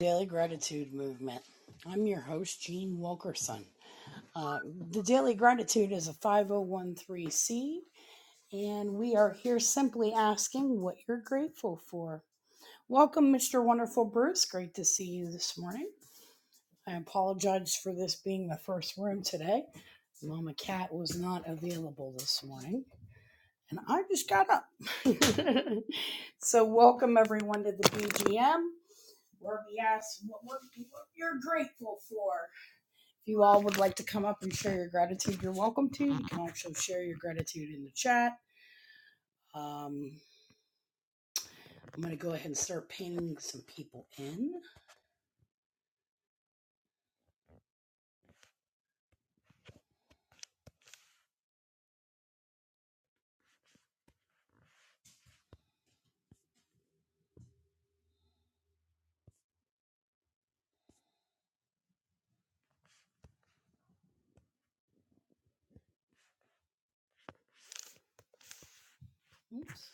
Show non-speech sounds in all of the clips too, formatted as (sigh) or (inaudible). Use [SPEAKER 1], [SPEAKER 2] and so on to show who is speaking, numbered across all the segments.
[SPEAKER 1] Daily Gratitude Movement. I'm your host, Jean Wilkerson. Uh, the Daily Gratitude is a 5013C, and we are here simply asking what you're grateful for. Welcome, Mr. Wonderful Bruce. Great to see you this morning. I apologize for this being the first room today. Mama Cat was not available this morning, and I just got up. (laughs) so, welcome everyone to the BGM where we ask what, what, what you're grateful for. If you all would like to come up and share your gratitude, you're welcome to. You can also share your gratitude in the chat. Um, I'm going to go ahead and start pinging some people in. Oops.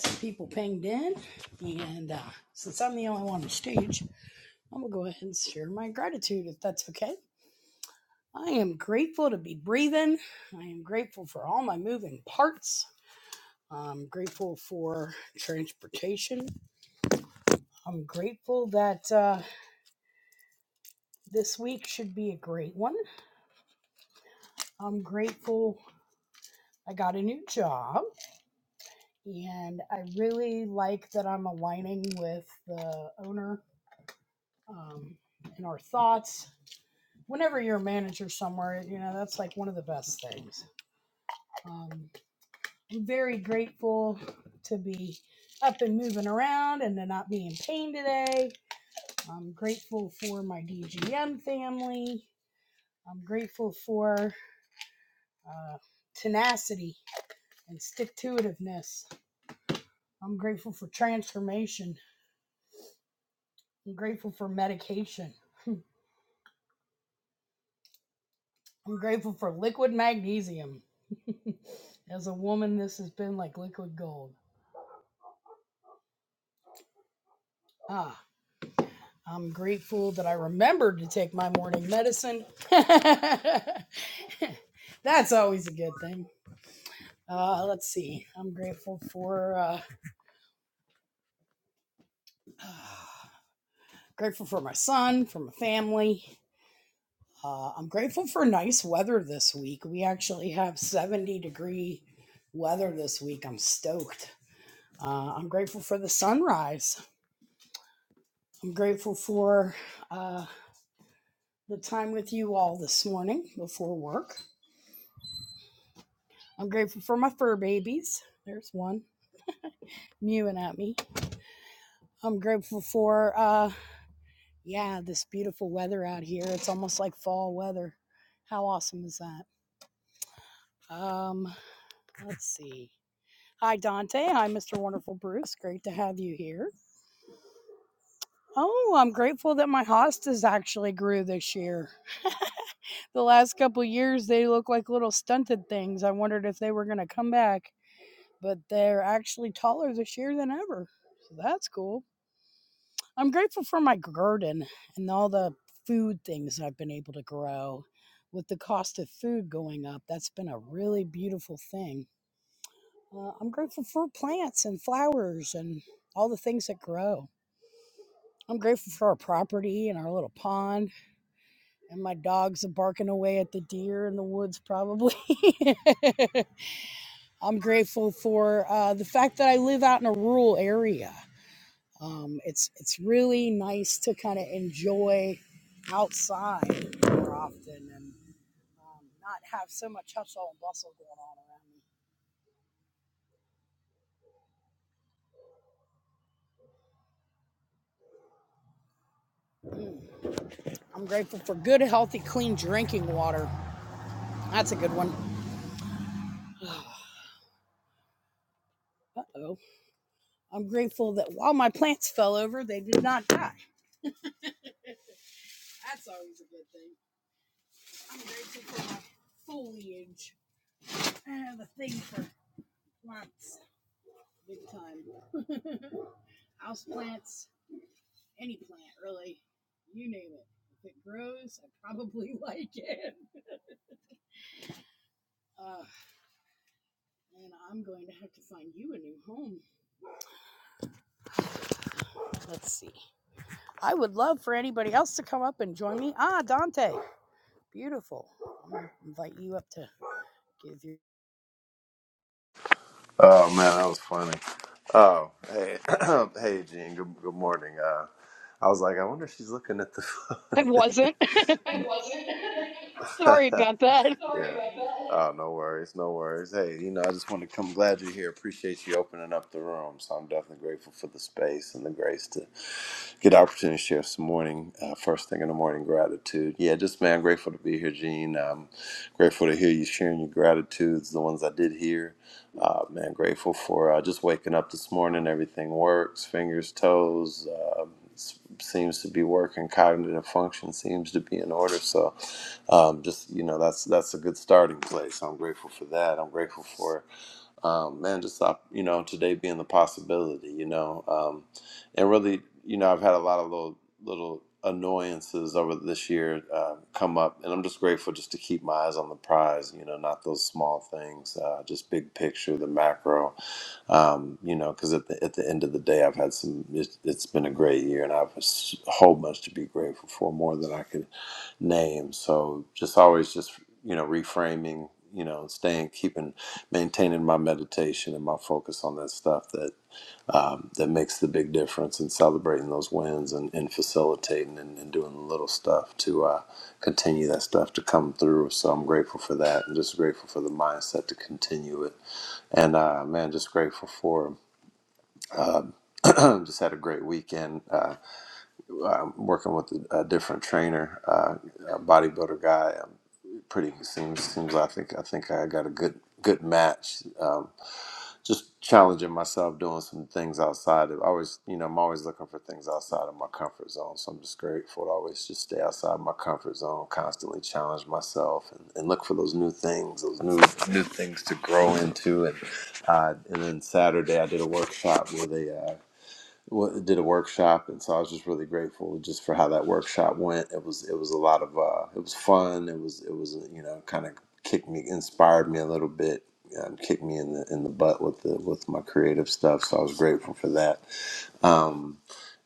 [SPEAKER 1] Some people pinged in. And uh, since I'm the only one on the stage, I'm going to go ahead and share my gratitude if that's okay. I am grateful to be breathing. I am grateful for all my moving parts. I'm grateful for transportation. I'm grateful that uh, this week should be a great one. I'm grateful I got a new job, and I really like that I'm aligning with the owner um, in our thoughts. Whenever you're a manager somewhere, you know, that's like one of the best things. Um, I'm very grateful to be up and moving around and to not be in pain today. I'm grateful for my DGM family. I'm grateful for uh, tenacity and stick to itiveness. I'm grateful for transformation I'm grateful for medication. I'm grateful for liquid magnesium. (laughs) As a woman, this has been like liquid gold. Ah, I'm grateful that I remembered to take my morning medicine. (laughs) That's always a good thing. Uh, let's see. I'm grateful for uh, (sighs) grateful for my son, for my family. Uh, I'm grateful for nice weather this week. We actually have 70 degree weather this week. I'm stoked. Uh, I'm grateful for the sunrise. I'm grateful for uh, the time with you all this morning before work. I'm grateful for my fur babies. There's one mewing at me. I'm grateful for, uh, yeah, this beautiful weather out here. It's almost like fall weather. How awesome is that? Um, let's see. Hi, Dante. Hi, Mr. Wonderful Bruce. Great to have you here. Oh, I'm grateful that my hostas actually grew this year. the last couple years they look like little stunted things. I wondered if they were going to come back, but they're actually taller this year than ever. So that's cool. I'm grateful for my garden and all the food things I've been able to grow. With the cost of food going up, that's been a really beautiful thing. Uh, I'm grateful for plants and flowers and all the things that grow. I'm grateful for our property and our little pond and my dogs are barking away at the deer in the woods probably (laughs) I'm grateful for uh, the fact that I live out in a rural area. Um, it's it's really nice to kind of enjoy outside more often and um, not have so much hustle and bustle going on around me. Mm. I'm grateful for good, healthy, clean drinking water. That's a good one. Uh oh. I'm grateful that while my plants fell over, they did not die. That's always a good thing. I'm grateful for my foliage. I have a thing for plants, big time. house plants, any plant really, you name it. If it grows, I probably (laughs) like it. Uh, and I'm going to have to find you a new home. Let's see. I would love for anybody else to come up and join me. Ah, Dante, beautiful. I'm gonna invite you up to give your.
[SPEAKER 2] Oh man, that was funny. Oh hey, (clears throat) hey Gene. Good, good morning. Uh, I was like, I wonder if she's looking at the phone.
[SPEAKER 1] It
[SPEAKER 2] (laughs)
[SPEAKER 1] wasn't.
[SPEAKER 2] it wasn't.
[SPEAKER 1] (laughs)
[SPEAKER 2] (laughs) Sorry
[SPEAKER 1] Sorry
[SPEAKER 2] yeah. about
[SPEAKER 1] about that.
[SPEAKER 2] that. Oh no worries, no worries. Hey, you know, I just want to come. Glad you're here. Appreciate you opening up the room. So I'm definitely grateful for the space and the grace to get the opportunity to share some morning, uh, first thing in the morning gratitude. Yeah, just man, grateful to be here, Gene. Um, grateful to hear you sharing your gratitudes, the ones I did hear. Uh, man, grateful for uh, just waking up this morning. Everything works, fingers, toes. Um, s- seems to be working cognitive function seems to be in order so um, just you know that's that's a good starting place i'm grateful for that i'm grateful for um, man, just stop, you know, today being the possibility, you know, um, and really, you know, I've had a lot of little, little annoyances over this year uh, come up, and I'm just grateful just to keep my eyes on the prize, you know, not those small things, uh, just big picture, the macro, um, you know, because at the at the end of the day, I've had some. It's, it's been a great year, and I have a s- whole bunch to be grateful for, more than I could name. So just always just you know reframing, you know, staying, keeping maintaining my meditation and my focus on that stuff that um, that makes the big difference and celebrating those wins and, and facilitating and, and doing the little stuff to uh, continue that stuff to come through. So I'm grateful for that and just grateful for the mindset to continue it. And uh, man, just grateful for (clears throat) just had a great weekend uh, am working with a, a different trainer, uh, a bodybuilder guy. Um, pretty seems seems like I think I think I got a good good match. Um, just challenging myself doing some things outside of I always you know I'm always looking for things outside of my comfort zone so I'm just grateful to always just stay outside my comfort zone constantly challenge myself and, and look for those new things those new new things to grow into and uh, and then Saturday I did a workshop with a uh, wa- did a workshop, and so I was just really grateful just for how that workshop went. It was it was a lot of uh, it was fun. It was it was you know kind of kicked me, inspired me a little bit, um, kicked me in the in the butt with the with my creative stuff. So I was grateful for that um,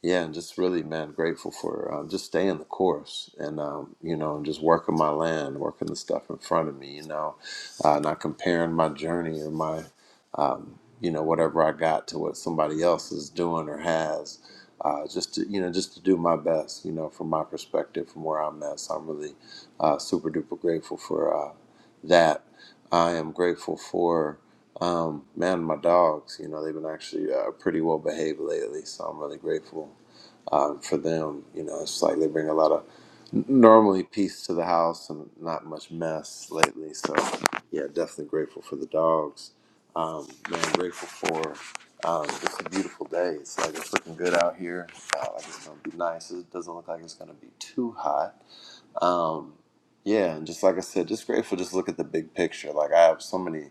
[SPEAKER 2] yeah, and just really, man, grateful for um, just staying the course and, um, you know, and just working my land, working the stuff in front of me, you know, uh, not comparing my journey or my, um, you know, whatever I got to what somebody else is doing or has. Uh, just to you know, just to do my best, you know, from my perspective, from where I'm at. So I'm really uh, super duper grateful for uh, that. I am grateful for. Um, man, my dogs, you know, they've been actually uh, pretty well behaved lately, so I'm really grateful um, for them. You know, it's like they bring a lot of n- normally peace to the house and not much mess lately. So, yeah, definitely grateful for the dogs. Um, man, grateful for um, it's a beautiful day. It's like it's looking good out here. Uh, like it's gonna be nice. It doesn't look like it's gonna be too hot. Um, yeah, and just like I said, just grateful. Just look at the big picture. Like I have so many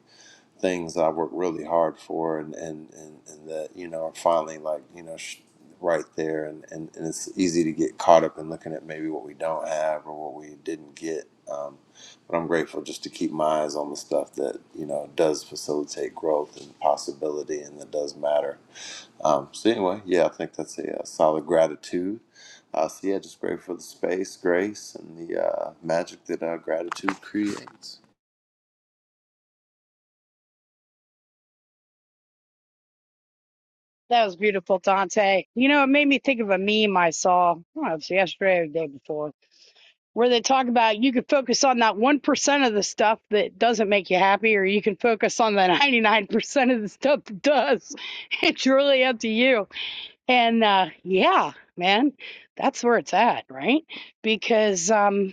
[SPEAKER 2] things I worked really hard for and, and, and, and that, you know, are finally like, you know, sh- right there. And, and, and it's easy to get caught up in looking at maybe what we don't have or what we didn't get. Um, but I'm grateful just to keep my eyes on the stuff that, you know, does facilitate growth and possibility and that does matter. Um, so anyway, yeah, I think that's a, a solid gratitude. Uh, so yeah, just grateful for the space, grace, and the uh, magic that uh, gratitude creates.
[SPEAKER 1] That was beautiful, Dante. You know, it made me think of a meme I saw. I don't know, it was yesterday or the day before where they talk about you could focus on that 1% of the stuff that doesn't make you happy, or you can focus on the (laughs) 99% of the stuff that does. (laughs) It's really up to you. And uh, yeah, man, that's where it's at, right? Because um,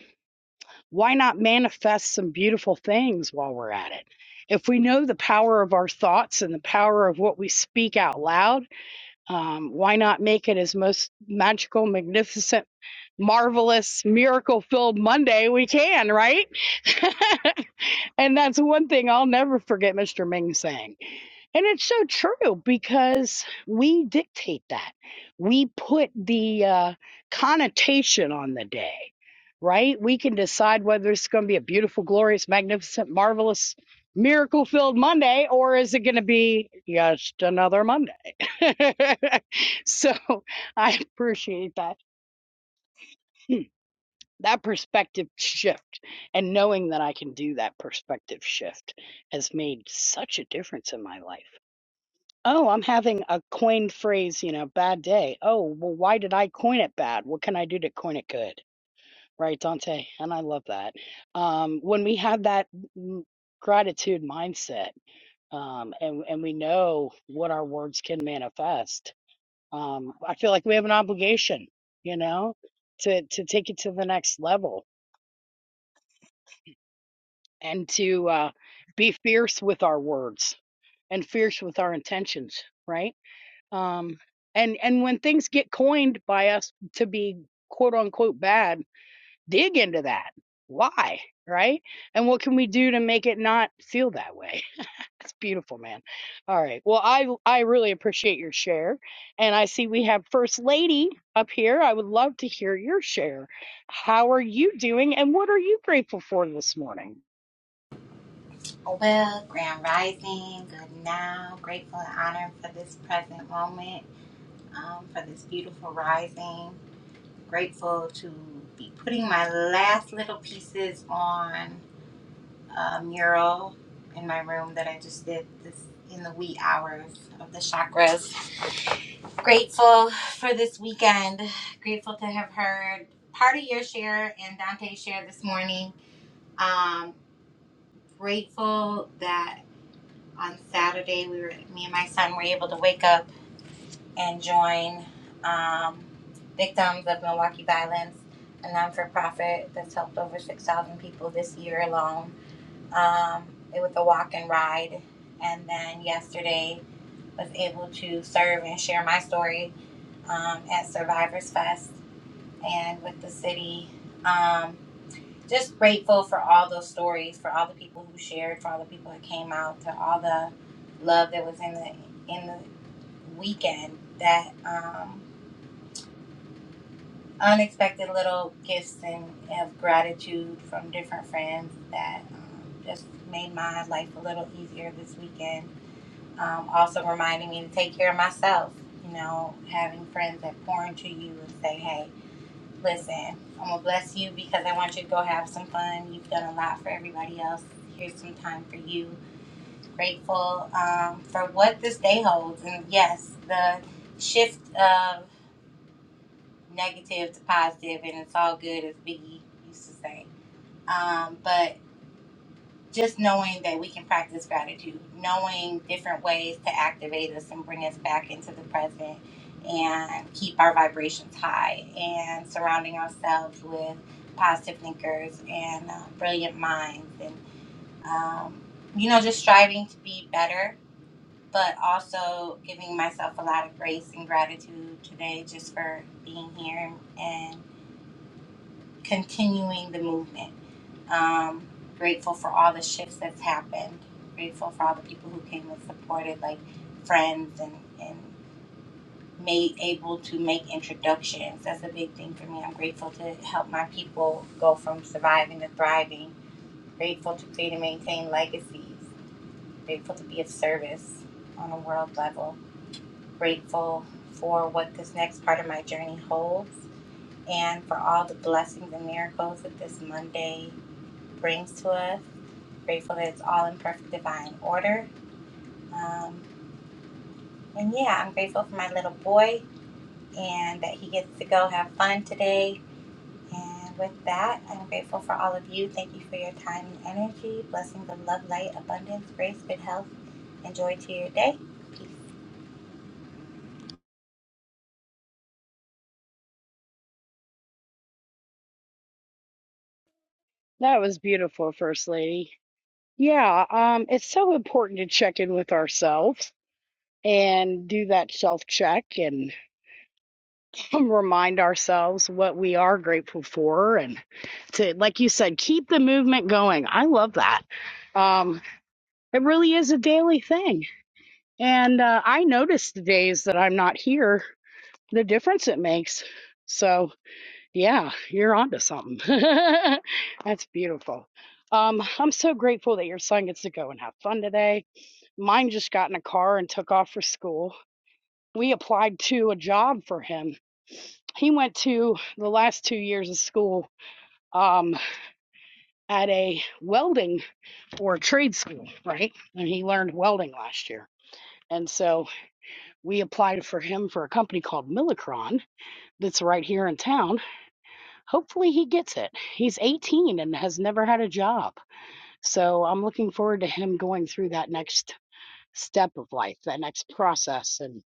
[SPEAKER 1] why not manifest some beautiful things while we're at it? If we know the power of our thoughts and the power of what we speak out loud, um, why not make it as most magical, magnificent? marvelous miracle filled Monday we can, right? (laughs) and that's one thing I'll never forget Mr. Ming saying. And it's so true because we dictate that. We put the uh, connotation on the day, right? We can decide whether it's going to be a beautiful, glorious, magnificent, marvelous, miracle filled Monday or is it going to be just another Monday? (laughs) so I appreciate that that perspective (laughs) shift and knowing that I can do that perspective shift has made such a difference in my life. Oh, I'm having a coined phrase, you know, bad day. Oh, well, why did I coin it bad? What can I do to coin it good? Right, Dante? And I love that. Um, when we have that mm, gratitude mindset um, and, and we know what our words can manifest, um, I feel like we have an obligation, you know, to, to take it to the next level and to uh, be fierce with our words and fierce with our intentions, right? Um, and and when things get coined by us to be quote unquote bad, dig into that. Why, right? And what can we do to make it not feel that way? (laughs) That's beautiful, man. All right. Well, I I really appreciate your share, and I see we have First Lady up here. I would love to hear your share. How are you doing, and what are you grateful for this morning?
[SPEAKER 3] Well, Grand Rising, good now. Grateful and honored for this present moment, um, for this beautiful rising. Grateful to be putting my last little pieces on a mural in my room that I just did this in the wee hours of the chakras. Grateful for this weekend. Grateful to have heard part of your share and Dante's share this morning. Um, grateful that on Saturday, we were me and my son were able to wake up and join um, victims of Milwaukee violence, a non-for-profit that's helped over six thousand people this year alone. Um, it was a walk and ride, and then yesterday was able to serve and share my story um, at Survivors Fest and with the city. Um, just grateful for all those stories, for all the people who shared, for all the people that came out, to all the love that was in the in the weekend. That um, unexpected little gifts and of gratitude from different friends that um, just made my life a little easier this weekend. Um, also reminding me to take care of myself. You know, having friends that pour into you and say, "Hey." Listen, I'm gonna bless you because I want you to go have some fun. You've done a lot for everybody else. Here's some time for you. Grateful um, for what this day holds, and yes, the shift of negative to positive, and it's all good, as Biggie used to say. Um, but just knowing that we can practice gratitude, knowing different ways to activate us and bring us back into the present and keep our vibrations high and surrounding ourselves with positive thinkers and uh, brilliant minds and um, you know just striving to be better but also giving myself a lot of grace and gratitude today just for being here and continuing the movement um, grateful for all the shifts that's happened. Grateful for all the people who came and supported, like friends and and made able to make introductions. That's a big thing for me. I'm grateful to help my people go from surviving to thriving. Grateful to create and maintain legacies. Grateful to be of service on a world level. Grateful for what this next part of my journey holds and for all the blessings and miracles that this Monday brings to us. Grateful that it's all in perfect divine order. Um, and yeah, I'm grateful for my little boy and that he gets to go have fun today. And with that, I'm grateful for all of you. Thank you for your time and energy. Blessings of love, light, abundance, grace, good health, and joy to your day. Peace.
[SPEAKER 1] That was beautiful, First Lady. Yeah, um, it's so important to check in with ourselves and do that self check and (laughs) remind ourselves what we are grateful for and to, like you said, keep the movement going. I love that. Um, it really is a daily thing. And uh, I notice the days that I'm not here, the difference it makes. So, Yeah, you're onto something. (laughs) That's beautiful. Um, I'm so grateful that your son gets to go and have fun today. Mine just got in a car and took off for school. We applied to a job for him. He went to the last two years of school um, at a welding or trade school, right? And he learned welding last year. And so we applied for him for a company called Millicron that's right here in town. Hopefully he gets it. He's 18 and has never had a job So I'm looking forward to him going through that next step of life, that next process. And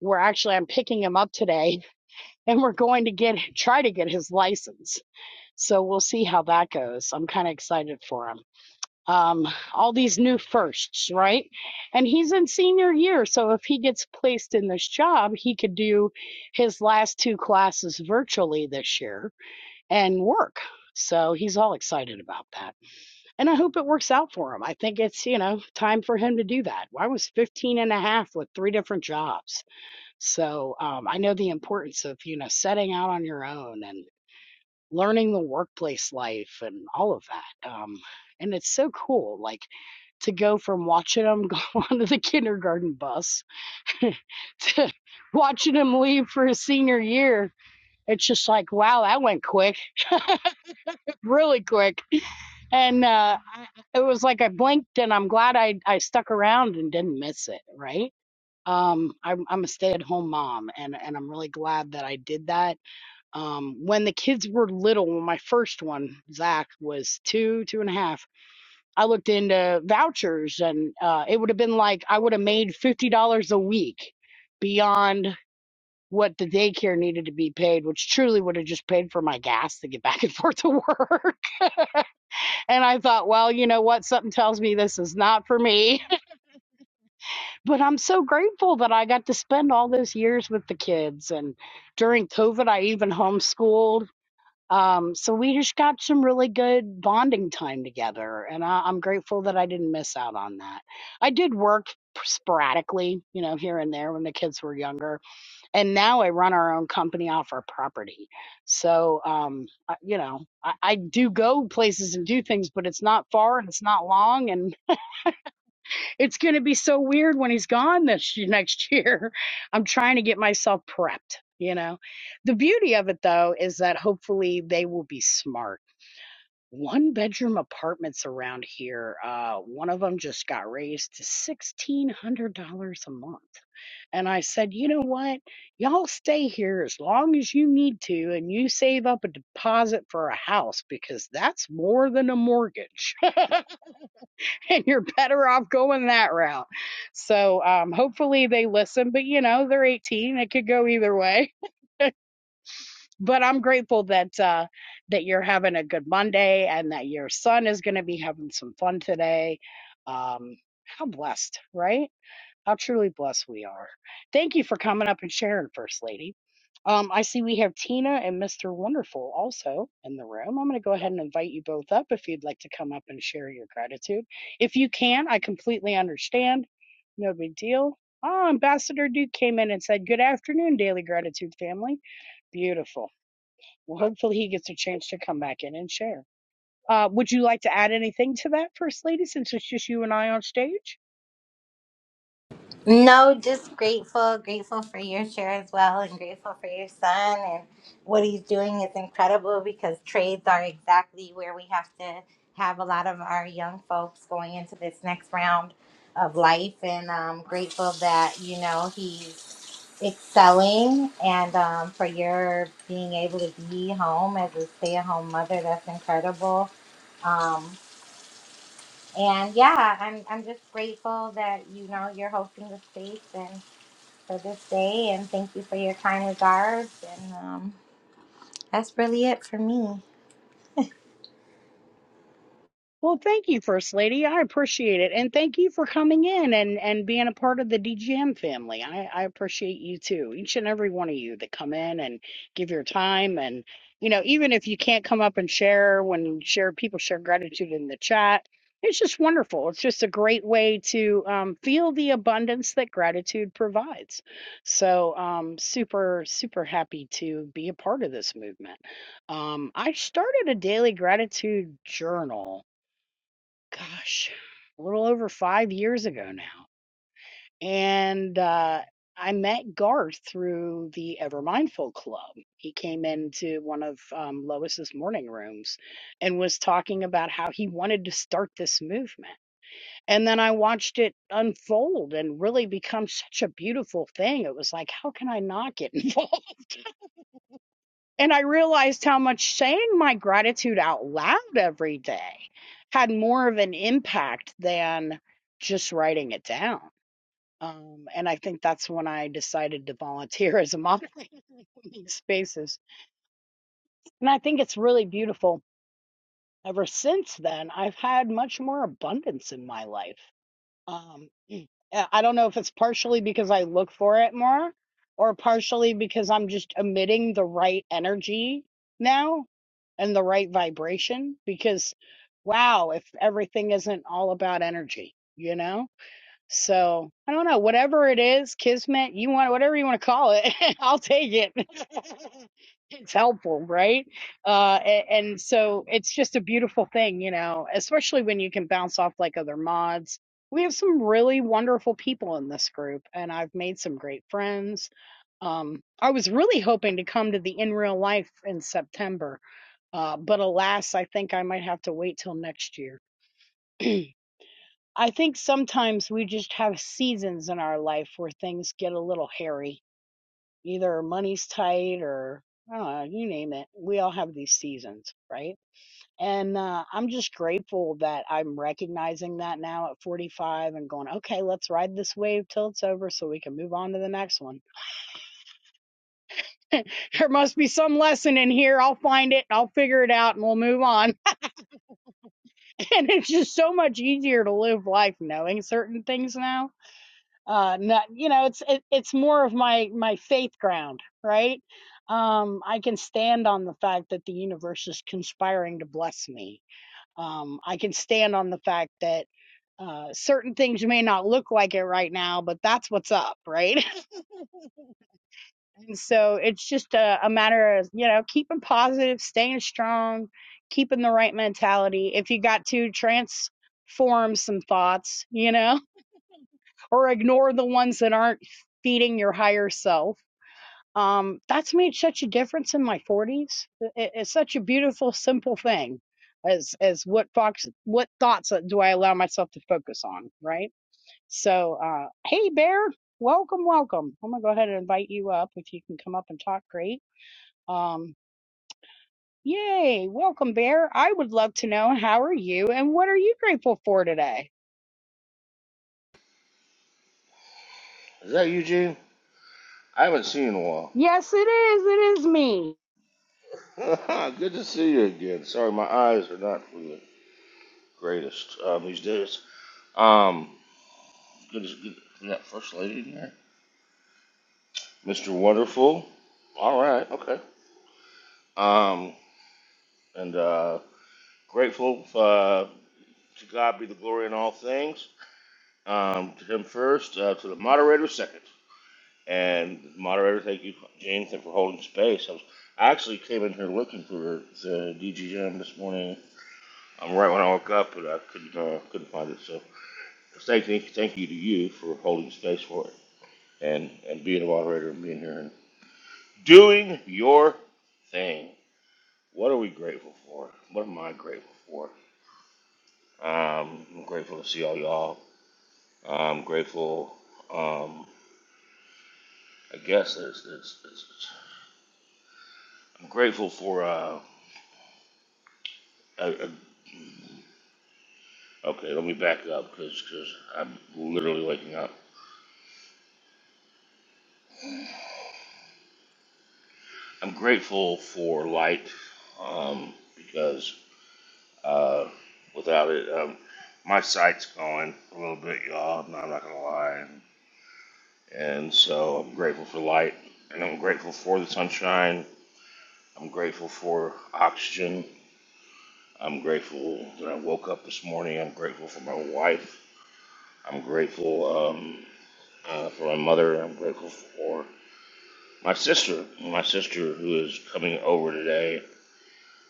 [SPEAKER 1] we're actually, I'm picking him up today (laughs) and we're going to get, try to get his license. So we'll see how that goes. I'm kind of excited for him. Um, all these new firsts, right? And he's in senior year. So if he gets placed in this job, he could do his last two classes virtually this year and work. So he's all excited about that and I hope it works out for him. I think it's, you know, time for him to do that. Well, I was 15 and a half with three different jobs. So um, I know the importance of, you know, setting out on your own and learning the workplace life and all of that. Um, and it's so cool, like to go from watching him (laughs) go onto the kindergarten bus (laughs) to watching him leave for his senior year. It's just like, wow, that went quick, (laughs) really quick. and uh, I, it was like I blinked, and I'm glad I I stuck around and didn't miss it. Right? Um, I'm I'm a stay at home mom, and and I'm really glad that I did that. Um, when the kids were little, when my first one Zach was two two and a half. I looked into vouchers and uh, it would have been like I would have made $50 a week beyond what the daycare needed to be paid, which truly would have just paid for my gas to get back and forth to work. And I thought, well, you know what? Something tells me this is not for me. (laughs) but I'm so grateful that I got to spend all those years with the kids. And during COVID, I even homeschooled. Um, so we just got some really good bonding time together. And I, I'm grateful that I didn't miss out on that. I did work sporadically, you know, here and there when the kids were younger and now I run our own company off our property. So, um, I, you know, I, I do go places and do things, but it's not far and it's not long, and it's going to be so weird when he's gone (laughs) this y- next year. (laughs) I'm trying to get myself prepped. You know, the beauty of it though is that hopefully they will be smart. One bedroom apartments around here, uh, one of them just got raised to $1,600 a month and I said, you know what? Y'all stay here as long as you need to and you save up a deposit for a house because that's more than a mortgage (laughs) and you're better off going that route. So um, hopefully they listen, but you know, they're 18. It could go either way. (laughs) But I'm grateful that uh, that you're having a good Monday and that your son is going to be having some fun today. Um, how blessed, right? How truly blessed we are. Thank you for coming up and sharing, First Lady. Um, I see we have Tina and Mr. Wonderful also in the room. I'm going to go ahead and invite you both up if you'd like to come up and share your gratitude. If you can, I completely understand. No big deal. Ah, Ambassador Duke came in and said, Good afternoon, Daily Gratitude family. Beautiful. Well, hopefully he gets a chance to come back in and share. Uh, would you like to add anything to that, First Lady, since it's just you and I on stage?
[SPEAKER 3] No, just grateful, grateful for your share as well, and grateful for your son and what he's doing is incredible because trades are exactly where we have to have a lot of our young folks going into this next round of life, and um, grateful that you know he's excelling and um, for your being able to be home as a stay-at-home mother. That's incredible. Um, and yeah, I'm I'm just grateful that you know you're hosting the space and for this day and thank you for your kind regards. And um, that's really it for me.
[SPEAKER 1] Well, thank you, First Lady. I appreciate it. And thank you for coming in and, and being a part of the DGM family. I, I appreciate you too. Each and every one of you that come in and give your time. And, you know, even if you can't come up and share when you share, people share gratitude in the chat. It's just wonderful. It's just a great way to um, feel the abundance that gratitude provides. So, um, super, super happy to be a part of this movement. Um, I started a daily gratitude journal gosh, a little over 5 years ago now. And, uh, I met Garth through the Ever Mindful Club. He came into one of um, Lois's morning rooms and was talking about how he wanted to start this movement. And then I watched it unfold and really become such a beautiful thing. It was like, how can I not get (laughs) involved? And I realized how much saying my gratitude out loud every day had more of an impact than just writing it down. Um, and I think that's when I decided to volunteer as a moderator (laughs) in these spaces. And I think it's really beautiful. Ever since then, I've had much more abundance in my life. Um, mm, uh, I don't know if it's partially because I look for it more or partially because I'm just emitting the right energy now and the right vibration because wow, if everything isn't all about energy, you know? So I don't know, whatever it is, kismet, you want whatever you want to call it, (laughs) I'll take it. (laughs) it's helpful, right? Uh, a- and, so it's just a beautiful thing, you know, especially when you can bounce off like other mods. We have some really wonderful people in this group, and I've made some great friends. Um, I was really hoping to come to the in real life in September, uh, but alas, I think I might have to wait till next year. (clears throat) I think sometimes we just have seasons in our life where things get a little hairy. Either money's tight or I don't know, you name it. We all have these seasons, right? And uh, I'm just grateful that I'm recognizing that now at 45 and going, okay, let's ride this wave till it's over so we can move on to the next one. (laughs) There must be some lesson in here. I'll find it and I'll figure it out and we'll move on. (laughs) And it's just so much easier to live life knowing certain things now uh not you know it's it, it's more of my my faith ground right um i can stand on the fact that the universe is conspiring to bless me um i can stand on the fact that uh certain things may not look like it right now but that's what's up right (laughs) and so it's just a, a matter of you know keeping positive staying strong keeping the right mentality if you got to transform some thoughts you know (laughs) or ignore the ones that aren't feeding your higher self um, that's made such a difference in my 40s. It, it's such a beautiful, simple thing as as what fox what thoughts do I allow myself to focus on, right? So, uh, hey Bear, welcome, welcome. I'm gonna go ahead and invite you up if you can come up and talk. Great. Um, yay, welcome Bear. I would love to know how are you and what are you grateful for today?
[SPEAKER 4] Is that Eugene? I haven't seen you in a
[SPEAKER 1] Yes, it is. It is me.
[SPEAKER 4] while. (laughs) Good to see you again. Sorry, my eyes are not really the greatest um, these days. Um, good to good, we First Lady in there. Mr. Wonderful. All right, okay. Um, and uh, grateful uh, to God be the glory in all things. Um, to Him first, uh, to the moderator second. And moderator, thank you, Jane, thank you for holding space. I was I actually came in here looking for the DGM this morning I'm right when I woke up, but I couldn't uh, couldn't find it. So thank, thank you to you for holding space for it and and being a moderator and being here and doing your thing. What are we grateful for? What am I grateful for? Um, I'm grateful to see all y'all. I'm grateful. Um, I guess there's, there's, there's, I'm grateful for. Uh, a, a, okay, let me back up because I'm literally waking up. I'm grateful for light um, because uh, without it. Um, my site's going a little bit, y'all. I'm not, gonna lie, and so I'm grateful for light, and I'm grateful for the sunshine. I'm grateful for oxygen. I'm grateful that I woke up this morning. I'm grateful for my wife. I'm grateful um, uh, for my mother. I'm grateful for my sister. My sister who is coming over today.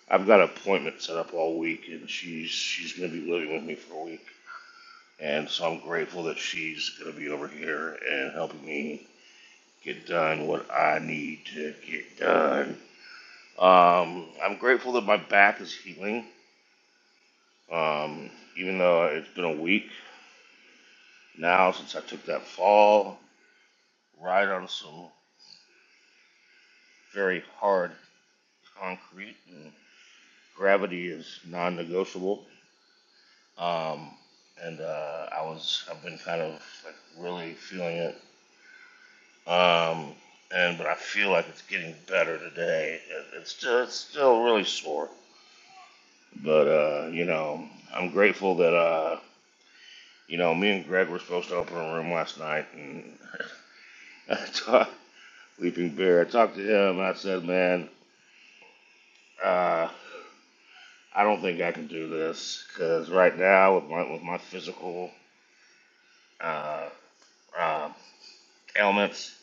[SPEAKER 4] I've got an appointment set up all week, and she's she's gonna be living with me for a week And so I'm grateful that she's going to be over here and helping me get done what I need to get done. Um, I'm grateful that my back is healing. Um, even though it's been a week now since I took that fall, right on some very hard concrete, and gravity is non-negotiable. Um, and uh, I was, I've been kind of like really feeling it Um, and but I feel like it's getting better today. It, it's still it's still really sore, but uh, you know I'm grateful that uh, you know me and Greg were supposed to open a room last night, and (laughs) I talked Leaping Bear. I talked to him, and I said, man, uh, I don't think I can do this because right now with my with my physical uh, uh, ailments.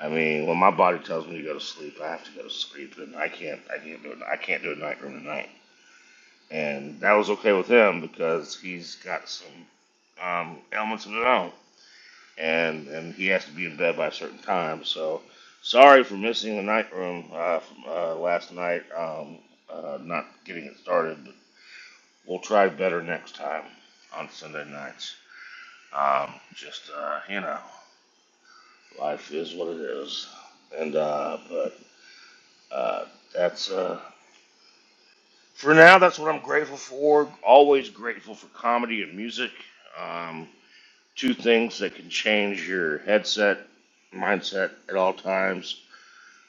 [SPEAKER 4] I mean, when my body tells me to go to sleep, I have to go to sleep, and I can't. I can't do it. I can't do a night room tonight. and that was okay with him because he's got some um, ailments of his own, and and he has to be in bed by a certain time. So sorry for missing the night room uh, from, uh, last night, um, uh, not getting it started, but we'll try better next time on Sunday nights. Um, just uh, you know, life is what it is, and uh, but uh, that's. Uh, for now, that's what I'm grateful for. Always grateful for comedy and music. Um, two things that can change your headset mindset at all times,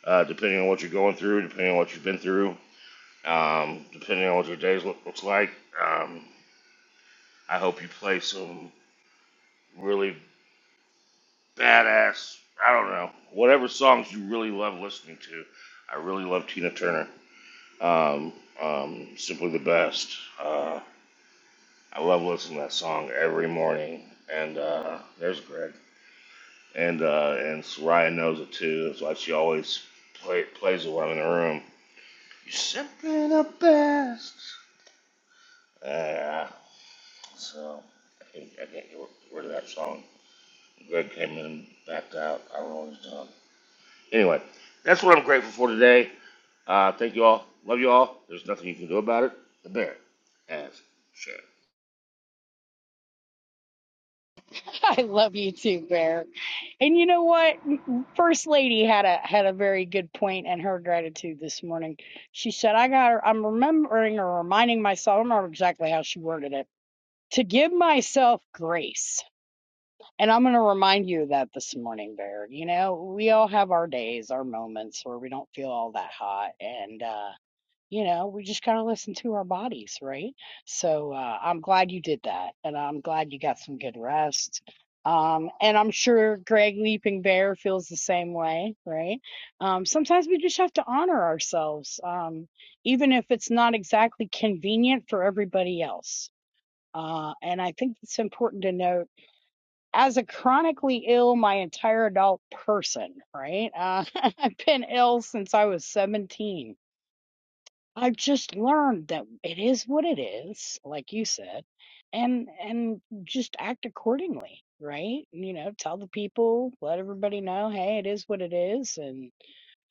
[SPEAKER 4] uh, depending on what you're going through, depending on what you've been through, um, depending on what your days look, looks like. Um, I hope you play some really badass. I don't know whatever songs you really love listening to. I really love Tina Turner. Um, um, simply the best. Uh, I love listening to that song every morning. And uh, there's Greg. and uh, and Soraya knows it too. That's why she always play, plays it when I'm in the room. You're simply the best. Uh, so I can't, I can't get rid of that song. Greg came in, and backed out. I don't know what he's done. Anyway, that's what I'm grateful for today. Uh, thank you all. Love you all. There's nothing you can do about it. The bear has shared.
[SPEAKER 1] (laughs) I love you too, Bear. And you know what? First Lady had a had a very good point in her gratitude this morning. She said, "I got. her I'm remembering or reminding myself. I don't remember exactly how she worded it. To give myself grace." And I'm going to remind you of that this morning, Bear. You know, we all have our days, our moments where we don't feel all that hot, and uh you know we just gotta listen to our bodies right so uh, i'm glad you did that and i'm glad you got some good rest um, and i'm sure greg leaping bear feels the same way right um, sometimes we just have to honor ourselves um, even if it's not exactly convenient for everybody else uh, and i think it's important to note as a chronically ill my entire adult person right uh, (laughs) i've been ill since i was 17 I've just learned that it is what it is, like you said, and and just act accordingly, right? You know, tell the people, let everybody know, hey, it is what it is, and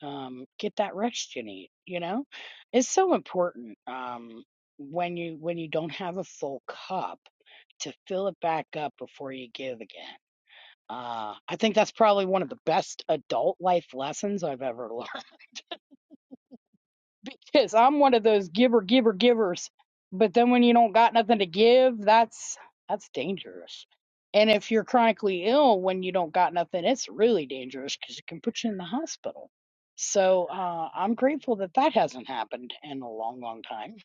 [SPEAKER 1] um, get that rest you need. You know, it's so important um, when you when you don't have a full cup to fill it back up before you give again. Uh, I think that's probably one of the best adult life lessons I've ever (laughs) learned because I'm one of those giver, giver, givers. But then when you don't got nothing to give, that's that's dangerous. And if you're chronically ill when you don't got nothing, it's really dangerous because it can put you in the hospital. So uh, I'm grateful that that hasn't happened in a long, long time,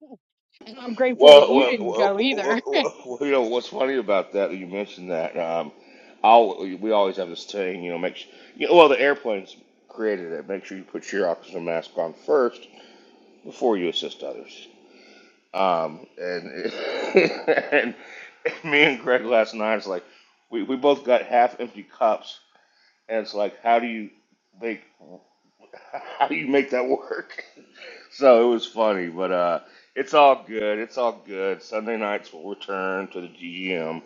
[SPEAKER 1] (laughs) and I'm grateful
[SPEAKER 4] Well,
[SPEAKER 1] that you
[SPEAKER 4] well,
[SPEAKER 1] didn't
[SPEAKER 4] well,
[SPEAKER 1] go either.
[SPEAKER 4] well, well, well, you know what's funny about that? You mentioned that. Um, I'll, we always have this thing, you know, make sure, you know, well, the airplanes created it. Make sure you put your oxygen mask on first before you assist others. Um, and, (laughs) and me and Greg last night, it's like we, we both got half empty cups, and it's like, how do you make? (laughs) How do you make that work? (laughs) so it was funny, but uh, it's all good. It's all good. Sunday nights will return to the GGM.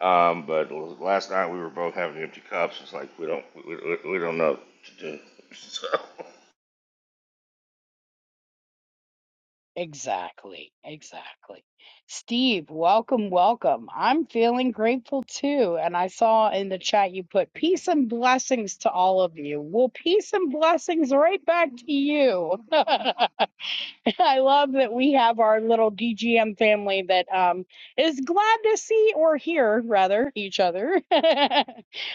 [SPEAKER 4] Um, but l- last night we were both having empty cups. It's like we don't we, we, we don't know what to do. (laughs) So
[SPEAKER 1] Exactly, exactly. Steve, welcome, welcome. I'm feeling grateful too. And I saw in the chat you put peace and blessings to all of you. Well, peace and blessings right back to you. (laughs) (laughs) I love that we have our little DGM family that um, is glad to see or hear, rather, each other. (laughs)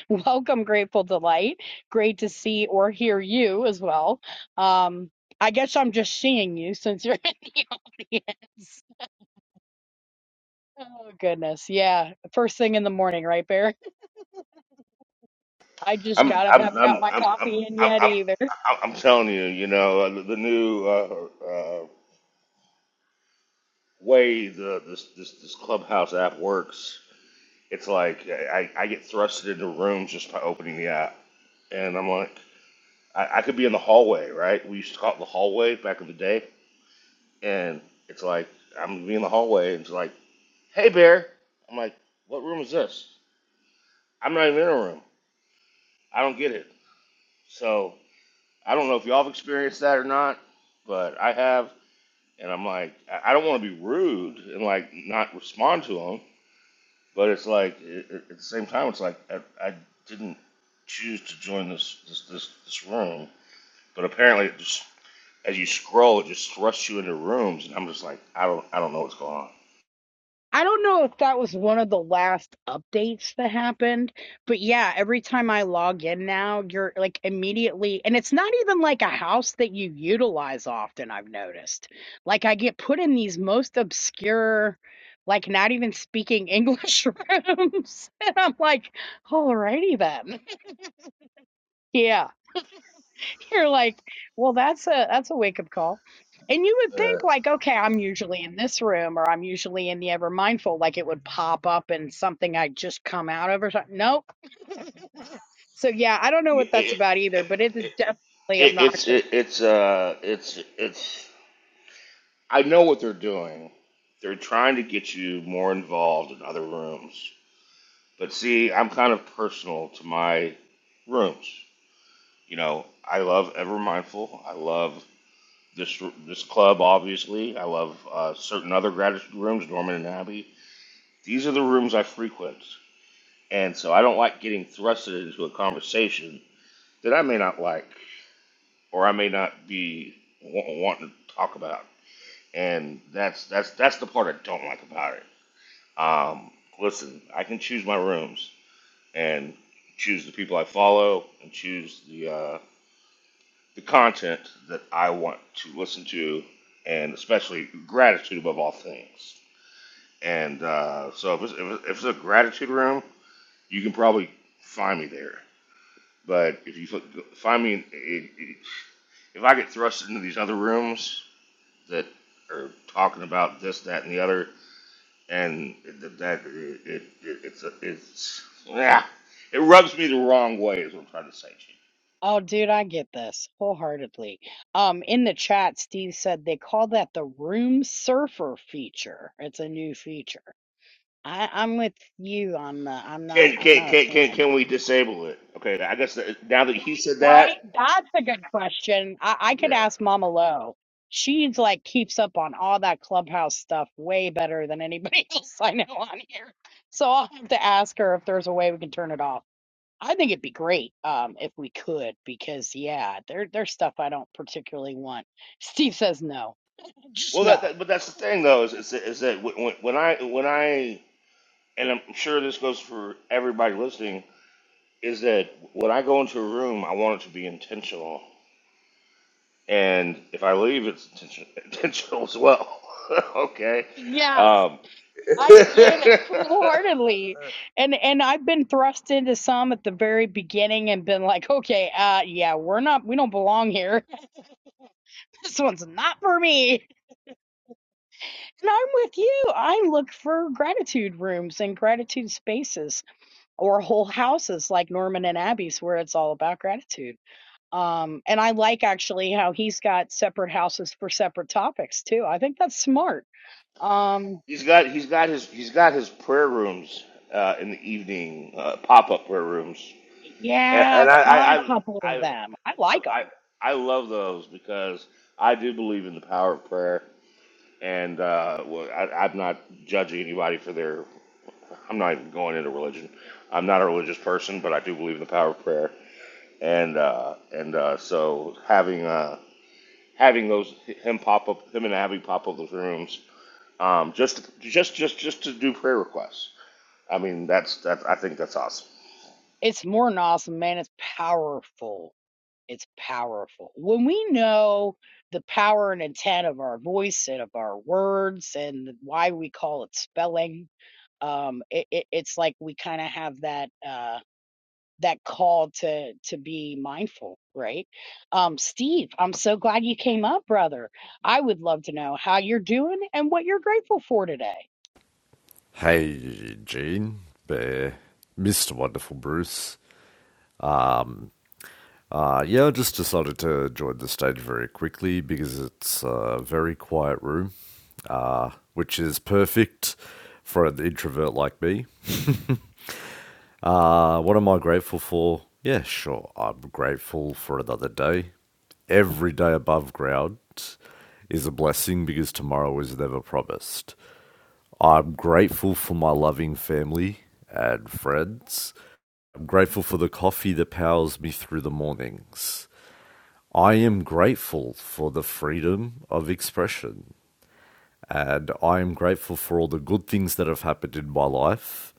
[SPEAKER 1] Welcome, Grateful Delight. Great to see or hear you as well. Um, I guess I'm just seeing you since you're (laughs) in the audience. Oh, goodness. Yeah. First thing in the morning, right, Bear? I just
[SPEAKER 4] I'm
[SPEAKER 1] got up,
[SPEAKER 4] I'm
[SPEAKER 1] haven't got
[SPEAKER 4] I'm I'm
[SPEAKER 1] my
[SPEAKER 4] I'm I'm,
[SPEAKER 1] coffee in yet
[SPEAKER 4] I'm,
[SPEAKER 1] either.
[SPEAKER 4] I'm, I'm telling you, you know, uh, the, the new uh, uh, way the this, this this clubhouse app works. It's like I, I I get thrusted into rooms just by opening the app, and I'm like, I, I could be in the hallway, right? We used to call it the hallway back in the day. And it's like, I'm gonna be in the hallway, and it's like, hey, bear. I'm like, what room is this? I'm not even in a room. I don't get it. So I don't know if y'all have experienced that or not, but I have. And I'm like, I don't want to be rude and like not respond to them, but it's like it, it- at the same time, it's like I, I didn't choose to join this this this, this room, but apparently it just as you scroll, it just thrusts you into rooms, and I'm just like, I don't, I don't know what's going on.
[SPEAKER 1] I don't know if that was one of the last updates that happened, but yeah, every time I log in now, you're like immediately, and it's not even like a house that you utilize often, I've noticed. Like I get put in these most obscure, like not even speaking English (laughs) rooms, and I'm like, alrighty then. (laughs) Yeah. (laughs) You're like, well, that's a that's a wake up call. And you would
[SPEAKER 4] Uh,
[SPEAKER 1] think like, okay, I'm usually in this room or I'm usually in the ever mindful, like it would pop up in something I just come out of or something. Nope. So yeah, I don't know
[SPEAKER 4] it,
[SPEAKER 1] what that's
[SPEAKER 4] it,
[SPEAKER 1] about either, but it is
[SPEAKER 4] it,
[SPEAKER 1] definitely
[SPEAKER 4] it, it's,
[SPEAKER 1] obnoxious.
[SPEAKER 4] it, it's, uh, it's, it's. I know what they're doing. They're trying to get you more involved in other rooms. But see, I'm kind of personal to my rooms. You know, I love Ever Mindful. I love this this club, obviously. I love uh, certain other gratitude rooms, Norman and Abby. These are the rooms I frequent. And so I don't like getting thrusted into a conversation that I may not like or I may not be wa- wanting to talk about. And that's that's that's the part I don't like about it. Um, listen, I can choose my rooms and choose the people I follow and choose the uh, the content that I want to listen to, and especially gratitude above all things. And uh, so if it's, if it's if it's a gratitude room, you can probably find me there But if you f- find me, it, it, if I get thrust into these other rooms that are talking about this, that, and the other, and it, that it, it, it it's a, it's yeah, it rubs me the wrong way. Is what I'm trying to say. Chief.
[SPEAKER 1] Oh, dude, I get this wholeheartedly. Um, in the chat, Steve said they call that the room surfer feature. It's a new feature. I, I'm with you on the. I'm not.
[SPEAKER 4] Can
[SPEAKER 1] I'm
[SPEAKER 4] can
[SPEAKER 1] not
[SPEAKER 4] can
[SPEAKER 1] a
[SPEAKER 4] can
[SPEAKER 1] fan.
[SPEAKER 4] can we disable it? Okay, I guess that, now that he said
[SPEAKER 1] Right?
[SPEAKER 4] that,
[SPEAKER 1] That's a good question. I, I could
[SPEAKER 4] yeah.
[SPEAKER 1] ask Mama Lo. She's like keeps up on all that clubhouse stuff way better than anybody (laughs) else I know on here. So I'll have to ask her if there's a way we can turn it off. I think it'd be great um, if we could, because yeah, there there's stuff I don't particularly want. Steve says no,
[SPEAKER 4] Well,
[SPEAKER 1] just
[SPEAKER 4] that,
[SPEAKER 1] no.
[SPEAKER 4] that but that's the thing though is is, that- is that when, when I when I and I'm sure this goes for everybody listening is that when I go into a room, I want it to be intentional, and if I leave, it's intention- (laughs) intentional as well. (laughs) okay.
[SPEAKER 1] Yes,
[SPEAKER 4] Um,
[SPEAKER 1] I
[SPEAKER 4] (laughs)
[SPEAKER 1] get it (laughs) wholeheartedly, and and I've been thrust into some at the very beginning and been like, okay, uh, yeah, we're not, we don't belong here this one's not for me. And I'm with you. I look for gratitude rooms and gratitude spaces or whole houses like Norman and Abby's where it's all about gratitude. Um, and I like actually how he's got separate houses for separate topics too. I think that's smart. Um,
[SPEAKER 4] he's got he's got his he's got his prayer rooms uh, in the evening uh, pop up prayer rooms, and,
[SPEAKER 1] yeah,
[SPEAKER 4] and
[SPEAKER 1] I've
[SPEAKER 4] I,
[SPEAKER 1] caught
[SPEAKER 4] I,
[SPEAKER 1] a
[SPEAKER 4] I I
[SPEAKER 1] couple of
[SPEAKER 4] I
[SPEAKER 1] them. I like
[SPEAKER 4] I
[SPEAKER 1] them.
[SPEAKER 4] I love those because I do believe in the power of prayer, and uh, well, I, I'm not judging anybody for their I'm not even going into religion. I'm not a religious person, but I do believe in the power of prayer. And uh, and uh, so having uh, having those him pop up, him and Abby pop up those rooms, um, just just just just to do prayer requests. I mean, that's that. I think that's awesome.
[SPEAKER 1] It's more than awesome, man. It's powerful. It's powerful. When we know the power and intent of our voice and of our words and why we call it spelling, um, it, it, it's like we kind of have that uh, that call to to be mindful, right? Um, Steve, I'm so glad you came up, brother. I would love to know how you're doing and what you're grateful for today.
[SPEAKER 5] Hey, Gene, Bear, Mr. Wonderful Bruce. Um, uh, yeah, I just decided to join the stage very quickly because it's a very quiet room, uh, which is perfect for an introvert like me. Uh, what am I grateful for? Yeah, sure, I'm grateful for another day. Every day above ground is a blessing because tomorrow is never promised. I'm grateful for my loving family and friends. I'm grateful for the coffee that powers me through the mornings. I am grateful for the freedom of expression. And I am grateful for all the good things that have happened in my life,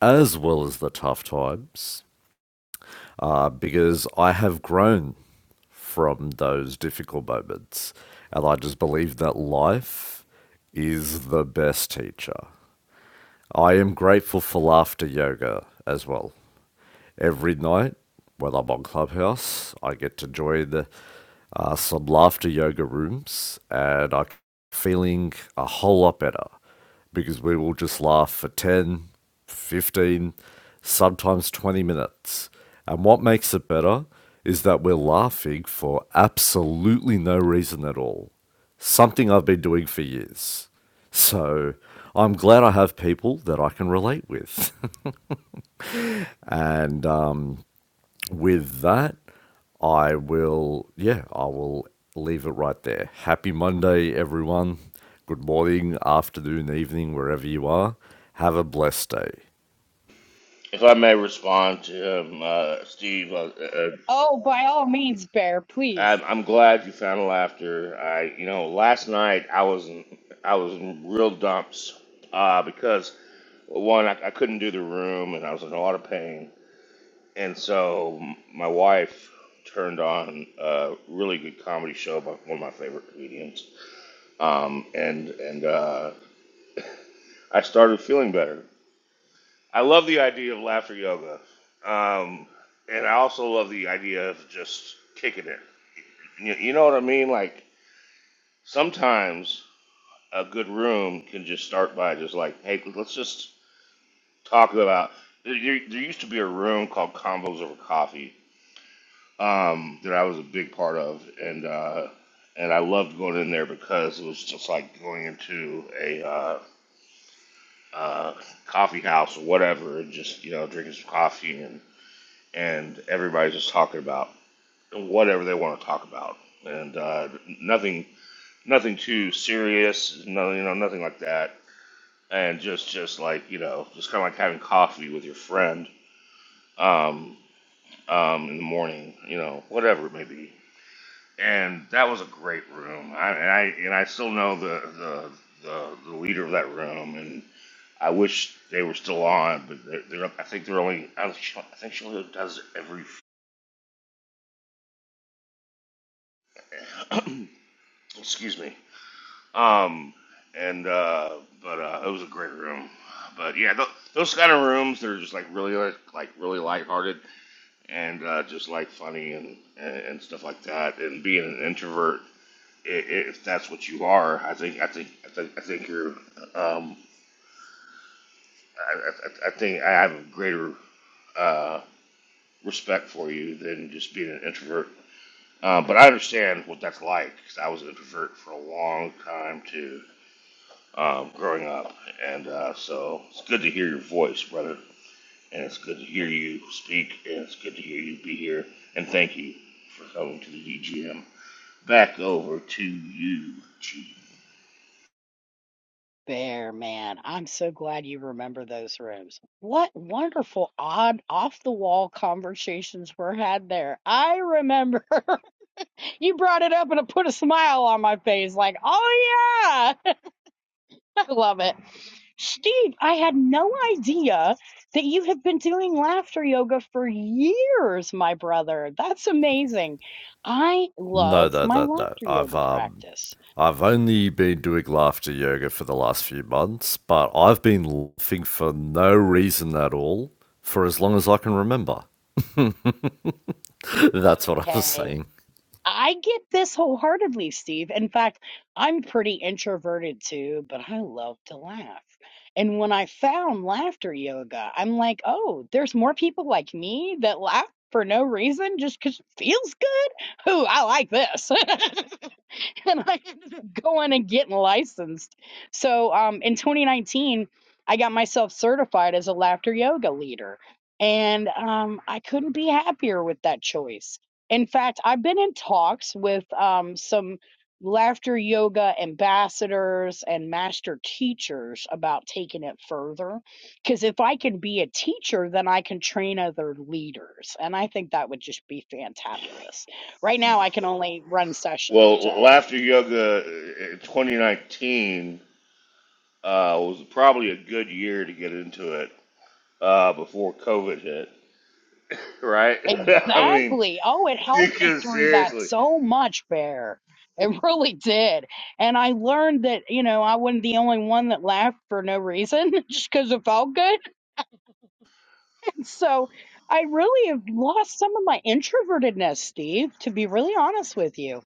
[SPEAKER 5] as well as the tough times, uh, because I have grown from those difficult moments. And I just believe that life is the best teacher. I am grateful for laughter yoga as well every night when I'm on Clubhouse. I get to join uh, some laughter yoga rooms and I'm feeling a whole lot better because we will just laugh for 10, 15, sometimes 20 minutes. And what makes it better is that we're laughing for absolutely no reason at all. Something I've been doing for years. So I'm glad I have people that I can relate with. (laughs) and um, with that, I will, yeah, I will leave it right there. Happy Monday, everyone. Good morning, afternoon, evening, wherever you are. Have a blessed day.
[SPEAKER 4] If I may respond to him, uh, Steve, uh, uh,
[SPEAKER 1] Oh, by all means, Bear, please.
[SPEAKER 4] I'm, I'm glad you found laughter. I, you know, last night I was in, I was in real dumps uh, because one I, I couldn't do the room and I was in a lot of pain, and so m- my wife turned on a really good comedy show by one of my favorite comedians, um, and and uh, I started feeling better. I love the idea of laughter yoga, um, and I also love the idea of just kicking it. You, you know what I mean? Like sometimes a good room can just start by just like, hey, let's just talk about. There, there used to be a room called Combos Over Coffee um, that I was a big part of, and uh, and I loved going in there because it was just like going into a uh, uh, coffee house or whatever, and just you know drinking some coffee and and everybody's just talking about whatever they want to talk about, and uh, nothing nothing too serious, no, you know nothing like that and just just like you know, just kind of like having coffee with your friend um, um, in the morning, you know, whatever it may be. And that was a great room. I, and I and I still know the the, the the leader of that room, and I wish they were still on, but they're, they're I think they're only I think she I think she only does it every (clears throat) excuse me. Um, and uh, but uh, it was a great room. But yeah, th- those kind of rooms, they're just like really like, like really lighthearted and uh, just like funny and, and and stuff like that. And being an introvert, i- i- if that's what you are, I think I think I think I think you're. Um, I, I, I think I have a greater uh, respect for you than just being an introvert. Uh, but I understand what that's like because I was an introvert for a long time too, um, growing up, and uh, so it's good to hear your voice, brother. And it's good to hear you speak, and it's good to hear you be here. And thank you for coming to the EGM. back over to you, Chief.
[SPEAKER 1] Bear man, I'm so glad you remember those rooms. What wonderful, odd, off the wall conversations were had there. I remember (laughs) you brought it up and it put a smile on my face, like, oh yeah, (laughs) I love it. Steve, I had no idea that you have been doing laughter yoga for years, my brother. That's amazing. I
[SPEAKER 5] No,
[SPEAKER 1] love
[SPEAKER 5] no,
[SPEAKER 1] my
[SPEAKER 5] no, no.
[SPEAKER 1] laughter
[SPEAKER 5] I've
[SPEAKER 1] yoga
[SPEAKER 5] um,
[SPEAKER 1] practice.
[SPEAKER 5] I've only been doing laughter yoga for the last few months, but I've been laughing for no reason at all for as long as I can remember. (laughs) That's what I was
[SPEAKER 1] Okay.
[SPEAKER 5] saying.
[SPEAKER 1] I get this wholeheartedly, Steve. In fact, I'm pretty introverted too, but I love to laugh. And when I found laughter yoga, I'm like, oh, there's more people like me that laugh for no reason just because it feels good. Ooh, I like this. (laughs) (laughs) and I ended up going and getting licensed. So um, in 2019, I got myself certified as a laughter yoga leader, and um, I couldn't be happier with that choice. In fact, I've been in talks with um, some laughter yoga ambassadors and master teachers about taking it further. Because if I can be a teacher, then I can train other leaders. And I think that would just be fantabulous right now I can only run sessions.
[SPEAKER 4] Well,
[SPEAKER 1] So
[SPEAKER 4] Laughter Yoga uh, in 2019 uh, was probably a good year to get into it uh, before COVID hit, right? (laughs) I mean,
[SPEAKER 1] Exactly. Oh, it helped me
[SPEAKER 4] because
[SPEAKER 1] through that
[SPEAKER 4] seriously.
[SPEAKER 1] so much, Bear. It (laughs) really did. And I learned that, you know, I wasn't the only one that laughed for no reason, (laughs) just because it felt good. (laughs) So I really have lost some of my introvertedness, Steve, to be really honest with you.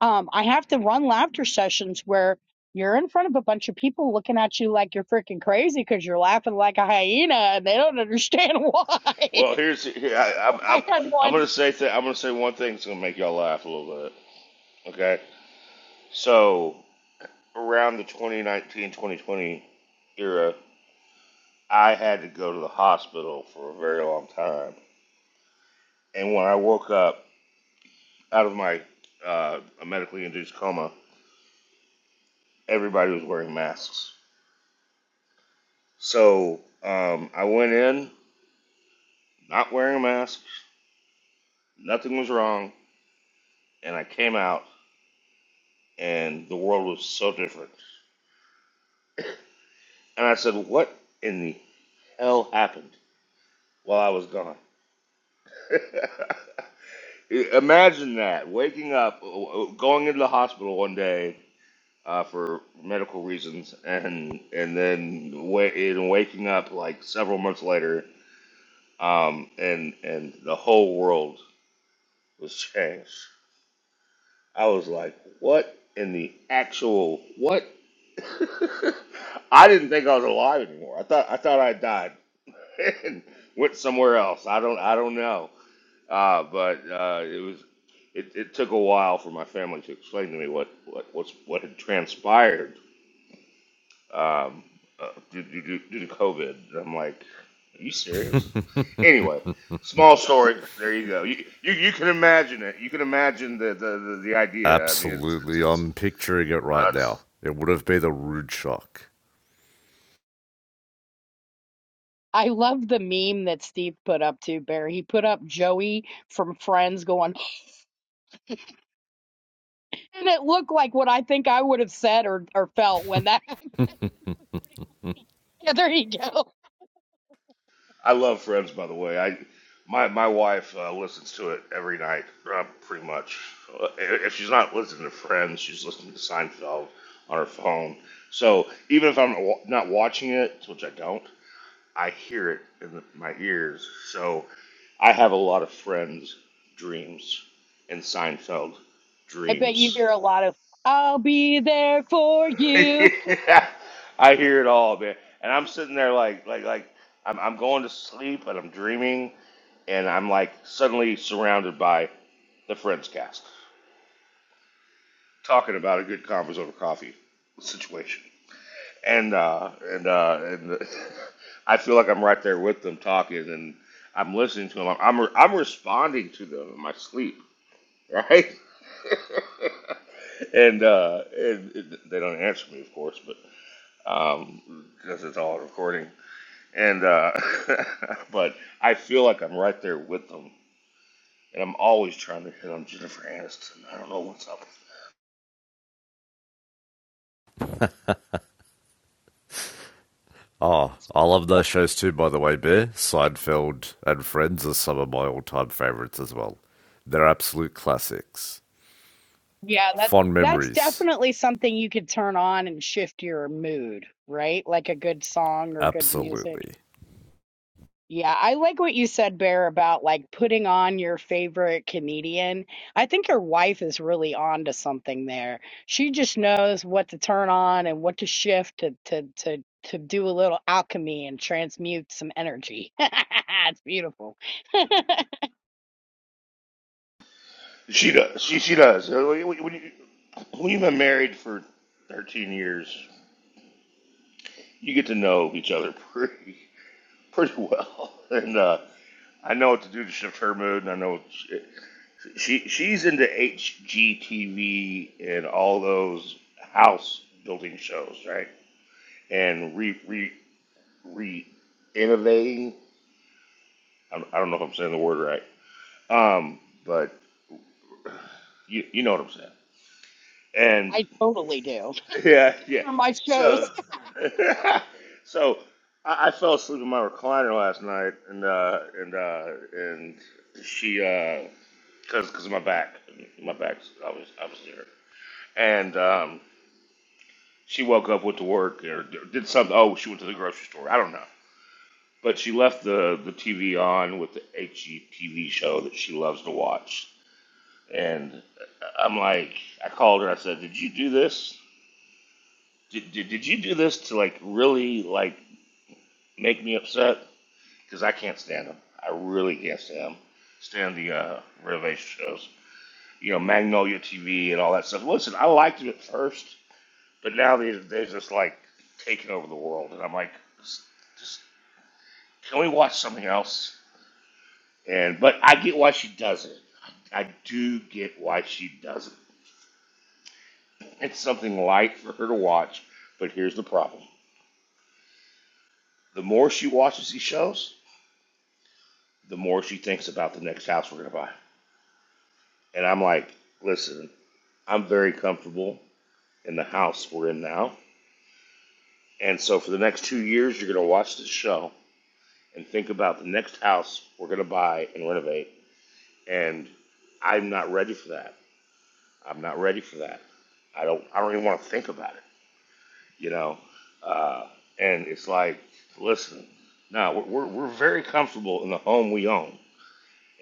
[SPEAKER 1] Um, I have to run laughter sessions where you're in front of a bunch of people looking at you like you're freaking crazy because you're laughing like a hyena and they don't understand (laughs) why.
[SPEAKER 4] Well, here's here, I, I'm I'm
[SPEAKER 1] I had
[SPEAKER 4] I'm
[SPEAKER 1] one.
[SPEAKER 4] gonna say th- I'm gonna say one thing that's gonna make y'all laugh a little bit. Okay, so around the 2019-2020 era, I had to go to the hospital for a very long time, and when I woke up out of my uh, medically induced coma, everybody was wearing masks. So um, I went in not wearing a mask, nothing was wrong, and I came out, and the world was so different. And I said, What in the hell happened while I was gone? (laughs) Imagine that waking up, uh, uh, going into the hospital one day uh, for medical reasons, and and then wa- and waking up like several months later um, and and the whole world was changed. I was like, what in the actual what? (laughs) I didn't think I was alive anymore. I thought I thought I died (laughs) and went somewhere else. I don't I don't know. Uh, but uh, it was it, it took a while for my family to explain to me what what what's, what had transpired um, uh, due, due, due to COVID. And I'm like, are you serious? Anyway, small story. There you go. You, you, you can imagine it. You can imagine the, the, the, the idea. I mean, it's, it's,
[SPEAKER 5] Absolutely,
[SPEAKER 4] it's
[SPEAKER 5] I'm picturing it right
[SPEAKER 4] nuts.
[SPEAKER 5] now. It would have been a rude shock.
[SPEAKER 1] I love the meme that Steve put up too, Barry. He put up Joey from Friends going, and it looked like what I think I would have said or, or felt when that happened. (laughs)
[SPEAKER 5] (laughs)
[SPEAKER 1] Yeah, there you go.
[SPEAKER 4] I love Friends, by the way. I my my wife uh, listens to it every night, uh, pretty much. Uh, If she's not listening to Friends, she's listening to Seinfeld on her phone. So even if I'm wa- not watching it, which I don't, I hear it in the, my ears. So I have a lot of friends' dreams and Seinfeld
[SPEAKER 1] I bet you
[SPEAKER 4] dreams.
[SPEAKER 1] hear a lot of "I'll be there for
[SPEAKER 4] (laughs)
[SPEAKER 1] you."
[SPEAKER 4] yeah, I hear it all, man. And I'm sitting there like, like, like I'm, I'm going to sleep and I'm dreaming and I'm like suddenly surrounded by the Friends cast talking about a good combos over coffee situation. and uh, and uh, and (laughs) I feel like I'm right there with them talking, and I'm listening to them. I'm I'm, I'm responding to them in my sleep, right? (laughs) and uh, and it, they don't answer me, of course, but um, because it's all recording. And uh, (laughs) but I feel like I'm right there with them, and I'm always trying to hit on Jennifer Aniston. I don't know what's up.
[SPEAKER 5] oh, I love
[SPEAKER 1] (laughs)
[SPEAKER 5] those shows too, by the way, Bear. Seinfeld and Friends are some of my all time favorites as well. They're absolute classics.
[SPEAKER 1] Yeah, that
[SPEAKER 5] Fond
[SPEAKER 1] that's
[SPEAKER 5] memories,
[SPEAKER 1] definitely something you could turn on and shift your mood, right? Like a good song or good music.
[SPEAKER 5] absolutely.
[SPEAKER 1] Yeah, I like what you said, Bear, about like putting on your favorite comedian. I think your wife is really on to something there. She just knows what to turn on and what to shift to to to to do a little alchemy and transmute some energy. (laughs) It's beautiful. (laughs)
[SPEAKER 4] She does. She she does. Uh, When you, when you when you've been married for 13 years you get to know each other (laughs) pretty pretty well, (laughs) and uh, I know what to do to shift her mood, and I know what she, she she's into HGTV and all those house building shows, right? And re re re innovating. I don't I don't know if I'm saying the word right, um, but you you know what I'm saying. and.
[SPEAKER 1] I totally do.
[SPEAKER 4] Yeah,
[SPEAKER 1] Those
[SPEAKER 4] yeah.
[SPEAKER 1] are my
[SPEAKER 4] So,
[SPEAKER 1] shows.
[SPEAKER 4] (laughs) so I, I fell asleep in my recliner last night, and uh, and uh, and she, because because of my back, my back's I was I was there, and um, she woke up, went to work, or did something. Oh, she went to the grocery store. I don't know, but she left the the TV on with the HGTV show that she loves to watch, and I'm like, I called her. I said, "Did you do this? Did, did, did you do this to like really like make me upset because I can't stand them. I really can't stand stand them. Stand the uh, renovation shows. You know, Magnolia TV and all that stuff. Listen, I liked it at first, but now they, they're just like taking over the world. And I'm like, just, just can we watch something else? And But I get why she does it. I, I do get why she does it. It's something light for her to watch, but here's the problem. The more she watches these shows, the more she thinks about the next house we're going to buy. And I'm like, listen, I'm very comfortable in the house we're in now. And so for the next two years, you're going to watch this show and think about the next house we're going to buy and renovate. And I'm not ready for that. I'm not ready for that. I don't. I don't even want to think about it. You know. Uh, and it's like, listen, no, we're, we're we're very comfortable in the home we own,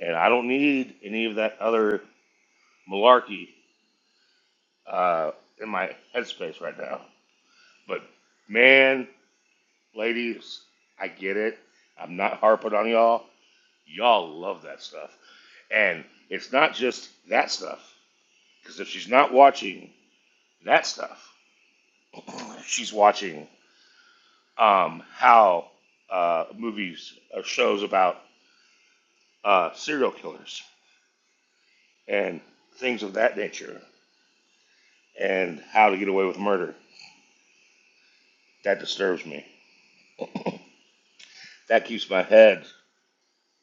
[SPEAKER 4] and I don't need any of that other malarkey uh, in my headspace right now. But man, Ladies, I get it. I'm not harping on y'all. Y'all love that stuff. And it's not just that stuff, because if she's not watching that stuff, (laughs) (clears throat) she's watching um, how uh, movies or shows about uh, serial killers and things of that nature and how to get away with murder. That disturbs me. That keeps my head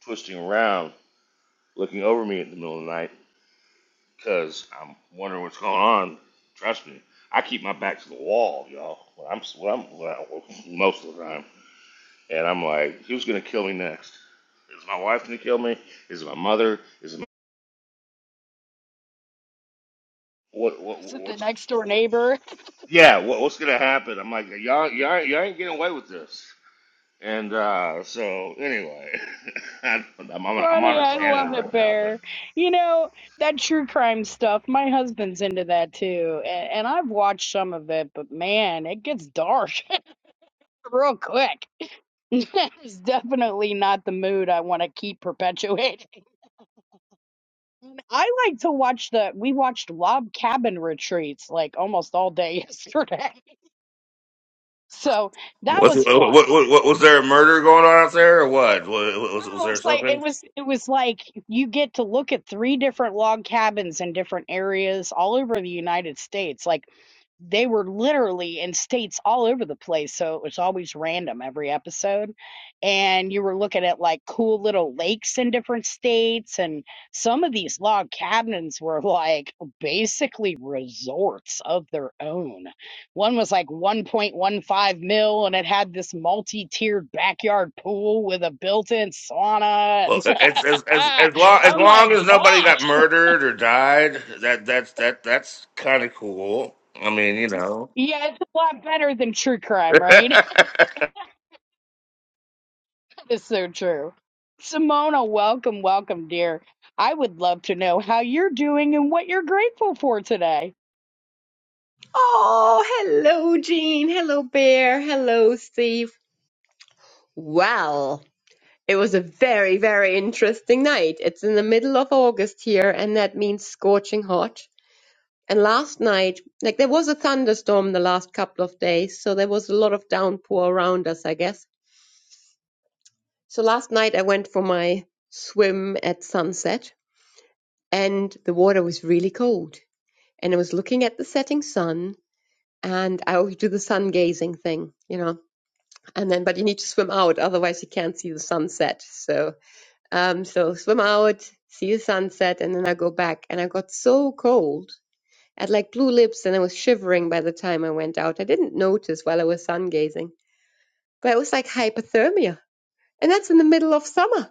[SPEAKER 4] twisting around, looking over me in the middle of the night because I'm wondering what's going on. Trust me, I keep my back to the wall, y'all. When I'm, when I'm well, most of the time, and I'm like, who's gonna kill me next? Is my wife gonna kill me? Is it my mother? Is it my, what,
[SPEAKER 1] (laughs)
[SPEAKER 4] what?
[SPEAKER 1] Is it the
[SPEAKER 4] What's?
[SPEAKER 1] next door neighbor?
[SPEAKER 4] Yeah, what, what's gonna happen? I'm like, y'all, y'all, y'all ain't getting away with this. And uh, so anyway, (laughs) I don't know, I'm on, a, I'm on
[SPEAKER 1] funny.
[SPEAKER 4] a
[SPEAKER 1] I
[SPEAKER 4] tangent
[SPEAKER 1] love
[SPEAKER 4] right
[SPEAKER 1] it,
[SPEAKER 4] now, but
[SPEAKER 1] Bear. You know, that true crime stuff, my husband's into that too. And, and I've watched some of it, but man, it gets dark (laughs) real quick. (laughs) it's definitely not the mood I want to keep perpetuating. And I like to watch the, we watched log cabin retreats like almost all day (laughs) yesterday. So that
[SPEAKER 4] What's,
[SPEAKER 1] was
[SPEAKER 4] what,
[SPEAKER 1] fun.
[SPEAKER 4] what, what, was there a murder going on out there or what? Was, was, was
[SPEAKER 1] No,
[SPEAKER 4] there
[SPEAKER 1] it's like
[SPEAKER 4] something?
[SPEAKER 1] it was it was like you get to look at three different log cabins in different areas all over the United States. Like they were literally in states all over the place. So it was always random every episode. And you were looking at like cool little lakes in different states. And some of these log cabins were (laughs) like basically resorts of their own. One was like 1.15 mil and it had this multi tiered backyard pool with a built in sauna.
[SPEAKER 4] Well,
[SPEAKER 1] And
[SPEAKER 4] as as as as long
[SPEAKER 1] (laughs)
[SPEAKER 4] as
[SPEAKER 1] I'm like,
[SPEAKER 4] long as nobody
[SPEAKER 1] gosh,
[SPEAKER 4] got murdered or died, that that's that that's kind of cool. I mean, you know.
[SPEAKER 1] yeah, it's a lot better than true
[SPEAKER 4] (laughs)
[SPEAKER 1] crime,
[SPEAKER 4] what,
[SPEAKER 1] right? It's so true. Simona, welcome, welcome, dear. I would love to know how you're doing and what you're grateful for today.
[SPEAKER 6] Oh, hello, Jean. Hello, Bear. Hello, Steve. Well, it was a very, very interesting night. It's in the middle of August here, and that means scorching hot. And last night, like there was a thunderstorm the last couple of days, so there was a lot of downpour around us, I guess. So last night I went for my swim at sunset, and the water was really cold. And I was looking at the setting sun, and I always do the sun gazing thing, you know and then but you need to swim out otherwise you can't see the sunset so um so swim out see the sunset and then i go back and i got so cold I had like blue lips and i was shivering by the time i went out i didn't notice while i was sun gazing but it was like hypothermia and that's in the middle of summer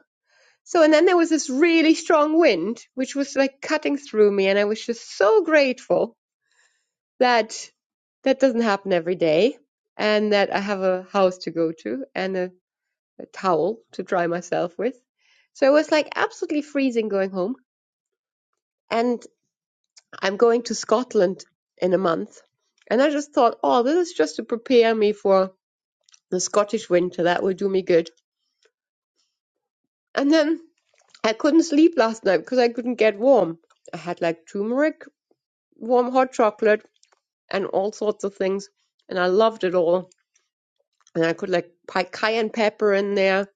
[SPEAKER 6] so and then there was this really strong wind which was like cutting through me and i was just so grateful that that doesn't happen every day and that i have a house to go to and a a towel to dry myself with. So it was like absolutely freezing going home. And I'm going to Scotland in a month. And I just thought, oh, this is just to prepare me for the Scottish winter. That will do me good. And then I couldn't sleep last night because I couldn't get warm. I had like turmeric, warm hot chocolate, and all sorts of things. And I loved it all. And I could like put cayenne pepper in there.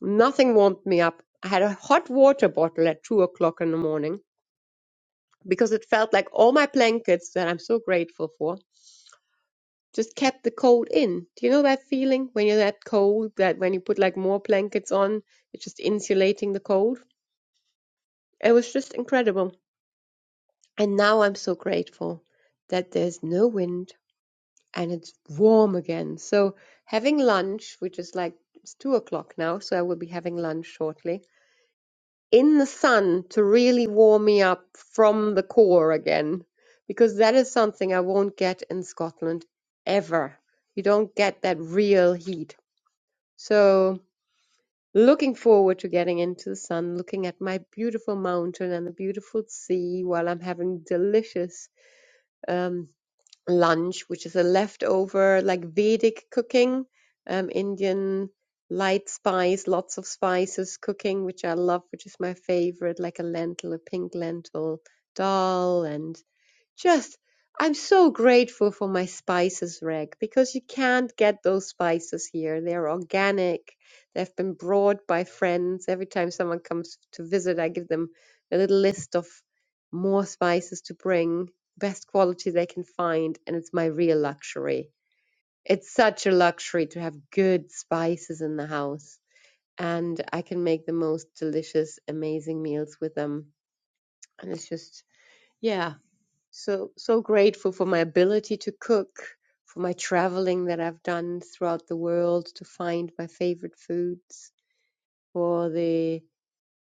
[SPEAKER 6] Nothing warmed me up. I had a hot water bottle at two o'clock in the morning because it felt like all my blankets that I'm so grateful for just kept the cold in. Do you know that feeling when you're that cold that when you put like more blankets on, it's just insulating the cold? It was just incredible. And now I'm so grateful that there's no wind and it's warm again. So having lunch, which is like it's two o'clock now, so I will be having lunch shortly in the sun to really warm me up from the core again because that is something I won't get in Scotland ever. You don't get that real heat. So, looking forward to getting into the sun, looking at my beautiful mountain and the beautiful sea while I'm having delicious um, lunch, which is a leftover like Vedic cooking, um, Indian light spice, lots of spices cooking, which I love, which is my favorite, like a lentil, a pink lentil dal, and just, I'm so grateful for my spices rack because you can't get those spices here. They're organic. They've been brought by friends. Every time someone comes to visit, I give them a little list of more spices to bring, best quality they can find, and it's my real luxury. It's such a luxury to have good spices in the house, and I can make the most delicious, amazing meals with them. And it's just, yeah, so so grateful for my ability to cook for my traveling that i've done throughout the world to find my favorite foods for the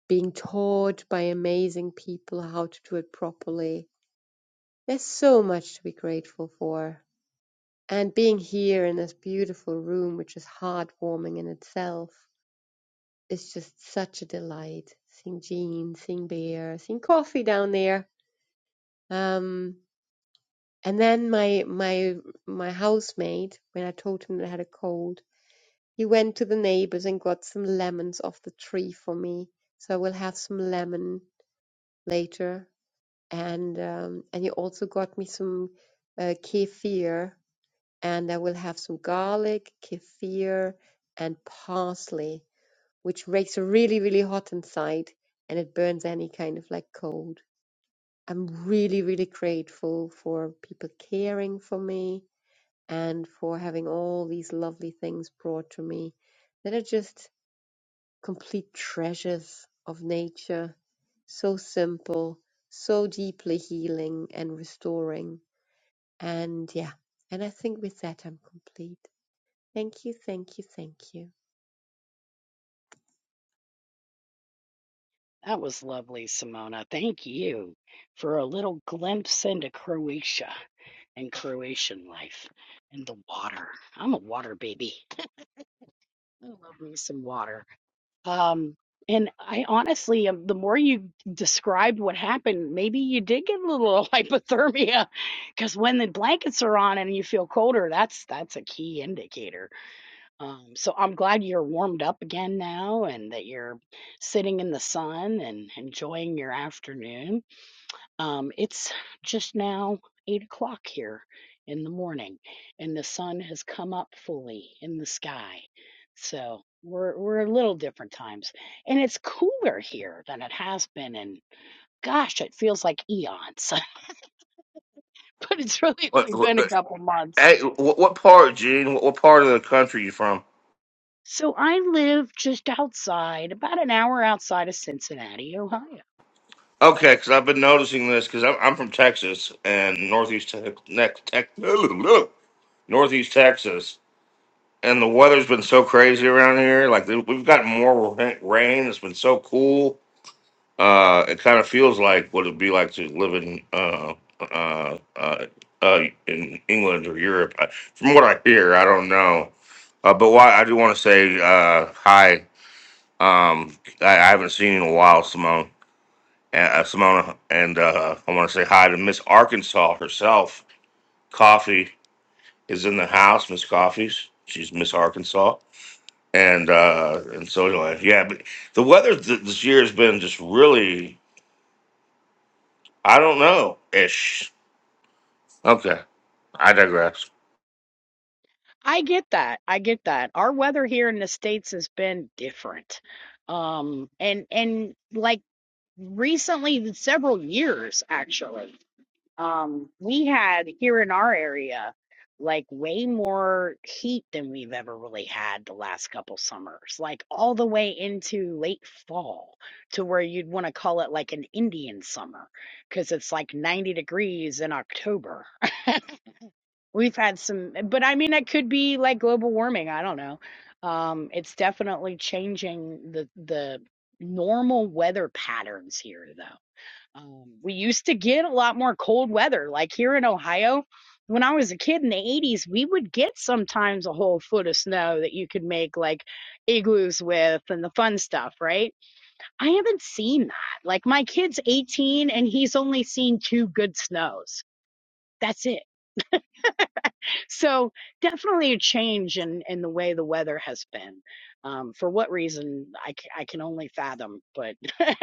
[SPEAKER 6] being taught by amazing people how to do it properly there's so much to be grateful for and being here in this beautiful room which is heartwarming in itself is just such a delight seeing jean seeing bear seeing coffee down there um And then my my my housemate, when I told him that I had a cold, he went to the neighbors and got some lemons off the tree for me. So I will have some lemon later. And um, and he also got me some uh, kefir, and I will have some garlic, kefir, and parsley, which makes it really really hot inside, and it burns any kind of like cold. I'm really really grateful for people caring for me and for having all these lovely things brought to me that are just complete treasures of nature. So simple, so deeply healing and restoring. And yeah, and I think with that I'm complete. Thank you, thank you, thank you.
[SPEAKER 1] That was lovely, Simona. Thank you for a little glimpse into Croatia and Croatian life and the water. I'm a water baby. I love me some water. Um, and I honestly, um, the more you described what happened, maybe you did get a little (laughs) hypothermia, because when the blankets are on and you feel colder, that's that's a key indicator. Um, so I'm glad you're warmed up again now, and that you're sitting in the sun and enjoying your afternoon. Um, it's just now eight o'clock here in the morning, and the sun has come up fully in the sky. So we're we're a little different times, and it's cooler here than it has been. And gosh, it feels like eons, (laughs) but it's really only been a
[SPEAKER 4] what,
[SPEAKER 1] couple months.
[SPEAKER 4] hey, what, what part, Gene? What, what part of the country you from?
[SPEAKER 1] So I live just outside, about an hour outside of Cincinnati, Ohio.
[SPEAKER 4] Okay, because I've been noticing this because I'm I'm from Texas and northeast Te- ne- Tex (laughs) northeast Texas, and the weather's been so crazy around here. Like we've gotten more rain. It's been so cool Uh, it kind of feels like what it'd be like to live in uh, uh, uh, uh, in England or Europe. I- From what I hear, I don't know. Uh, but why I do want to say uh, hi. Um, I, I haven't seen you in a while, Simone. And, uh, Simona, and uh, I want to say hi to Miss Arkansas herself. Coffee is in the house, Miss Coffee's. She's Miss Arkansas, and uh, and so anyway, yeah. But the weather th- this year has been just really, I don't know, ish. Okay, I digress.
[SPEAKER 1] I get that. I get that. Our weather here in the States has been different um and and like recently several years actually um we had here in our area like way more heat than we've ever really had the last couple summers like all the way into late fall to where you'd want to call it like an indian summer because it's like 90 degrees in october we've had some but i mean it could be like global warming i don't know um it's definitely changing the the normal weather patterns here though um, we used to get a lot more cold weather, like here in Ohio. When I was a kid in the 80s, we would get sometimes a whole foot of snow that you could make like igloos with and the fun stuff, right? I haven't seen that. Like my kid's 18 and he's only seen two good snows. That's it. So definitely a change in, in the way the weather has been. Um, for what reason, I, ca- I can only fathom, but (laughs)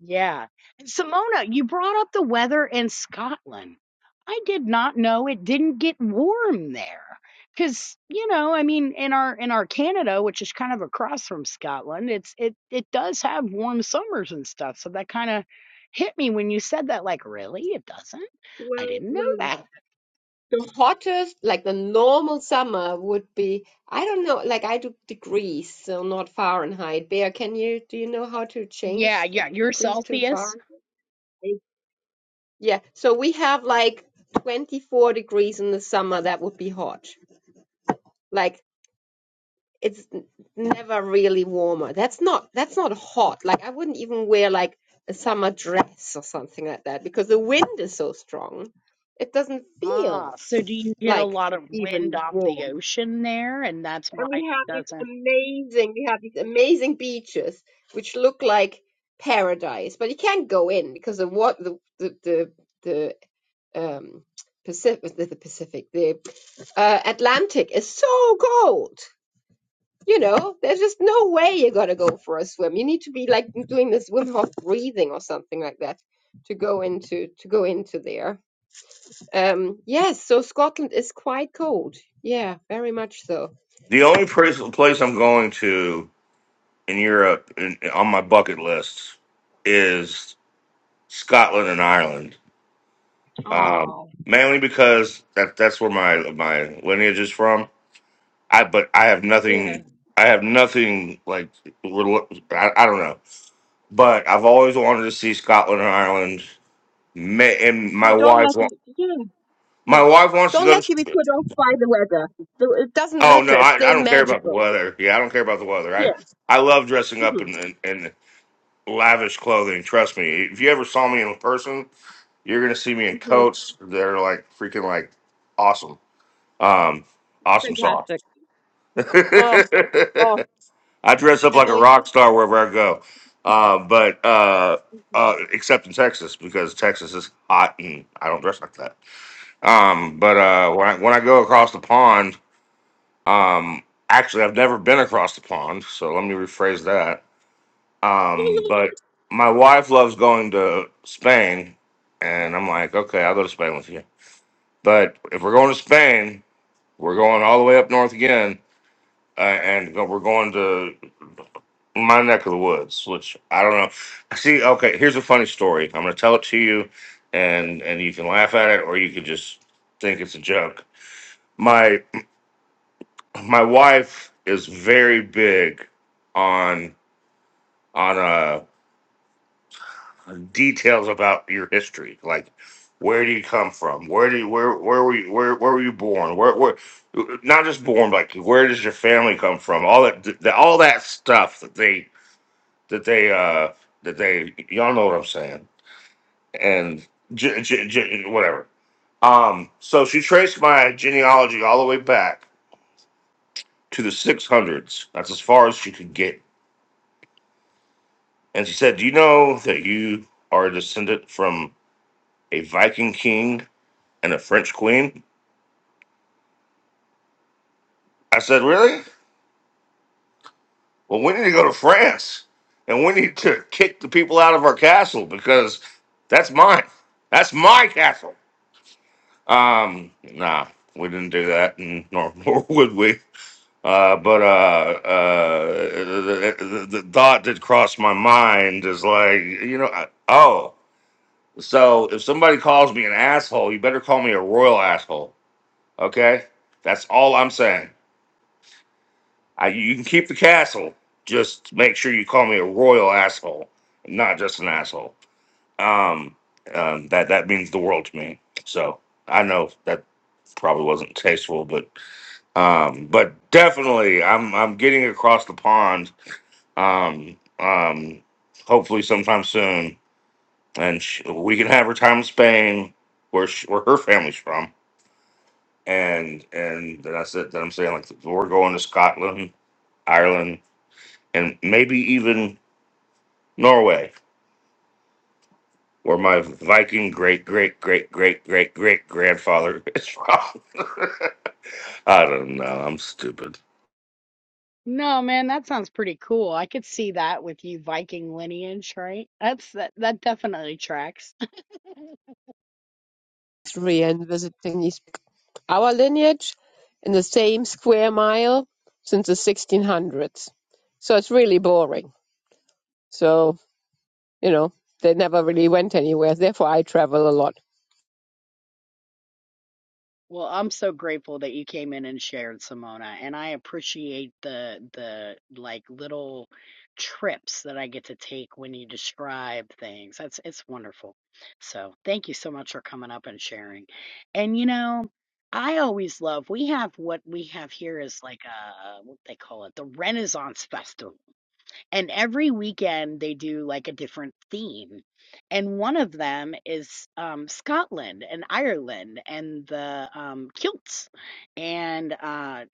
[SPEAKER 1] Yeah. And Simona, you brought up the weather in Scotland. I did not know it didn't get warm there. Cause, you know, I mean in our in our Canada, which is kind of across from Scotland, it's it it does have warm summers and stuff. So that kind of hit me when you said that, like, really? It doesn't? I
[SPEAKER 6] Well,
[SPEAKER 1] didn't know
[SPEAKER 6] well,
[SPEAKER 1] that.
[SPEAKER 6] the hottest, like the normal summer would be, I don't know, like I do degrees, so not Fahrenheit. Bear, can you, do you know how to
[SPEAKER 1] Yeah,
[SPEAKER 6] change
[SPEAKER 1] yeah. You're
[SPEAKER 6] degrees to
[SPEAKER 1] Celsius.
[SPEAKER 6] Fahrenheit? Yeah, so we have like 24 degrees in the summer. That would be hot. Like it's n- never really warmer. That's not that's not hot. Like I wouldn't even wear like a summer dress or something like that because the wind is so strong. It doesn't feel
[SPEAKER 1] Ah, so do you get a
[SPEAKER 6] like
[SPEAKER 1] lot of wind
[SPEAKER 6] even
[SPEAKER 1] off the
[SPEAKER 6] warm.
[SPEAKER 1] ocean there? And that's
[SPEAKER 6] And
[SPEAKER 1] why
[SPEAKER 6] we
[SPEAKER 1] it
[SPEAKER 6] have these
[SPEAKER 1] doesn't.
[SPEAKER 6] amazing we have these amazing beaches which look like paradise, but you can't go in because the what the the the, the um, Pacific, the Pacific, the uh, Atlantic is so cold. You know, there's just no way you're gonna go for a swim. You need to be like doing this Wim Hof breathing or something like that to go into to go into there. Um, yes, so Scotland is quite cold. Yeah, very much so.
[SPEAKER 4] The only place, place I'm going to in Europe in, on my bucket list is Scotland and Ireland, um,
[SPEAKER 6] Oh,
[SPEAKER 4] mainly because that that's where my my lineage is from. I but I have
[SPEAKER 6] yeah.
[SPEAKER 4] nothing. I have nothing like rel- I, I don't know, but I've always wanted to see Scotland and Ireland. May, and my
[SPEAKER 6] Well, don't
[SPEAKER 4] wife
[SPEAKER 6] let
[SPEAKER 4] wa-
[SPEAKER 6] you. Yeah, yeah.
[SPEAKER 4] my wife wants to
[SPEAKER 6] Don't
[SPEAKER 4] go
[SPEAKER 6] let you
[SPEAKER 4] to.
[SPEAKER 6] be put off by the weather. So It doesn't
[SPEAKER 4] Oh no,
[SPEAKER 6] matter. It's
[SPEAKER 4] I, I
[SPEAKER 6] still
[SPEAKER 4] don't care about the
[SPEAKER 6] magical.
[SPEAKER 4] weather. Yeah, I don't care about the weather. I
[SPEAKER 6] Yeah.
[SPEAKER 4] I love dressing up in, in in lavish clothing. Trust me. If you ever saw me in person, you're gonna see me in
[SPEAKER 6] hmm
[SPEAKER 4] coats that are like freaking like awesome. Um, awesome sauce. (laughs)
[SPEAKER 6] hmm
[SPEAKER 4] I dress up like a rock star wherever I go. Uh, but uh, uh, except in Texas because Texas is hot and I don't dress like that. Um, but uh, when I, when I go across the pond Um, actually, I've never been across the pond, so let me rephrase that. Um, but my wife loves going to Spain, and I'm like, okay, I'll go to Spain with you. But if we're going to Spain, we're going all the way up north again, uh, and go- we're going to my neck of the woods, which I don't know. See, okay, here's a funny story. I'm going to tell it to you, and and you can laugh at it, or you can just think it's a joke. My my wife is very big on on uh details about your history like where do you come from where do you where where were you where, where were you born where where not just born but like where does your family come from all that the, all that stuff that they that they uh that they y'all know what i'm saying and j- j- j- whatever um so she traced my genealogy all the way back to the 600s that's as far as she could get and she said do you know that you are a descendant from a viking king and a French queen. I said, Really? Well, we need to go to France and we need to kick the people out of our castle because that's mine. That's my castle. Um, nah, we didn't do that, and (laughs) nor, nor would we. Uh, but uh, uh, the, the, the thought that crossed my mind is like, you know, I, oh, so if somebody calls me an asshole, you better call me a royal asshole. Okay? That's all I'm saying. I, you can keep the castle. Just make sure you call me a royal asshole, not just an asshole. Um, um, that that means the world to me. So I know that probably wasn't tasteful, but um, but definitely, I'm I'm getting across the pond. Um, um, hopefully sometime soon, and sh- we can have her time in Spain, where sh- where her family's from, and and that's it. That I'm saying like we're going to Scotland. Ireland. and maybe even Norway, where my Viking great great great great great great grandfather is from. (laughs) I don't know. I'm stupid.
[SPEAKER 1] No, man, that sounds pretty cool. I could see that with you Viking lineage, right? That's that that definitely tracks. (laughs)
[SPEAKER 6] History and visiting is our lineage in the same square mile since the 1600s. So it's really boring. So, you know, they never really went anywhere. Therefore, I travel a lot.
[SPEAKER 1] Well, I'm so grateful that you came in and shared, Simona, and I appreciate the the like little trips that I get to take when you describe things. That's it's wonderful. So, thank you so much for coming up and sharing. And you know, I always love we have what we have here is like a what they call it, the Renaissance (laughs) Festival And every weekend they do like a different theme. And one of them is um, Scotland and Ireland and the um, kilts and uh,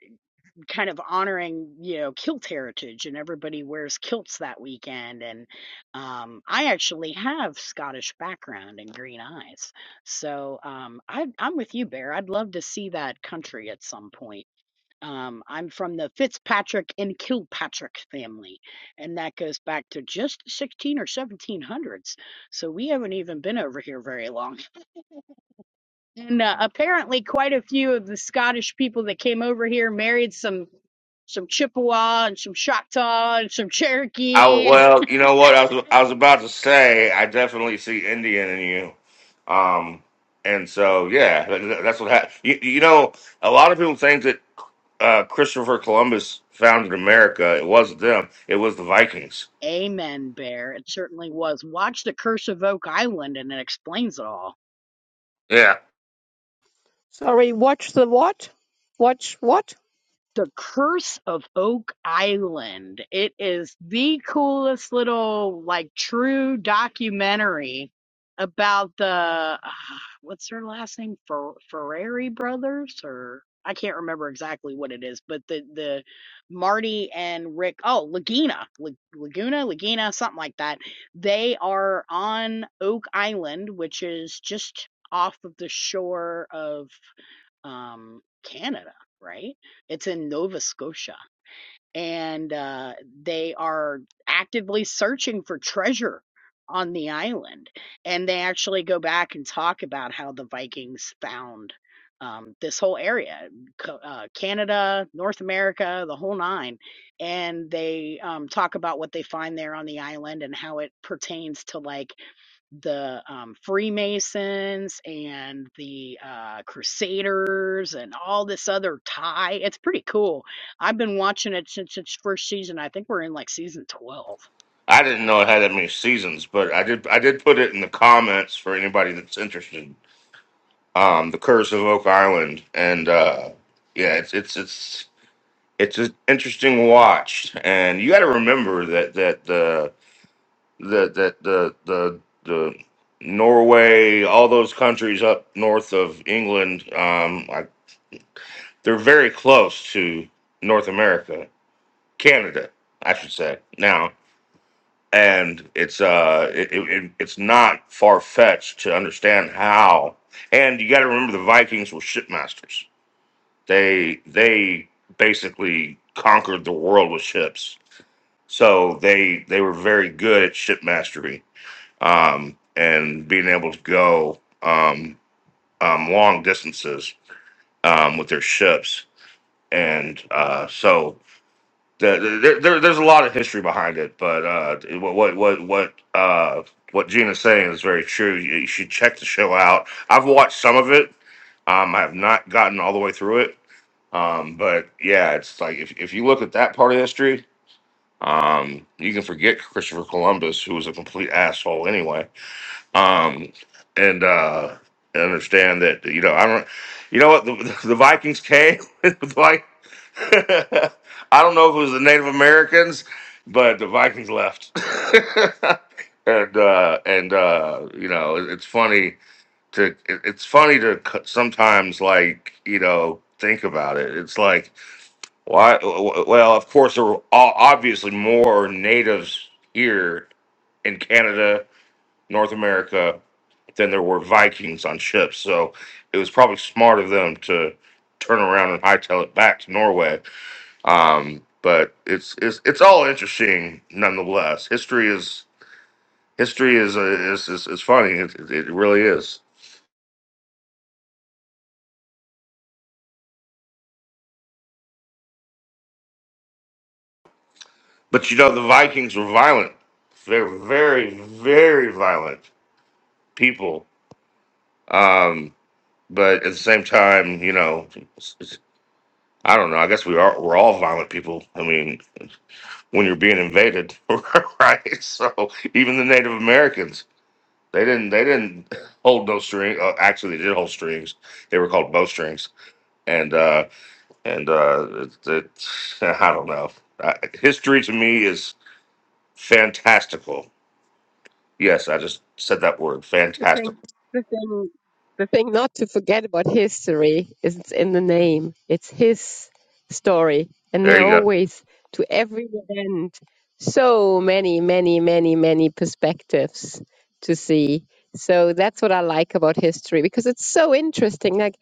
[SPEAKER 1] kind of honoring, you know, kilt heritage. And everybody wears kilts that weekend. And um, I actually have Scottish background and green eyes. So um, I, I'm with you, Bear. I'd love to see that country at some point. Um, I'm from the Fitzpatrick and Kilpatrick family, and that goes back to just 16 or 1700s. So we haven't even been over here very long. And uh, apparently, quite a few of the Scottish people that came over here married some some Chippewa and some Choctaw and some
[SPEAKER 4] I,
[SPEAKER 1] Cherokee. And
[SPEAKER 4] well, you know what I was I was about to say. I definitely see Indian in you, um, and so yeah, that, that's what happened. You, you know, a lot of people think that uh, Christopher Columbus founded America. It wasn't them. It was the Vikings.
[SPEAKER 1] Amen, Bear. It certainly was. Watch the Curse of Oak Island, and it explains it all.
[SPEAKER 4] Yeah.
[SPEAKER 1] The Curse of Oak Island. It is the coolest little like true documentary about the ah, what's their last name Fer- Ferrari brothers or I can't remember exactly what it is, but the the Marty and Rick oh Laguna La- Laguna Laguna something like that. They are on Oak Island, which is just off of the shore of um, Canada, right? It's in Nova Scotia. And uh, they are actively searching for treasure on the island. And they actually go back and talk about how the Vikings found um, this whole area Co- uh, Canada, North America, the whole nine. And they um, talk about what they find there on the island and how it pertains to like the um, Freemasons and the uh, Crusaders and all this other tie. It's pretty cool. I've been watching it since its first season. I think we're in like season 12.
[SPEAKER 4] I didn't know it had that many seasons, but I did. I did put it in the comments for anybody that's interested. Um, the Curse of Oak Island, and uh, yeah, it's it's it's it's an interesting watch, and you got to remember that that the that that the the the Norway, all those countries up north of England, um, like they're very close to North America, Canada, I should say now. and it's uh it, it, it's not far fetched to understand how. And you got to remember the Vikings were shipmasters. They they basically conquered the world with ships. So they they were very good at ship mastery um, and being able to go um, um, long distances um, with their ships. And uh, so the, there, there, there's a lot of history behind it, but uh, what what what what uh, what Gina's saying is very true. You, you should check the show out. I've watched some of it. Um, I have not gotten all the way through it. Um, but yeah, it's like if if you look at that part of history, um, you can forget Christopher Columbus, who was a complete asshole anyway um, and uh, I understand that you know I don't. You know what the, the Vikings came (laughs) with like (laughs) I don't know if it was the Native Americans, but the Vikings left, (laughs) and uh, and uh, you know it- it's funny to it- it's funny to c- sometimes like you know think about it. It's like why? Well, of course there were o- obviously more natives here in Canada North America than there were Vikings on ships. So it was probably smart of them to turn around and hightail it back to Norway. Um, but it's it's it's all interesting nonetheless. History is history is uh, is, is is funny. It, it it really is. But you know the Vikings were violent. They're very very violent people. Um, but at the same time, you know, it's- it's- I don't know. I guess we are we're all violent people. I mean, when you're being invaded, (laughs) right? So even the Native Americans, they didn't they didn't hold no string. Uh, actually, they did hold strings. They were called bowstrings, and uh, and uh, it, it, (laughs) I don't know. Uh, history to me is fantastical. Yes, I just said that word,
[SPEAKER 6] The thing,
[SPEAKER 4] fantastical.
[SPEAKER 6] the thing, the thing not to forget about history is it's in the name. It's his story, and
[SPEAKER 4] There
[SPEAKER 6] there are
[SPEAKER 4] you go.
[SPEAKER 6] always to every event so many, many, many, many perspectives to see. So that's what I like about history because it's so interesting. Like,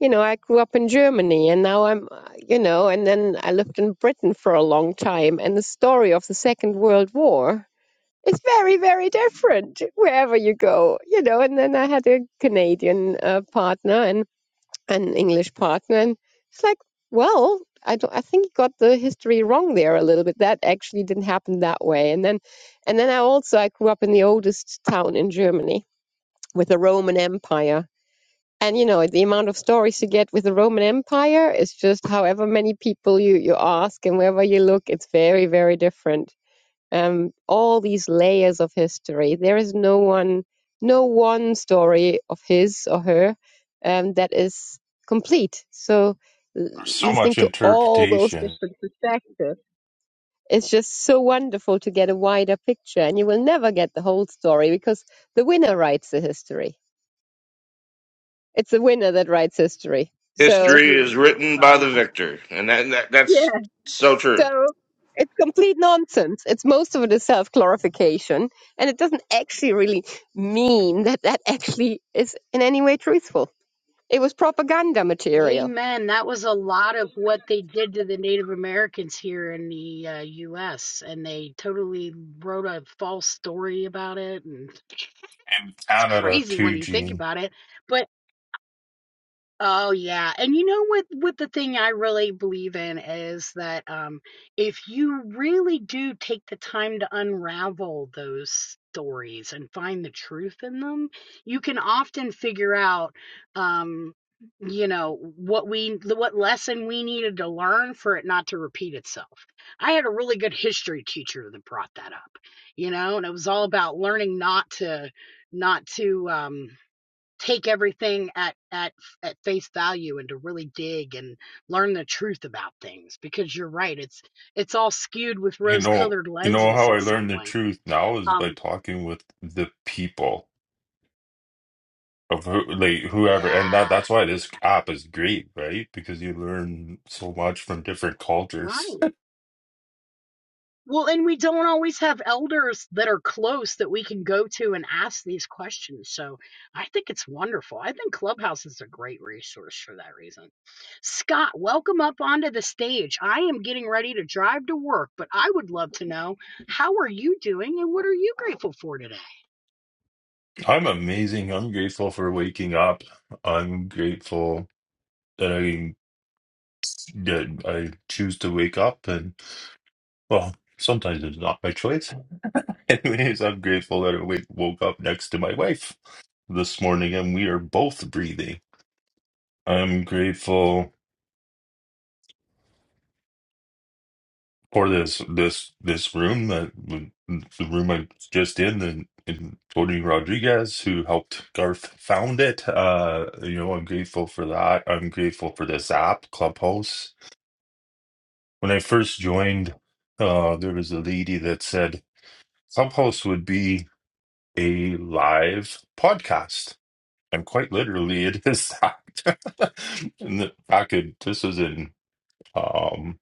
[SPEAKER 6] you know, I grew up in Germany, and now I'm, uh, you know, and then I lived in Britain for a long time, and the story of the Second World War it's very very different wherever you go you know and then i had a canadian uh, partner and an english partner and it's like well I, don't, I think you got the history wrong there a little bit that actually didn't happen that way and then and then i also i grew up in the oldest town in germany with the roman empire and you know the amount of stories you get with the roman empire is just however many people you you ask and wherever you look it's very very different um, all these layers of history. There is no one, no one story of his or her um, that is complete. So l-
[SPEAKER 7] There's so
[SPEAKER 6] listening
[SPEAKER 7] much
[SPEAKER 6] to all those
[SPEAKER 7] interpretation
[SPEAKER 6] different perspectives, it's just so wonderful to get a wider picture. And you will never get the whole story because the winner writes the history. It's the winner that writes history.
[SPEAKER 1] That's
[SPEAKER 6] So.
[SPEAKER 4] History is
[SPEAKER 1] beautiful,
[SPEAKER 4] written by
[SPEAKER 1] Mona.
[SPEAKER 4] the victor, and that, that that's so true.
[SPEAKER 6] So it's complete nonsense. It's most of it is self glorification, and it doesn't actually really mean that that actually is in any way truthful. It was propaganda material.
[SPEAKER 1] Amen. That was a lot of what they did to the Native Americans here in the uh, U.S., and they totally wrote a false story about it. And
[SPEAKER 7] in
[SPEAKER 1] it's
[SPEAKER 7] Canada
[SPEAKER 1] crazy when
[SPEAKER 7] too,
[SPEAKER 1] you think
[SPEAKER 7] Gene.
[SPEAKER 1] about it. but. Oh yeah. And you know what what the thing I really believe in is that um if you really do take the time to unravel those stories and find the truth in them, you can often figure out um you know what we what lesson we needed to learn for it not to repeat itself. I had a really good history teacher that brought that up, you know, and it was all about learning not to not to um take everything at at at face value and to really dig and learn the truth about things because you're right it's it's all skewed with
[SPEAKER 7] You
[SPEAKER 1] rose
[SPEAKER 7] know,
[SPEAKER 1] colored
[SPEAKER 7] you know
[SPEAKER 1] lenses
[SPEAKER 7] how I
[SPEAKER 1] in
[SPEAKER 7] learned
[SPEAKER 1] some
[SPEAKER 7] the
[SPEAKER 1] way
[SPEAKER 7] truth now is by
[SPEAKER 1] um
[SPEAKER 7] talking with the people of who, like whoever, and that
[SPEAKER 1] yeah,
[SPEAKER 7] that's why
[SPEAKER 1] yeah
[SPEAKER 7] this app is great, right? Because you learn so much from different cultures.
[SPEAKER 1] right Well, and we don't always have elders that are close that we can go to and ask these questions. So I think it's wonderful. I think Clubhouse is a great resource for that reason. Scott, welcome up onto the stage. I am getting ready to drive to work, but I would love to know how are you doing and what are you grateful for today?
[SPEAKER 7] (laughs) I'm amazing. I'm grateful for waking up. I'm grateful that I that I choose to wake up, and well, sometimes it's not my choice. (laughs) Anyways, I'm grateful that I wa- woke up next to my wife this morning and we are both breathing. I'm grateful for this this this room that the room I'm just in and, and Tony Rodriguez who helped Garth found it. Uh, you know, I'm grateful for that. I'm grateful for this app, Clubhouse. When I first joined, uh, there was a lady that said Clubhouse would be a live podcast and quite literally it is that (laughs) and the- i could this was in um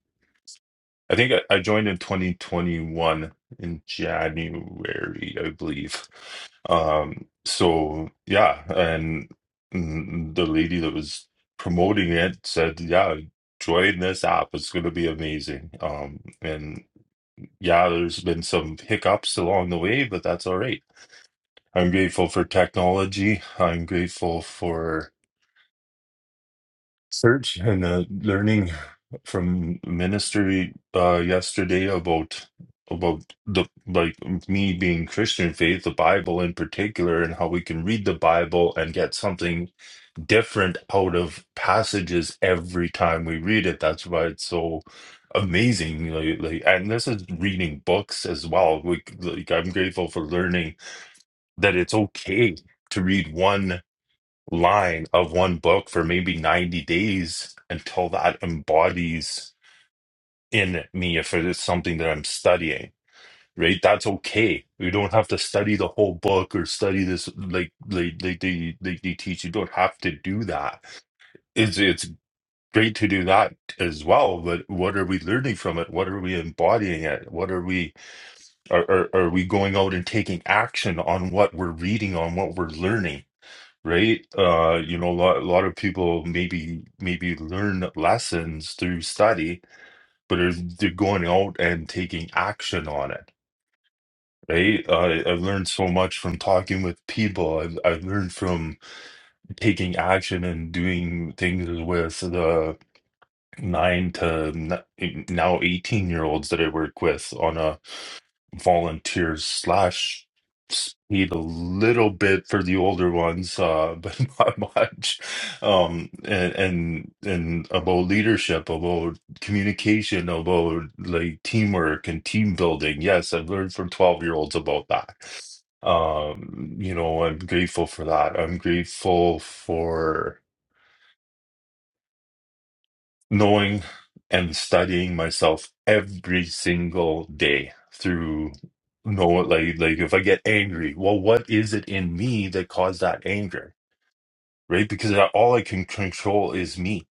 [SPEAKER 7] i think i, I joined in 2021 in january i believe um so yeah and mm, the lady that was promoting it said yeah join this app it's going to be amazing um and yeah there's been some hiccups along the way but that's all right i'm grateful for technology i'm grateful for. search and uh, learning from ministry uh, yesterday about about the like me being Christian faith, the Bible in particular, and how we can read the Bible and get something different out of passages every time we read it. That's why it's so amazing. Like, like and this is reading books as well. Like, like I'm grateful for learning that it's okay to read one line of one book for maybe 90 days until that embodies in me if it is something that I'm studying, right? That's okay. You don't have to study the whole book or study this like like like they like they teach. You don't have to do that. It's it's great to do that as well, but what are we learning from it? What are we embodying it? What are we are are, are we going out and taking action on what we're reading, on what we're learning? right? Uh, you know, a lot, a lot of people maybe maybe learn lessons through study, but they're, they're going out and taking action on it, right? Uh, I've learned so much from talking with people. I've, I've learned from taking action and doing things with the nine to n- now 18 year olds that I work with on a volunteers slash speed a little bit for the older ones, uh, (laughs) but not much. Um, and and and about leadership, about communication, about like teamwork and team building. Yes, I've learned from 12 year olds about that. Um, you know, I'm grateful for that. I'm grateful for knowing and studying myself every single day through know like like if I get angry, well, what is it in me that caused that anger, right? Because I- all I can control is me.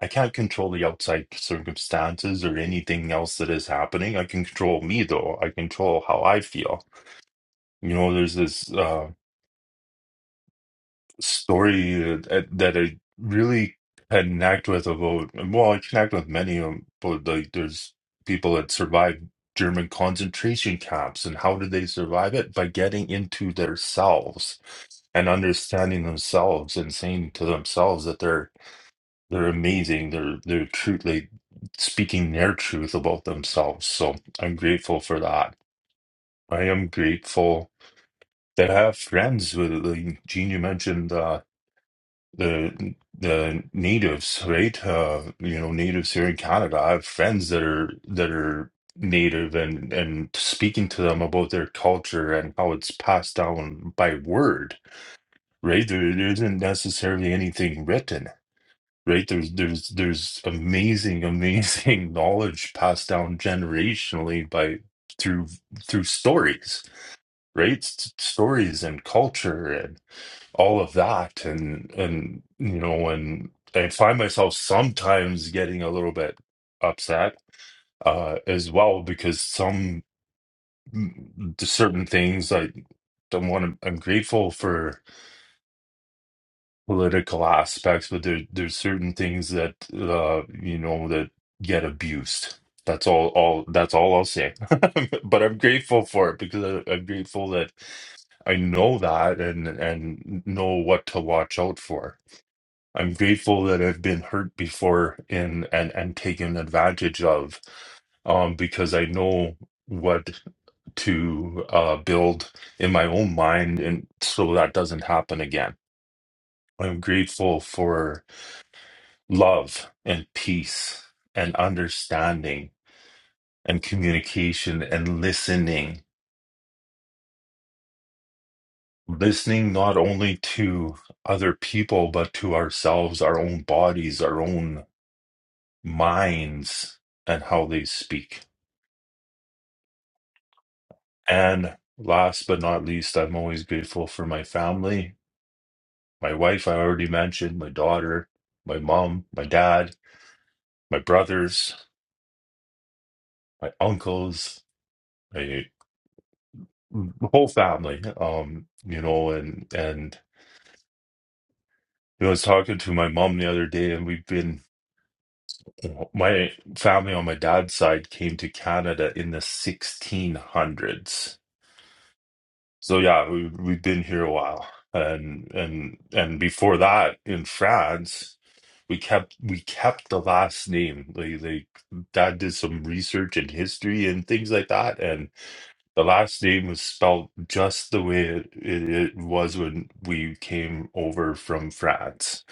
[SPEAKER 7] I can't control the outside circumstances or anything else that is happening. I can control me though. I control how I feel. You know, there's this. uh, story that, that I really connect with about. Well, I connect with many of them, but like there's people that survived German concentration camps, and how did they survive it? By getting into themselves and understanding themselves and saying to themselves that they're they're amazing, they're they're true, like speaking their truth about themselves. So I'm grateful for that. I am grateful that I have friends with like Gene. You mentioned. uh, the the natives, right? Uh, you know, natives here in Canada. I have friends that are that are native and and speaking to them about their culture and how it's passed down by word, right? There, there isn't necessarily anything written, right? There's there's there's amazing, amazing (laughs) knowledge passed down generationally by through through stories, right? S- stories and culture all of that and and you know and I find myself sometimes getting a little bit upset uh as well because some mm, certain things I don't want to I'm grateful for political aspects but there there's certain things that uh you know that get abused that's all all that's all I'll say (laughs) but I'm grateful for it because I, I'm grateful that I know that and and know what to watch out for I'm grateful that I've been hurt before and and and taken advantage of, um, because I know what to uh, build in my own mind, and so that doesn't happen again. I'm grateful for love and peace and understanding and communication and listening. Listening not only to other people, but to ourselves, our own bodies, our own minds, and how they speak. And last but not least, I'm always grateful for my family, my wife, I already mentioned, my daughter, my mom, my dad, my brothers, my uncles, my whole family. Um, you know, and and you know, I was talking to my mom the other day, and we've been my family on my dad's side came to Canada in the 1600s So yeah, we we've been here a while, and and and before that in France, we kept we kept the last name. Like like Dad did some research in history and things like that, and the last name was spelled just the way it, it, it was when we came over from France,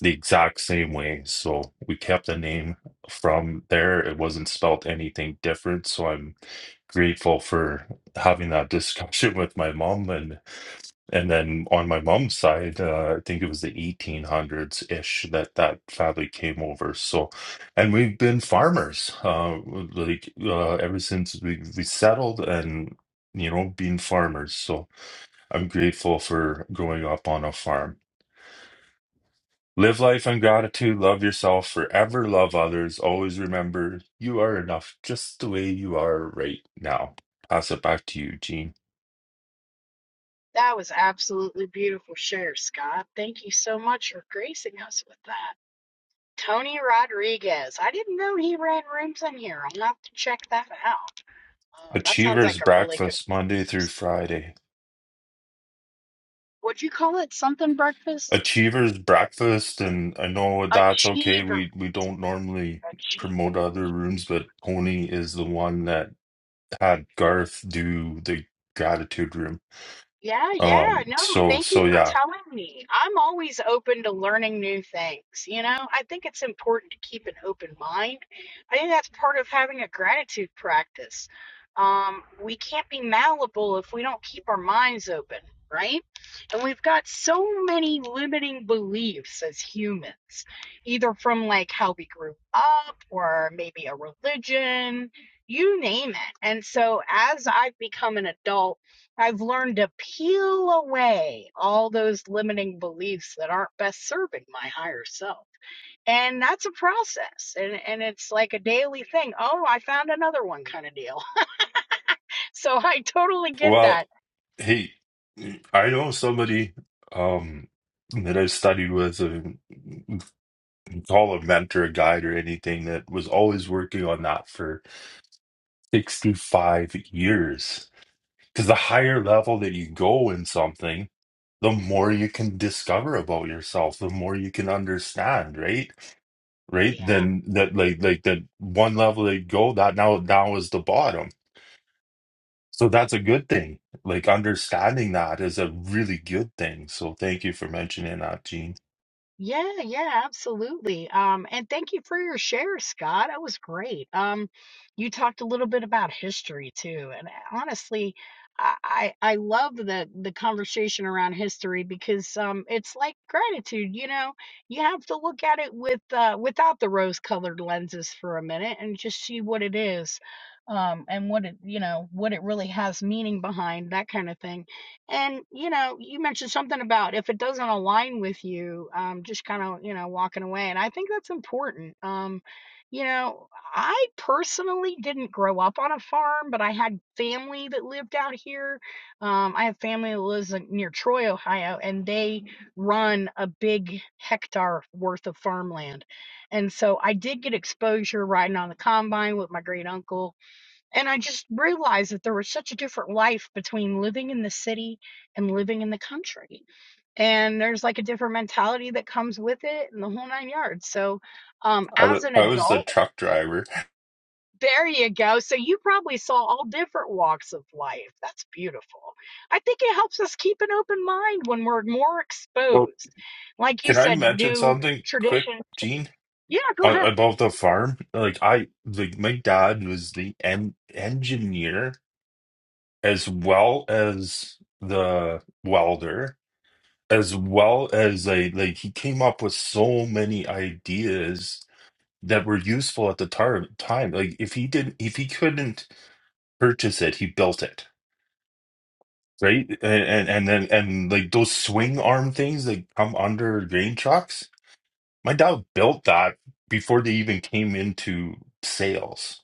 [SPEAKER 7] the exact same way. So we kept the name from there. It wasn't spelled anything different. So I'm grateful for having that discussion (laughs) with my mom and. And then on my mom's side, uh, I think it was the 1800s ish that that family came over. So, and we've been farmers, uh, like uh, ever since we, we settled and, you know, being farmers. So I'm grateful for growing up on a farm. Live life in gratitude, love yourself, forever love others. Always remember you are enough just the way you are right now. Pass it back to you, Gene.
[SPEAKER 1] That was absolutely beautiful share, Scott. Thank you so much for gracing us with that. Tony Rodriguez. I didn't know he ran rooms in here. I'll have to check that out. Oh, that sounds
[SPEAKER 7] Achievers
[SPEAKER 1] like a really good
[SPEAKER 7] Breakfast, Monday through
[SPEAKER 1] person.
[SPEAKER 7] Friday.
[SPEAKER 1] Would you call it something breakfast?
[SPEAKER 7] Achievers breakfast, and I know that's okay.
[SPEAKER 1] Achiever.
[SPEAKER 7] We we don't normally promote other rooms, but Tony is the one that had Garth do the gratitude room.
[SPEAKER 1] Yeah, yeah.
[SPEAKER 7] Um,
[SPEAKER 1] No,
[SPEAKER 7] so
[SPEAKER 1] thank you
[SPEAKER 7] so
[SPEAKER 1] for
[SPEAKER 7] yeah.
[SPEAKER 1] telling me. I'm always open to learning new things. You know, I think it's important to keep an open mind. I think that's part of having a gratitude practice. Um, we can't be malleable if we don't keep our minds open, right? And we've got so many limiting beliefs as humans, either from like how we grew up or maybe a religion, you name it. And so as I've become an adult, I've learned to peel away all those limiting beliefs that aren't best serving my higher self. And that's a process. And, and it's like a daily thing. Oh, I found another one kind of deal. (laughs) So I totally get
[SPEAKER 7] Well,
[SPEAKER 1] that.
[SPEAKER 7] hey, I know somebody um that I studied with, uh, call a mentor, a guide, or anything that was always working on that for 65 years. Because the higher level that you go in something. the more you can discover about yourself, the more you can understand, right? Right?
[SPEAKER 1] Yeah.
[SPEAKER 7] Then that like like that one level that you go, that now now is the bottom. So that's a good thing. Like understanding that is a really good thing. So thank you for mentioning that, Gene.
[SPEAKER 1] Yeah, yeah, absolutely. Um, and thank you for your share, Scott. That was great. Um, you talked a little bit about history too, and honestly, I I I love the the conversation around history because um, it's like gratitude. You know, you have to look at it with uh, without the rose-colored lenses for a minute and just see what it is, um, and what it you know what it really has meaning behind that kind of thing. And you know, you mentioned something about if it doesn't align with you, um, just kind of you know walking away, and I think that's important. Um, you know, I personally didn't grow up on a farm, but I had family that lived out here. Um, I have family that lives like, near Troy, Ohio, and they run a big hectare worth of farmland. And so I did get exposure riding on the combine with my great uncle and I just realized that there was such a different life between living in the city and living in the country. And there's like a different mentality that comes with it and the whole nine yards. So, um,
[SPEAKER 7] I
[SPEAKER 1] as
[SPEAKER 7] wa-
[SPEAKER 1] an
[SPEAKER 7] I was the
[SPEAKER 1] adult,
[SPEAKER 7] truck driver.
[SPEAKER 1] there you go. So, you probably saw all different walks of life. That's beautiful. I think it helps us keep an open mind when we're more
[SPEAKER 7] Oh,
[SPEAKER 1] exposed. Like you
[SPEAKER 7] can I
[SPEAKER 1] said, to
[SPEAKER 7] mention
[SPEAKER 1] new
[SPEAKER 7] something quick,
[SPEAKER 1] tradition.
[SPEAKER 7] Gene?
[SPEAKER 1] Yeah, go ahead.
[SPEAKER 7] A- About the farm, like I, like my dad was the en engineer as well as the welder as well as like like he came up with so many ideas that were useful at the tar- time like if he didn't if he couldn't purchase it he built it right and and, and then and like those swing arm things that come under grain trucks my dad built that before they even came into sales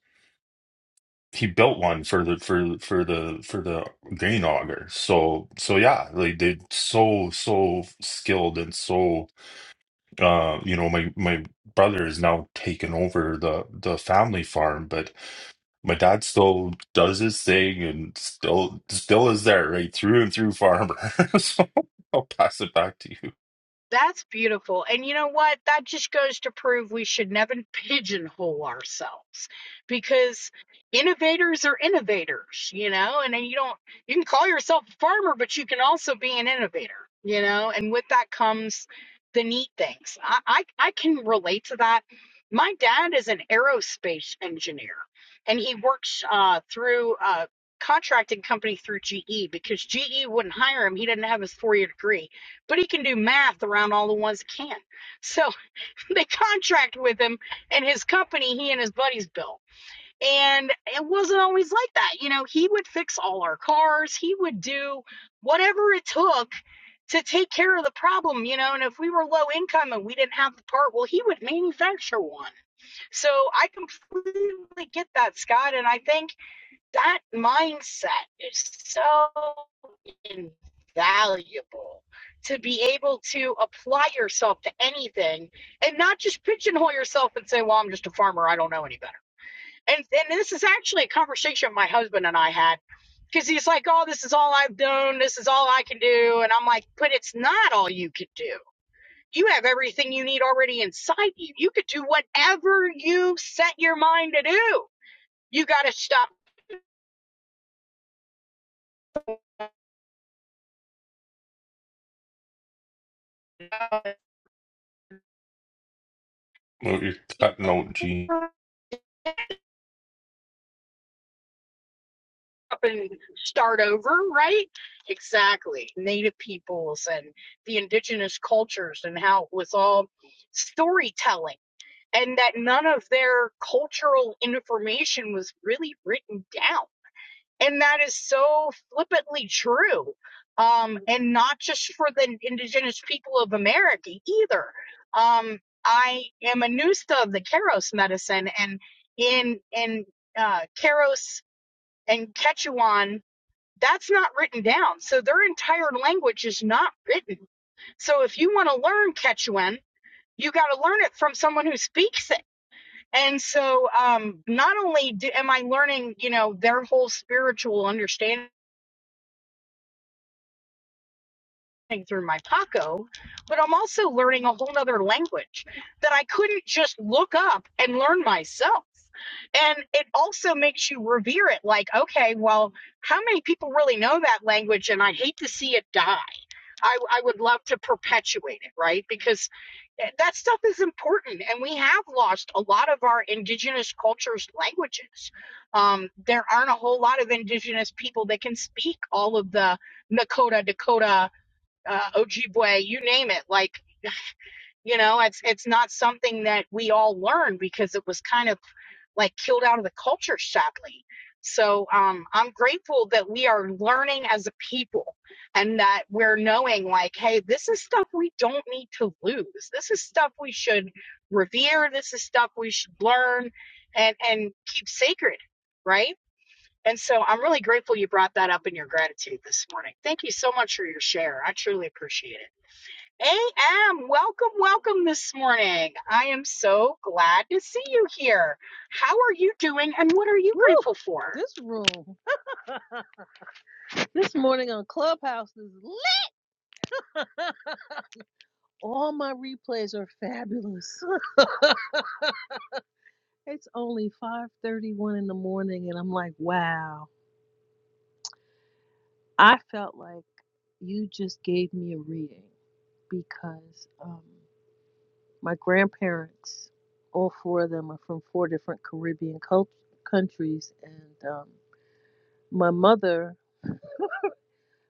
[SPEAKER 7] he built one for the for for the for the grain auger so so yeah like they're so so skilled and so uh, you know, my my brother is now taken over the the family farm, but my dad still does his thing and still still is there, right? Through and through farmer. (laughs) So I'll pass it back to you.
[SPEAKER 1] That's beautiful. And you know what? That just goes to prove we should never (laughs) pigeonhole ourselves because innovators are innovators, you know, and then you don't, you can call yourself a farmer, but you can also be an innovator, you know, and with that comes the neat things. I, I, I can relate to that. My dad is an aerospace engineer and he works uh, through a contracting company through GE because GE wouldn't hire him. He didn't have his four year degree but he can do math around all the ones that can't. So (laughs) they contract with him and his company, he and his buddies built. And it wasn't always like that. You know, he would fix all our cars, he would do whatever it took to take care of the problem, you know. And if we were low income and we didn't have the part, well, he would manufacture one. So I completely get that, Scott. And I think that mindset is so invaluable to be able to apply yourself to anything and not just pigeonhole yourself and say, well, I'm just a farmer. I don't know any better. And, and this is actually a conversation my husband and I had because he's like, oh, this is all I've done. This is all I can do. And I'm like, but it's not all you could do. You have everything you need already inside you. You could do whatever you set your mind to do. You got to stop
[SPEAKER 7] Well, You're cutting out, Gene.
[SPEAKER 1] up and start over, right? Exactly. Native peoples and the indigenous cultures and how it was all storytelling and that none of their cultural information was really written down. And that is so flippantly true. Um, and not just for the indigenous people of America either. Um, I am a Nusta of the Keros medicine and in, in, uh, Keros and Quechuan that's not written down. So their entire language is not written. So if you want to learn Quechuan, you got to learn it from someone who speaks it. And so um, not only do, am I learning, you know, their whole spiritual understanding through my Paco, but I'm also learning a whole nother language that I couldn't just look up and learn myself. And it also makes you revere it like, okay, well, how many people really know that language? And I hate to see it die I, I would love to perpetuate it, right? Because eh, that stuff is important, and we have lost a lot of our indigenous cultures' languages. Um, there aren't a whole lot of indigenous people that can speak all of the Nakota, Dakota, uh, Ojibwe, you name it. Like you know, it's it's not something that we all learned because it was kind of like killed out of the culture sadly so um, i'm grateful that we are learning as a people and that we're knowing like hey this is stuff we don't need to lose this is stuff we should revere this is stuff we should learn and and keep sacred right and so i'm really grateful you brought that up in your gratitude this morning thank you so much for your share i truly appreciate it AM, welcome, welcome this morning. I am so glad to see you here. How are you doing and what are you
[SPEAKER 8] Woo!
[SPEAKER 1] grateful for?
[SPEAKER 8] This room, (laughs) this morning on Clubhouse is lit. (laughs) All my replays are fabulous. (laughs) It's only 5:31 in the morning, and I'm like, wow. I felt like you just gave me a reading because um, my grandparents, all four of them, are from four different Caribbean cult- countries, and um, my mother.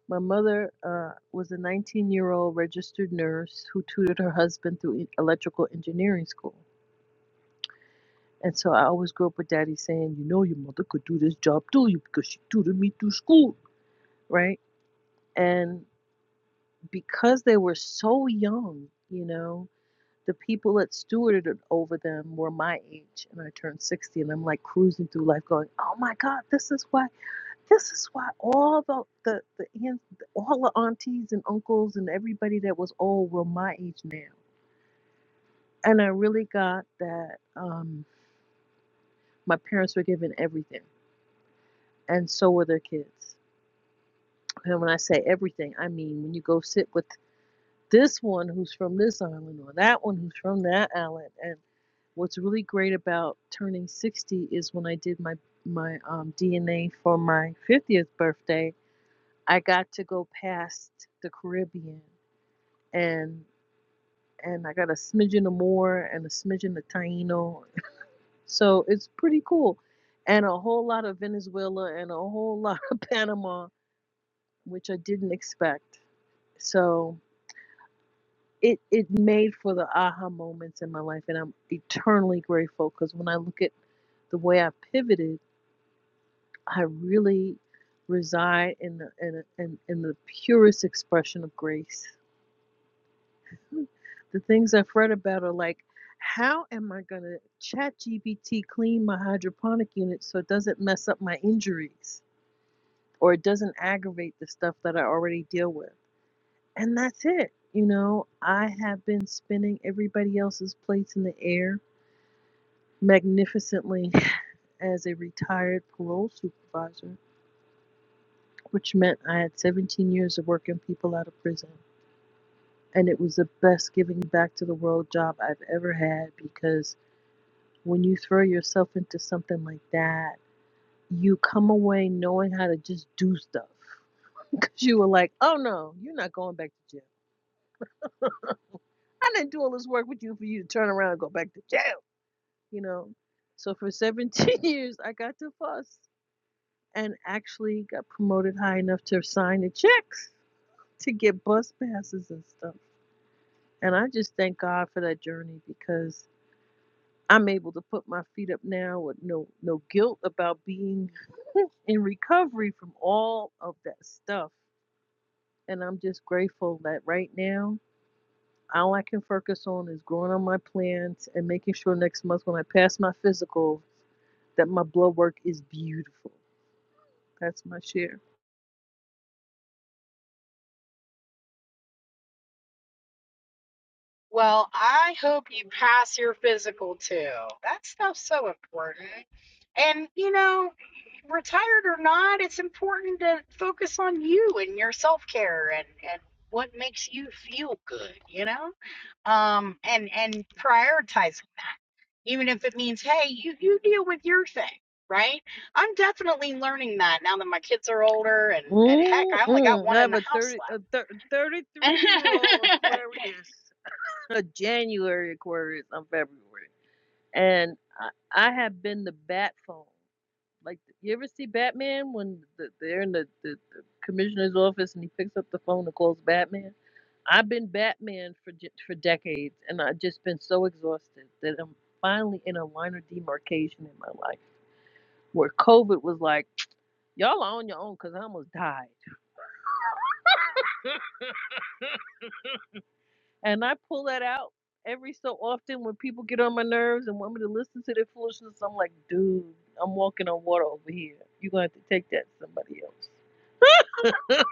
[SPEAKER 8] My mother uh, was a 19 year old registered nurse who tutored her husband through e- electrical engineering school. And so I always grew up with daddy saying, you know, your mother could do this job too, you because she tutored me through school, right? And because they were so young, you know, the people that stewarded it over them were my age, and I turned 60, and I'm like cruising through life, going, "Oh my God, this is why, this is why all the the the aunts, all the aunties and uncles and everybody that was old were my age now." And I really got that um, my parents were given everything, and so were their kids And when I say everything, I mean when you go sit with this one who's from this island or that one who's from that island. And what's really great about turning 60 is when I did my my um, DNA for my 50th birthday, I got to go past the Caribbean and and I got a smidgen of Moor and a smidgen of Taino. So it's pretty cool. And a whole lot of Venezuela and a whole lot of (laughs) Panama, which I didn't expect. So it it made for the aha moments in my life and I'm eternally grateful because when I look at the way I pivoted, I really reside in the in, in in the purest expression of grace. The things I've read about are like how am I gonna chat GPT clean my hydroponic unit so it doesn't mess up my injuries or it doesn't aggravate the stuff that I already deal with? And that's it. You know, I have been spinning everybody else's plates in the air magnificently as a retired parole supervisor, which meant I had 17 years of working people out of prison. And it was the best giving back to the world job I've ever had because when you throw yourself into something like that, you come away knowing how to just do stuff. (laughs) Because you were like, oh no, you're not going back to jail. I didn't do all this work with you for you to turn around and go back to jail, you know? So for 17 (laughs) years, I got to fuss. and actually got promoted high enough to sign the checks to get bus passes and stuff. And I just thank God for that journey because I'm able to put my feet up now with no no guilt about being in recovery from all of that stuff. And I'm just grateful that right now all I can focus on is growing on my plans and making sure next month when I pass my physical that my blood work is beautiful. That's my share.
[SPEAKER 1] Well, I hope you pass your physical too. That stuff's so important. And, you know, retired or not, it's important to focus on you and your self care and, and what makes you feel good, you know? Um, and, and prioritize. even if it means hey you you deal with your thing right i'm definitely learning that now that my kids are older and, and heck i only got
[SPEAKER 8] Mm-mm. I
[SPEAKER 1] one in
[SPEAKER 8] have
[SPEAKER 1] the
[SPEAKER 8] a
[SPEAKER 1] house
[SPEAKER 8] 30, a thir-
[SPEAKER 1] left
[SPEAKER 8] 33 year old Aquarius, (laughs) a January Aquarius. I'm February, and I, I have been the bat phone. Like you ever see Batman when the, they're in the, the, the commissioner's office and he picks up the phone and calls Batman. I've been Batman for j- for decades, and I've just been so exhausted that I'm finally in a line of demarcation in my life where COVID was like, y'all are on your own because I almost died. And I pull that out every so often when people get on my nerves and want me to listen to their foolishness. I'm like, dude, I'm walking on water over here. You're going to have to take that to somebody else. (laughs)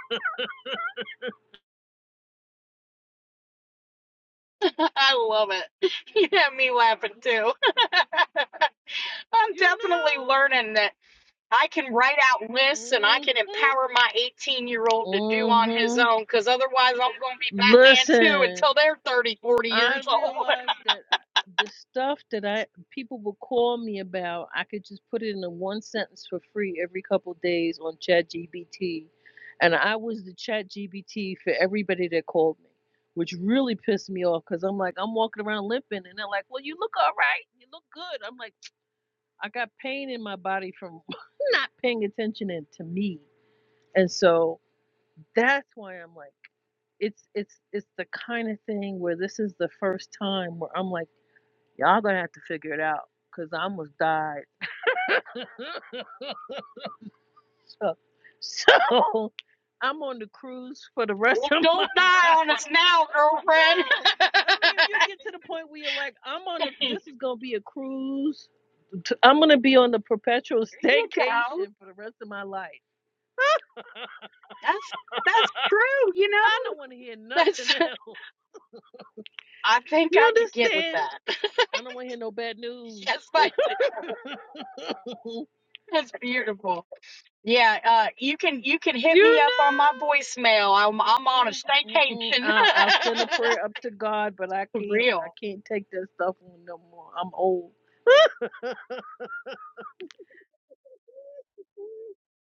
[SPEAKER 1] (laughs) i love it (laughs) you have me laughing too (laughs) i'm
[SPEAKER 8] You
[SPEAKER 1] definitely learning that i can write out lists and i
[SPEAKER 8] know? mm
[SPEAKER 1] can
[SPEAKER 8] hmm
[SPEAKER 1] empower my 18 year old to do on
[SPEAKER 8] mm
[SPEAKER 1] his
[SPEAKER 8] hmm
[SPEAKER 1] own because otherwise i'm going to be batman too
[SPEAKER 8] Listen.
[SPEAKER 1] until they're 30 40
[SPEAKER 8] I
[SPEAKER 1] years old (laughs)
[SPEAKER 8] realized that the stuff that I people will call me about, I could just put it in a one sentence for free every couple days on ChatGPT, and I was the ChatGPT for everybody that called me, which really pissed me off because I'm like I'm walking around limping, and they're like, "Well, you look all right, you look good." I'm like, I got pain in my body from (laughs) not paying attention and to me, and so that's why I'm like, it's it's it's the kind of thing where this is the first time where I'm like Y'all gonna have to figure it out because I almost died. (laughs) so, so I'm on the cruise for the rest
[SPEAKER 1] Well,
[SPEAKER 8] of my
[SPEAKER 1] don't
[SPEAKER 8] (laughs)
[SPEAKER 1] die on
[SPEAKER 8] life.
[SPEAKER 1] us now girlfriend
[SPEAKER 8] No, I mean you get to the point where you're like, I'm on the.
[SPEAKER 1] (laughs)
[SPEAKER 8] This is gonna be a cruise. t- I'm gonna be on the perpetual (laughs)
[SPEAKER 1] There you go.
[SPEAKER 8] staycation for the rest of my life. (laughs)
[SPEAKER 1] That's that's true, you know?
[SPEAKER 8] I don't want to hear nothing
[SPEAKER 1] That's
[SPEAKER 8] else.
[SPEAKER 1] (laughs) I think
[SPEAKER 8] You
[SPEAKER 1] I could get with
[SPEAKER 8] understand?
[SPEAKER 1] that. (laughs)
[SPEAKER 8] I don't want to hear no bad news.
[SPEAKER 1] yes, I
[SPEAKER 8] (laughs)
[SPEAKER 1] do. That's beautiful. Yeah, uh you can you can hit me
[SPEAKER 8] you
[SPEAKER 1] up on my
[SPEAKER 8] know?
[SPEAKER 1] voicemail. I'm I'm on a
[SPEAKER 8] Mm-mm, mm-mm.
[SPEAKER 1] staycation. (laughs)
[SPEAKER 8] I'll, I'll send a prayer up to God, but I
[SPEAKER 1] For
[SPEAKER 8] can't. I
[SPEAKER 1] real.
[SPEAKER 8] can't take that stuff on no more. I'm old. (laughs)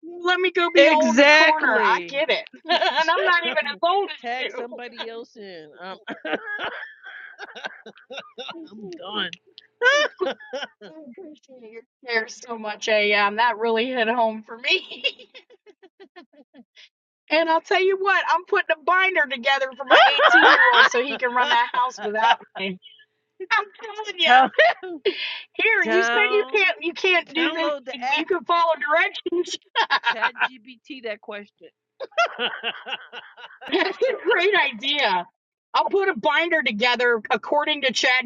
[SPEAKER 1] Let me go be old in the corner. I
[SPEAKER 8] Exactly.
[SPEAKER 1] get it. (laughs) and I'm not even as old as
[SPEAKER 8] Tag somebody else in. Um, (laughs) I'm
[SPEAKER 1] you.
[SPEAKER 8] done.
[SPEAKER 1] (laughs) I appreciate your share so much, AM. That really hit home for me. (laughs) And I'll tell you what, I'm putting a binder together for my 18 year old so he can run that house without
[SPEAKER 8] (laughs)
[SPEAKER 1] me. I'm telling you,
[SPEAKER 8] Tell him
[SPEAKER 1] here you said you
[SPEAKER 8] down.
[SPEAKER 1] can't you can't do this.
[SPEAKER 8] Download the
[SPEAKER 1] but
[SPEAKER 8] app.
[SPEAKER 1] You can follow directions. (laughs)
[SPEAKER 8] Chat GBT that question. (laughs)
[SPEAKER 1] That's a great idea. I'll put a binder together according to ChatGPT. (laughs)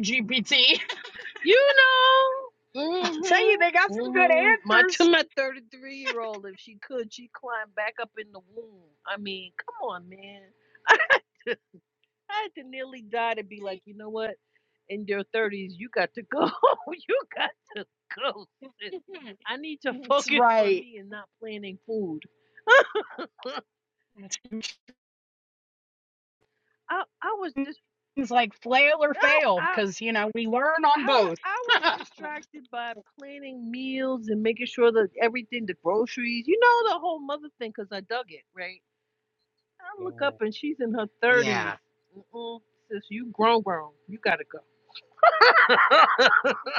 [SPEAKER 8] You know.
[SPEAKER 1] I'll tell you, they
[SPEAKER 8] Mm-hmm.
[SPEAKER 1] got some good
[SPEAKER 8] Mm-hmm. My to
[SPEAKER 1] answers.
[SPEAKER 8] my 33 year old, if she could, she climbed back up in the womb. I mean, come on, man. (laughs) I had to, I had to nearly die to be like, you know what? In your 30s, you got to go. (laughs) you got to go, sis. I need
[SPEAKER 1] (laughs)
[SPEAKER 8] to
[SPEAKER 1] That's
[SPEAKER 8] focus on
[SPEAKER 1] right.
[SPEAKER 8] me and not planning food. (laughs) I, I was just,
[SPEAKER 1] Things like flail or
[SPEAKER 8] oh,
[SPEAKER 1] fail,
[SPEAKER 8] I
[SPEAKER 1] because you know we learn
[SPEAKER 8] I
[SPEAKER 1] on both.
[SPEAKER 8] wa- I was
[SPEAKER 1] (laughs)
[SPEAKER 8] distracted by planning meals and making sure that everything, the groceries, you know, the whole mother thing, 'cause I dug it, right? I look up and she's in her 30s. Mm-mm, sis, you grown, grown. You gotta go. (laughs)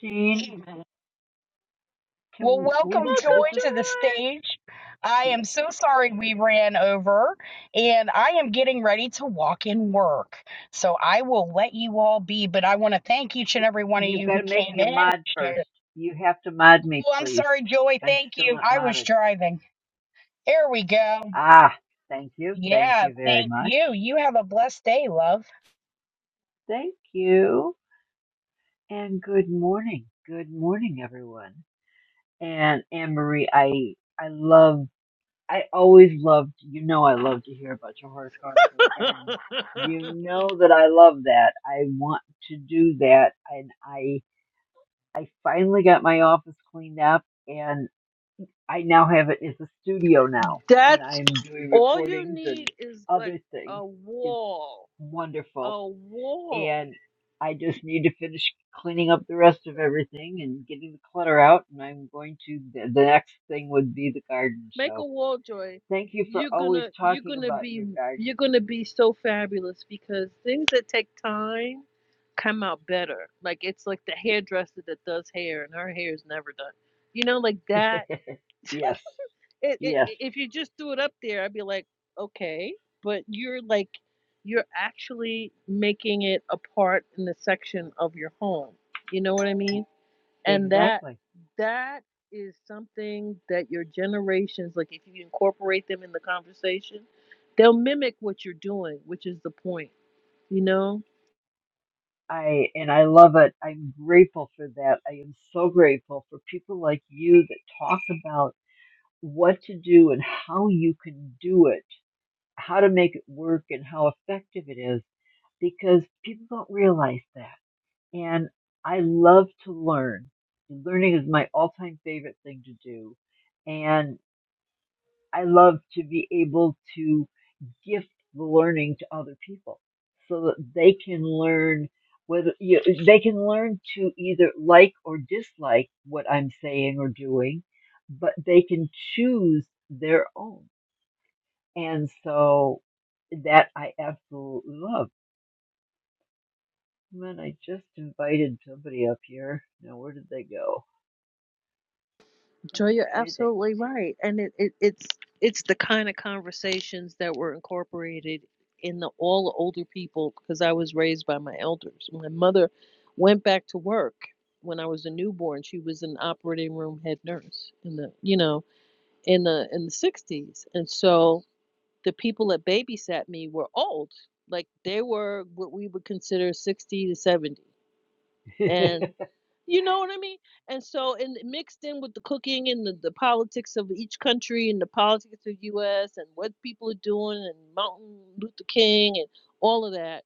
[SPEAKER 9] Shane,
[SPEAKER 1] Amen. Well,
[SPEAKER 9] can we,
[SPEAKER 1] welcome Joy
[SPEAKER 8] Welcome,
[SPEAKER 9] this is,
[SPEAKER 1] to the
[SPEAKER 8] Joy.
[SPEAKER 1] stage. I am so sorry we ran over, and I am getting ready to walk in work. So I will let you all be, but I want to thank each and every one of
[SPEAKER 9] you've
[SPEAKER 1] you
[SPEAKER 9] got
[SPEAKER 1] who
[SPEAKER 9] to make
[SPEAKER 1] came
[SPEAKER 9] me a
[SPEAKER 1] in.
[SPEAKER 9] mod first. You have to mod me,
[SPEAKER 1] Oh, I'm
[SPEAKER 9] please.
[SPEAKER 1] sorry, Joy.
[SPEAKER 9] I'm
[SPEAKER 1] Thank
[SPEAKER 9] still
[SPEAKER 1] you.
[SPEAKER 9] not
[SPEAKER 1] I was
[SPEAKER 9] modded.
[SPEAKER 1] driving. There we go.
[SPEAKER 9] Ah, thank you. Thank
[SPEAKER 1] Yeah,
[SPEAKER 9] you very
[SPEAKER 1] thank
[SPEAKER 9] much.
[SPEAKER 1] you. You have a blessed day, love.
[SPEAKER 9] Thank you. And good morning. Good morning, everyone. And Anne Marie, I, I love, I always loved, you know, I love to hear about your horticultural garden. You know that I love that. I want to do that. And I. I finally got my office cleaned up and I now have it as a studio now and
[SPEAKER 8] That's
[SPEAKER 9] I'm doing
[SPEAKER 8] all you
[SPEAKER 9] recordings and
[SPEAKER 8] need is like
[SPEAKER 9] other things.
[SPEAKER 8] a
[SPEAKER 9] It's
[SPEAKER 8] wall,
[SPEAKER 9] wonderful.
[SPEAKER 8] a wall
[SPEAKER 9] And I just need to finish cleaning up the rest of everything and getting the clutter out and I'm going to the, the next thing would be the garden.
[SPEAKER 8] Make a
[SPEAKER 9] So
[SPEAKER 8] wall,
[SPEAKER 9] thank you for
[SPEAKER 8] You're
[SPEAKER 9] always
[SPEAKER 8] gonna you're
[SPEAKER 9] talking
[SPEAKER 8] gonna
[SPEAKER 9] about your
[SPEAKER 8] be you're
[SPEAKER 9] garden.
[SPEAKER 8] gonna be so fabulous because things that take time come out better. Like it's like the hairdresser that does hair and her hair is never done. You know, like that. (laughs)
[SPEAKER 9] Yes.
[SPEAKER 8] It, it,
[SPEAKER 9] Yes.
[SPEAKER 8] i- if you just threw it up there, I'd be like, okay, but you're like you're actually making it a part in the section of your home. You know what I mean?
[SPEAKER 9] e-
[SPEAKER 8] and that
[SPEAKER 9] Exactly.
[SPEAKER 8] that is something that your generations like if you incorporate them in the conversation they'll mimic what you're doing which is the point you know
[SPEAKER 9] I and I love it. I'm grateful for that. I am so grateful for people like you that talk about what to do and how you can do it, how to make it work and how effective it is because people don't realize that. And I love to learn. Learning is my all-time favorite thing to do. And I love to be able to gift the learning to other people so that they can learn whether you, they can learn to either like or dislike what I'm saying or doing, but they can choose their own. And so that I absolutely love. And then I just invited somebody up here. Now, where did they go?
[SPEAKER 8] joy you're
[SPEAKER 9] Okay, they.
[SPEAKER 8] absolutely right and it, it it's it's the kind of conversations that were incorporated in the all the older people because i was raised by my elders my mother went back to work when i was a newborn she was an operating room head nurse in the you know in the in the 60s and so the people that babysat me were old. Like they were what we would consider 60 to 70.
[SPEAKER 9] (laughs)
[SPEAKER 8] And you know what I mean? And so, and mixed in with the cooking and the, the politics of each country and the politics of the US and what people are doing and Martin Luther King and all of that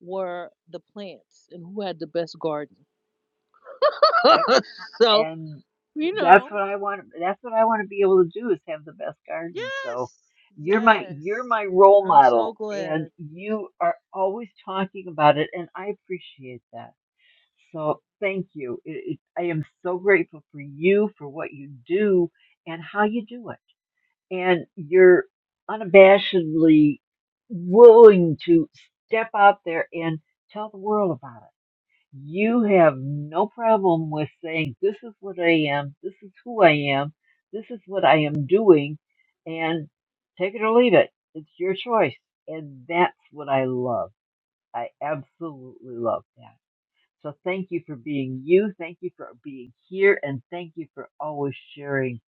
[SPEAKER 8] were the plants and who had the best garden.
[SPEAKER 9] yep.
[SPEAKER 8] (laughs) so,
[SPEAKER 9] and
[SPEAKER 8] you
[SPEAKER 9] that's
[SPEAKER 8] know,
[SPEAKER 9] what I want. That's what I want to be able to do is have the best garden. So
[SPEAKER 8] yes,
[SPEAKER 9] you're my
[SPEAKER 8] yes.
[SPEAKER 9] you're my role
[SPEAKER 8] I'm so
[SPEAKER 9] model,
[SPEAKER 8] glad.
[SPEAKER 9] and you are always talking about it, and I appreciate that. So thank you. It, it, I am so grateful for you for what you do and how you do it, and you're unabashedly willing to step out there and tell the world about it you have no problem with saying, This is what I am, this is who I am, this is what I am doing, and take it or leave it. It's your choice. And that's what I love. I absolutely love that. So thank you for being you. Thank you for being here. And thank you for always sharing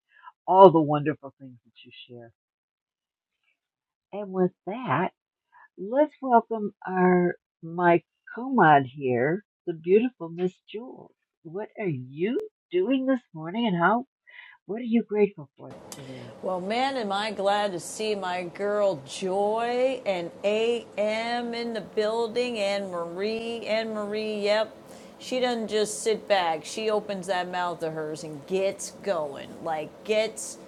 [SPEAKER 9] all the wonderful things that you share. And with that, Let's welcome our my comad here, the beautiful Miss Jules. What are you doing this morning, and how? What are you grateful for today?
[SPEAKER 10] Well, man, am I glad to see my girl Joy and AM in the building and Marie and Marie. Yep. She doesn't just sit back. She opens that mouth of hers and gets going. Like gets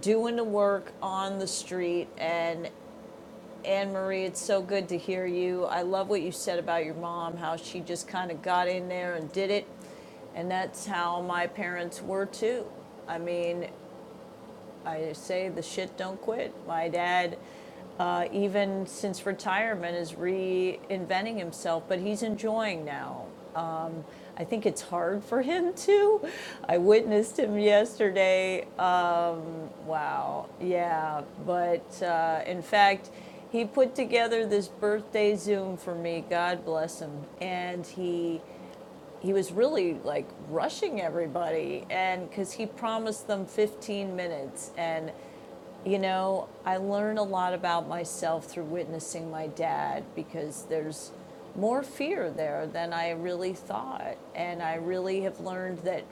[SPEAKER 10] doing the work on the street and Anne Marie, it's so good to hear you. I love what you said about your mom, how she just kind of got in there and did it. And that's how my parents were too. I mean, I say the shit don't quit. My dad, uh, even since retirement, is reinventing himself, but he's enjoying now. I think it's hard for him (laughs) too. I witnessed him yesterday. Uh, wow, yeah. But uh, in fact, he put together this birthday Zoom for me. God bless him. And he he was really like rushing everybody, and because he promised them 15 minutes, and You know, I learn a lot about myself through witnessing my dad because there's more fear there than I really thought. And I really have learned that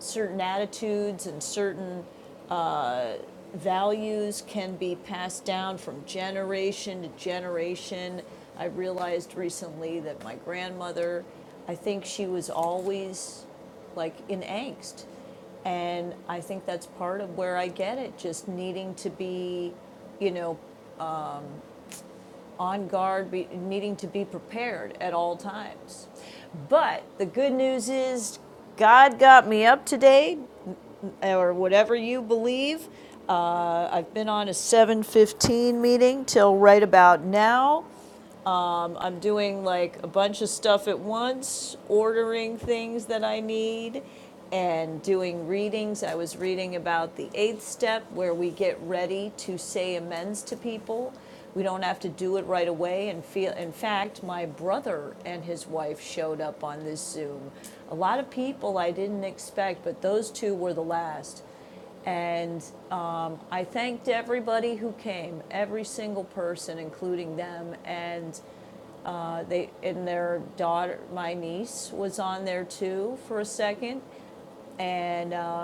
[SPEAKER 10] certain attitudes and certain values can be passed down from generation to generation. I realized recently that my grandmother, I think she was always like in angst. And I think that's part of where I get it, just needing to be you know, on guard, be, needing to be prepared at all times. But the good news is, God got me up today, or whatever you believe. Uh, I've been on a 7:15 meeting till right about now. I'm doing like a bunch of stuff at once, ordering things that I need, and doing readings. I was reading about the eighth step where we get ready to say amends to people. We don't have to do it right away and feel. In fact, my brother and his wife showed up on this Zoom. A lot of people I didn't expect, but those two were the last. And um, I thanked everybody who came, every single person, including them. And uh, They, and their daughter, my niece was on there too for a second. And, uh,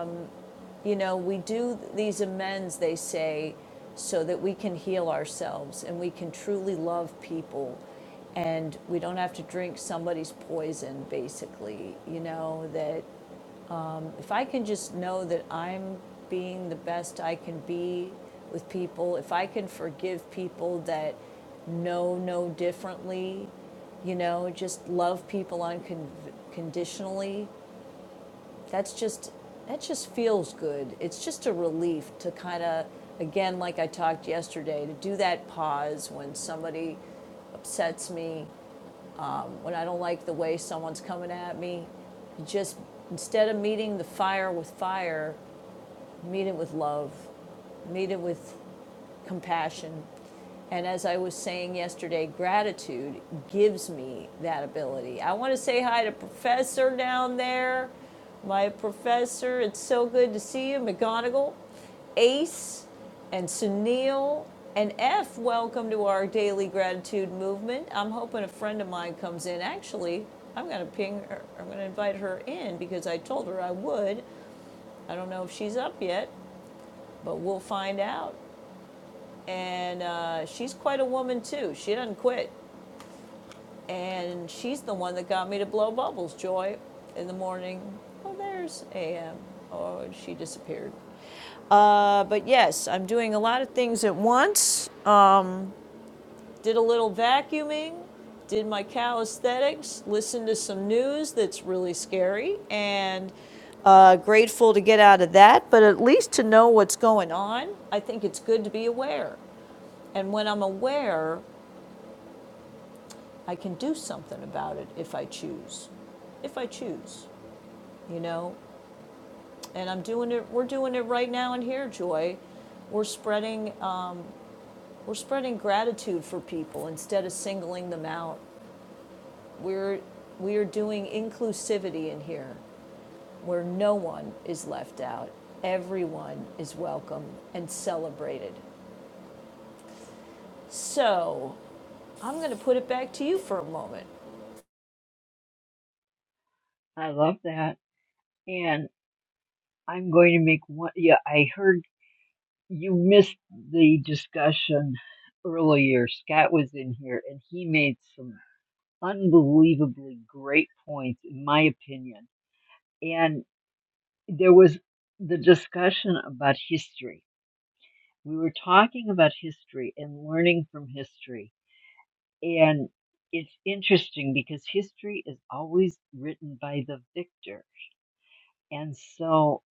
[SPEAKER 10] you know, we do these amends, they say, so that we can heal ourselves and we can truly love people. And we don't have to drink somebody's poison, basically, you know, that if I can just know that I'm being the best I can be with people, if I can forgive people that know no differently, you know, just love people unconditionally, that's just that just feels good. It's just a relief to kind of again like I talked yesterday to do that pause when somebody upsets me, when I don't like the way someone's coming at me, just instead of meeting the fire with fire, Meet it with love, meet it with compassion. And as I was saying yesterday, gratitude gives me that ability. I want to say hi to Professor down there. My professor, it's so good to see you. McGonagall, Ace, and Sunil, and F, welcome to our daily gratitude movement. I'm hoping a friend of mine comes in. Actually, I'm going to ping her, I'm going to invite her in because I told her I would. I don't know if she's up yet, but we'll find out. And uh, she's quite a woman, too. She doesn't quit. And she's the one that got me to blow bubbles, Joy, in the morning. Oh, there's AM. Oh, she disappeared. Uh, but yes, I'm doing a lot of things at once. Uh, did a little vacuuming, did my calisthenics, listened to some news that's really scary, and uh, grateful to get out of that, but at least to know what's going on. I think it's good to be aware. And when I'm aware, I can do something about it if I choose. If I choose, you know? And I'm doing it, we're doing it right now in here, Joy. We're spreading, uh, we're spreading gratitude for people instead of singling them out. We're, we are doing inclusivity in here where no one is left out. Everyone is welcome and celebrated. So I'm going to put it back to you for a moment.
[SPEAKER 9] I love that, and I'm going to make one. Yeah, I heard you missed the discussion earlier. Scott was in here, and he made some unbelievably great points, in my opinion. And there was the discussion about history we were talking about history and learning from history. And it's interesting because history is always written by the victor. And so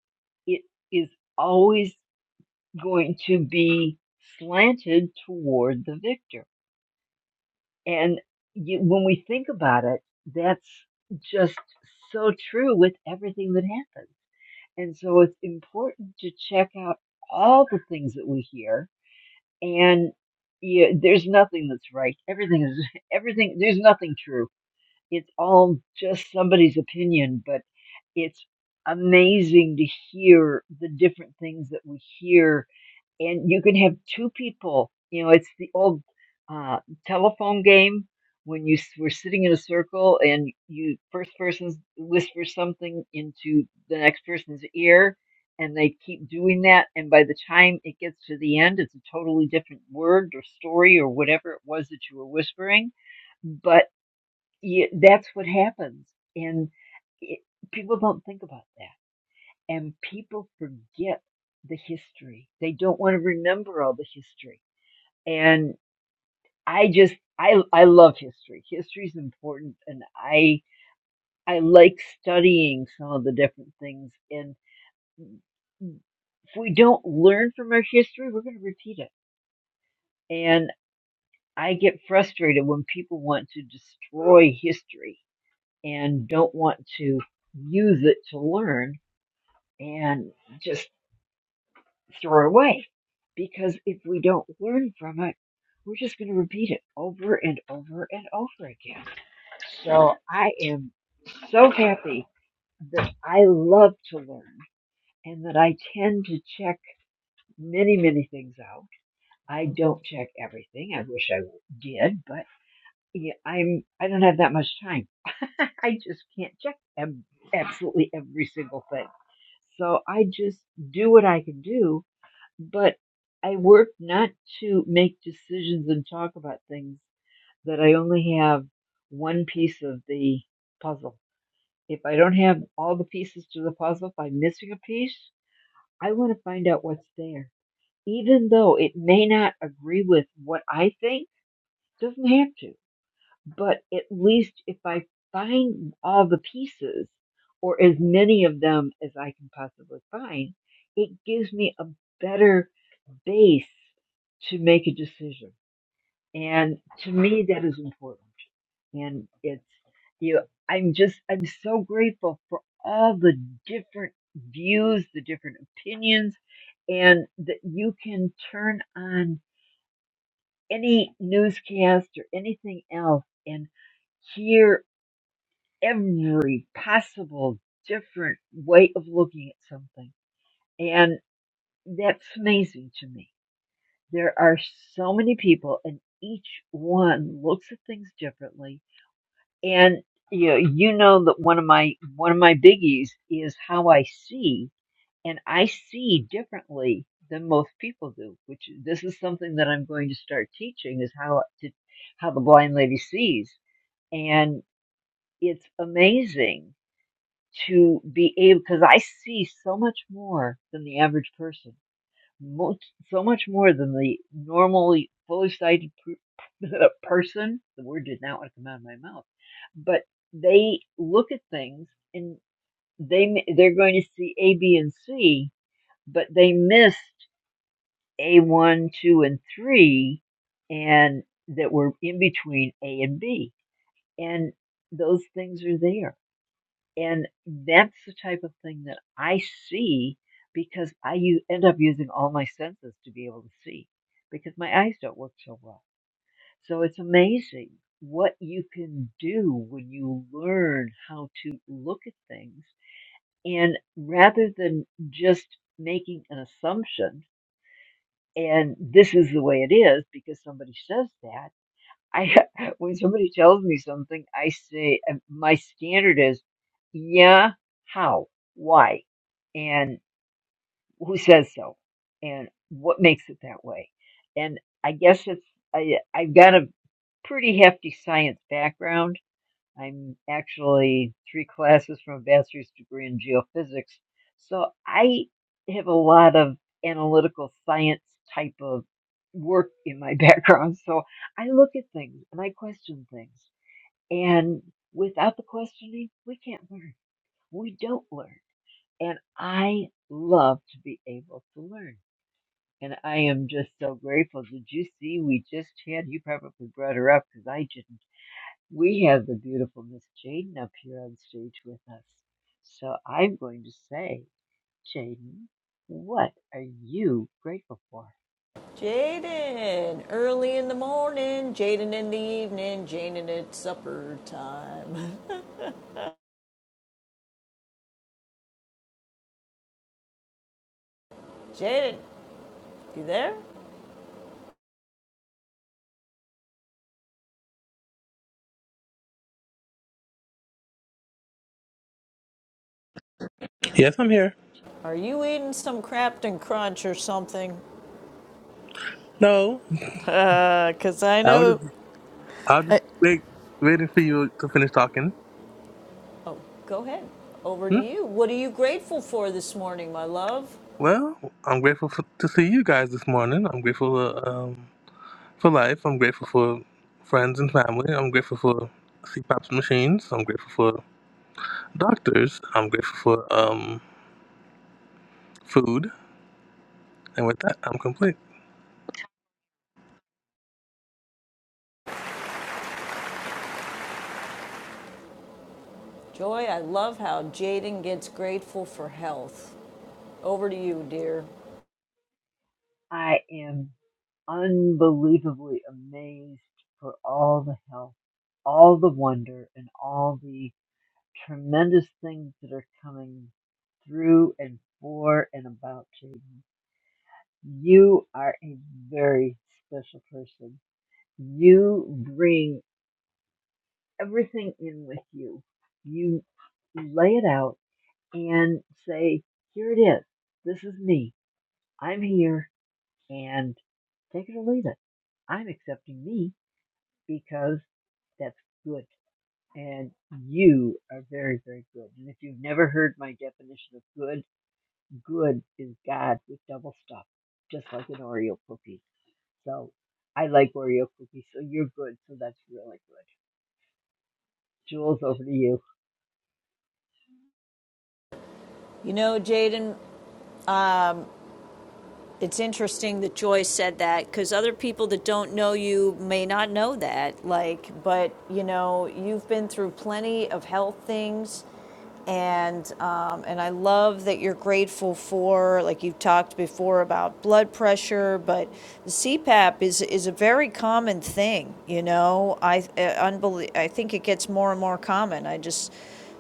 [SPEAKER 9] it is always going to be slanted toward the victor. And you, when we think about it, that's just so true with everything that happens. And so it's important to check out all the things that we hear and yeah, there's nothing that's right. Everything is (laughs) everything. There's nothing true. It's all just somebody's opinion, but it's amazing to hear the different things that we hear and you can have two people. You know, it's the old uh, telephone game when you s- were sitting in a circle and you first person whispers something into the next person's ear, and they keep doing that. And by the time it gets to the end, it's a totally different word or story or whatever it was that you were whispering. But y that's what happens, and it, people don't think about that and people forget the history. They don't want to remember all the history. And I just I I love history. History is important and I I like studying some of the different things and if we don't learn from our history, we're going to repeat it. And I get frustrated when people want to destroy history and don't want to use it to learn and just throw away. Because if we don't learn from it, we're just going to repeat it over and over and over again. So I am so happy that I love to learn and that I tend to check many, many things out. I don't check everything. I wish I did, but yeah, I'm, I don't have that much time. (laughs) I just can't check ab- absolutely every single thing. So I just do what I can do but I work not to make decisions and talk about things that I only have one piece of the puzzle. If I don't have all the pieces to the puzzle, if I'm missing a piece, I want to find out what's there. Even though it may not agree with what I think, doesn't have to. But at least if I find all the pieces, or as many of them as I can possibly find, it gives me a better base to make a decision. And to me, that is important. And it's, you know, I'm just, I'm so grateful for all the different views, the different opinions, and that you can turn on any newscast or anything else and hear every possible different way of looking at something. And that's amazing to me There are so many people, and each one looks at things differently. And you know, you know that one of my one of my biggies is how I see, and I see differently than most people do. Which this is something that I'm going to start teaching is how to how the blind lady sees, and it's amazing to be able because I see so much more than the average person most, so much more than the normally fully sighted per- (laughs) person. The word did not want to come out of my mouth, but they look at things and they they're going to see A, B, and C, but they missed A one, two, and three, and that were in between A and B, and those things are there and that's the type of thing that I see because I u- end up using all my senses to be able to see because my eyes don't work so well. So it's amazing what you can do when you learn how to look at things. And rather than just making an assumption, and this is the way it is because somebody says that, I (laughs) when somebody tells me something, I say uh, my standard is, yeah, how, why, and who says so, and what makes it that way, and I guess it's I I've got a pretty hefty science background I'm actually three classes from a bachelor's degree in geophysics. So I have a lot of analytical science type of work in my (laughs) background. So I look at things and I question things. And without the questioning, we can't learn. We don't learn. And I love to be able to learn. And I am just so grateful. Did you see we just had, you probably brought her up because I didn't we have the beautiful Miss Jaden up here on stage with us. So I'm going to say, Jaden, what are you grateful for?
[SPEAKER 10] Jaden, early in the morning, Jaden in the evening, Jaden at supper time. (laughs) Jaden, you there?
[SPEAKER 11] Yes, I'm here.
[SPEAKER 10] Are you eating some Crafton Crunch or something? (laughs)
[SPEAKER 11] No,
[SPEAKER 10] Uh, Cause I
[SPEAKER 11] I was
[SPEAKER 10] know.
[SPEAKER 11] just, I was just wait, waiting for you to finish talking.
[SPEAKER 10] Go ahead. Over to
[SPEAKER 11] Hmm?
[SPEAKER 10] you. What are you grateful for this morning, my love?
[SPEAKER 11] Well, I'm grateful for, to see you guys this morning. I'm grateful uh, um, for life. I'm grateful for friends and family. I'm grateful for CPAP's machines. I'm grateful for doctors. I'm grateful for um, food. And with that, I'm complete.
[SPEAKER 10] Joy, I love how Jaden gets grateful for health. Over to you, dear.
[SPEAKER 9] I am unbelievably amazed for all the help, all the wonder, and all the tremendous things that are coming through and for and about Jaden. You are a very special person. You bring everything in with you. You lay it out and say, here it is. This is me. I'm here and take it or leave it. I'm accepting me because that's good. And you are very, very good. And if you've never heard my definition of good, good is God with double stuff, just like an Oreo cookie. So I like Oreo cookies, so you're good. So that's really good. Jules, over to you.
[SPEAKER 10] You know, Jaden, It's interesting that Joyce said that because other people that don't know you may not know that. Like, but you know, you've been through plenty of health things, and um, and I love that you're grateful for. Like you've talked before about blood pressure, but the CPAP is is a very common thing. You know, I uh, unbelie- I think it gets more and more common. I just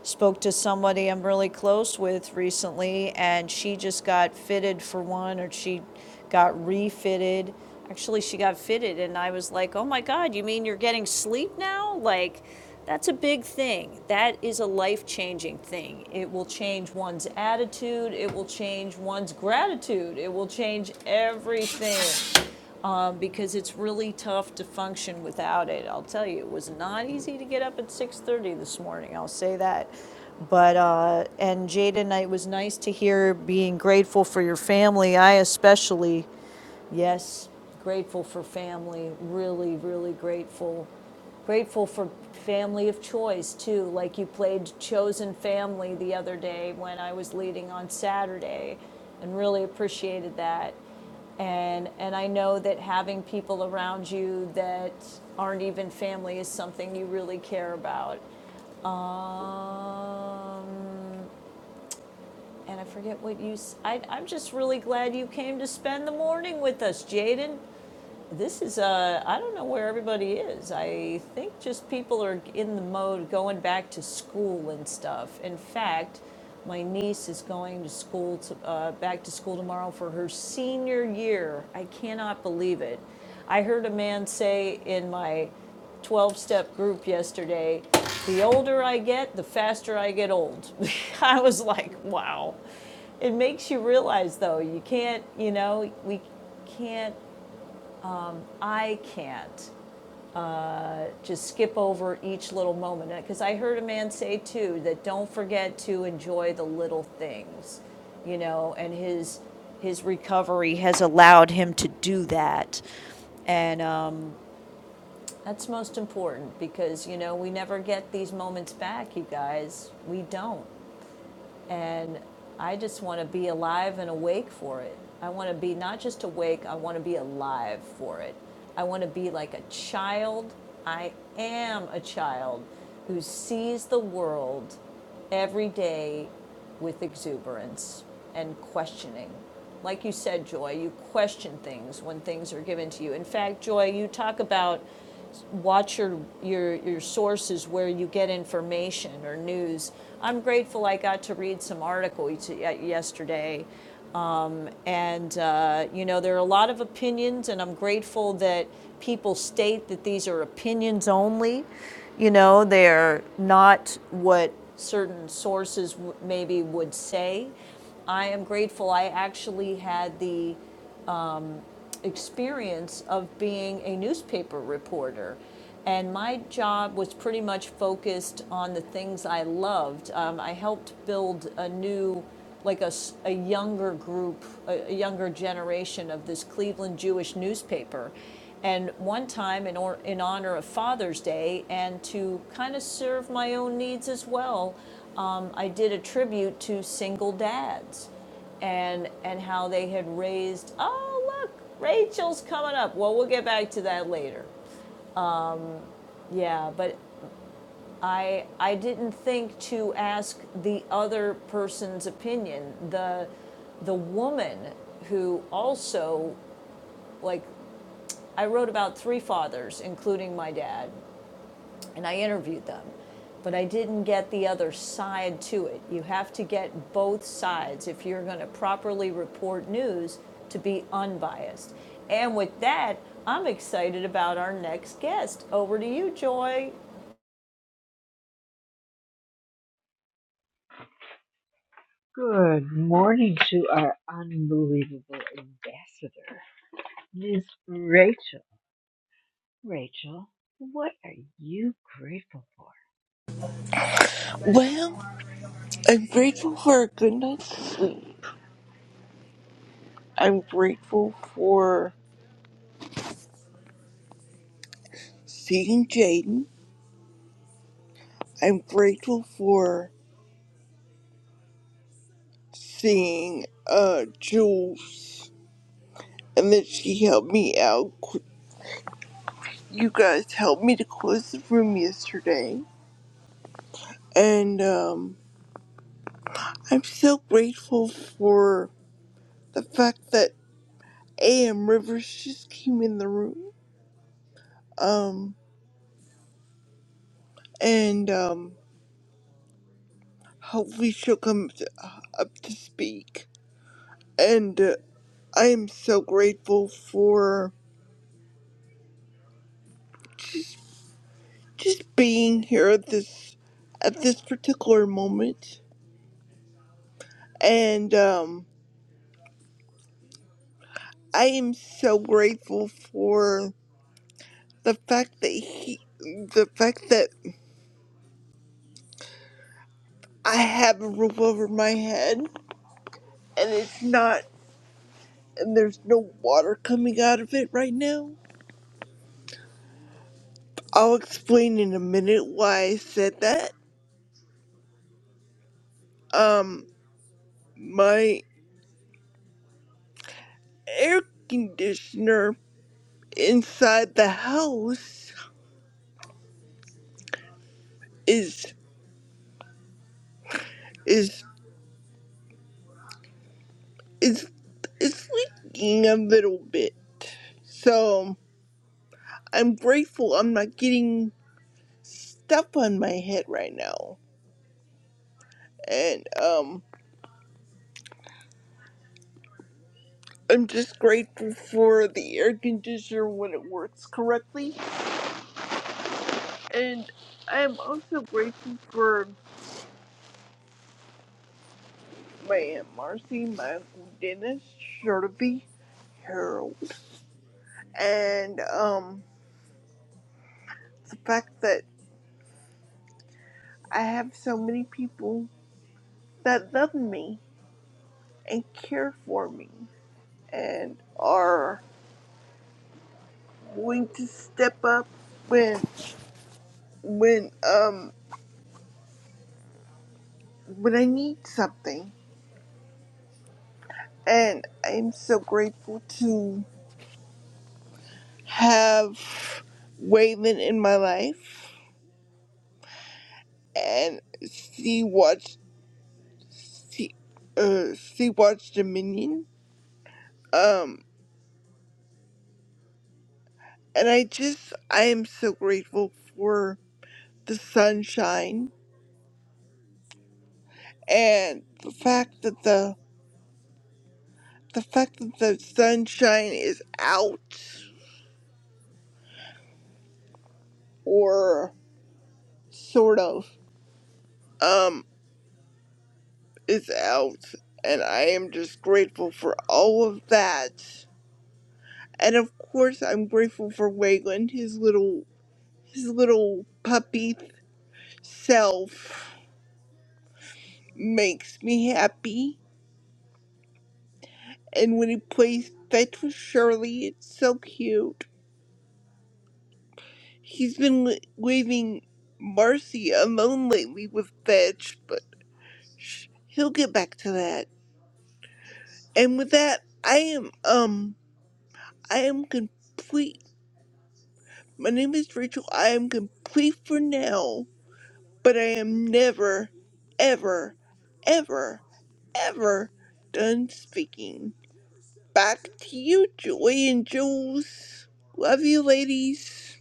[SPEAKER 10] spoke to somebody I'm really close with recently, and she just got fitted for one, or she got refitted. Actually, she got fitted, and I was like, oh my God, you mean you're getting sleep now? Like, that's a big thing. That is a life changing thing. It will change one's attitude, it will change one's gratitude, it will change everything um, because it's really tough to function without it. I'll tell you, it was not easy to get up at 6:30 this morning. I'll say that. But uh, and Jada and it was nice to hear being grateful for your family. I especially, yes, grateful for family. Really, really grateful. Grateful for family of choice too. Like you played chosen family the other day when I was leading on Saturday, and really appreciated that. And, and I know that having people around you that aren't even family is something you really care about. Um, and I forget what you, i am just really glad you came to spend the morning with us, Jaden. This is, uh, I don't know where everybody is. I think just people are in the mode going back to school and stuff. In fact, my niece is going to school, to, uh, back to school tomorrow for her senior year. I cannot believe it. I heard a man say in my 12 step group yesterday, the older I get, the faster I get old. (laughs) I was like, wow. It makes you realize, though, you can't, you know, we can't, I can't just skip over each little moment. Because I heard a man say too that don't forget to enjoy the little things, you know, and his his recovery has allowed him to do that. And um, that's most important because, you know, we never get these moments back, you guys. We don't. And I just want to be alive and awake for it. I want to be not just awake, I want to be alive for it. I want to be like a child. I am a child who sees the world every day with exuberance and questioning. Like you said, Joy, you question things when things are given to you. In fact, Joy, you talk about watch your, your, your sources where you get information or news. I'm grateful I got to read some articles yesterday. Um, and, uh, you know, there are a lot of opinions, and I'm grateful that people state that these are opinions only. You know, they're not what certain sources w- maybe would say. I am grateful I actually had the experience of being a newspaper reporter. And my job was pretty much focused on the things I loved. Um, I helped build a new, like a a younger group, a, a younger generation of this Cleveland Jewish newspaper. And one time, in, or, in honor of Father's Day, and to kind of serve my own needs as well, um, I did a tribute to single dads and and how they had raised oh look rachel's coming up well we'll get back to that later yeah but i i didn't think to ask the other person's opinion the the woman who also like i wrote about three fathers including my dad and I interviewed them. But I didn't get the other side to it. You have to get both sides if you're going to properly report news to be unbiased. And with that, I'm excited about our next guest. Over to you, Joy.
[SPEAKER 9] Good morning to our unbelievable ambassador, Miss Rachel. Rachel, what are you grateful for?
[SPEAKER 12] Well, I'm grateful for a good night's sleep. I'm grateful for seeing Jaden. I'm grateful for seeing uh Jules and that she helped me out. You guys helped me to close the room yesterday. And um I'm so grateful for the fact that AM Rivers just came in the room. Um and um hopefully she'll come to, uh, up to speak and uh, I am so grateful for just being here at this at this particular moment. And um, I am so grateful for the fact that he, the fact that I have a roof over my head, and it's not, and there's no water coming out of it right now. I'll explain in a minute why I said that. Um, my air conditioner inside the house is is is is leaking a little bit. So I'm grateful I'm not getting stuff on my head right now. And um I'm just grateful for the air conditioner when it works correctly. And I'm also grateful for my Aunt Marcy, my Uncle Dennis, Shirley, Harold. And um the fact that I have so many people that love me and care for me and are going to step up when when um when I need something. And I'm so grateful to have Waylon in my life and Sea Watch Sea uh Sea Watch Dominion. Um and I just I am so grateful for the sunshine and the fact that the the fact that the sunshine is out or sort of um is out and i am just grateful for all of that and of course i'm grateful for wayland his little his little puppy self makes me happy and when he plays fetch with shirley it's so cute he's been le- leaving marcy alone lately with fetch but Shh, he'll get back to that. And with that, I am um I am complete. My name is Rachel. I am complete for now, but I am never, ever, ever, ever done speaking. Back to you, Joy and Jules. Love you, ladies.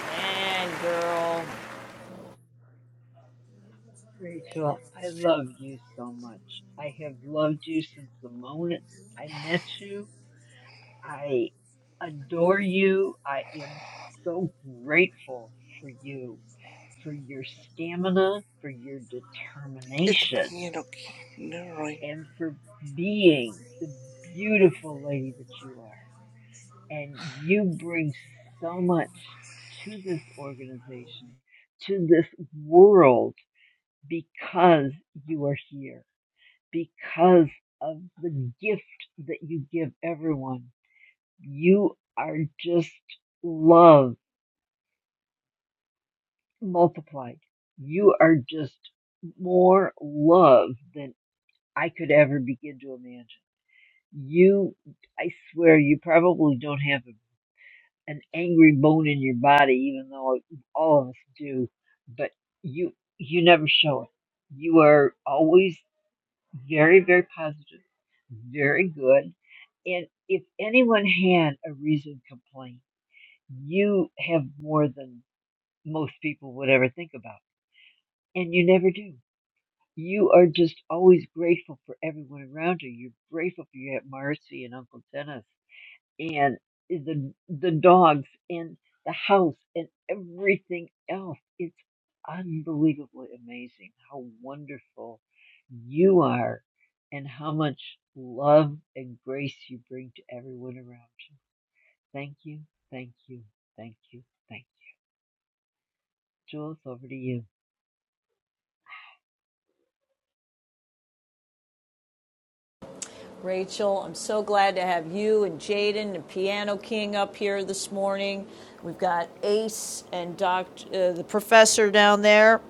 [SPEAKER 10] And girl,
[SPEAKER 9] Rachel, I love you so much. I have loved you since the moment I met you. I adore you. I am so grateful for you, for your stamina, for your
[SPEAKER 12] It's
[SPEAKER 9] determination,
[SPEAKER 12] you know, never mind.
[SPEAKER 9] and for being the beautiful lady that you are. and you bring so much to this organization, to this world, because you are here, because of the gift that you give everyone. You are just love multiplied. You are just more love than I could ever begin to imagine. You, I swear, you probably don't have a an angry bone in your body, even though all of us do, but you you never show it. You are always very, very positive, very good. And if anyone had a reasoned complaint, you have more than most people would ever think about. And you never do. You are just always grateful for everyone around you. You're grateful for your Aunt Marcy and Uncle Dennis and the the dogs and the house and everything else. It's unbelievably amazing how wonderful you are and how much love and grace you bring to everyone around you. Thank you, thank you, thank you, thank you. Jules, over to you.
[SPEAKER 10] Rachel, I'm so glad to have you and Jaden and Piano King up here this morning. We've got Ace and Dr. Uh, the professor down there.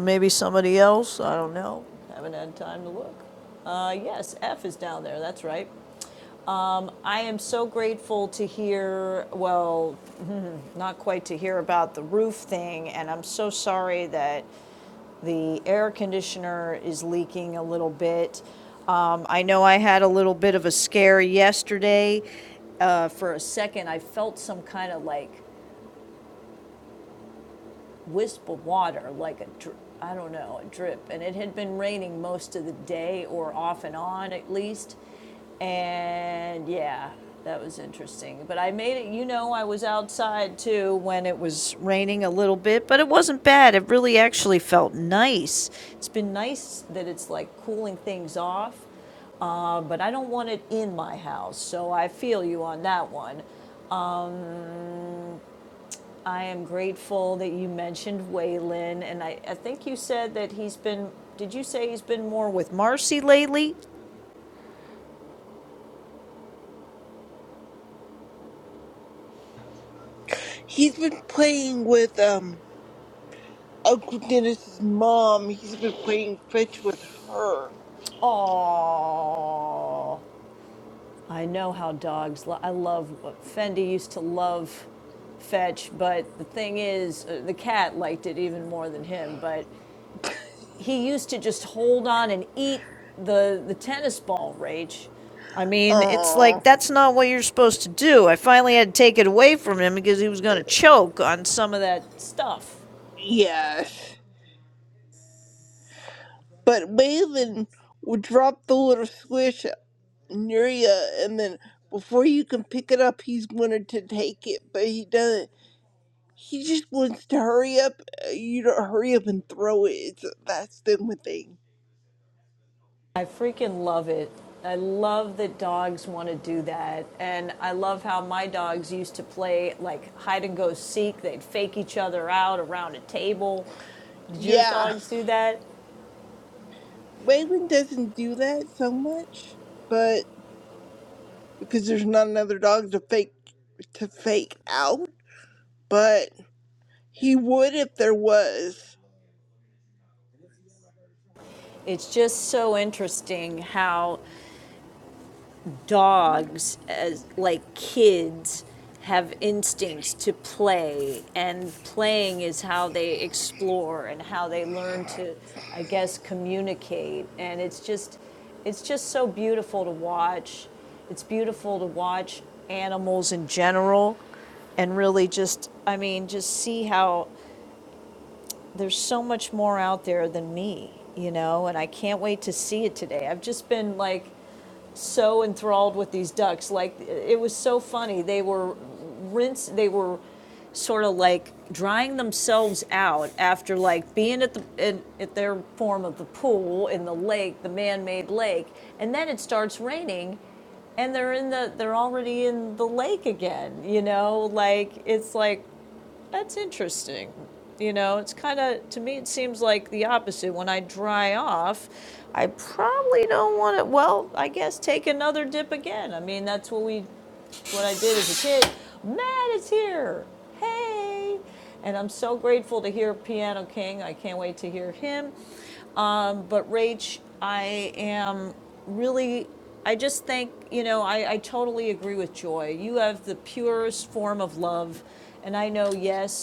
[SPEAKER 10] Maybe somebody else, I don't know. Haven't had time to look. Uh, yes, F is down there, that's right. I am so grateful to hear, well, not quite to hear about the roof thing, and I'm so sorry that the air conditioner is leaking a little bit. Um, I know I had a little bit of a scare yesterday. Uh, for a second, I felt some kind of like wisp of water, like a, dr- I don't know, a drip. And it had been raining most of the day or off and on at least. And yeah, that was interesting. But I made it, you know, I was outside too when it was raining a little bit, but it wasn't bad. It really actually felt nice. It's been nice that it's like cooling things off, uh, but I don't want it in my house. So I feel you on that one. I am grateful that you mentioned Waylon, and I, I think you said that he's been, did you say he's been more with Marcy lately?
[SPEAKER 12] He's been playing with um Uncle Dennis's mom. He's been playing fetch with her.
[SPEAKER 10] Oh, I know how dogs, lo- I love, Fendi used to love Fetch, but the thing is, uh, the cat liked it even more than him, but he used to just hold on and eat the the tennis ball rage i mean it's like
[SPEAKER 12] Aww.
[SPEAKER 10] that's not what you're supposed to do i finally had to take it away from him because he was going to choke on some of that stuff
[SPEAKER 12] Yes. But Waylon would drop the little squish near you, and then before you can pick it up, he's wanted to take it, but he doesn't. He just wants to hurry up. uh, You to hurry up and throw it. It's, uh, that's the only thing.
[SPEAKER 10] i freaking love it i love that dogs want to do that and i love how my dogs used to play like hide and go seek they'd fake each other out around a table did your
[SPEAKER 12] Yeah,
[SPEAKER 10] dogs do that
[SPEAKER 12] Waylon doesn't do that so much, but because there's not another dog to fake to fake out. But he would if there was.
[SPEAKER 10] it's just so interesting how dogs as like kids have instincts to play and playing is how they explore and how they learn to i guess communicate and it's just it's just so beautiful to watch it's beautiful to watch animals in general and really just i mean just see how there's so much more out there than me you know and i can't wait to see it today i've just been like so enthralled with these ducks. Like it was so funny. They were rinse. They were sort of like drying themselves out after like being at the in, at their form of the pool in the lake, the man-made lake, and then it starts raining, and they're in the they're already in the lake again. You know, like it's like that's interesting. You know, it's kind of, to me, it seems like the opposite. When I dry off, I probably don't want to, well, I guess take another dip again. I mean, that's what we what I did as a kid. Matt is here. Hey. And I'm so grateful to hear Piano King. I can't wait to hear him. Um, but Rach, I am really, I just think, you know, I, I totally agree with Joy. You have the purest form of love. And I know, yes,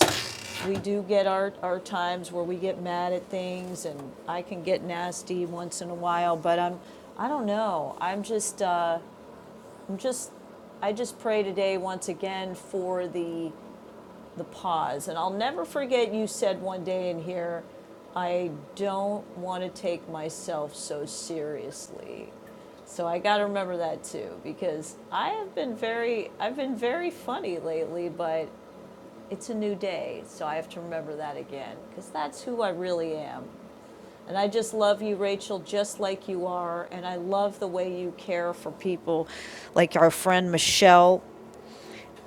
[SPEAKER 10] we do get our, our times where we get mad at things and I can get nasty once in a while, but I'm, I don't know. I'm just, uh, I'm Just, I just pray today once again for the the pause, and I'll never forget you said one day in here, I don't want to take myself so seriously. So I got to remember that too, because I have been very, I've been very funny lately, but it's a new day, so I have to remember that again, because that's who I really am. And I just love you, Rachel, just like you are. And I love the way you care for people, like our friend Michelle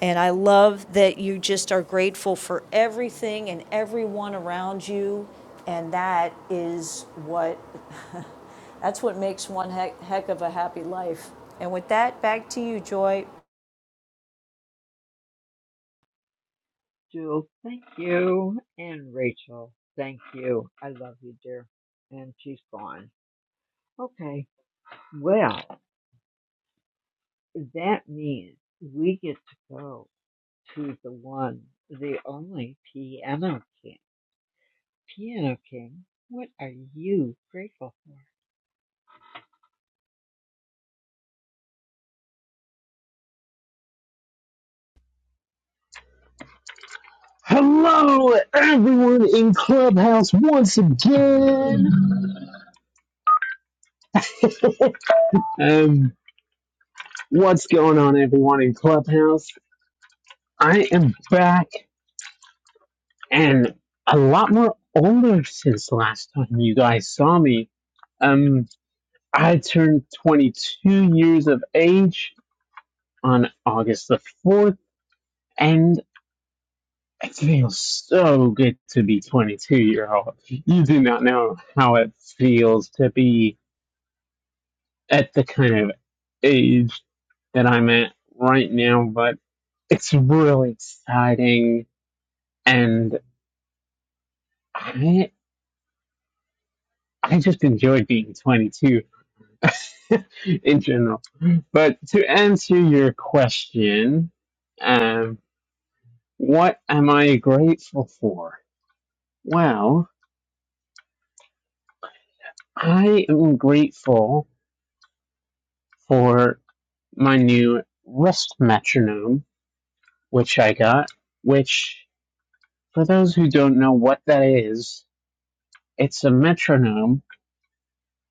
[SPEAKER 10] and I love that you just are grateful for everything and everyone around you. And that is what, that's what makes one heck, heck of a happy life. And with that, back to you, Joy.
[SPEAKER 9] Jules, thank you. And Rachel, thank you. I love you, dear. And she's gone. Okay. Well, that means we get to go to the one, the only piano king. Piano king, what are you grateful for?
[SPEAKER 13] Hello, everyone in Clubhouse once again. (laughs) Um, what's going on, everyone in Clubhouse? I am back and a lot more older since last time you guys saw me. Um, I turned 22 years of age on August the 4th, and it feels so good to be 22 year old. You do not know how it feels to be at the kind of age that I'm at right now, but it's really exciting and I I just enjoyed being 22 (laughs) in general. But to answer your question, um, what am I grateful for? Well, I am grateful for my new wrist metronome, which I got, which, for those who don't know what that is, It's a metronome,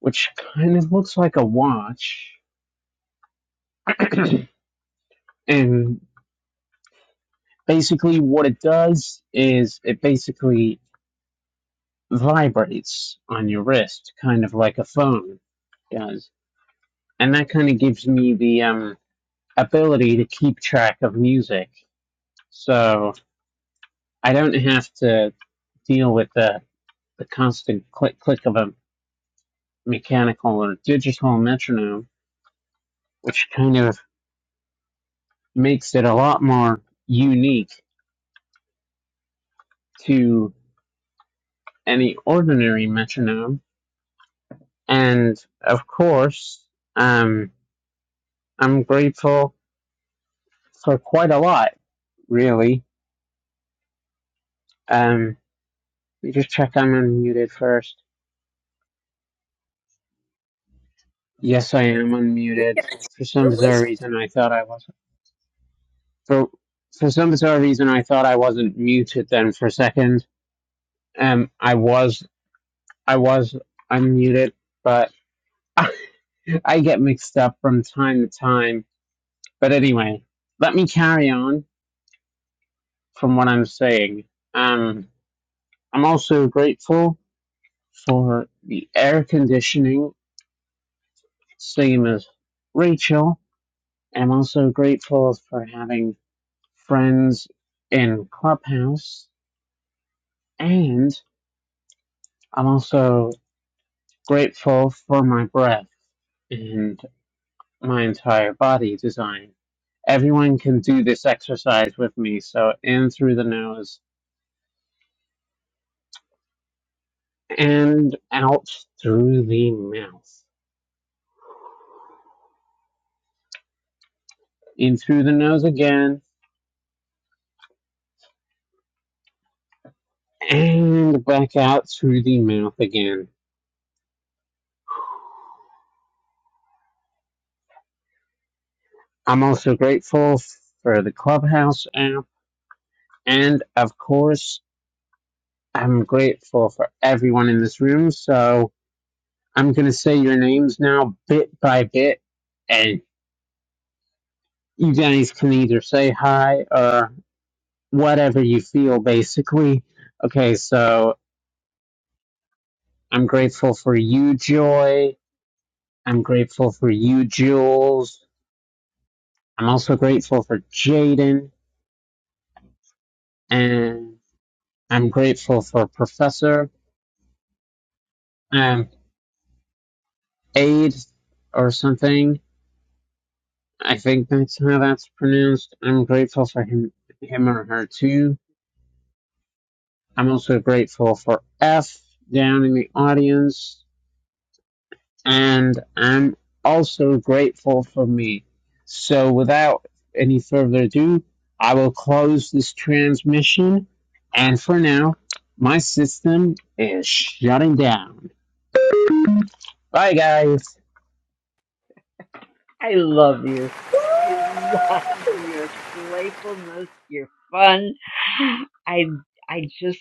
[SPEAKER 13] which kind of looks like a watch. (clears throat) and basically, what it does is it basically vibrates on your wrist, kind of like a phone does. And that kind of gives me the um, ability to keep track of music. So I don't have to deal with the, the constant click click of a mechanical or digital metronome, which kind of makes it a lot more unique to any ordinary metronome. And of course, um, I'm grateful for quite a lot, really. Um, let me just check I'm unmuted first. Yes, I am
[SPEAKER 10] We
[SPEAKER 13] unmuted.
[SPEAKER 10] can actually-
[SPEAKER 13] For
[SPEAKER 10] we're
[SPEAKER 13] some bizarre
[SPEAKER 10] listening.
[SPEAKER 13] reason, I thought I wasn't. For, for some bizarre reason, I thought I wasn't muted then for a second. Um, I was, I was unmuted, but (laughs) I get mixed up from time to time. But anyway, let me carry on from what I'm saying. Um, I'm also grateful for the air conditioning, same as Rachel. I'm also grateful for having friends in Clubhouse, and I'm also grateful for my breath and my entire body design. Everyone can do this exercise with me, so in through the nose and out through the mouth. In through the nose again and back out through the mouth again. I'm also grateful for the Clubhouse app, and of course, I'm grateful for everyone in this room. So I'm going to say your names now, bit by bit, and you guys can either say hi or whatever you feel, basically. Okay, so I'm grateful for you, Joy. I'm grateful for you, Jules. I'm also grateful for Jaden. And I'm grateful for Professor um, Aid or something. I think that's how that's pronounced. I'm grateful for him, him or her too. I'm also grateful for F down in the audience, and I'm also grateful for me. So, without any further ado, I will close this transmission. And for now, my system is shutting down. Bye, guys.
[SPEAKER 9] I love you. I (laughs) love your playfulness, your fun. I I just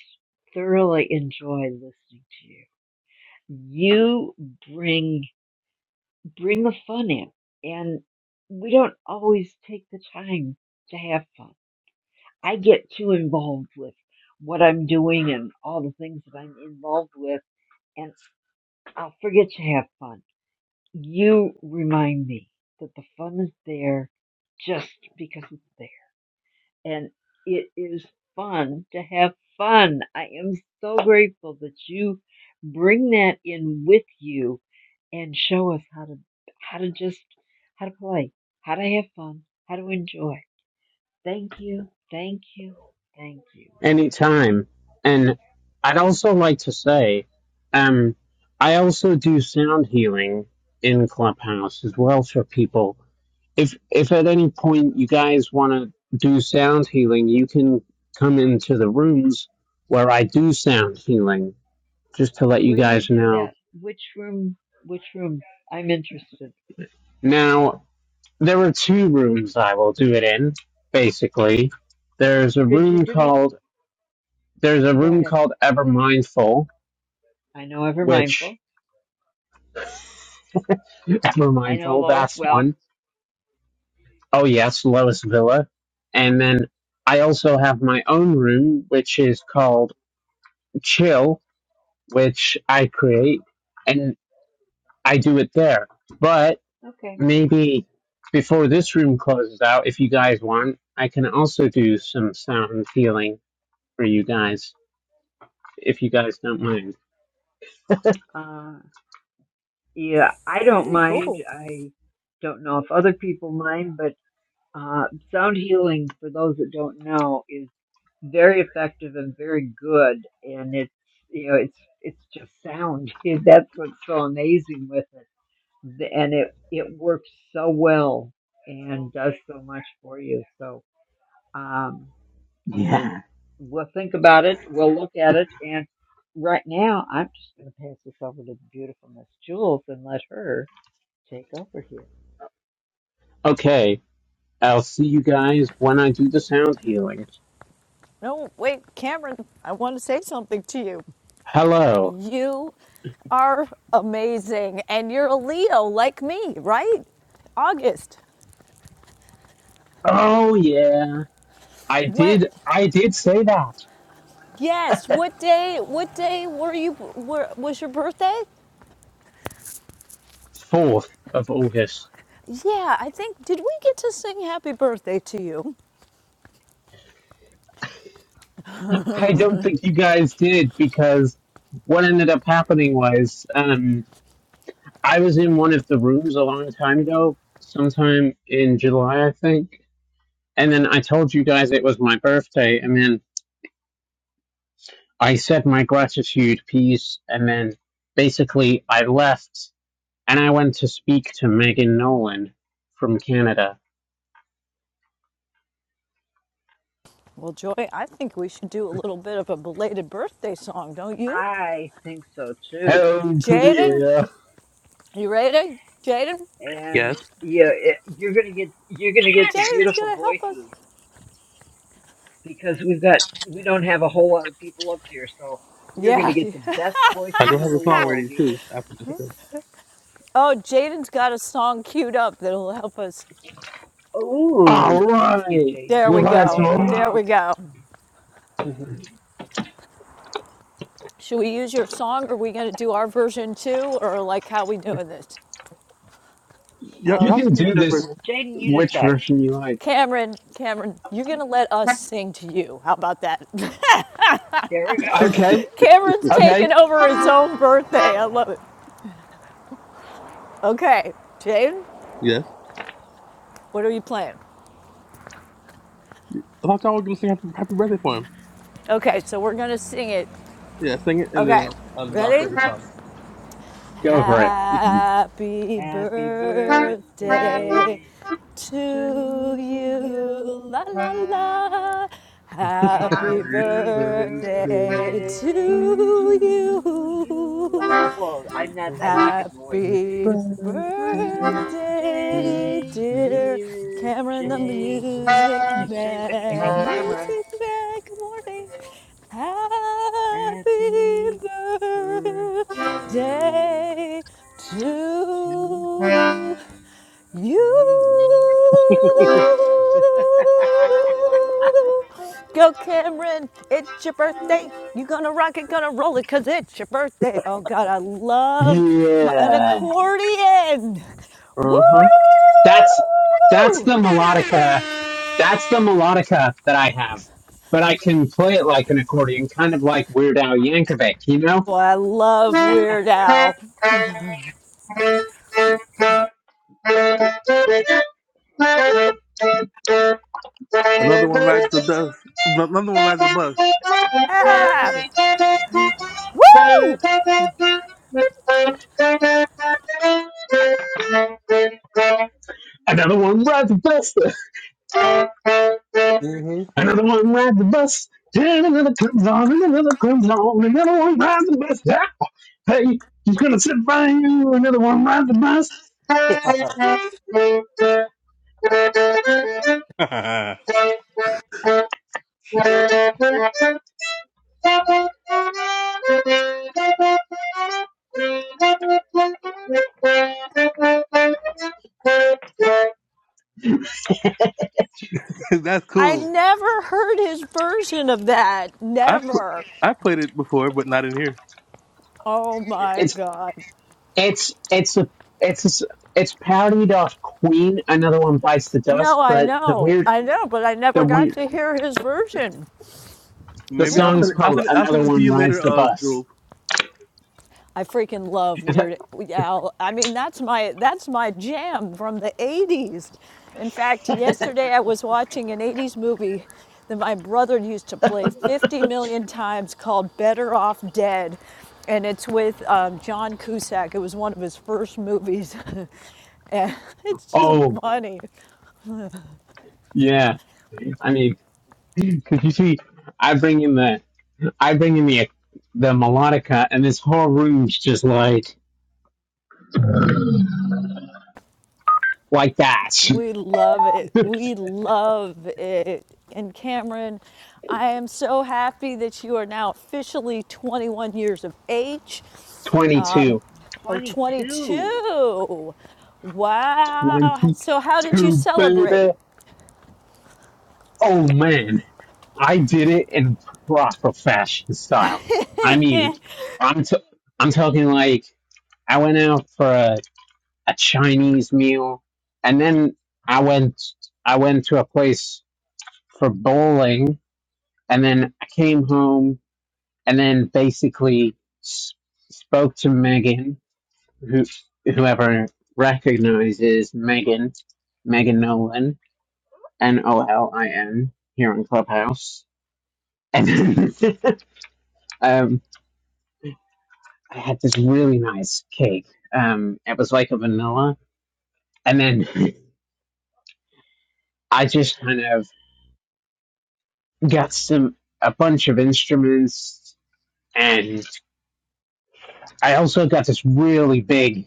[SPEAKER 9] thoroughly enjoy listening to you. You bring bring the fun in, and we don't always take the time to have fun. I get too involved with what I'm doing and all the things that I'm involved with and I'll forget to have fun. You remind me that the fun is there just because it's there. And it is fun to have fun. I am so grateful that you bring that in with you and show us how to how to just how to play, how to have fun, how to enjoy. Thank you. Thank you. Thank you.
[SPEAKER 13] Anytime. And I'd also like to say, um, I also do sound healing in Clubhouse as well for people. If if at any point you guys want to do sound healing, you can come into the rooms where I do sound healing, just to let you
[SPEAKER 9] Where do you
[SPEAKER 13] guys
[SPEAKER 9] do
[SPEAKER 13] know.
[SPEAKER 9] that? Which room? Which room? I'm interested.
[SPEAKER 13] Now, there are two rooms I will do it in, basically. There's a
[SPEAKER 9] Could you
[SPEAKER 13] room
[SPEAKER 9] do me?
[SPEAKER 13] called there's a
[SPEAKER 9] Go
[SPEAKER 13] room
[SPEAKER 9] ahead.
[SPEAKER 13] called Ever Mindful,
[SPEAKER 9] I know ever
[SPEAKER 13] which
[SPEAKER 9] mindful.
[SPEAKER 13] We're
[SPEAKER 9] I know
[SPEAKER 13] mindful.
[SPEAKER 9] Lois
[SPEAKER 13] That's
[SPEAKER 9] well.
[SPEAKER 13] one. Oh yes, Lois Villa. And then I also have my own room, which is called Chill, which I create and I do it there. But
[SPEAKER 9] Okay.
[SPEAKER 13] maybe before this room closes out, if you guys want, I can also do some sound healing for you guys, if you guys don't mind.
[SPEAKER 9] Uh, yeah, I
[SPEAKER 10] That'd
[SPEAKER 9] don't
[SPEAKER 10] be
[SPEAKER 9] mind.
[SPEAKER 10] cool.
[SPEAKER 9] I don't know if other people mind, but uh, sound healing, for those that don't know, is very effective and very good. And it's you know it's it's just sound. (laughs) That's what's so amazing with it, The- and it it works so well and does so much for you. So. Um, And
[SPEAKER 13] Yeah.
[SPEAKER 9] we'll think about it. We'll look at it. And right now, I'm just going to pass this over to the beautiful Miss Jules and let her take over here.
[SPEAKER 13] Okay. I'll see you guys when I do the sound healing.
[SPEAKER 10] No, wait, Cameron, I want to say something to you.
[SPEAKER 13] Hello.
[SPEAKER 10] You are amazing, and you're a Leo like me, right? August.
[SPEAKER 13] Oh yeah. I
[SPEAKER 10] What?
[SPEAKER 13] did. I did say that
[SPEAKER 10] Yes. What day? What day were you? Were, was your birthday?
[SPEAKER 13] fourth of August.
[SPEAKER 10] Yeah, I think, did we get to sing happy birthday to you?
[SPEAKER 13] I don't think you guys did because what ended up happening was um, I was in one of the rooms a long time ago, sometime in July, I think, and then I told you guys it was my birthday, and then I said my gratitude piece, and then basically I left and I went to speak to Megan Nolan from Canada.
[SPEAKER 10] Well, Joy, I think we should do a little bit of a belated birthday song, don't you?
[SPEAKER 9] I think so too.
[SPEAKER 13] Hello to the
[SPEAKER 10] Jaden,
[SPEAKER 13] air.
[SPEAKER 10] you ready? Jaden?
[SPEAKER 11] Yes.
[SPEAKER 9] And yeah, it, you're going to get you're going to get the
[SPEAKER 10] Jaden's
[SPEAKER 9] beautiful
[SPEAKER 10] gonna help us.
[SPEAKER 9] voices because we've got we don't have a whole lot of people up here, so you're going to
[SPEAKER 10] Yeah.
[SPEAKER 9] get the
[SPEAKER 10] (laughs)
[SPEAKER 9] best
[SPEAKER 11] I
[SPEAKER 9] voices
[SPEAKER 11] do have
[SPEAKER 9] in the
[SPEAKER 11] a song
[SPEAKER 9] world
[SPEAKER 11] ready
[SPEAKER 9] here.
[SPEAKER 11] too after this too.
[SPEAKER 10] Oh, Jaden's got a song queued up that'll help us.
[SPEAKER 13] All
[SPEAKER 9] Oh, thank you,
[SPEAKER 13] right,
[SPEAKER 9] Jaden.
[SPEAKER 10] There we
[SPEAKER 13] let's
[SPEAKER 10] go.
[SPEAKER 9] Hey, hey.
[SPEAKER 10] There
[SPEAKER 13] rock.
[SPEAKER 10] we go.
[SPEAKER 11] Mhm.
[SPEAKER 10] Should we use your song? Or are we gonna do our version too? Or like how we doing this?
[SPEAKER 11] Y-
[SPEAKER 13] You
[SPEAKER 11] y'all
[SPEAKER 9] Um,
[SPEAKER 11] can
[SPEAKER 13] can
[SPEAKER 11] use
[SPEAKER 13] do
[SPEAKER 9] let's
[SPEAKER 11] that
[SPEAKER 13] this
[SPEAKER 11] version.
[SPEAKER 9] Jaden, you
[SPEAKER 13] which
[SPEAKER 9] decide.
[SPEAKER 13] version you like.
[SPEAKER 10] Cameron, Cameron, you're gonna let us sing to you. How about that? (laughs)
[SPEAKER 9] There we go.
[SPEAKER 13] Okay,
[SPEAKER 10] Cameron's
[SPEAKER 13] okay,
[SPEAKER 10] taking over his own birthday. I love it. Okay, Jane,
[SPEAKER 11] Yes.
[SPEAKER 10] what are you playing?
[SPEAKER 11] I thought y'all were gonna sing happy, happy birthday for him.
[SPEAKER 10] Okay, so we're gonna sing it.
[SPEAKER 11] Yeah, sing it and
[SPEAKER 9] Oh,
[SPEAKER 11] then
[SPEAKER 10] Okay,
[SPEAKER 11] I'll, I'll I'll play
[SPEAKER 10] ready?
[SPEAKER 11] the song.
[SPEAKER 13] go for it.
[SPEAKER 10] Happy
[SPEAKER 9] happy
[SPEAKER 10] birthday
[SPEAKER 9] birthday
[SPEAKER 10] to
[SPEAKER 9] to
[SPEAKER 10] you. La
[SPEAKER 9] you.
[SPEAKER 10] la la. Happy
[SPEAKER 11] Uh
[SPEAKER 9] Happy
[SPEAKER 10] birthday
[SPEAKER 9] birthday to
[SPEAKER 10] to
[SPEAKER 9] you.
[SPEAKER 10] you.
[SPEAKER 9] (laughs) Well, I'm not. I'm not gonna voice.
[SPEAKER 10] Happy birthday,
[SPEAKER 9] Birthday,
[SPEAKER 10] dear
[SPEAKER 9] dear
[SPEAKER 10] Cameron, the
[SPEAKER 9] Jay.
[SPEAKER 10] music
[SPEAKER 9] (laughs) Came back at
[SPEAKER 10] man.
[SPEAKER 9] Cameron.
[SPEAKER 10] Music man, good morning. Happy
[SPEAKER 9] Happy birthday
[SPEAKER 10] birthday
[SPEAKER 9] to
[SPEAKER 10] to you
[SPEAKER 9] you.
[SPEAKER 10] go, Cameron. It's your birthday. you gonna rock it, gonna roll it, cause it's your birthday. Oh God, I love my, an
[SPEAKER 13] Yeah,
[SPEAKER 10] accordion. Woo!
[SPEAKER 11] huh.
[SPEAKER 13] that's that's the melodica. That's the melodica that I have, but I can play it like an accordion, kind of like Weird Al Yankovic, you
[SPEAKER 10] Well, I love
[SPEAKER 9] (laughs)
[SPEAKER 10] Weird Al.
[SPEAKER 13] know. Another
[SPEAKER 11] Another one rides the dust. Another one rides the bus.
[SPEAKER 10] Ah, woo!
[SPEAKER 13] one rides the bus.
[SPEAKER 11] hmm
[SPEAKER 13] Another one rides the bus. Then another comes on, and another comes on, and another one rides the bus. Hey, she's gonna sit by you. Another one ride the bus.
[SPEAKER 11] (laughs) That's
[SPEAKER 10] I
[SPEAKER 11] cool.
[SPEAKER 10] never heard his version of that.
[SPEAKER 11] I pl-
[SPEAKER 10] Never.
[SPEAKER 11] I played it before, but not in here.
[SPEAKER 10] Oh my
[SPEAKER 13] It's
[SPEAKER 10] God.
[SPEAKER 13] it's it's a it's a s it's parodied off Queen. Another one bites the
[SPEAKER 10] No,
[SPEAKER 13] dust.
[SPEAKER 10] I
[SPEAKER 13] But the
[SPEAKER 10] know,
[SPEAKER 13] weird
[SPEAKER 10] I know, but I
[SPEAKER 13] the
[SPEAKER 10] never got
[SPEAKER 13] weird
[SPEAKER 10] to hear his version.
[SPEAKER 13] the
[SPEAKER 11] Maybe I'll
[SPEAKER 13] song is
[SPEAKER 11] send it. I'll
[SPEAKER 13] called
[SPEAKER 11] send it, I'll
[SPEAKER 13] Another
[SPEAKER 11] send it to
[SPEAKER 13] One
[SPEAKER 11] you
[SPEAKER 13] Rides
[SPEAKER 11] later,
[SPEAKER 13] the
[SPEAKER 11] uh,
[SPEAKER 13] Bus.
[SPEAKER 11] Jules.
[SPEAKER 10] I freaking love
[SPEAKER 13] (laughs) It's like,
[SPEAKER 10] Weird Al. I mean, that's my that's my jam from the '80s. In fact, yesterday I was watching an '80s movie that my brother used to play 50 million times called "Better Off Dead," and it's with um, John Cusack. It was one of his first movies. (laughs) and it's just
[SPEAKER 13] oh
[SPEAKER 10] funny.
[SPEAKER 13] Yeah, I mean, because you see, I bring in the I bring in the the melodica, and this whole room's just like like that.
[SPEAKER 10] We love it. We
[SPEAKER 13] (laughs)
[SPEAKER 10] love it. And Cameron, I am so happy that you are now officially 21 years of age.
[SPEAKER 13] Twenty
[SPEAKER 10] Um,
[SPEAKER 13] two,
[SPEAKER 10] oh,
[SPEAKER 9] 22.
[SPEAKER 10] 22. Wow.
[SPEAKER 13] twenty
[SPEAKER 10] So, how did you
[SPEAKER 13] two,
[SPEAKER 10] celebrate?
[SPEAKER 13] baby. Oh man, I did it in proper fashion style. I
[SPEAKER 10] (laughs)
[SPEAKER 13] mean, I'm t- I'm talking like I went out for a, a Chinese meal, and then I went I went to a place for bowling and then I came home and then basically s- spoke to Megan, who whoever recognizes Megan, Megan Nolan, N O L I N, here on Clubhouse, and then, (laughs) um, I had this really nice cake. Um, it was like a vanilla, and then (laughs) I just kind of got some a bunch of instruments, and I also got this really big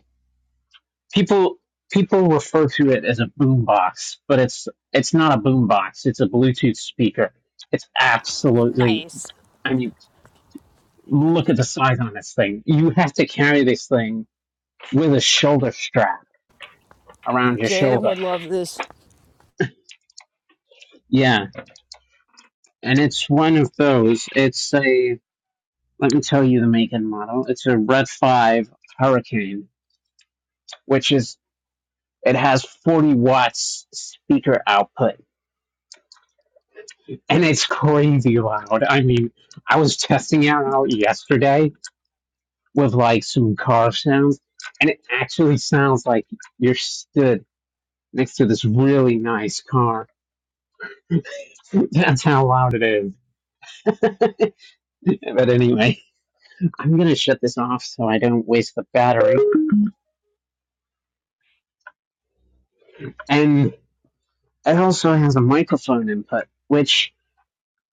[SPEAKER 13] people people refer to it as a boombox, but it's it's not a boombox. It's a Bluetooth speaker. It's absolutely.
[SPEAKER 10] nice.
[SPEAKER 13] I mean, look at the size on this thing. You have to carry this thing with a shoulder strap around your
[SPEAKER 10] Jaden
[SPEAKER 13] shoulder.
[SPEAKER 10] would love this.
[SPEAKER 13] Yeah, and it's one of those. It's a. Let me tell you the make and model. It's a Red Five Hurricane, which is it has 40 watts speaker output and it's crazy loud. I mean, I was testing it out yesterday with like some car sounds, and it actually sounds like you're stood next to this really nice car. (laughs) That's how loud it is. (laughs) but anyway, I'm gonna shut this off so I don't waste the battery. And it also has a microphone input, which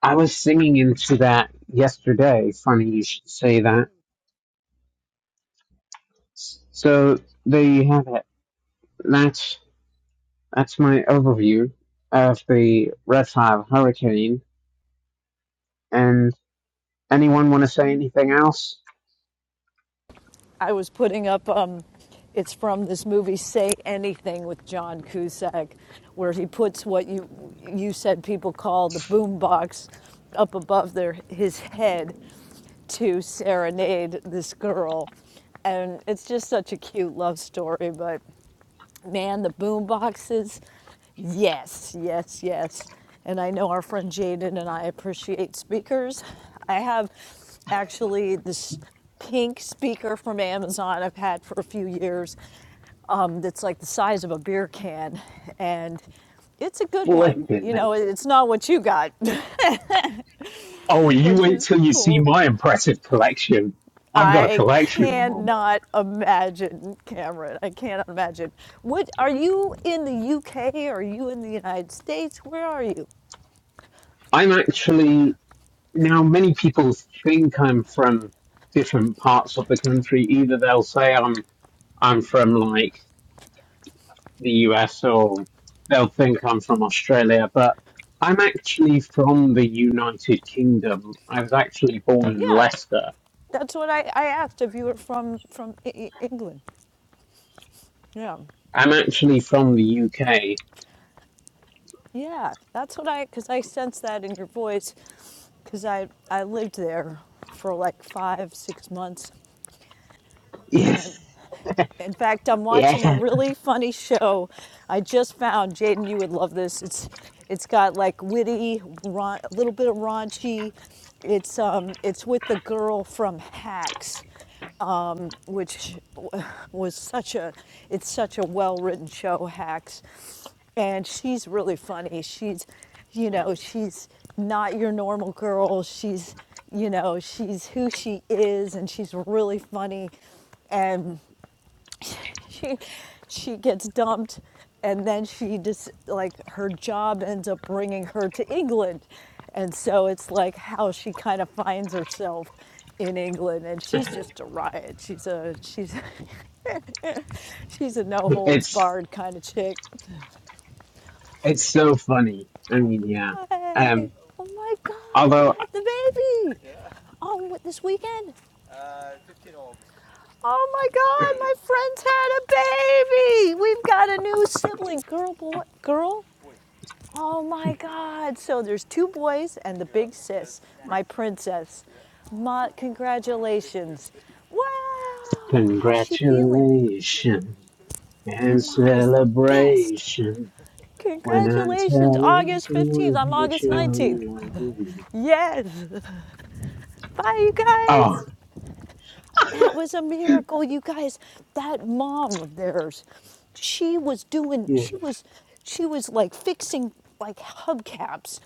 [SPEAKER 13] I was singing into that yesterday. Funny you should say that. So there you have it. That's That's my overview of the Red 5 Hurricane. And anyone want to say anything else?
[SPEAKER 10] I was putting up. Um, it's from this movie "Say Anything" with John Cusack, where he puts what you you said people call the boom box up above their his head to serenade this girl, and it's just such a cute love story. But man, the boom boxes. Yes, yes, yes. And I know our friend Jaden and I appreciate speakers. I have actually this pink speaker from Amazon I've had for a few years um, that's like the size of a beer can. And it's a good one.
[SPEAKER 13] Flipping
[SPEAKER 10] You
[SPEAKER 13] it.
[SPEAKER 10] know, it- it's not what you got,
[SPEAKER 13] Oh,
[SPEAKER 10] (laughs)
[SPEAKER 13] you
[SPEAKER 10] which
[SPEAKER 13] wait
[SPEAKER 10] is
[SPEAKER 13] till you see
[SPEAKER 10] cool.
[SPEAKER 13] my impressive collection. I've got a
[SPEAKER 10] I
[SPEAKER 13] collection of them.
[SPEAKER 10] cannot imagine, Cameron. I cannot imagine. What are you in the UK? Are you in the United States? Where are you?
[SPEAKER 13] I'm actually, now many people think I'm from different parts of the country. Either they'll say I'm, I'm from like the US or they'll think I'm from Australia, but I'm actually from the United Kingdom. I was actually born in
[SPEAKER 10] Yeah,
[SPEAKER 13] Leicester.
[SPEAKER 10] that's what I, I asked if you were from from E- E- England. Yeah,
[SPEAKER 13] I'm actually from the UK.
[SPEAKER 10] yeah, that's what I because I sense that in your voice because I I lived there for like five six months
[SPEAKER 13] Yeah,
[SPEAKER 10] In fact, I'm
[SPEAKER 13] yeah.
[SPEAKER 10] watching a really funny show. I just found Jaden. You would love this. It's it's got like witty, a little bit of raunchy. It's um it's with the girl from Hacks, um, which was such a it's such a well written show. Hacks, and she's really funny. She's you know she's not your normal girl. She's you know she's who she is, and she's really funny and she she gets dumped and then she just like her job ends up bringing her to England and so it's like how she kind of finds herself in England and she's just a riot she's a she's (laughs) she's a no holds
[SPEAKER 13] It's
[SPEAKER 10] barred kind of chick
[SPEAKER 13] it's so funny. I mean, yeah.
[SPEAKER 10] Hey,
[SPEAKER 13] Um,
[SPEAKER 10] oh my god you
[SPEAKER 13] although
[SPEAKER 10] had the baby on oh, what, this weekend Uh, fifteenth of August. Oh my God, my friend's had a baby. We've got a new sibling. Girl, boy, girl. Oh my God. So there's two boys and the big sis, my princess. Ma, congratulations. Wow. How's she feeling?
[SPEAKER 13] congratulations
[SPEAKER 10] Your
[SPEAKER 13] and
[SPEAKER 10] mom is the best.
[SPEAKER 13] celebration when I
[SPEAKER 10] Congratulations,
[SPEAKER 13] tell you
[SPEAKER 10] August 15th. I'm
[SPEAKER 13] that
[SPEAKER 10] August
[SPEAKER 13] you're
[SPEAKER 10] 19th.
[SPEAKER 13] in
[SPEAKER 10] Yes. Bye, you guys.
[SPEAKER 13] Oh,
[SPEAKER 10] That was a miracle, you guys. That mom of theirs, she was doing,
[SPEAKER 13] yeah.
[SPEAKER 10] she was, she was like fixing like hubcaps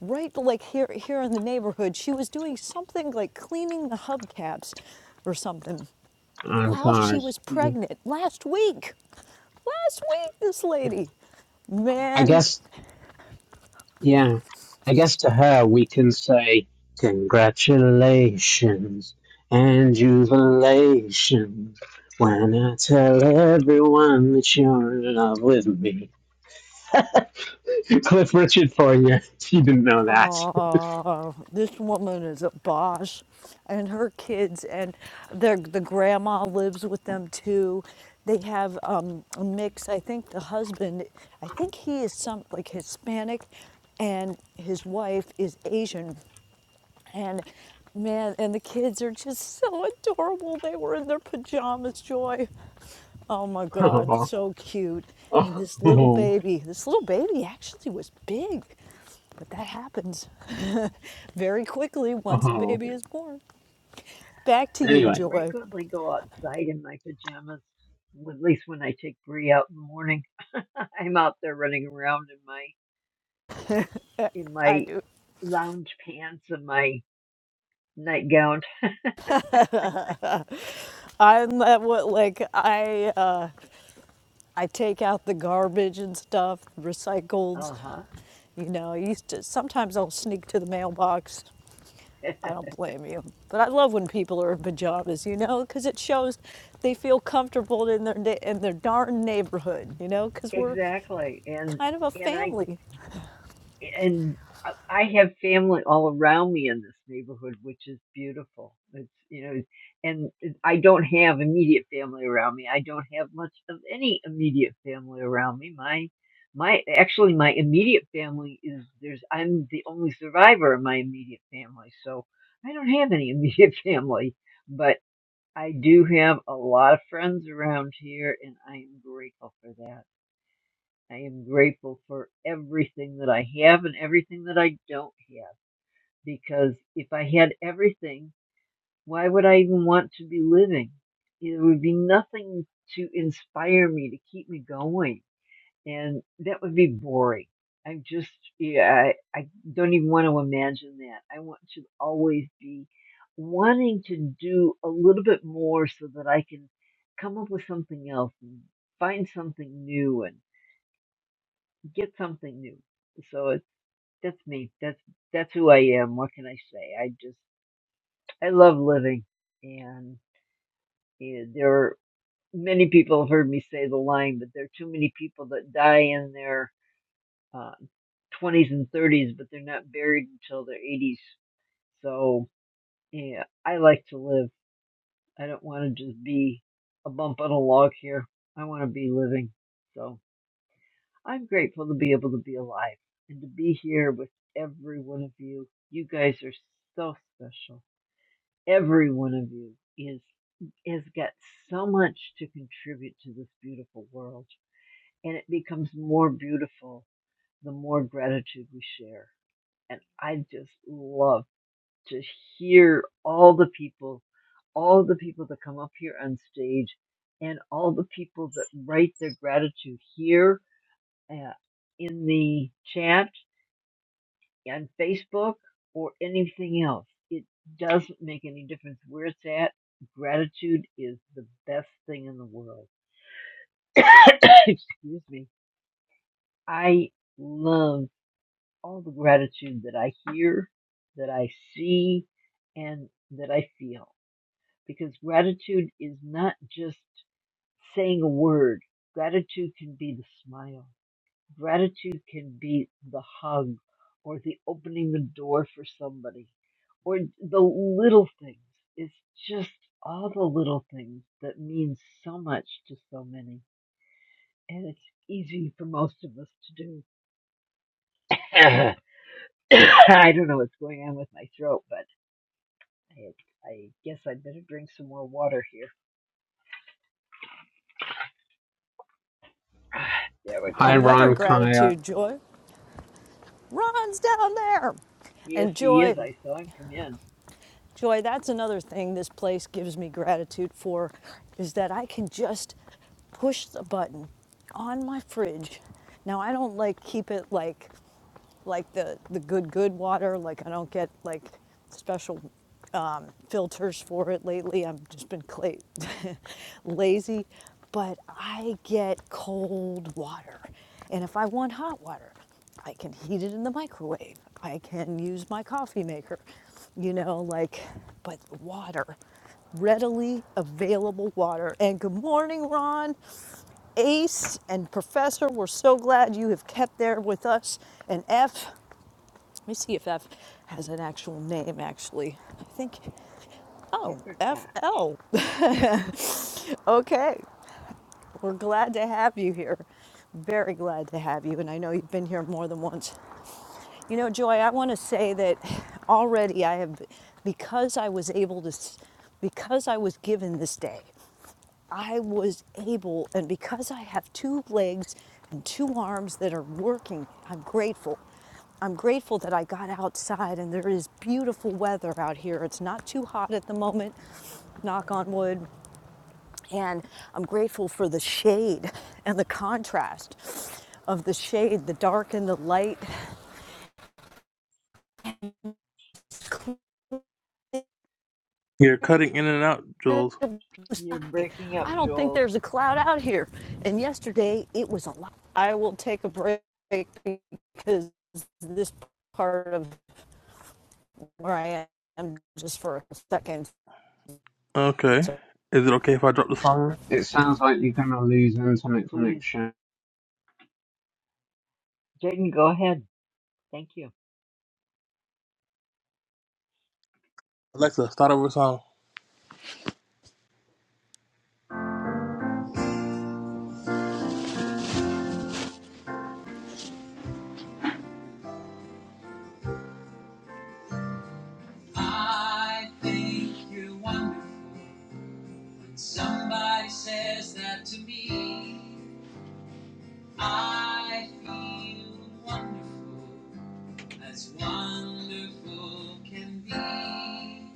[SPEAKER 10] right like here here in the neighborhood she was doing something like cleaning the hubcaps or something
[SPEAKER 13] On
[SPEAKER 10] while she
[SPEAKER 13] cars.
[SPEAKER 10] was
[SPEAKER 13] Yeah.
[SPEAKER 10] pregnant last week last week this lady
[SPEAKER 13] I
[SPEAKER 10] man
[SPEAKER 13] guess Yeah, I guess to her we can say congratulations and jubilations when I tell everyone that you're in love with me. (laughs) Cliff Richard for you. (laughs) You didn't know that. (laughs)
[SPEAKER 10] uh, this woman is a Bosch, and her kids and their the grandma lives with them too. They have um, a mix. I think the husband, I think he is some like Hispanic, and his wife is Asian and man, and the kids are just so adorable. They were in their pajamas, Joy. Oh my God,
[SPEAKER 13] Oh,
[SPEAKER 10] so cute. And
[SPEAKER 13] oh,
[SPEAKER 10] this little
[SPEAKER 13] oh,
[SPEAKER 10] baby, this little baby actually was big, but that happens (laughs) very quickly once a
[SPEAKER 13] oh.
[SPEAKER 10] baby is born. Back to you,
[SPEAKER 9] I
[SPEAKER 13] Anyway,
[SPEAKER 10] Joy.
[SPEAKER 9] frequently go outside in my pajamas, w- at least when I take Bree out in the morning. (laughs) I'm out there running around in my
[SPEAKER 10] Uh,
[SPEAKER 9] in
[SPEAKER 10] I
[SPEAKER 9] my
[SPEAKER 10] do.
[SPEAKER 9] lounge pants and my nightgown.
[SPEAKER 10] I'm at what like I uh, I take out the garbage and stuff, recycled.
[SPEAKER 9] Uh huh.
[SPEAKER 10] You know, I used to sometimes I'll sneak to the mailbox
[SPEAKER 9] (laughs)
[SPEAKER 10] I don't blame you. But I love when people are in pajamas, you know, because it shows they feel comfortable in their in their darn neighborhood, you know, because we're
[SPEAKER 9] exactly. And
[SPEAKER 10] kind of a
[SPEAKER 9] and I
[SPEAKER 10] family.
[SPEAKER 9] and I I have family all around me in this neighborhood, which is beautiful. It's you know, and I don't have immediate family around me. I don't have much of any immediate family around me. My my actually my immediate family is there's I'm the only survivor of my immediate family, so I don't have any immediate (laughs) family, but I do have a lot of friends around here, and I am grateful for that. I am grateful for everything that I have and everything that I don't have. Because if I had everything, why would I even want to be living? There would be nothing to inspire me, to keep me going. And that would be boring. I'm just, yeah, I, I don't even want to imagine that. I want to always be wanting to do a little bit more so that I can come up with something else and find something new and get something new. So it's that's me. That's that's who I am. What can I say? I just I love living, and yeah, there are many people have heard me say the line, but there are too many people that die in their uh, twenties and thirties, but they're not buried until their eighties. So yeah, I like to live. I don't want to just be a bump on a log here. I want to be living. So. I'm grateful to be able to be alive and to be here with every one of you. You guys are so special. Every one of you is has got so much to contribute to this beautiful world, and it becomes more beautiful the more gratitude we share. And I just love to hear all the people, all the people that come up here on stage, and all the people that write their gratitude here uh, in the chat on Facebook or anything else. It doesn't make any difference where it's at. Gratitude is the best thing in the world. (coughs) Excuse me. I love all the gratitude that I hear, that I see, and that I feel. Because gratitude is not just saying a word. Gratitude can be the smile. Gratitude can be the hug or the opening the door for somebody or the little things. It's just all the little things that mean so much to so many. And it's easy for most of us to do. (coughs) I don't know what's going on with my throat, but I, I guess I better drink some more water here. (sighs) There we
[SPEAKER 13] hi
[SPEAKER 9] go.
[SPEAKER 10] Another
[SPEAKER 9] Thank
[SPEAKER 13] Ron
[SPEAKER 9] you.
[SPEAKER 13] Kyle.
[SPEAKER 10] gratitude, Joy. Ron's down there.
[SPEAKER 9] Yes,
[SPEAKER 10] And
[SPEAKER 9] he
[SPEAKER 10] Joy,
[SPEAKER 9] is. I saw him come in.
[SPEAKER 10] Joy, that's another thing this place gives me gratitude for is that I can just push the button on my fridge. Now I don't like keep it like like the, the good, good water. Like I don't get like special um, filters for it lately. I've just been clay (laughs) lazy, but I get cold water. And if I want hot water, I can heat it in the microwave. I can use my coffee maker, you know, like, but water, readily available water. And good morning, Ron. Ace and Professor, we're so glad you have kept there with us. And F, let me see if F has an actual name, actually. I think,
[SPEAKER 9] I
[SPEAKER 10] oh,
[SPEAKER 9] forgot.
[SPEAKER 10] FL. (laughs) okay, we're glad to have you here. Very glad to have you, and I know you've been here more than once. You know, Joy, I want to say that already I have, because I was able to, because I was given this day. I was able, and because I have two legs and two arms that are working, I'm grateful. I'm grateful that I got outside and there is beautiful weather out here. It's not too hot at the moment, knock on wood. And I'm grateful for the shade and the contrast of the shade, the dark and the light
[SPEAKER 11] You're cutting in and out, Jules.
[SPEAKER 9] You're
[SPEAKER 10] sky.
[SPEAKER 9] breaking
[SPEAKER 10] I
[SPEAKER 9] up,
[SPEAKER 10] don't think
[SPEAKER 9] Jules.
[SPEAKER 10] there's a cloud out here. And yesterday it was a lot. I will take a break because this part of where I am just for a second.
[SPEAKER 11] Okay.
[SPEAKER 10] So,
[SPEAKER 11] Is it okay if I drop the song?
[SPEAKER 13] It sounds like you're gonna lose internet
[SPEAKER 9] Please.
[SPEAKER 13] connection.
[SPEAKER 9] Jaden, go ahead. Thank you.
[SPEAKER 11] Alexa, start over a song. I think you're wonderful. When somebody says that to me, I feel wonderful. As wonderful can be,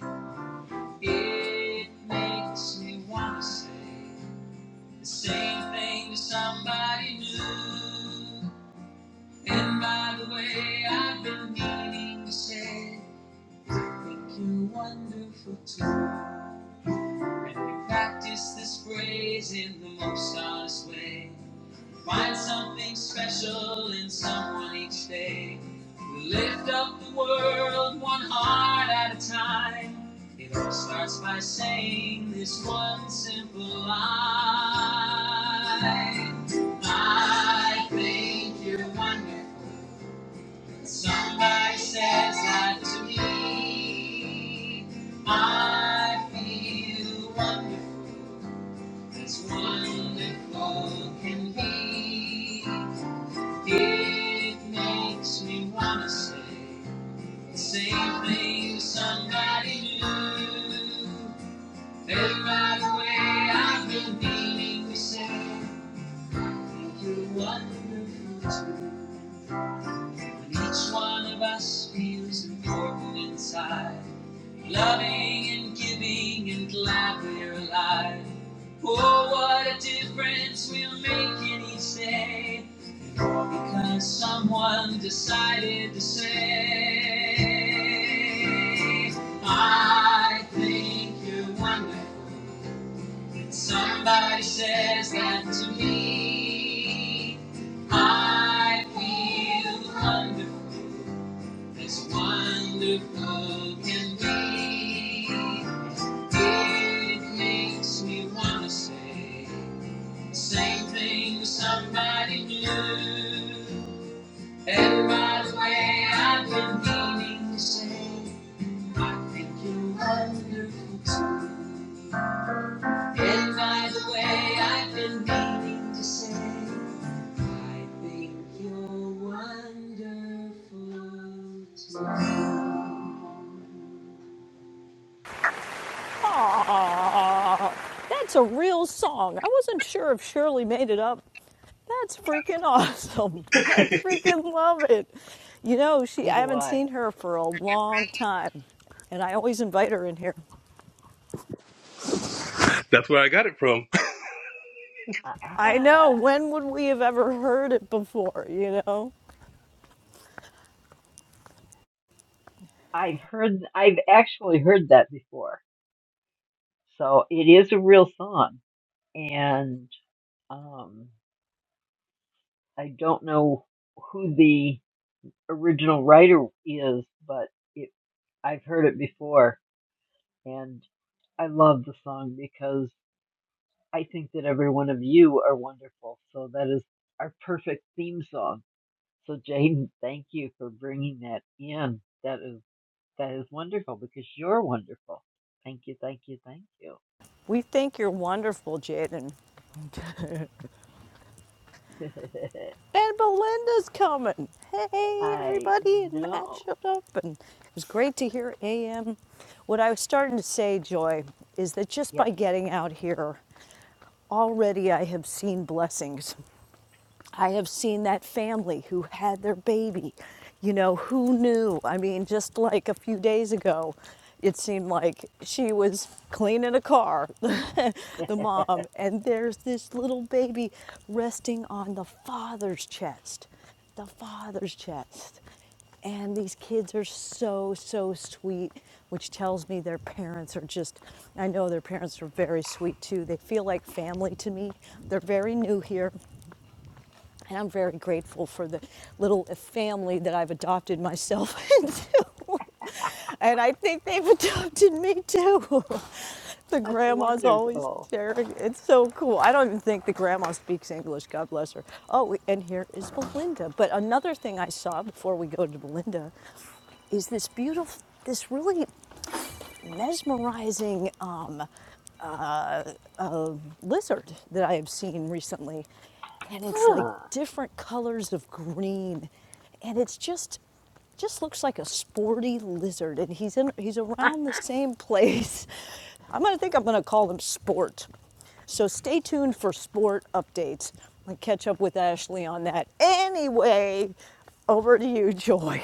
[SPEAKER 11] it makes me want to say the same thing to somebody new. And by the way, I've been meaning to say, I think you're wonderful too. And we practice this phrase in the most honest way. Find something special in someone each day. We Lift up the world one heart at a time. It all starts by saying this one simple line. I think you're wonderful. Somebody says that to me. I feel wonderful as wonderful can be. It makes me wanna say the same thing to somebody new. Hey, by the way, I've been meaning to say thank you, wonderful too. When each one of us feels important inside, loving and giving and glad we're alive. Oh, what a difference we'll make in each day. Because someone decided to say, I think you're wonderful. Somebody says that to me. I feel wonderful, as wonderful can be. It makes me want to say, the same thing to somebody new. And way, I've been meaning to say, I think you're wonderful too. And way, I've been meaning to say, I think you're wonderful too.
[SPEAKER 10] Aw, that's a real song. I wasn't sure if Shirley made it up. That's freaking awesome. (laughs) I freaking love it. You know, she
[SPEAKER 9] So
[SPEAKER 10] I
[SPEAKER 9] do
[SPEAKER 10] haven't
[SPEAKER 9] I.
[SPEAKER 10] seen her for a long time. And I always invite her in here.
[SPEAKER 11] That's where I got it from. (laughs)
[SPEAKER 10] I know.
[SPEAKER 9] Ah,
[SPEAKER 10] When would we have ever heard it before? You know,
[SPEAKER 9] I've heard, I've actually heard that before. So it is a real song, and um, I don't know who the original writer is, but it, I've heard it before, and I love the song because I think that every one of you are wonderful. So that is our perfect theme song. So Jaden, thank you for bringing that in. That is. That is wonderful because you're wonderful. Thank you, thank you, thank you.
[SPEAKER 10] we think you're wonderful, Jaden.
[SPEAKER 9] (laughs)
[SPEAKER 10] And Belinda's coming. Hey,
[SPEAKER 9] I
[SPEAKER 10] everybody, and Matt
[SPEAKER 9] know.
[SPEAKER 10] showed up, and it was great to hear AM. What I was starting to say, Joy, is that just
[SPEAKER 9] Yes,
[SPEAKER 10] by getting out here, already I have seen blessings. I have seen that family who had their baby. You know, who knew? I mean, just like a few days ago, it seemed like she was cleaning a car, (laughs) the mom, and there's this little baby resting on the father's chest. The father's chest. And these kids are so, so sweet, which tells me their parents are just, I know their parents are very sweet too. They feel like family to me. They're very new here. And I'm very grateful for the little family that I've adopted myself (laughs) into. And I think they've adopted me too. the
[SPEAKER 9] (laughs) that's
[SPEAKER 10] grandma's always
[SPEAKER 9] wonderful.
[SPEAKER 10] sharing. It's so cool. I don't even think the grandma speaks English. God bless her. Oh, and here is Belinda. But another thing I saw before we go to Belinda is this beautiful, this really mesmerizing um, uh, uh, lizard that I have seen recently, and it's like
[SPEAKER 9] Huh.
[SPEAKER 10] different colors of green, and it's just just looks like a sporty lizard, and he's in he's
[SPEAKER 9] (laughs)
[SPEAKER 10] around the same place. (laughs) I'm gonna think I'm gonna call him Sport. So stay tuned for sport updates. i catch up with Ashley on that. Anyway, over to you, Joy.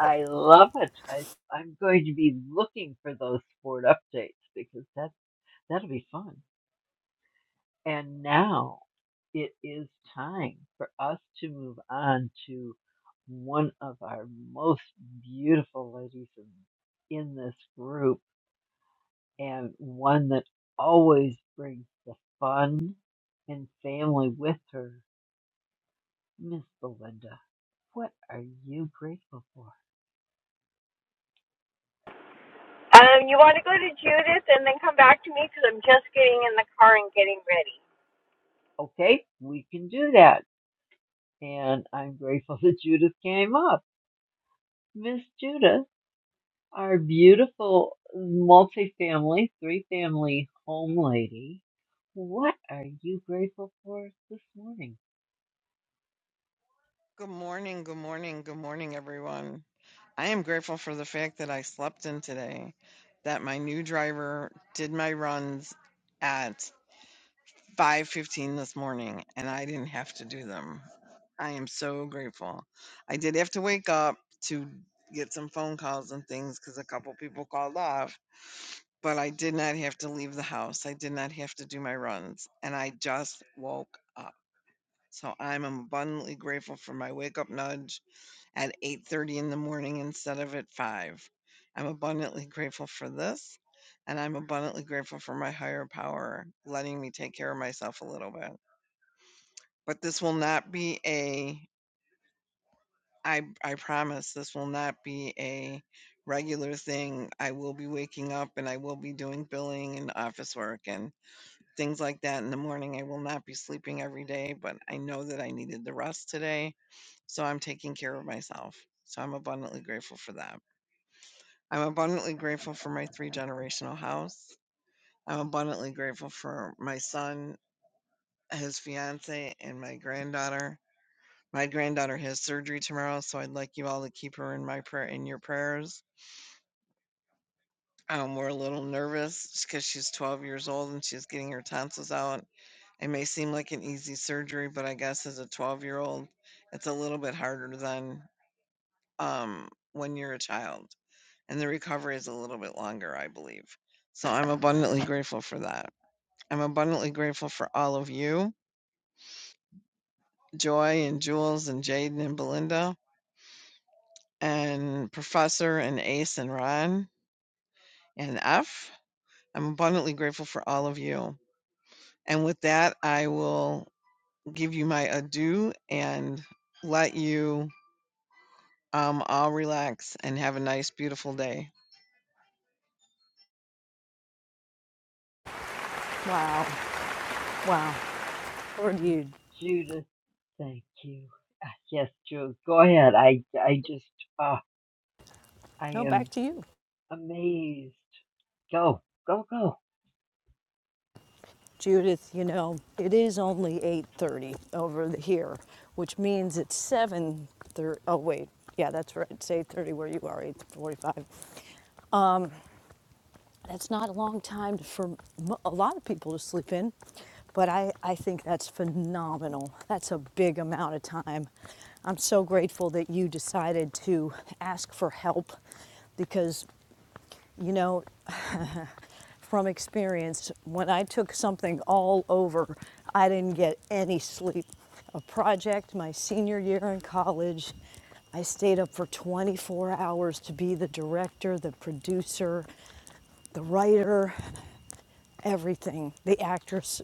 [SPEAKER 9] I love it. I, I'm going to be looking for those sport updates because that that'll be fun. And now it is time for us to move on to one of our most beautiful ladies in, in this group. and one that always brings the fun and family with her. Miss Belinda, what are you grateful for?
[SPEAKER 14] Um, you want to go to Judith and then come back to me because I'm just getting in the car and getting ready.
[SPEAKER 9] Okay, we can do that. And I'm grateful (laughs) that Judith came up. Miss Judith, our beautiful multi-family, three family home lady, what are you grateful for this morning?
[SPEAKER 15] Good morning, good morning, good morning, everyone. I am grateful for the fact that I slept in today, that my new driver did my runs at 5:15 this morning and I didn't have to do them. I am so grateful. I did have to wake up to get some phone calls and things cuz a couple people called off, but I did not have to leave the house. I did not have to do my runs and I just woke up. So I'm abundantly grateful for my wake up nudge at 8:30 in the morning instead of at 5. I'm abundantly grateful for this and I'm abundantly grateful for my higher power letting me take care of myself a little bit. But this will not be a I I promise this will not be a regular thing. I will be waking up and I will be doing billing and office work and things like that in the morning. I will not be sleeping every day, but I know that I needed the rest today, so I'm taking care of myself. So I'm abundantly grateful for that. I'm abundantly grateful for my three generational house. I'm abundantly grateful for my son, his fiance, and my granddaughter. My granddaughter has surgery tomorrow, so I'd like you all to keep her in my prayer in your prayers. Um, we're a little nervous because she's 12 years old and she's getting her tonsils out. It may seem like an easy surgery, but I guess as a 12 year old, it's a little bit harder than um, when you're a child, and the recovery is a little bit longer, I believe. So I'm abundantly grateful for that. I'm abundantly grateful for all of you, Joy and Jules and Jaden and Belinda and Professor and Ace and Ron and F. I'm abundantly grateful for all of you. And with that, I will give you my adieu and let you um, all relax and have a nice, beautiful day.
[SPEAKER 10] (laughs) wow, wow. Over to you.
[SPEAKER 9] Judith, thank you. Ah, Yes, Judith, go ahead. I, I just, ah, I
[SPEAKER 10] No, back
[SPEAKER 9] am
[SPEAKER 10] to you.
[SPEAKER 9] amazed. Go, go, go.
[SPEAKER 10] Judith, you know, it is only 8:30 over here, which means it's 7:30. Oh wait, yeah, that's right. It's 8:30 where you are. 8:45. That's not a long time for a lot of people to sleep in, but I I think that's phenomenal. That's a big amount of time. I'm so grateful that you decided to ask for help because you know, (laughs) from experience, when I took something all over, I didn't get any sleep. A project my senior year in college, I stayed up for 24 hours to be the director, the producer, the writer, everything, the actress.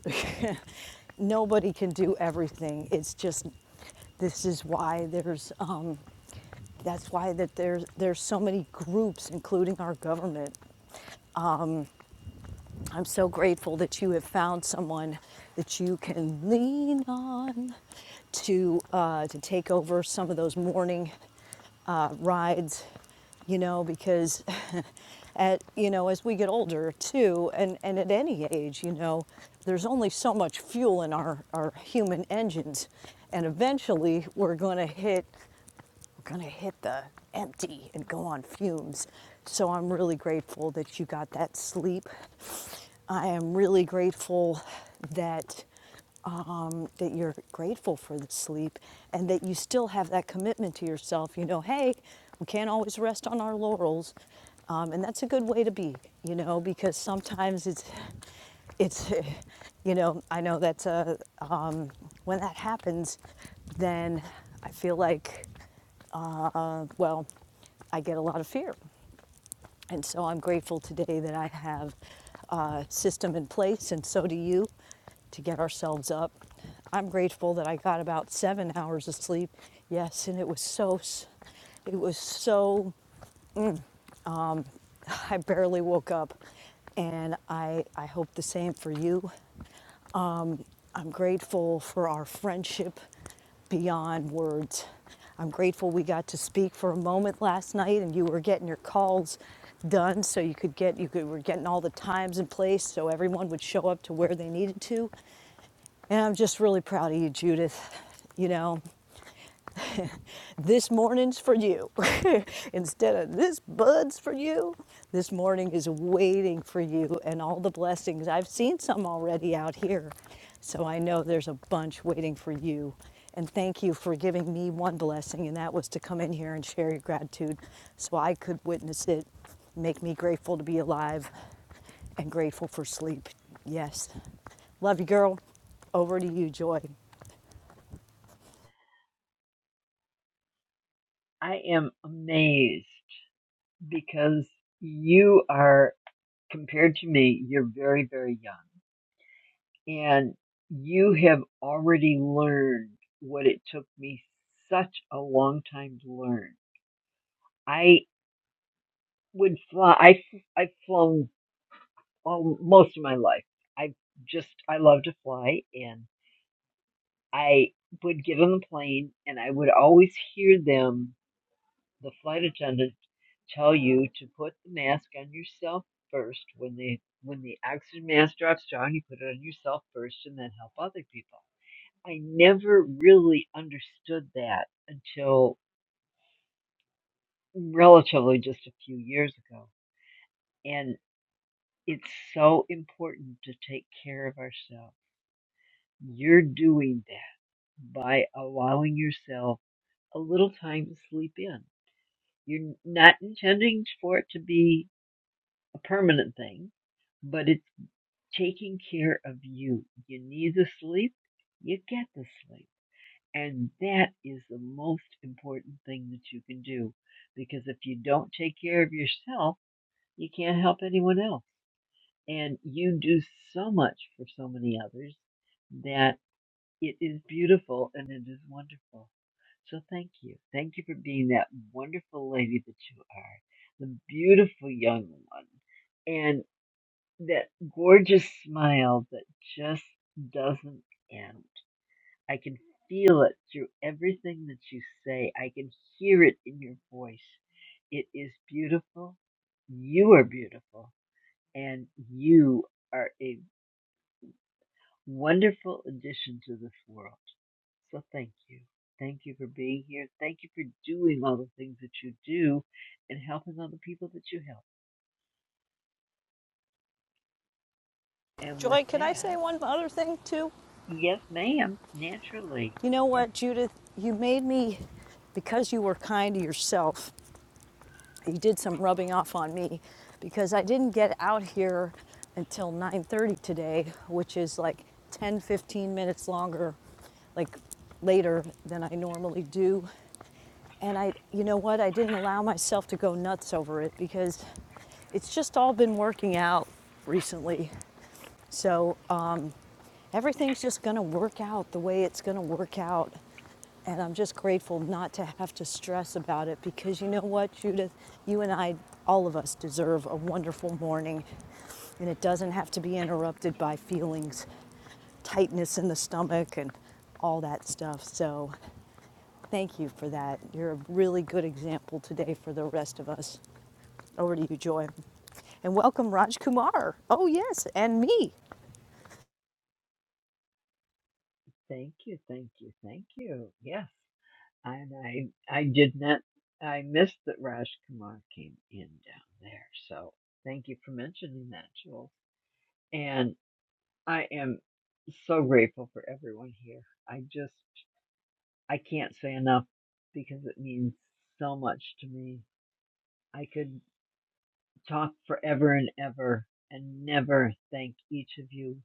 [SPEAKER 10] (laughs) Nobody can do everything. It's just this is why there's um, that's why that there's there's so many groups, including our government, I'm so grateful that you have found someone that you can lean on to uh, to take over some of those morning uh, rides, you know, because (laughs) at you know as we get older too, and and at any age, you know, there's only so much fuel in our our human engines, and eventually we're going to hit we're going to hit the empty and go on fumes. So I'm really grateful that you got that sleep. I am really grateful that um, that you're grateful for the sleep and that you still have that commitment to yourself. You know, hey, we can't always rest on our laurels, um, and that's a good way to be. You know, because sometimes it's it's you know i know that's a, when that happens, then I feel like, uh, well, I get a lot of fear. And so I'm grateful today that I have a system in place, and so do you, to get ourselves up. I'm grateful that I got about seven hours of sleep. Yes, and it was so, it was so, I barely woke up. And I, I hope the same for you. I'm grateful for our friendship beyond words. I'm grateful we got to speak for a moment last night and you were getting your calls done so you could get you could, were getting all the times in place so everyone would show up to where they needed to. And I'm just really proud of you, Judith. You know, (laughs) This morning's for you. (laughs) Instead of this bud's for you, this morning is waiting for you and all the blessings. I've seen some already out here, so I know there's a bunch waiting for you. And thank you for giving me one blessing, and that was to come in here and share your gratitude so I could witness it, make me grateful to be alive and grateful for sleep. Yes. Love you, girl. Over to you, Joy.
[SPEAKER 9] I am amazed because you are, compared to me, you're very, very young. And you have already learned what it took me such a long time to learn. I would fly, I, I've flown all, most of my life. I just, I love to fly and I would get on the plane and I would always hear them the flight attendants tell you to put the mask on yourself first. When they when the oxygen mask drops down, you put it on yourself first and then help other people. I never really understood that until relatively just a few years ago. And it's so important to take care of ourselves. You're doing that by allowing yourself a little time to sleep in. You're not intending for it to be a permanent thing, but it's taking care of you. You need the sleep, you get the sleep. And that is the most important thing that you can do because if you don't take care of yourself, you can't help anyone else. And you do so much for so many others that it is beautiful and it is wonderful. So thank you. Thank you for being that wonderful lady that you are, the beautiful young one and that gorgeous smile that just doesn't end. I can feel it through everything that you say. I can hear it in your voice. It is beautiful. You are beautiful. And you are a wonderful addition to this world. So thank you. Thank you for being here. Thank you for doing all the things that you do and helping all the people that you help. And with
[SPEAKER 10] Joy, can I say
[SPEAKER 9] that,
[SPEAKER 10] one other thing too?
[SPEAKER 9] yes, ma'am, naturally.
[SPEAKER 10] You know
[SPEAKER 9] Yes.
[SPEAKER 10] what, Judith? You made me, because you were kind to yourself, you did some rubbing off on me because I didn't get out here until 9.30 today, which is like 10, 15 minutes longer, like later than I normally do. And I, you know what, I didn't allow myself to go nuts over it because it's just all been working out recently. So, um, Everything's just going to work out the way it's going to work out. And I'm just grateful not to have to stress about it because you know what, Judith? You and I, all of us, deserve a wonderful morning. And it doesn't have to be interrupted by feelings, tightness in the stomach, and all that stuff. So thank you for that. You're a really good example today for the rest of us. Over to you, Joy. And welcome, Raj Kumar. Oh, yes, and me.
[SPEAKER 9] Thank you, thank you, thank you. Yes, and I I did not I missed that Raj Kumar came in down there. So thank you for mentioning that, Jules. And I am so grateful for everyone here. I just I can't say enough because it means so much to me. I could talk forever and ever and never thank each of you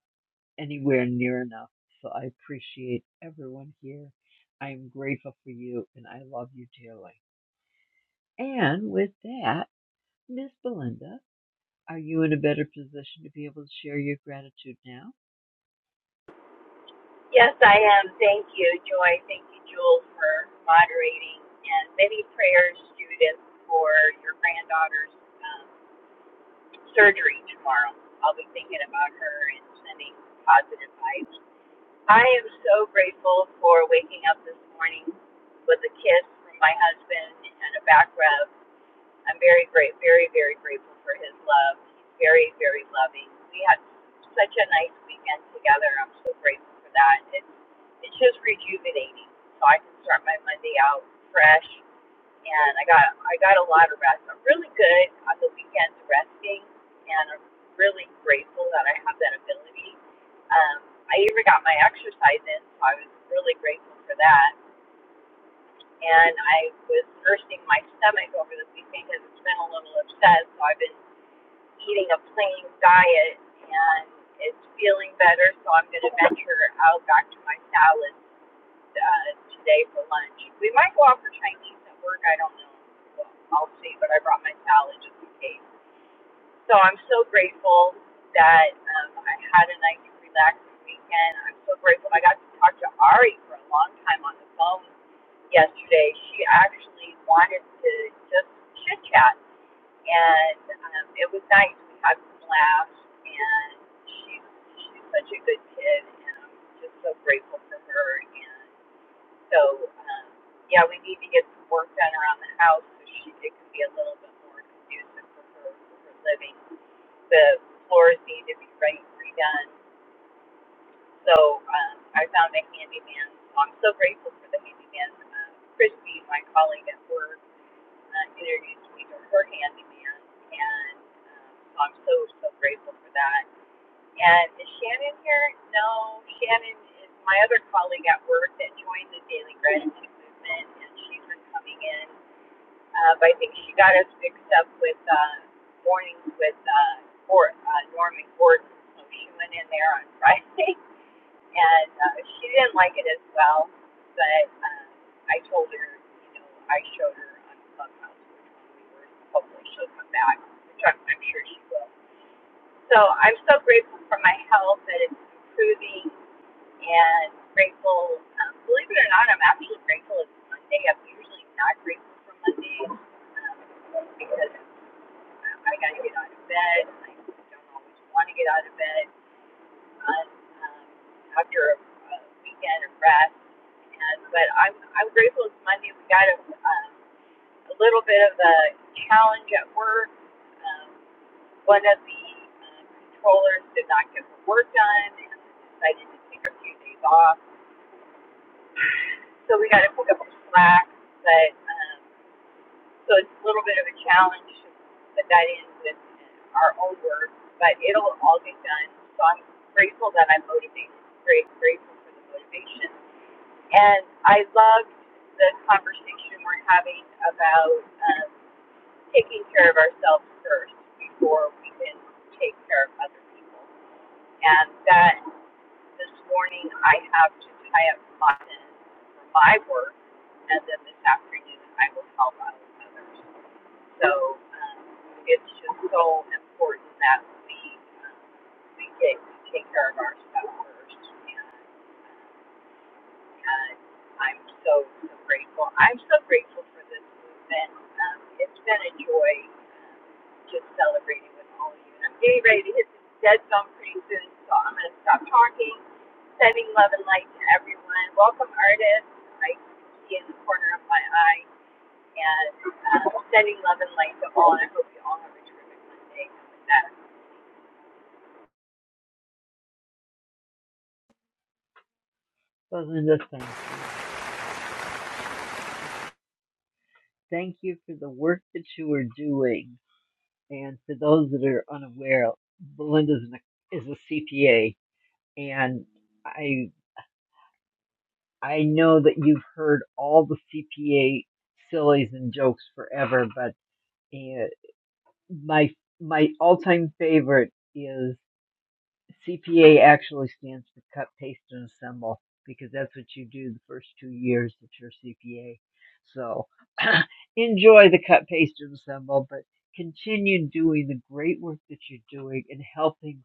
[SPEAKER 9] anywhere near enough. So I appreciate everyone here. I am grateful for you and I love you dearly. And with that, Miss Belinda, are you in a better position to be able to share your gratitude now? Belinda, thank you. Thank you for the work that you are doing. And for those that are unaware, Belinda is an- a CPA and I I know that you've heard all the CPA sillies and jokes forever, but my my all time favorite is CPA actually stands for cut, paste, and assemble because that's what you do the first two years that you're CPA. So (clears throat) enjoy the cut, paste, and assemble, but continue doing the great work that you're doing and helping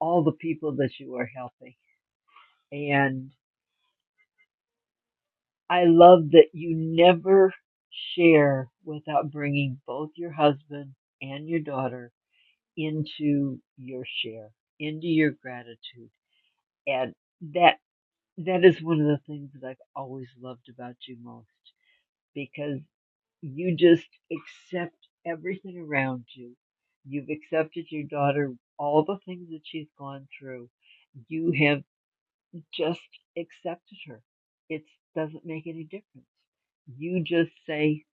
[SPEAKER 9] all the people that you are helping. And I love that you never share without bringing both your husband and your daughter into your share, into your gratitude. And that that is one of the things that I've always loved about you most because you just accept everything around you. You've accepted your daughter, all the things that she's gone through. You have just accepted her. It doesn't make any difference. You just say,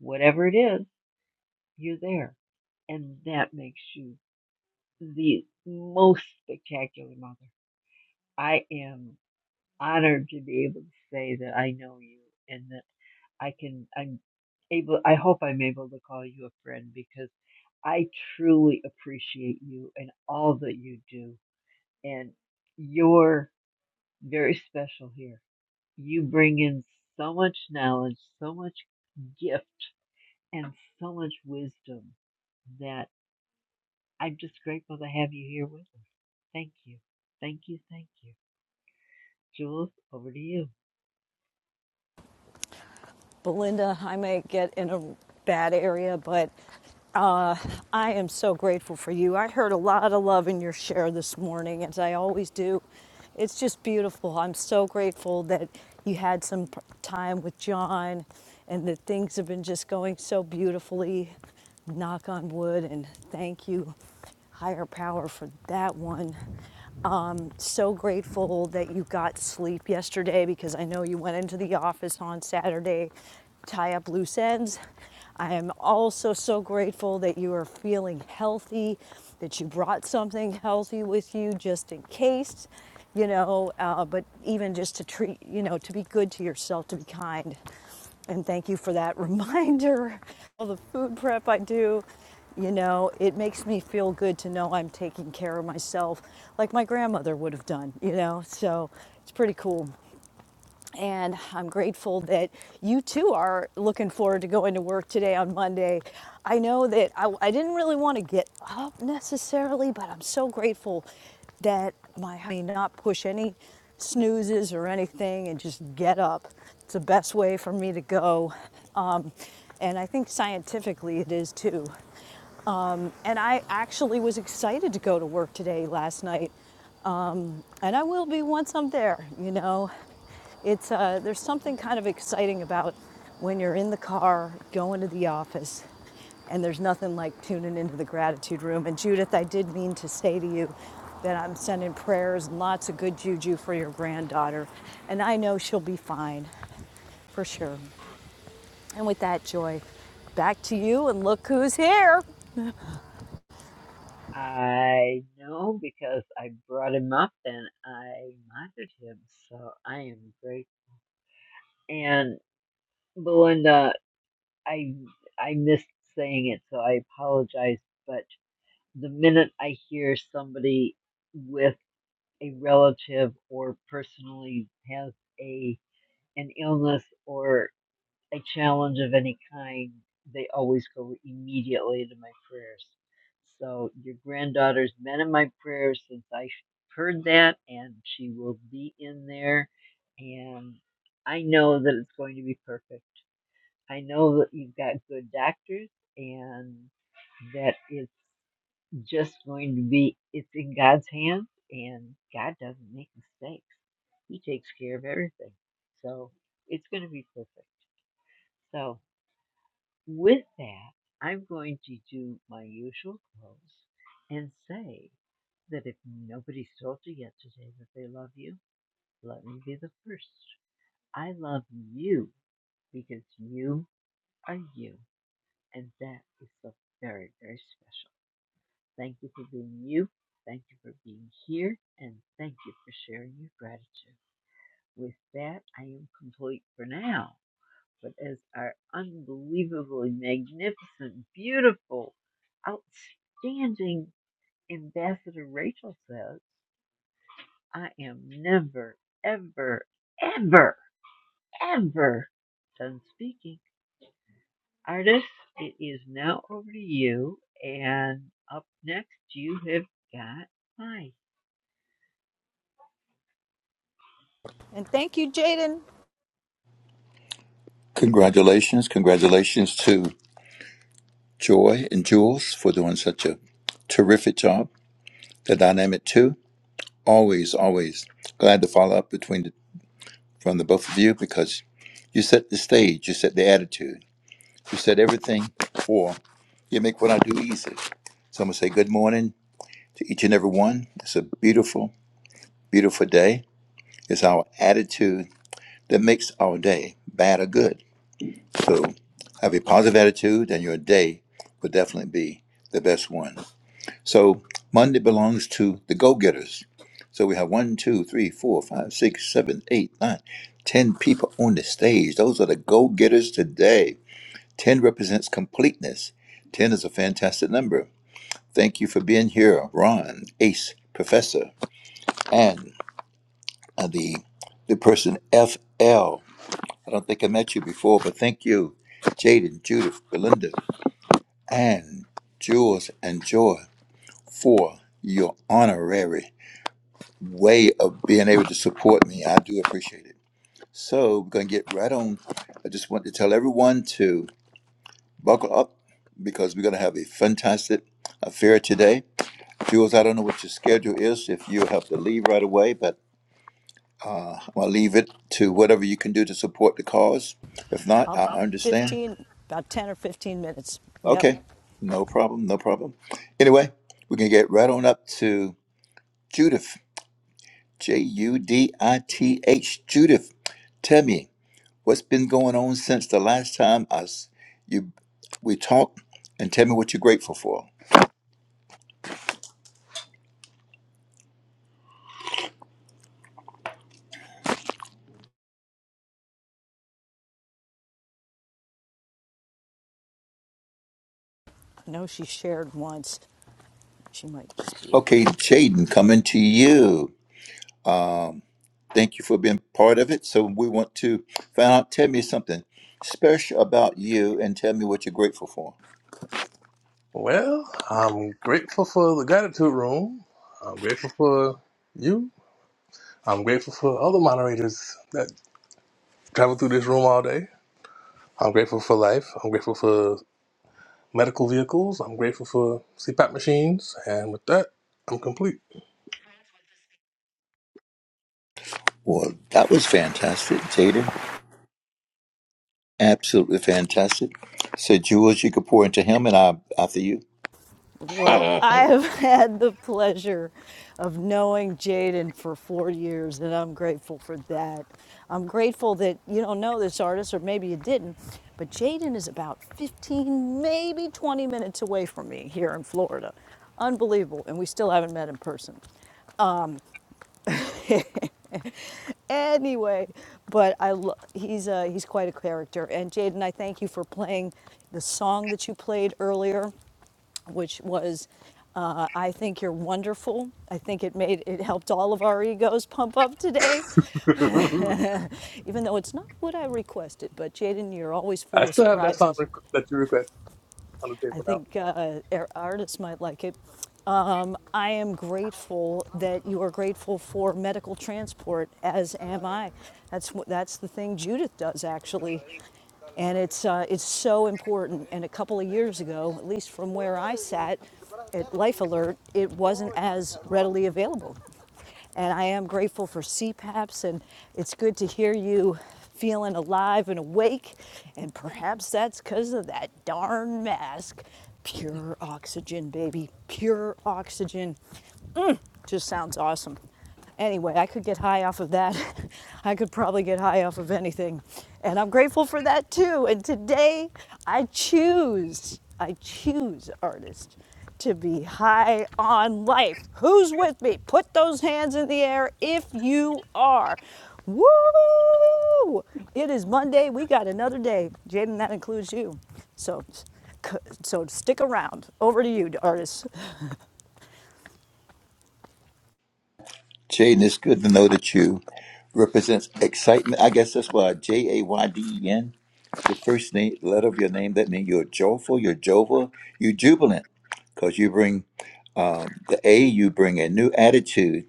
[SPEAKER 9] whatever it is, you're there. And that makes you the most spectacular mother. I am honored to be able to say that I know you and that I can, I'm able, I hope I'm able to call you a friend because I truly appreciate you and all that you do. And you're very special here. You bring in so much knowledge, so much gift, and so much wisdom that I'm just grateful to have you here with us. Thank you. Thank you. Thank you. Jules, over to you.
[SPEAKER 10] Belinda, I may get in a bad area, but uh, I am so grateful for you. I heard a lot of love in your share this morning, as I always do. It's just beautiful. I'm so grateful that you had some p- time with John and that things have been just going so beautifully. Knock on wood, and thank you higher power for that one. Um, so grateful that you got sleep yesterday because I know you went into the office on Saturday, tie up loose ends. I am also so grateful that you are feeling healthy, that you brought something healthy with you just in case, you know, uh, but even just to treat, you know, to be good to yourself, to be kind and thank you for that (laughs) reminder. All the food prep I do, you know, it makes me feel good to know I'm taking care of myself like my grandmother would have done, you know? So it's pretty cool. And I'm grateful that you too are looking forward to going to work today on Monday. I know that I, I didn't really want to get up necessarily, but I'm so grateful that my I mean, not push any snoozes or anything and just get up. It's the best way for me to go. Um, and I think scientifically it is too. Um, and I actually was excited to go to work today last night and I will be once I'm there. You know, it's uh, there's something kind of exciting about when you're in the car going to the office, and there's nothing like tuning into the gratitude room. And Judith, I did mean to say to you that I'm sending prayers and lots of good juju for your granddaughter, and I know she'll be fine for sure. And with that joy, back to you, and look who's here.
[SPEAKER 9] I know because I brought him up and I monitored him, so I am great. And Belinda, I I missed saying it, so I apologize. But the minute I hear somebody with a relative or personally has a an illness or a challenge of any kind, they always go immediately to my prayers. So your granddaughter's been in my prayers since I heard that, and she will be in there. And I know that it's going to be perfect. I know that you've got good doctors, and that it's just going to be it's in God's hands, and God doesn't make mistakes. He takes care of everything. So it's going to be perfect. So with that, I'm going to do my usual close and say that if nobody's told you yet today that they love you, let me be the first. I love you because you are you, and that is so very, very special. Thank you for being you. Thank you for being here, and thank you for sharing your gratitude. With that, I am complete for now. but as our unbelievably magnificent, beautiful, outstanding ambassador Rachel says, I am never, ever, ever, ever done speaking. Artists, it is now over to you, and up next you have got Mike.
[SPEAKER 10] And thank you, Jaden.
[SPEAKER 16] Congratulations. Congratulations to Joy and Jules for doing such a terrific job. The dynamic too. Always, always glad to follow up between the, from the both of you because you set the stage, you set the attitude, you set everything for you make what I do easy. So I'm gonna say good morning to each and every one. It's a beautiful, beautiful day. It's our attitude that makes our day, bad or good. So have a positive attitude, and your day will definitely be the best one. So Monday belongs to the go getters. So we have one, two, three, four, five, six, seven, eight, nine, ten people on the stage. Those are the go getters today. Ten represents completeness. Ten is a fantastic number. Thank you for being here, Ron, Ace, Professor, and uh, the the person F L. I don't think I met you before, but thank you, Jaden, Judith, Belinda. and jewels and joy for your honorary way of being able to support me. I do appreciate it. So we're gonna get right on. I just want to tell everyone to buckle up because we're gonna have a fantastic affair today. Jules, I don't know what your schedule is. If you have to leave right away, but uh, I'll leave it to whatever you can do to support the cause. If not,
[SPEAKER 10] I'll
[SPEAKER 16] I understand.
[SPEAKER 10] 15, about 10 or 15 minutes. Yep.
[SPEAKER 16] Okay, no problem, no problem. Anyway, we can get right on up to Judith. J U D I T H. Judith, tell me what's been going on since the last time us you we talked, and tell me what you're grateful for.
[SPEAKER 10] I know she shared once. She might just be
[SPEAKER 16] Okay,
[SPEAKER 10] away.
[SPEAKER 16] Jaden, coming to you. Um, thank you for being part of it. So we want to find out. Tell me something special about you, and tell me what you're grateful for.
[SPEAKER 11] Well, I'm grateful for the gratitude room. I'm grateful for you. I'm grateful for all the moderators that travel through this room all day. I'm grateful for life. I'm grateful for medical vehicles. I'm grateful for CPAP machines, and with that, I'm complete.
[SPEAKER 16] Well, that was fantastic, Jaden. Absolutely fantastic. So Jules, you could pour into him, and I after you.
[SPEAKER 11] (laughs)
[SPEAKER 10] Well, I
[SPEAKER 11] I
[SPEAKER 10] have (laughs) had the pleasure of knowing Jaden for four years, and I'm grateful for that. I'm grateful that you don't know this artist, or maybe you didn't, but Jaden is about 15, maybe 20 minutes away from me here in Florida. Unbelievable, and we still haven't met in person. (laughs) anyway, but I lo- he's uh, he's quite a character. And Jaden, I thank you for playing the song that you played earlier, which was. Uh, I think you're wonderful. I think it made it helped all of our egos pump up today, (laughs) even though it's not what I requested. But Jaden, you're always full of
[SPEAKER 11] still have that song
[SPEAKER 10] surprises.
[SPEAKER 11] rec- that you requested on the
[SPEAKER 10] I
[SPEAKER 11] table
[SPEAKER 10] think uh, our artists might like it. Um, I am grateful that you are grateful for medical transport, as am I. That's that's the thing Judith does actually, and it's uh, it's so important. And a couple of years ago, at least from where I sat at Life Alert, it wasn't as readily available. And I am grateful for CPAPs, and it's good to hear you feeling alive and awake. And perhaps that's because of that darn mask. Pure oxygen, baby. Pure oxygen. Just sounds awesome. Anyway, I could get high off of that. (laughs) I could probably get high off of anything. And I'm grateful for that too. And today I choose, I choose artists to be high on life. Who's with me? Put those hands in the air if you are. Woo! It is Monday. We got another day. Jaden, that includes you. So, so stick around. Over to you, artists.
[SPEAKER 16] Jaden, it's good to know that you represents excitement. I guess that's why J A Y D E N, the first name, letter of your name. That means you're joyful, you're jovial, you're jubilant, because you bring um, the A. You bring a new attitude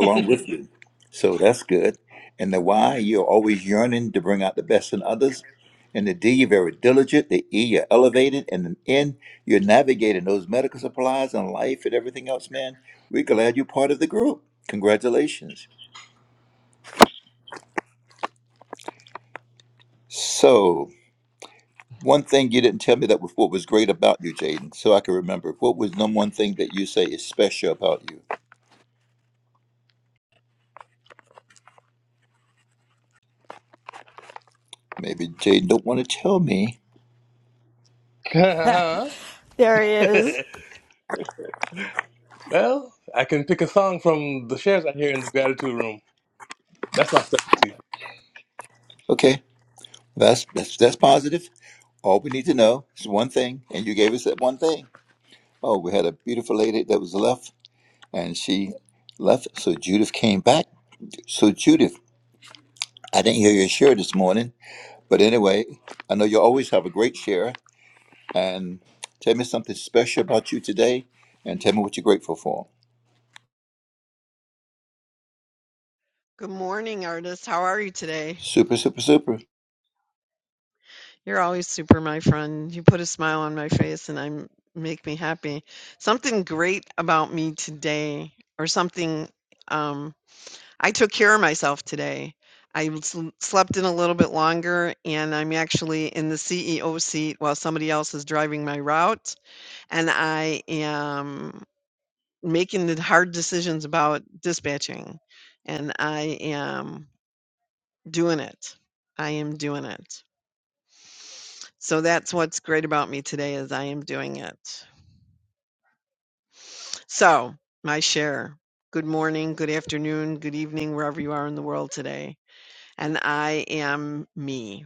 [SPEAKER 16] along with you. So that's good. And the why, you're always yearning to bring out the best in others. And the D, you're very diligent. The E, you're elevated. And the N, you're navigating those medical supplies and life and everything else, man. We're glad you're part of the group. Congratulations. So, one thing you didn't tell me that was what was great about you, Jaden, so I can remember. What was number one thing that you say is special about you? Maybe Jaden don't want to tell me.
[SPEAKER 11] now.
[SPEAKER 10] There he is.
[SPEAKER 11] (laughs) well, I can pick a song from the shares I hear in the gratitude room. That's my specialty.
[SPEAKER 16] Okay, that's that's that's positive. All we need to know is one thing, and you gave us that one thing. Oh, we had a beautiful lady that was left, and she left, so Judith came back. So, Judith, I didn't hear your share this morning, but anyway, I know you always have a great share, and tell me something special about you today, and tell me what you're grateful for.
[SPEAKER 15] Good morning, artists. How are you today?
[SPEAKER 16] Super, super, super,
[SPEAKER 15] You're always super, my friend. You put a smile on my face and I'm make me happy. Something great about me today, or something. Um, I took care of myself today. I sl- slept in a little bit longer, and I'm actually in the CEO seat while somebody else is driving my route, and I am making the hard decisions about dispatching, and I am doing it. I am doing it. So that's what's great about me today is I am doing it. So, my share. Good morning, good afternoon, good evening wherever you are in the world today. And I am me.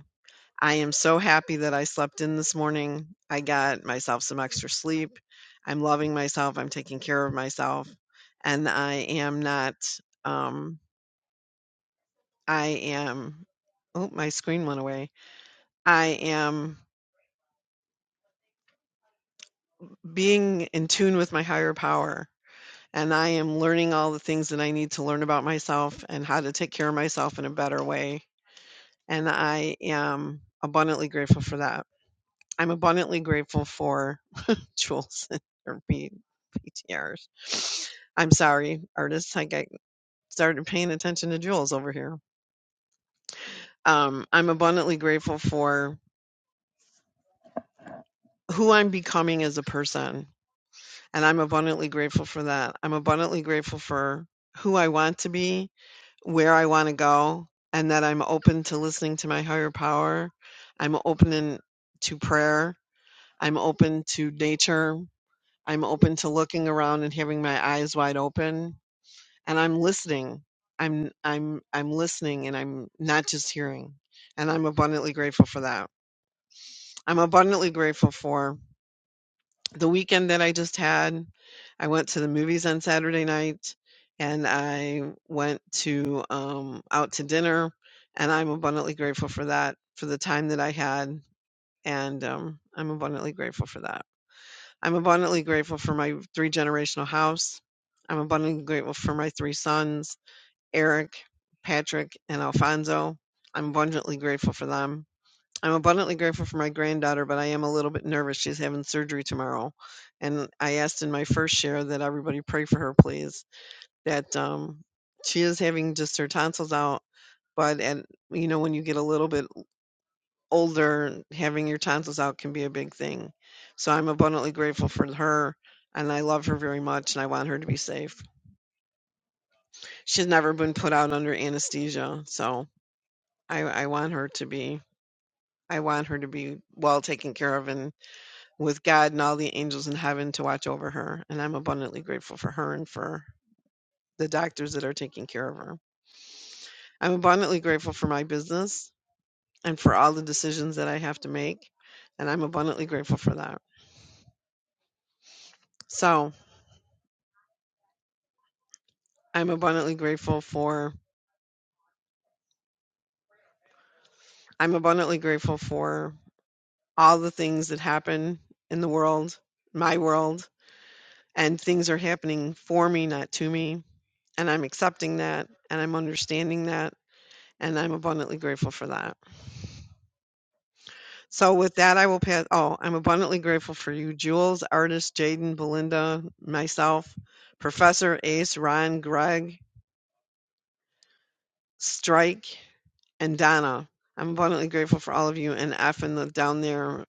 [SPEAKER 15] I am so happy that I slept in this morning. I got myself some extra sleep. I'm loving myself, I'm taking care of myself, and I am not um I am Oh, my screen went away. I am being in tune with my higher power and I am learning all the things that I need to learn about myself and how to take care of myself in a better way. And I am abundantly grateful for that. I'm abundantly grateful for (laughs) Jules and her P- PTRs. I'm sorry, artists. I got started paying attention to Jules over here. Um, I'm abundantly grateful for who I'm becoming as a person. And I'm abundantly grateful for that. I'm abundantly grateful for who I want to be where I want to go and that I'm open to listening to my higher power. I'm open in, to prayer. I'm open to nature. I'm open to looking around and having my eyes wide open and I'm listening. I'm I'm I'm listening and I'm not just hearing. And I'm abundantly grateful for that. I'm abundantly grateful for the weekend that I just had, I went to the movies on Saturday night and I went to um, out to dinner. And I'm abundantly grateful for that, for the time that I had. And um, I'm abundantly grateful for that. I'm abundantly grateful for my three generational house. I'm abundantly grateful for my three sons, Eric, Patrick, and Alfonso. I'm abundantly grateful for them. I'm abundantly grateful for my granddaughter, but I am a little bit nervous. She's having surgery tomorrow. And I asked in my first share that everybody pray for her, please. That um, she is having just her tonsils out. But, and you know, when you get a little bit older, having your tonsils out can be a big thing. So I'm abundantly grateful for her. And I love her very much. And I want her to be safe. She's never been put out under anesthesia. So I, I want her to be. I want her to be well taken care of and. with God and all the angels in heaven to watch over her, and I'm abundantly grateful for her and for the doctors that are taking care of her. I'm abundantly grateful for my business and for all the decisions that I have to make, and I'm abundantly grateful for that. So, I'm abundantly grateful for I'm abundantly grateful for all the things that happen in the world, my world, and things are happening for me, not to me, and I'm accepting that and I'm understanding that, and I'm abundantly grateful for that. So with that, I will pass. Oh, I'm abundantly grateful for you, Jules, artist Jaden, Belinda, myself, Professor Ace, Ron, Greg, Strike, and Donna. I'm abundantly grateful for all of you and F and the down there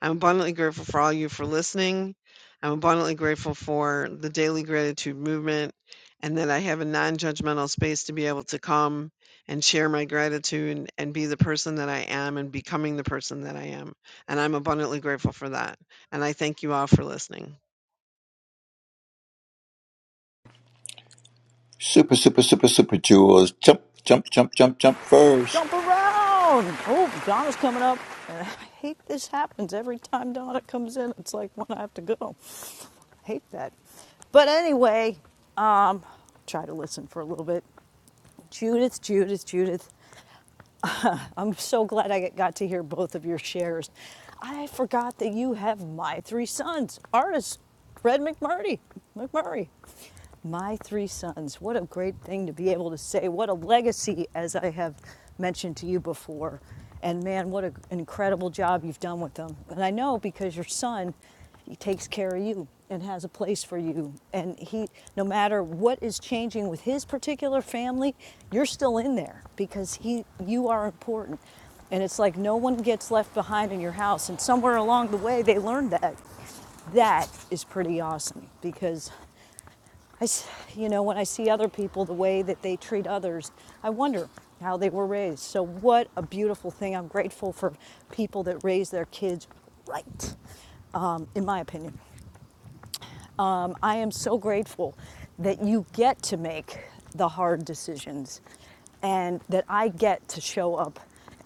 [SPEAKER 15] I'm abundantly grateful for all you for listening. I'm abundantly grateful for the daily gratitude movement and that I have a non judgmental space to be able to come and share my gratitude and be the person that I am and becoming the person that I am. And I'm abundantly grateful for that. And I thank you all for listening.
[SPEAKER 16] super, super, super, super jewels. Jump, jump, jump, jump, jump first.
[SPEAKER 10] Jump around! Oh, Donna's coming up. And I hate this happens every time Donna comes in. It's like when I have to go. I hate that. But anyway, um, try to listen for a little bit. Judith, Judith, Judith. (sighs) I'm so glad I got to hear both of your shares. I forgot that you have my three sons, artist Fred McMurray. McMurray. My three sons. What a great thing to be able to say. What a legacy, as I have mentioned to you before. And man, what an incredible job you've done with them. And I know because your son he takes care of you and has a place for you. And he, no matter what is changing with his particular family, you're still in there because he, you are important. And it's like no one gets left behind in your house. And somewhere along the way, they learned that. That is pretty awesome because I, you know, when I see other people, the way that they treat others, I wonder how they were raised. So, what a beautiful thing. I'm grateful for people that raise their kids right, um, in my opinion. Um, I am so grateful that you get to make the hard decisions and that I get to show up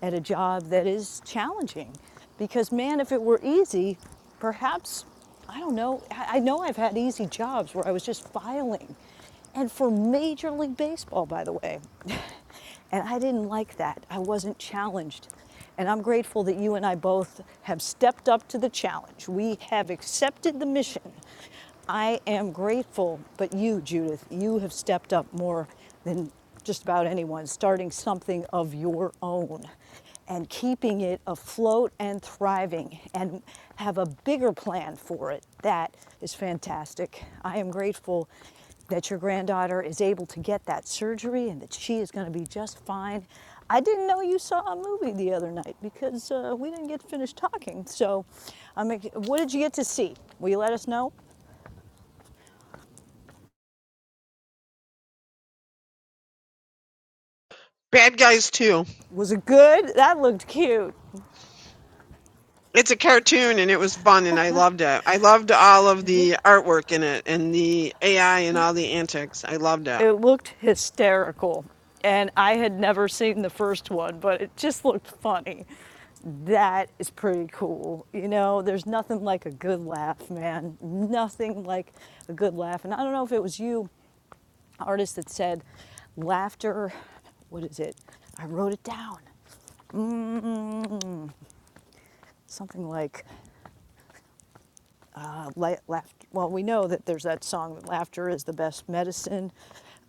[SPEAKER 10] at a job that is challenging. Because, man, if it were easy, perhaps, I don't know, I I know I've had easy jobs where I was just filing. And for Major League Baseball, by the way, (laughs) And I didn't like that. I wasn't challenged. And I'm grateful that you and I both have stepped up to the challenge. We have accepted the mission. I am grateful, but you, Judith, you have stepped up more than just about anyone, starting something of your own and keeping it afloat and thriving and have a bigger plan for it. That is fantastic. I am grateful that your granddaughter is able to get that surgery and that she is going to be just fine. I didn't know you saw a movie the other night because uh, we didn't get finished talking. So, I'm what did you get to see? Will you let us know?
[SPEAKER 15] Bad Guys too.
[SPEAKER 10] Was it good? That looked cute.
[SPEAKER 15] It's a cartoon and it was fun and I loved it. I loved all of the artwork in it and the AI and all the antics. I loved it.
[SPEAKER 10] It looked hysterical. And I had never seen the first one, but it just looked funny. That is pretty cool. You know, there's nothing like a good laugh, man. Nothing like a good laugh. And I don't know if it was you, artist, that said laughter, what is it? I wrote it down. Something like uh, la- laughter. Well, we know that there's that song that laughter is the best medicine.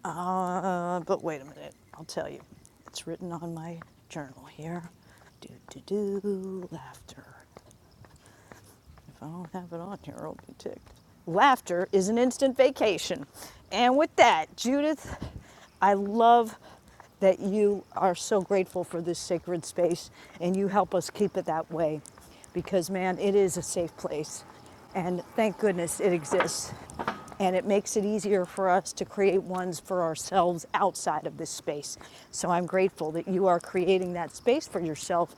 [SPEAKER 10] Uh, but wait a minute, I'll tell you. It's written on my journal here. Do do do laughter if I don't have it on here, I'll be ticked. Laughter is an instant vacation. And with that, Judith, I love that you are so grateful for this sacred space and you help us keep it that way because, man, it is a safe place. And thank goodness it exists. And it makes it easier for us to create ones for ourselves outside of this space. So I'm grateful that you are creating that space for yourself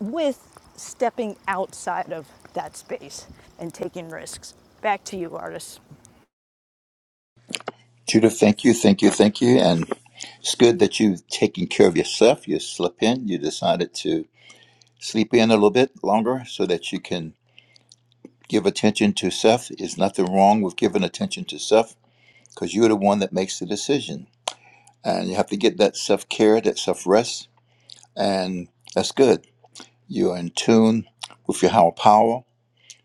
[SPEAKER 10] with stepping outside of that space and taking risks. Back to you, artists.
[SPEAKER 16] Judith, thank you, thank you, thank you, and it's good that you've taken care of yourself. You slip in. You decided to. sleep in a little bit longer so that you can give attention to self. There's nothing wrong with giving attention to self because you're the one that makes the decision. And you have to get that self care, that self rest, and that's good. You're in tune with your higher power.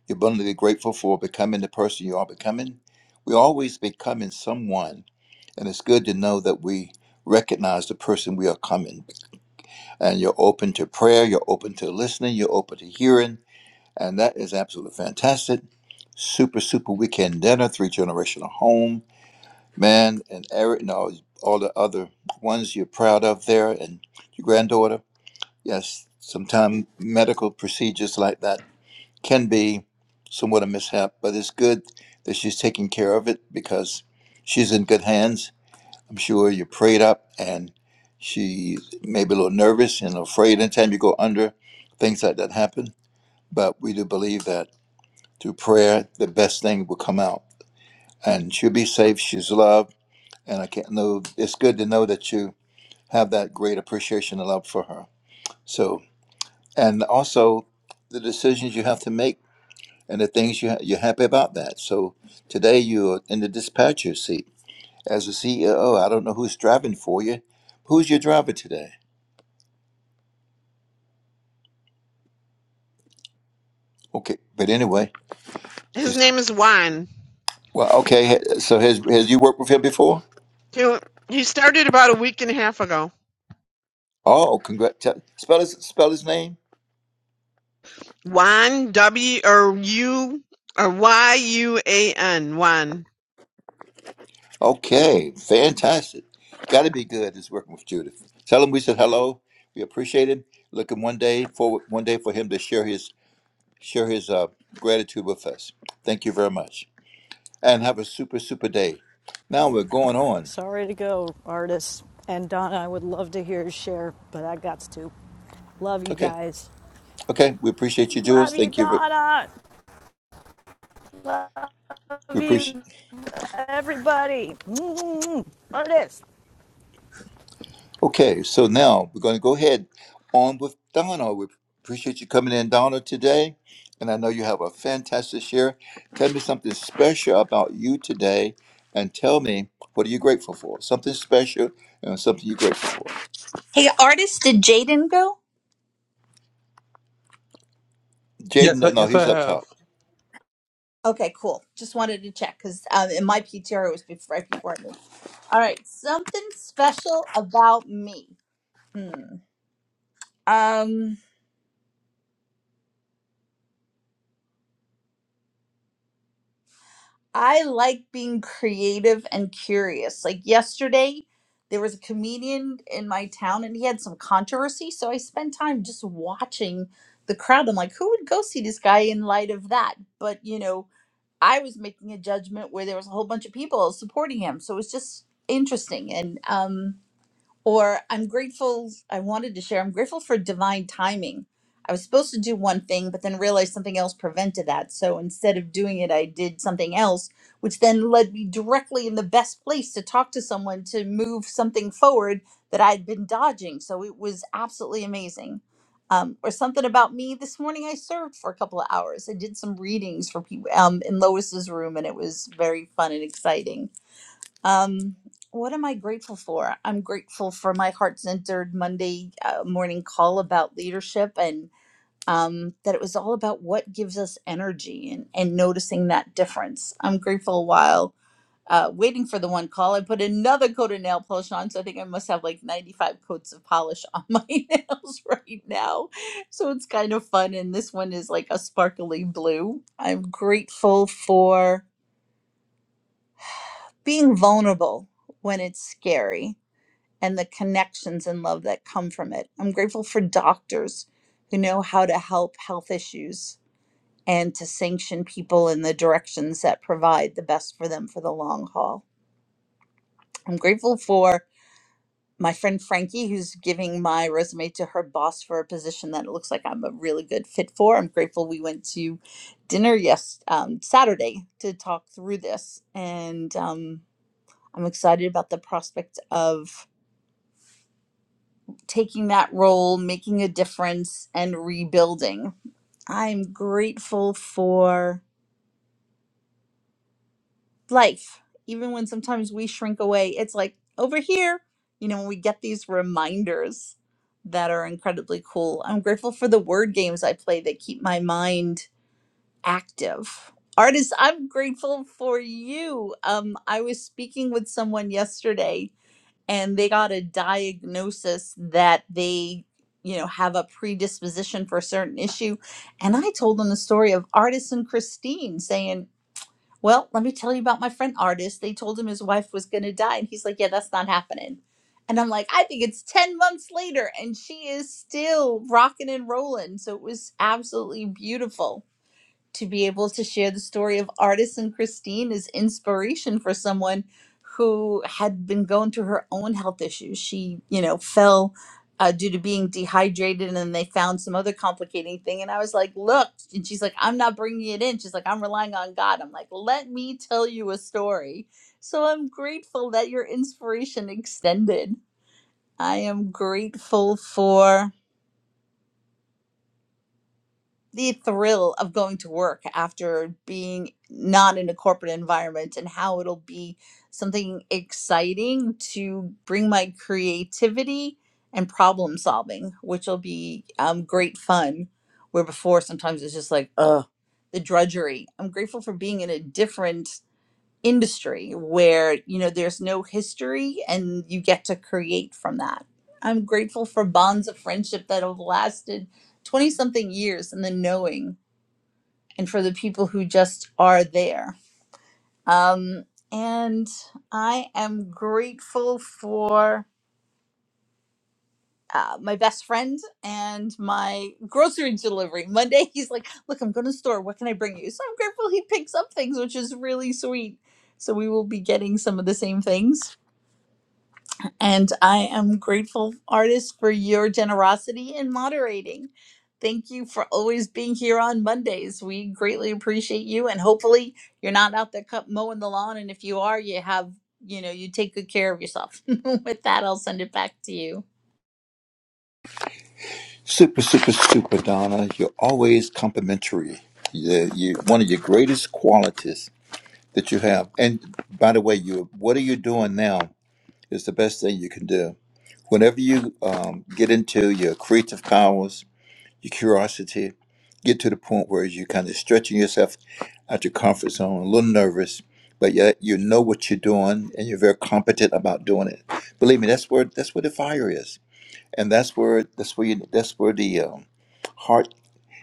[SPEAKER 16] You're abundantly grateful for becoming the person you are becoming. We're always becoming someone, and it's good to know that we recognize the person we are coming. And you're open to prayer, you're open to listening, you're open to hearing, And that is absolutely fantastic. Super, super weekend dinner, three generational home, man, and Eric, and all, all the other ones you're proud of there, and your granddaughter. Yes, sometimes medical procedures like that can be somewhat a mishap, but it's good that she's taking care of it because she's in good hands. I'm sure you prayed up, and she may be a little nervous and afraid anytime you go under, things like that happen. But we do believe that through prayer, the best thing will come out. And she'll be safe. She's loved. And I can't know, it's good to know that you have that great appreciation and love for her. So, and also the decisions you have to make and the things you ha- you're happy about that. So today you're in the dispatcher seat as a CEO. I don't know who's driving for you. Who's your driver today? Okay. But anyway,
[SPEAKER 15] His
[SPEAKER 16] just,
[SPEAKER 15] name is Juan.
[SPEAKER 16] well, okay. So has, has you worked with him before?
[SPEAKER 15] He, he started about a week and a half ago.
[SPEAKER 16] Oh, congrats. Spell his, spell his name.
[SPEAKER 15] Juan W or U or Y U A N Juan.
[SPEAKER 16] Okay, fantastic. Got to be good. Is working with Judith. Tell him we said hello. We appreciate him. Looking one day for one day for him to share his share his uh, gratitude with us. Thank you very much, and have a super super day. Now we're going on.
[SPEAKER 10] Sorry to go, artists. And Donna, I would love to hear you share, but I got to. Love you
[SPEAKER 16] Okay,
[SPEAKER 10] guys.
[SPEAKER 16] okay. We appreciate you, Judith.
[SPEAKER 10] Love you,
[SPEAKER 16] Thank you. ver-
[SPEAKER 10] Donna.
[SPEAKER 16] We
[SPEAKER 10] Love
[SPEAKER 16] appreciate.
[SPEAKER 10] you, everybody. Mm-hmm. Artists.
[SPEAKER 16] Okay, so now we're going to go ahead on with Donna. We appreciate you coming in, Donna, today. And I know you have a fantastic share. Tell me something special about you today and tell me what are you grateful for? Something special and something you're grateful for.
[SPEAKER 17] Hey, artist, did Jaden go?
[SPEAKER 11] Yes, I-
[SPEAKER 16] Jaden, no,
[SPEAKER 11] yes, I
[SPEAKER 16] he's up
[SPEAKER 11] have.
[SPEAKER 16] top.
[SPEAKER 17] Okay, cool. Just wanted to check because um, in my PTR it was before, right before I moved. All right, something special about me. Hmm. Um, I like being creative and curious. Like yesterday, there was a comedian in my town, and he had some controversy, so I spent time just watching the crowd. I'm like, who would go see this guy in light of that? But you know. I was making a judgment where there was a whole bunch of people supporting him. So it was just interesting. And um or I'm grateful, I wanted to share, I'm grateful for divine timing. I was supposed to do one thing, but then realized something else prevented that. So instead of doing it, I did something else, which then led me directly in the best place to talk to someone to move something forward that I'd been dodging. So it was absolutely amazing. Um, or something about me this morning. I served for a couple of hours. I did some readings for people um, in Lois's room, and it was very fun and exciting um, what am I grateful for? I'm grateful for my heart centered Monday uh, morning call about leadership and um, that it was all about what gives us energy and, and noticing that difference. I'm grateful while uh, waiting for the one call, I put another coat of nail polish on. So I think I must have like 95 coats of polish on (laughs) my nails right now. So it's kind of fun. And this one is like a sparkly blue. I'm grateful for being vulnerable when it's scary and the connections and love that come from it. I'm grateful for doctors who know how to help health issues and to sanction people in the directions that provide the best for them for the long haul. I'm grateful for my friend Frankie, who's giving my resume to her boss for a position that it looks like I'm a really good fit for. I'm grateful we went to dinner yes um, Saturday to talk through this, and um, I'm excited about the prospect of taking that role, making a difference, and rebuilding. I'm grateful for life, even when sometimes we shrink away. It's like over here, you know, we get these reminders that are incredibly cool. I'm grateful for the word games I play that keep my mind active. Artists, I'm grateful for you. Um, I was speaking with someone yesterday and they got a diagnosis that they you know have a predisposition for a certain issue and i told them the story of artist and christine saying well let me tell you about my friend artist they told him his wife was going to die and he's like yeah that's not happening and i'm like i think it's 10 months later and she is still rocking and rolling so it was absolutely beautiful to be able to share the story of artists and Christine is inspiration for someone who had been going through her own health issues. She, you know, fell uh, due to being dehydrated, and then they found some other complicating thing. And I was like, "Look," and she's like, "I'm not bringing it in." She's like, "I'm relying on God." I'm like, "Let me tell you a story." So I'm grateful that your inspiration extended. I am grateful for. the thrill of going to work after being not in a corporate environment and how it'll be something exciting to bring my creativity and problem solving, which will be um, great fun. Where before, sometimes it's just like, ugh, the drudgery. I'm grateful for being in a different industry where you know there's no history and you get to create from that i'm grateful for bonds of friendship that have lasted 20 something years and the knowing and for the people who just are there um, and i am grateful for uh, my best friend and my grocery delivery monday (laughs) he's like look i'm going to the store what can i bring you so i'm grateful he picks up things which is really sweet so we will be getting some of the same things And I am grateful, artist, for your generosity in moderating. Thank you for always being here on Mondays. We greatly appreciate you. And hopefully, you're not out there cut, mowing the lawn. And if you are, you have, you know, you take good care of yourself. (laughs) With that, I'll send it back to you.
[SPEAKER 16] Super, super, super, Donna. You're always complimentary. You, you, one of your greatest qualities that you have. And by the way, you what are you doing now Is the best thing you can do. Whenever you um, get into your creative powers, your curiosity, get to the point where you're kind of stretching yourself out your comfort zone, a little nervous, but yet you know what you're doing and you're very competent about doing it. Believe me, that's where that's where the fire is, and that's where that's where you, that's where the um, heart.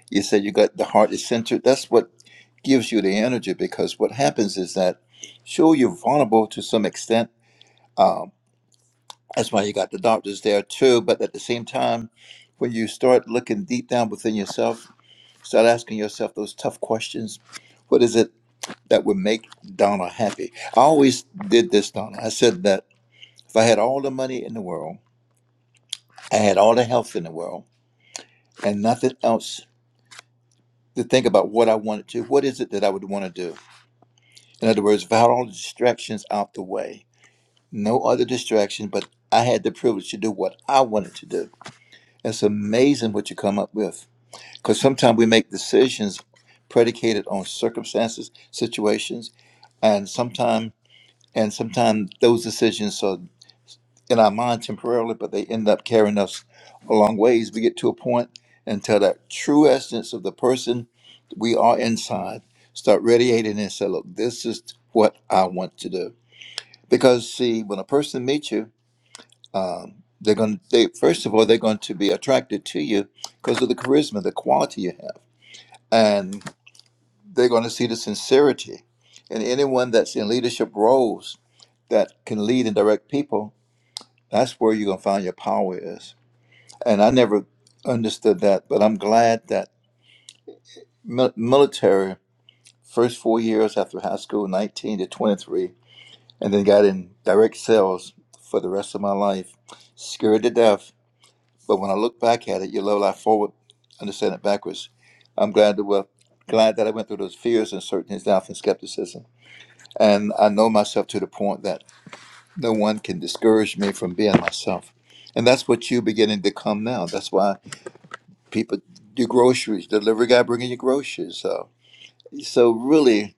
[SPEAKER 16] You said you got the heart is centered. That's what gives you the energy because what happens is that, sure, you're vulnerable to some extent, um, that's why you got the doctors there too. But at the same time, when you start looking deep down within yourself, start asking yourself those tough questions. What is it that would make Donna happy? I always did this, Donna. I said that if I had all the money in the world, I had all the health in the world, and nothing else to think about what I wanted to, what is it that I would want to do? In other words, if I had all the distractions out the way, no other distraction, but I had the privilege to do what I wanted to do. It's amazing what you come up with Because sometimes we make decisions predicated on circumstances, situations, and sometimes and sometimes those decisions are in our mind temporarily, but they end up carrying us a long ways. We get to a point until that true essence of the person we are inside start radiating and say, "Look, this is what I want to do." Because see, when a person meets you, um, they're going. They first of all, they're going to be attracted to you because of the charisma, the quality you have and they're going to see the sincerity. And anyone that's in leadership roles that can lead and direct people, that's where you're going to find your power is. And I never understood that, but I'm glad that mil- military, first four years after high school, 19 to 23, and then got in direct sales for the rest of my life, scared to death. But when I look back at it, you level life forward, understand it backwards. I'm glad to, well, glad that I went through those fears, uncertainties, doubt, and skepticism and I know myself to the point that no one can discourage me from being myself. And that's what you're beginning to come now. That's why people do groceries, delivery guy bringing you groceries. So, so really,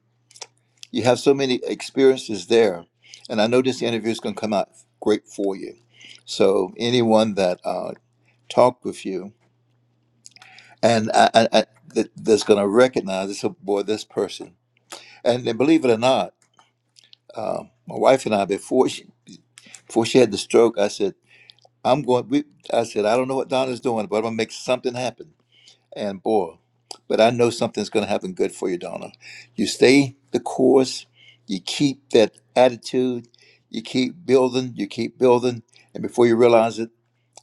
[SPEAKER 16] you have so many experiences there, and I know this interview is going to come out great for you. So anyone that uh, talked with you and I, I, I, that, that's going to recognize this oh, boy, this person, and then believe it or not, uh, my wife and I before she before she had the stroke, I said. I'm going. We, I said, I don't know what Donna's doing, but I'm gonna make something happen. And boy, but I know something's gonna happen good for you, Donna. You stay the course. You keep that attitude. You keep building. You keep building, and before you realize it,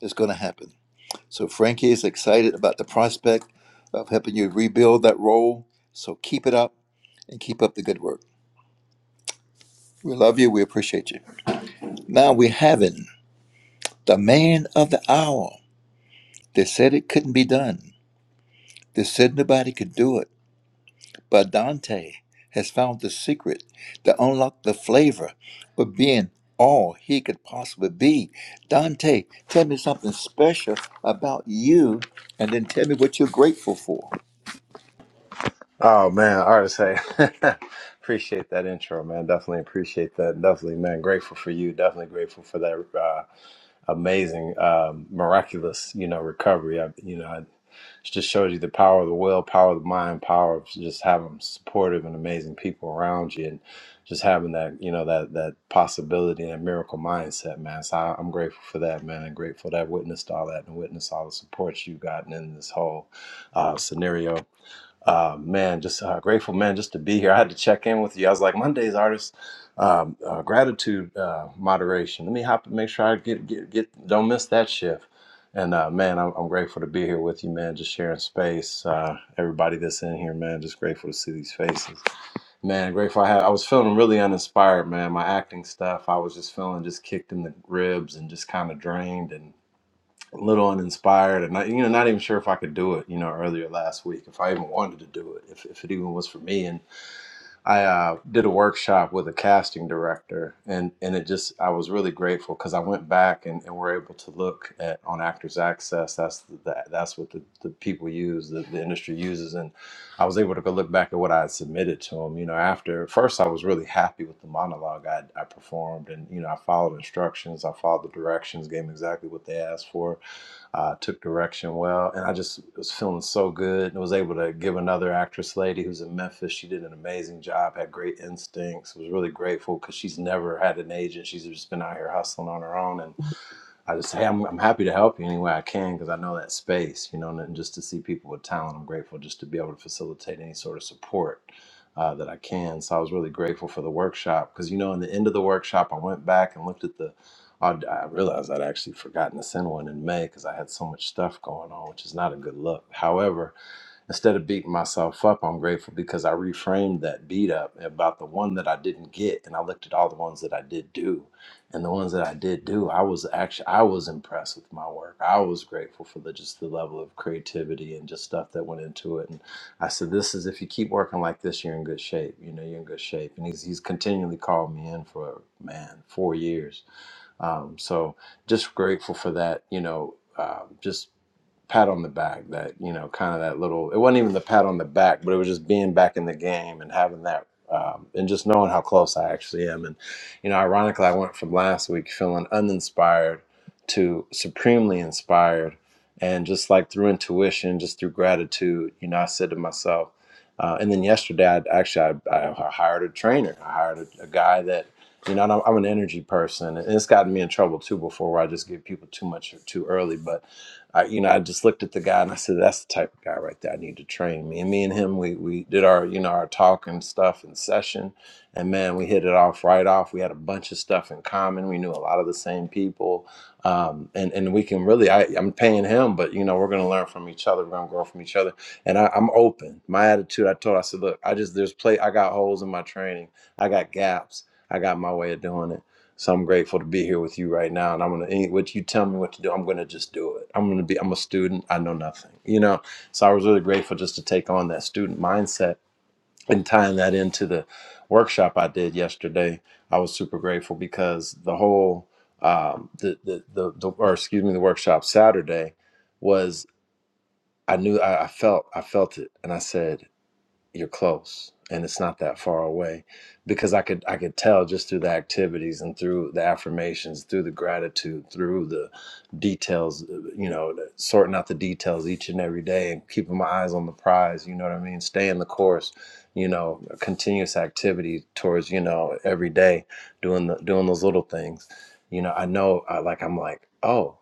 [SPEAKER 16] it's gonna happen. So Frankie is excited about the prospect of helping you rebuild that role. So keep it up and keep up the good work. We love you. We appreciate you. Now we're having the man of the hour. They said it couldn't be done. They said nobody could do it, but Dante has found the secret to unlock the flavor of being all he could possibly be. Dante, tell me something special about you, and then tell me what you're grateful for.
[SPEAKER 2] Oh man, gotta say, (laughs) appreciate that intro, man. Definitely appreciate that. Definitely, man. Grateful for you. Definitely grateful for that uh, amazing, um, miraculous, you know, recovery. I, you know, it just shows you the power of the will, power of the mind, power of just having supportive and amazing people around you, and just having that, you know, that that possibility and that miracle mindset, man. So I, I'm grateful for that, man. And grateful that I witnessed all that and witnessed all the support you gotten in this whole uh, scenario uh, man, just uh, grateful, man, just to be here. I had to check in with you. I was like, Monday's artist um, uh, gratitude uh, moderation. Let me hop and make sure I get get get. Don't miss that shift. And uh, man, I'm, I'm grateful to be here with you, man. Just sharing space. Uh, everybody that's in here, man, just grateful to see these faces. Man, grateful. I had. I was feeling really uninspired, man. My acting stuff. I was just feeling just kicked in the ribs and just kind of drained and a little uninspired and not, you know not even sure if I could do it you know earlier last week if I even wanted to do it if, if it even was for me and I uh, did a workshop with a casting director and and it just I was really grateful because I went back and, and were able to look at on Actors Access that's the, that, that's what the, the people use the, the industry uses and I was able to go look back at what I had submitted to them you know after first I was really happy with the monologue I, I performed and you know I followed instructions I followed the directions gave them exactly what they asked for uh, took direction well, and I just was feeling so good, and was able to give another actress lady who's in Memphis. She did an amazing job, had great instincts. Was really grateful because she's never had an agent; she's just been out here hustling on her own, and I just, say, hey, I'm, I'm happy to help you any way I can because I know that space, you know, and just to see people with talent, I'm grateful just to be able to facilitate any sort of support uh, that I can. So I was really grateful for the workshop because, you know, in the end of the workshop, I went back and looked at the, I, I realized I'd actually forgotten to send one in May because I had so much stuff going on, which is not a good look. However, Instead of beating myself up, I'm grateful because I reframed that beat up about the one that I didn't get, and I looked at all the ones that I did do, and the ones that I did do, I was actually I was impressed with my work. I was grateful for the just the level of creativity and just stuff that went into it. And I said, "This is if you keep working like this, you're in good shape. You know, you're in good shape." And he's he's continually called me in for man four years. Um, so just grateful for that. You know, um, just pat on the back that you know kind of that little it wasn't even the pat on the back but it was just being back in the game and having that um, and just knowing how close i actually am and you know ironically i went from last week feeling uninspired to supremely inspired and just like through intuition just through gratitude you know i said to myself uh, and then yesterday i actually I, I hired a trainer i hired a, a guy that you know, and I'm, I'm an energy person, and it's gotten me in trouble too before, where I just give people too much too early. But I, you know, I just looked at the guy and I said, "That's the type of guy right there. I need to train me." And me and him, we we did our, you know, our talk and stuff in session, and man, we hit it off right off. We had a bunch of stuff in common. We knew a lot of the same people, um, and and we can really. I, I'm paying him, but you know, we're gonna learn from each other. We're gonna grow from each other, and I, I'm open. My attitude, I told, I said, "Look, I just there's play. I got holes in my training. I got gaps. I got my way of doing it." So I'm grateful to be here with you right now. And I'm gonna any- what you tell me what to do, I'm gonna just do it. I'm gonna be I'm a student, I know nothing. You know. So I was really grateful just to take on that student mindset and tying that into the workshop I did yesterday. I was super grateful because the whole um the the, the, the or excuse me, the workshop Saturday was I knew I, I felt I felt it and I said you're close and it's not that far away because i could i could tell just through the activities and through the affirmations through the gratitude through the details uh, you know sorting out the details each and every day and keeping my eyes on the prize you know what i mean stay in the course you know continuous activity towards you know every day doing the doing those little things you know i know I, like i'm like oh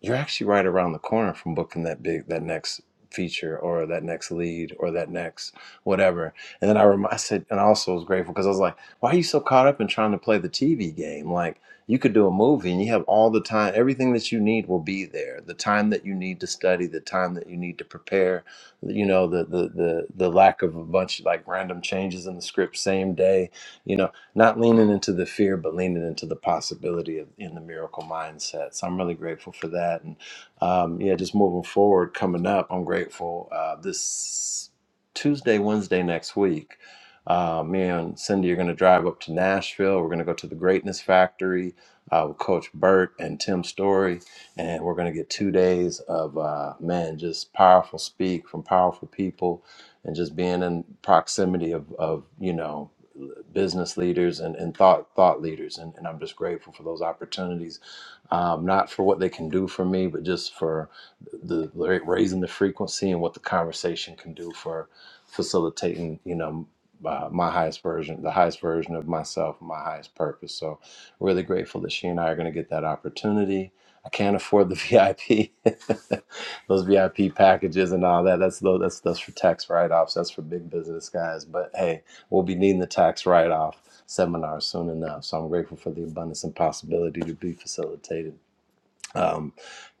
[SPEAKER 2] you're actually right around the corner from booking that big that next feature or that next lead or that next whatever and then i rem- i said and i also was grateful because i was like why are you so caught up in trying to play the tv game like you could do a movie and you have all the time everything that you need will be there the time that you need to study the time that you need to prepare you know the the the, the lack of a bunch of, like random changes in the script same day you know not leaning into the fear, but leaning into the possibility of in the miracle mindset. So I'm really grateful for that. And um, yeah, just moving forward, coming up, I'm grateful. Uh, this Tuesday, Wednesday next week, uh, me and Cindy are going to drive up to Nashville. We're going to go to the Greatness Factory uh, with Coach Burt and Tim Story, and we're going to get two days of uh, man, just powerful speak from powerful people, and just being in proximity of of you know business leaders and, and thought thought leaders and, and i'm just grateful for those opportunities um, not for what they can do for me, but just for the the raising the frequency and what the conversation can do for facilitating, you know, uh, my highest version, the highest version of myself, my highest purpose. So, really grateful that she and I are going to get that opportunity. I can't afford the (laughs) VIP, those VIP packages and all that. That's tho- that's that's for tax write offs. That's for big business guys. But hey, we'll be needing the tax write off seminar soon enough. So I'm grateful for the abundance and possibility to be facilitated um,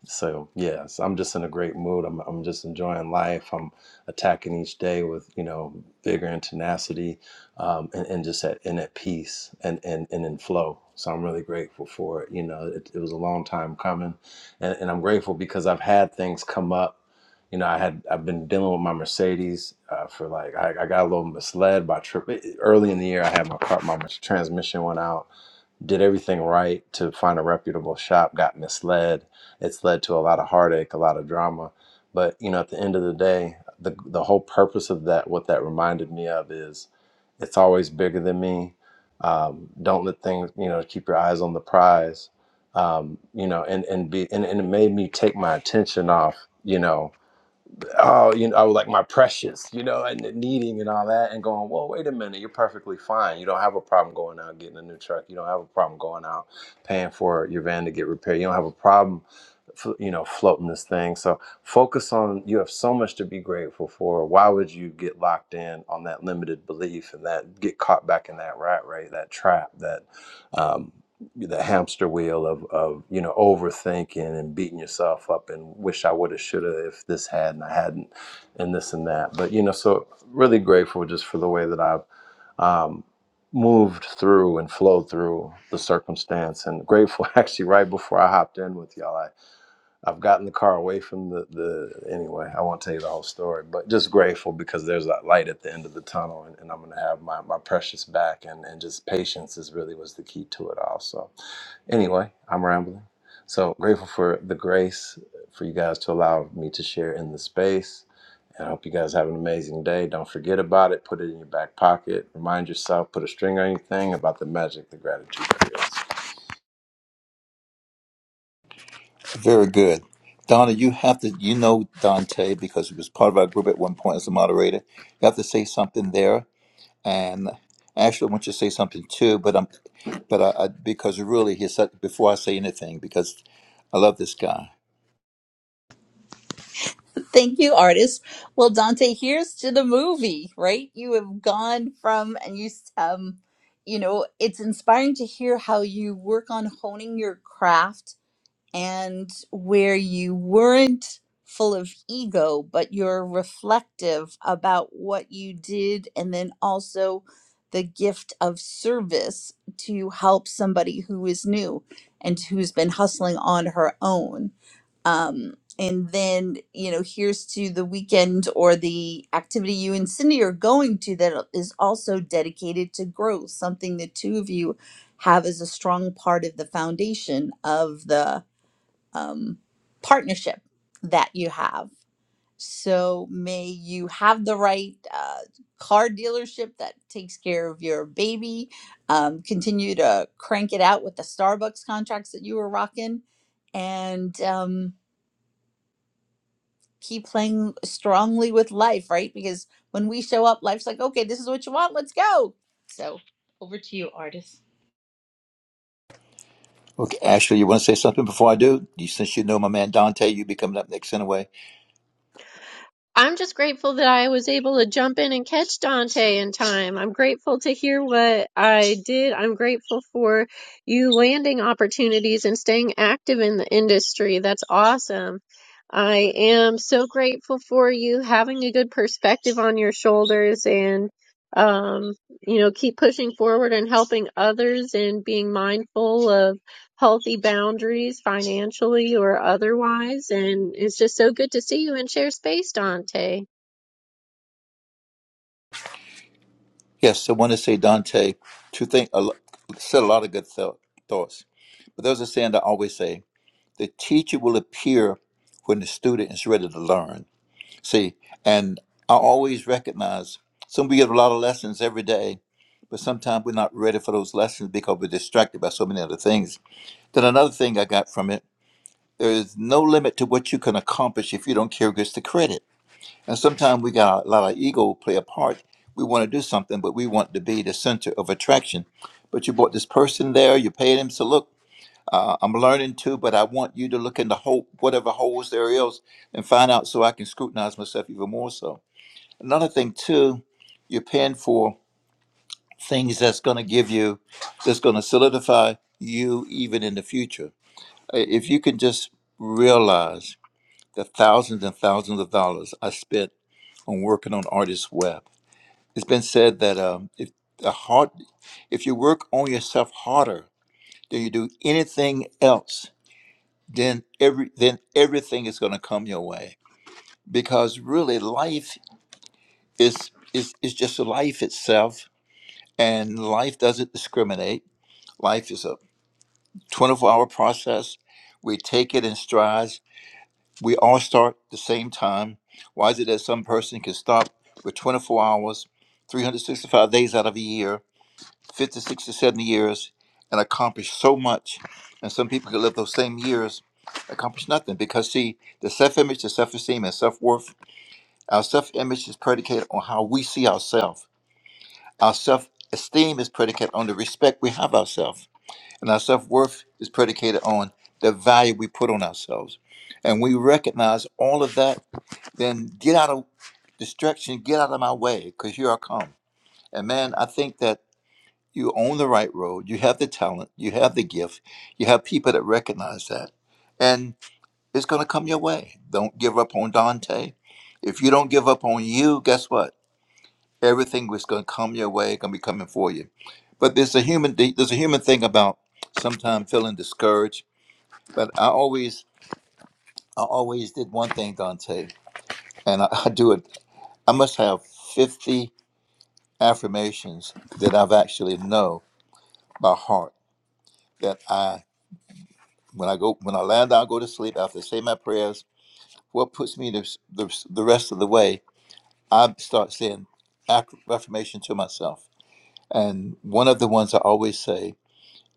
[SPEAKER 2] so yes, I'm just in a great mood. I'm I'm just enjoying life. I'm attacking each day with you know vigor and tenacity, um, and, and just at and at peace and, and and in flow. So I'm really grateful for it. You know, it, it was a long time coming, and, and I'm grateful because I've had things come up. You know, I had I've been dealing with my Mercedes uh, for like I, I got a little misled by trip eh, early in the year. I had my car, my transmission went out did everything right to find a reputable shop, got misled. It's led to a lot of heartache, a lot of drama. But you know, at the end of the day, the the whole purpose of that, what that reminded me of, is it's always bigger than me. Um, don't let things, you know, keep your eyes on the prize. Um, you know, and and be and, and it made me take my attention off, you know, oh, you know, I was like my precious, you know, and needing and all that, and going, well, wait a minute, you're perfectly fine. You don't have a problem going out getting a new truck. You don't have a problem going out paying for your van to get repaired. You don't have a problem, f- you know, floating this thing. So focus on. You have so much to be grateful for. Why would you get locked in on that limited belief and that get caught back in that rat race, that trap, that um, the hamster wheel of, of you know overthinking and beating yourself up and wish I would have should have if this had and I hadn't and this and that but you know so really grateful just for the way that I've um, moved through and flowed through the circumstance and grateful (laughs) actually right before I hopped in with y'all I've gotten the car away from the, the anyway, I won't tell you the whole story, but just grateful because there's that light at the end of the tunnel and, and I'm gonna have my, my precious back and, and just patience is really was the key to it all. So anyway, I'm rambling. So grateful for the grace for you guys to allow me to share in the space. And I hope you guys have an amazing day. Don't forget about it. Put it in your back pocket. Remind yourself, put a string on your thing about the magic the gratitude creates.
[SPEAKER 16] Very good. Donna, you have to, you know Dante because he was part of our group at one point as a moderator. You have to say something there, and Ashley, I want you to say something too. But I'm, but I, I because really, he's such, before I say anything, because I love this guy.
[SPEAKER 17] Thank you, artist. Well, Dante, here's to the movie, right? You have gone from, and you, s- um, you know, it's inspiring to hear how you work on honing your craft and where you weren't full of ego, but you're reflective about what you did, and then also the gift of service to help somebody who is new and who's been hustling on her own. Um, and then, you know, here's to the weekend or the activity you and Cindy are going to that is also dedicated to growth, something the two of you have as a strong part of the foundation of the um, partnership that you have. So may you have the right uh, car dealership that takes care of your baby. Um, continue to crank it out with the Starbucks contracts that you were rocking, and um, keep playing strongly with life, right? Because when we show up, life's like, okay, this is what you want. Let's go. So over to you, artist.
[SPEAKER 16] Okay, Ashley, you want to say something before I do? You, since you know my man Dante, you be coming up next anyway.
[SPEAKER 18] I'm just grateful that I was able to jump in and catch Dante in time. I'm grateful to hear what I did. I'm grateful for you landing opportunities and staying active in the industry. That's awesome. I am so grateful for you having a good perspective on your shoulders and um you know keep pushing forward and helping others and being mindful of healthy boundaries financially or otherwise. And it's just so good to see you and share space, Dante.
[SPEAKER 16] Yes, I want to say Dante. Two things a lo- said a lot of good thou- thoughts, but there's a saying I always say: the teacher will appear when the student is ready to learn. See, and I always recognize some we get a lot of lessons every day, but sometimes we're not ready for those lessons because we're distracted by so many other things. Then another thing I got from it: there is no limit to what you can accomplish if you don't care who gets the credit And sometimes we got a lot of ego play a part. We want to do something, but we want to be the center of attraction. But you brought this person there, you paid him. So look, uh, I'm learning too, but I want you to look in the hole, whatever holes there is, and find out so I can scrutinize myself even more. So another thing too, you're paying for things that's going to give you, that's going to solidify you even in the future. Uh, If you can just realize the thousands and thousands of dollars I spent on working on Artist Web It's been said that um, if the hard, if you work on yourself harder than you do anything else, then every then everything is going to come your way. Because really, life is is is just life itself, and life doesn't discriminate. Life is a twenty-four hour process. We take it in strides. We all start the same time. Why is it that some person can stop with twenty-four hours, three hundred sixty-five days out of a year? 50, 60, 70 years and accomplish so much. And some people could live those same years, accomplish nothing. Because, see, the self image, the self esteem, and self worth, our self image is predicated on how we see ourselves. Our self esteem is predicated on the respect we have ourselves. And our self worth is predicated on the value we put on ourselves. And we recognize all of that, then get out of distraction, get out of my way, because here I come. And man, I think that you own the right road you have the talent you have the gift you have people that recognize that and it's going to come your way don't give up on dante if you don't give up on you guess what everything is going to come your way going to be coming for you but there's a human there's a human thing about sometimes feeling discouraged but i always i always did one thing dante and i, (laughs) I do it i must have 50 affirmations that i've actually know by heart that I. When I go, when I lie down, go to sleep after I say my prayers, what puts me the, the, the rest of the way, I start saying aff- affirmation to myself. And one of the ones I always say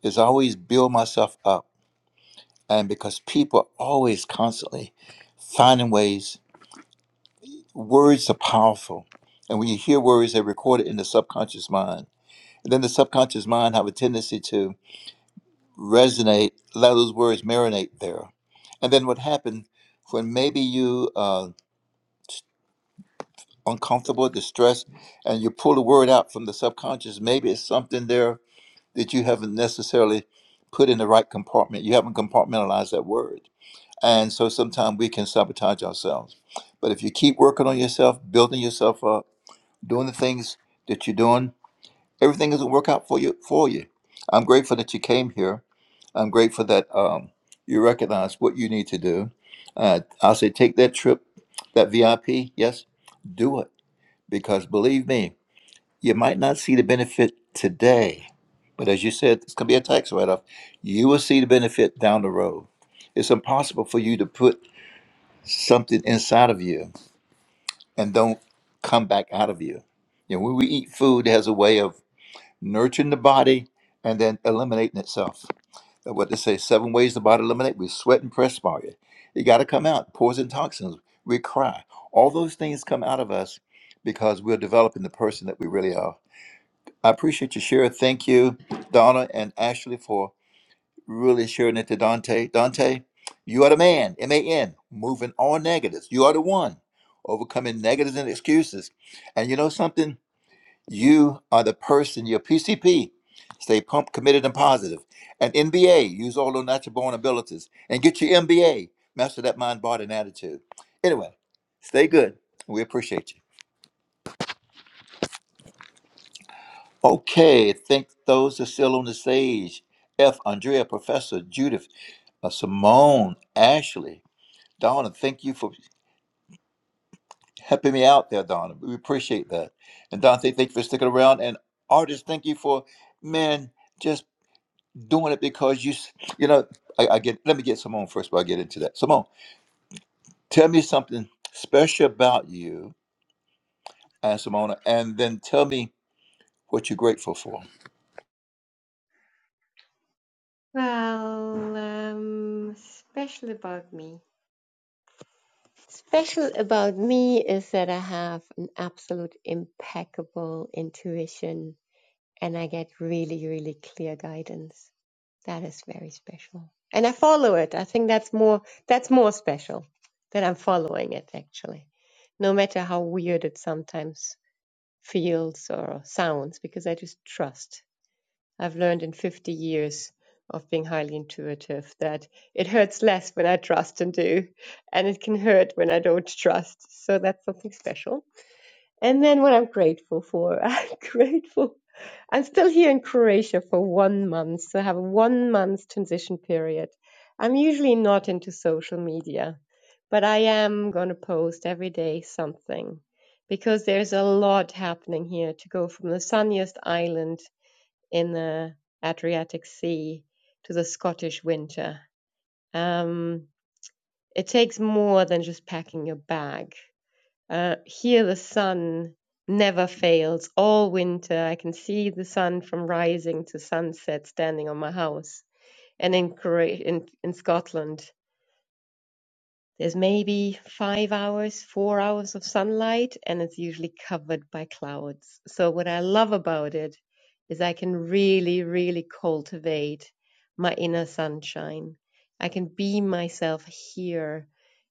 [SPEAKER 16] is I always build myself up. And because people are always constantly finding ways, words are powerful. And when you hear words, they're recorded in the subconscious mind. And then the subconscious mind have a tendency to resonate, let those words marinate there. And then what happened when maybe you uh, uncomfortable, distressed, and you pull a word out from the subconscious, maybe it's something there that you haven't necessarily put in the right compartment. You haven't compartmentalized that word. And so sometimes we can sabotage ourselves. But if you keep working on yourself, building yourself up, doing the things that you're doing, everything is going to work out for you. For you, I'm grateful that you came here. I'm grateful that um, you recognize what you need to do. Uh, I'll say, take that trip, that VIP. Yes, do it because believe me, you might not see the benefit today, but as you said, it's going to be a tax write off. You will see the benefit down the road. It's impossible for you to put something inside of you and don't come back out of you. You know, when we eat food, it has a way of nurturing the body and then eliminating itself. Uh, What they say, seven ways the body eliminate. We sweat and perspire. it. You got to come out. Poison toxins. We cry. All those things come out of us because we're developing the person that we really are. I appreciate you, Shira. Thank you, Donna and Ashley, for really sharing it to Dante. Dante, you are the man, M A N, moving all negatives. You are the one, overcoming negatives and excuses. And you know something? You are the person, your PCP. Stay pumped, committed, and positive. And NBA, use all those natural born abilities. And get your MBA, master that mind, body, and attitude. Anyway, stay good. We appreciate you. Okay, thank those that are still on the stage. F. Andrea, Professor Judith, uh, Simone, Ashley, Donna, thank you for helping me out there, Donna. We appreciate that. And Dante, thank you for sticking around. And artists, thank you for, man, just doing it because you, s- you know, I, I get, let me get Simone first before I get into that. Simone, tell me something special about you and Simona, and then tell me what you're grateful for.
[SPEAKER 6] Special is that I have an absolute impeccable vision and I that is special. And I follow it. I think that's more that's more special that I'm following it actually. No matter how weird it sometimes feels or sounds, because I just trust. I've learned in 50 years of being highly intuitive that it hurts less when I trust and do, and it can hurt when I don't trust. So that's something special. And then what I'm grateful for, (laughs) I'm grateful. I'm still here in Croatia for one month, so I have a one month transition period. I'm usually not into social media, but I am going to post every day something because there's a lot happening here to go from the sunniest island in the Adriatic Sea to the Scottish winter. Um, it takes more than just packing your bag. Uh, here, the sun never fails all winter. I can see the sun from rising to sunset standing on my house. And in, in, in Scotland, There's maybe five hours, four hours of sunlight, and it's usually covered by clouds. So, what I love about it is I can really, really cultivate my inner sunshine. I can beam myself here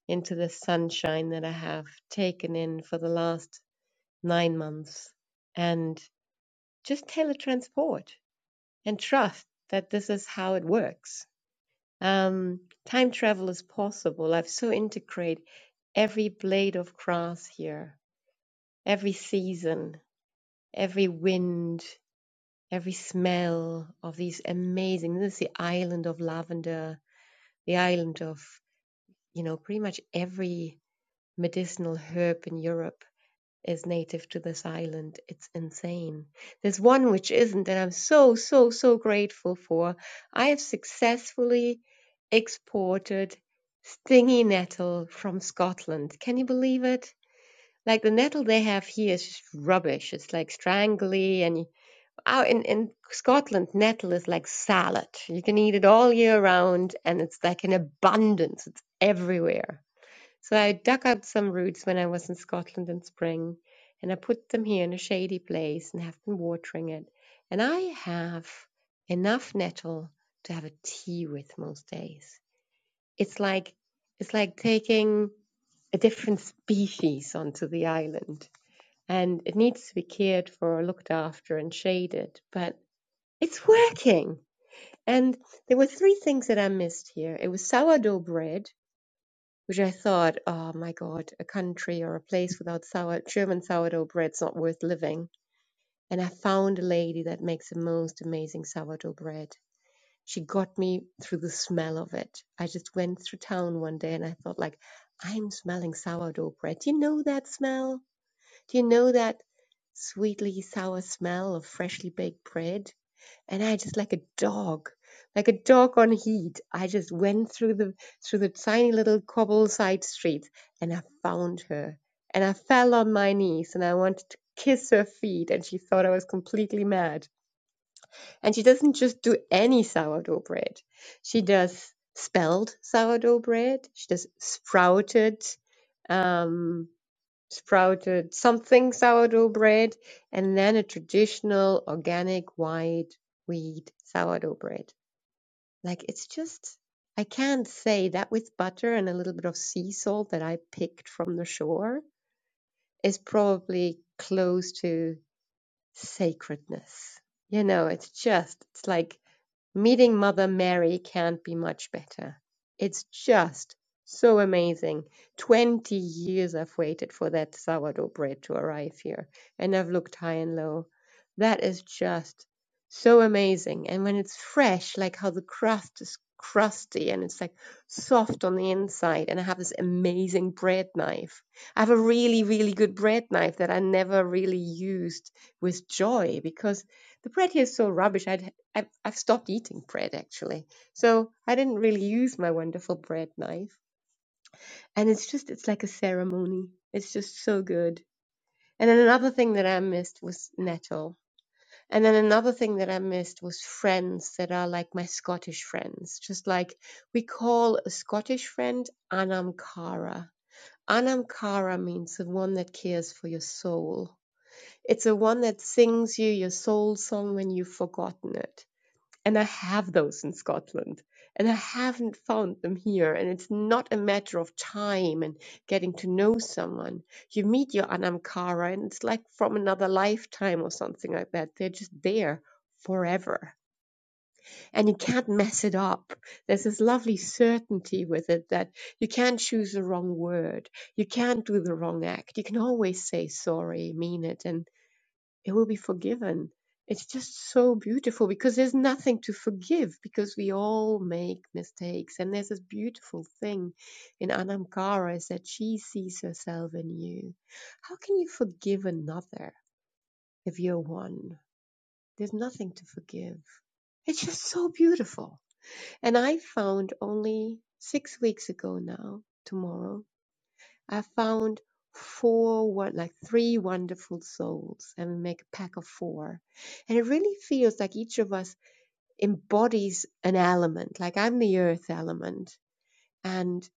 [SPEAKER 6] into the sunshine that I have taken in for the last nine months and just teletransport and trust that this is how it works. Um, time travel is possible. I've so integrated every blade of grass here, every season, every wind, every smell of these amazing. This is the island of lavender, the island of, you know, pretty much every medicinal herb in Europe is native to this island. It's insane. There's one which isn't, and I'm so, so, so grateful for. I have successfully exported stingy nettle from Scotland. Can you believe it? Like the nettle they have here is just rubbish. It's like strangly, and oh, in in Scotland, nettle is like salad. You can eat it all year round, and it's like in abundance. It's everywhere. So I dug up some roots when I was in Scotland in spring, and I put them here in a shady place and have been watering it. And I have enough nettle to have a tea with most days. It's like it's like taking a different species onto the island and it needs to be cared for, looked after, and shaded. But it's working. And there were three things that I missed here. It was sourdough bread, which I thought, oh my God, a country or a place without sour German sourdough bread's not worth living. And I found a lady that makes the most amazing sourdough bread. She got me through the smell of it. I just went through town one day and I thought like, I'm smelling sourdough bread. Do you know that smell? Do you know that sweetly sour smell of freshly baked bread? And I just like a dog, like a dog on heat. I just went through the through the tiny little cobble side streets and I found her. And I fell on my knees and I wanted to kiss her feet and she thought I was completely mad. And she doesn't just do any sourdough bread. She does spelled sourdough bread. She does sprouted. Um, sprouted something sourdough bread, and then a traditional organic white wheat sourdough bread. Like it's just, I can't say that with butter and a little bit of sea salt that I picked from the shore is probably close to sacredness. You know, it's just, it's like Meeting Mother Mary can't be much better. It's just so amazing. 20 years I've waited for that sourdough bread to arrive here, and I've looked high and low. That is just so amazing. And when it's fresh, like how the crust is crusty and it's like soft on the inside, and I have this amazing bread knife. I have a really, really good bread knife that I never really used with joy because the bread here is so rubbish. I would I've, I've stopped eating bread actually. So I didn't really use my wonderful bread knife. And it's just, it's like a ceremony. It's just so good. And then another thing that I missed was nettle. And then another thing that I missed was friends that are like my Scottish friends. Just like we call a Scottish friend anam cara. Anam cara means the one that cares for your soul. It's the one that sings you your soul song when you've forgotten it And I have those in Scotland, and I haven't found them here. And it's not a matter of time and getting to know someone. You meet your Anamkara, and it's like from another lifetime or something like that. They're just there forever, and you can't mess it up. There's this lovely certainty with it that you can't choose the wrong word, you can't do the wrong act. You can always say sorry, mean it, and it will be forgiven. It's just so beautiful because there's nothing to forgive because we all make mistakes. And there's this beautiful thing in Anamkara is that she sees herself in you. How can you forgive another if you're one? There's nothing to forgive. It's just so beautiful. And I found only six weeks ago now, tomorrow, I found four, won- like three wonderful souls, and we make a pack of four. And it really feels like each of us embodies an element. Like I'm the earth element, and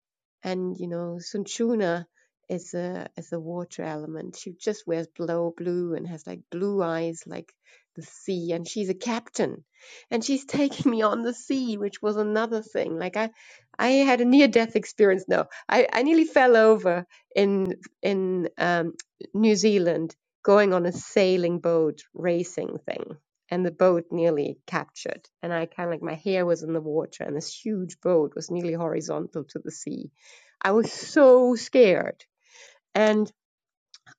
[SPEAKER 6] and you know Sunchuna is a is a water element. She just wears blow blue and has like blue eyes like the sea, and she's a captain, and she's (laughs) taking me on the sea, which was another thing. Like I, I had a near death experience. No, I I nearly fell over in in um, New Zealand going on a sailing boat racing thing and the boat nearly captured. And I kind of like my hair was in the water, and this huge boat was nearly horizontal to the sea. I was so scared. And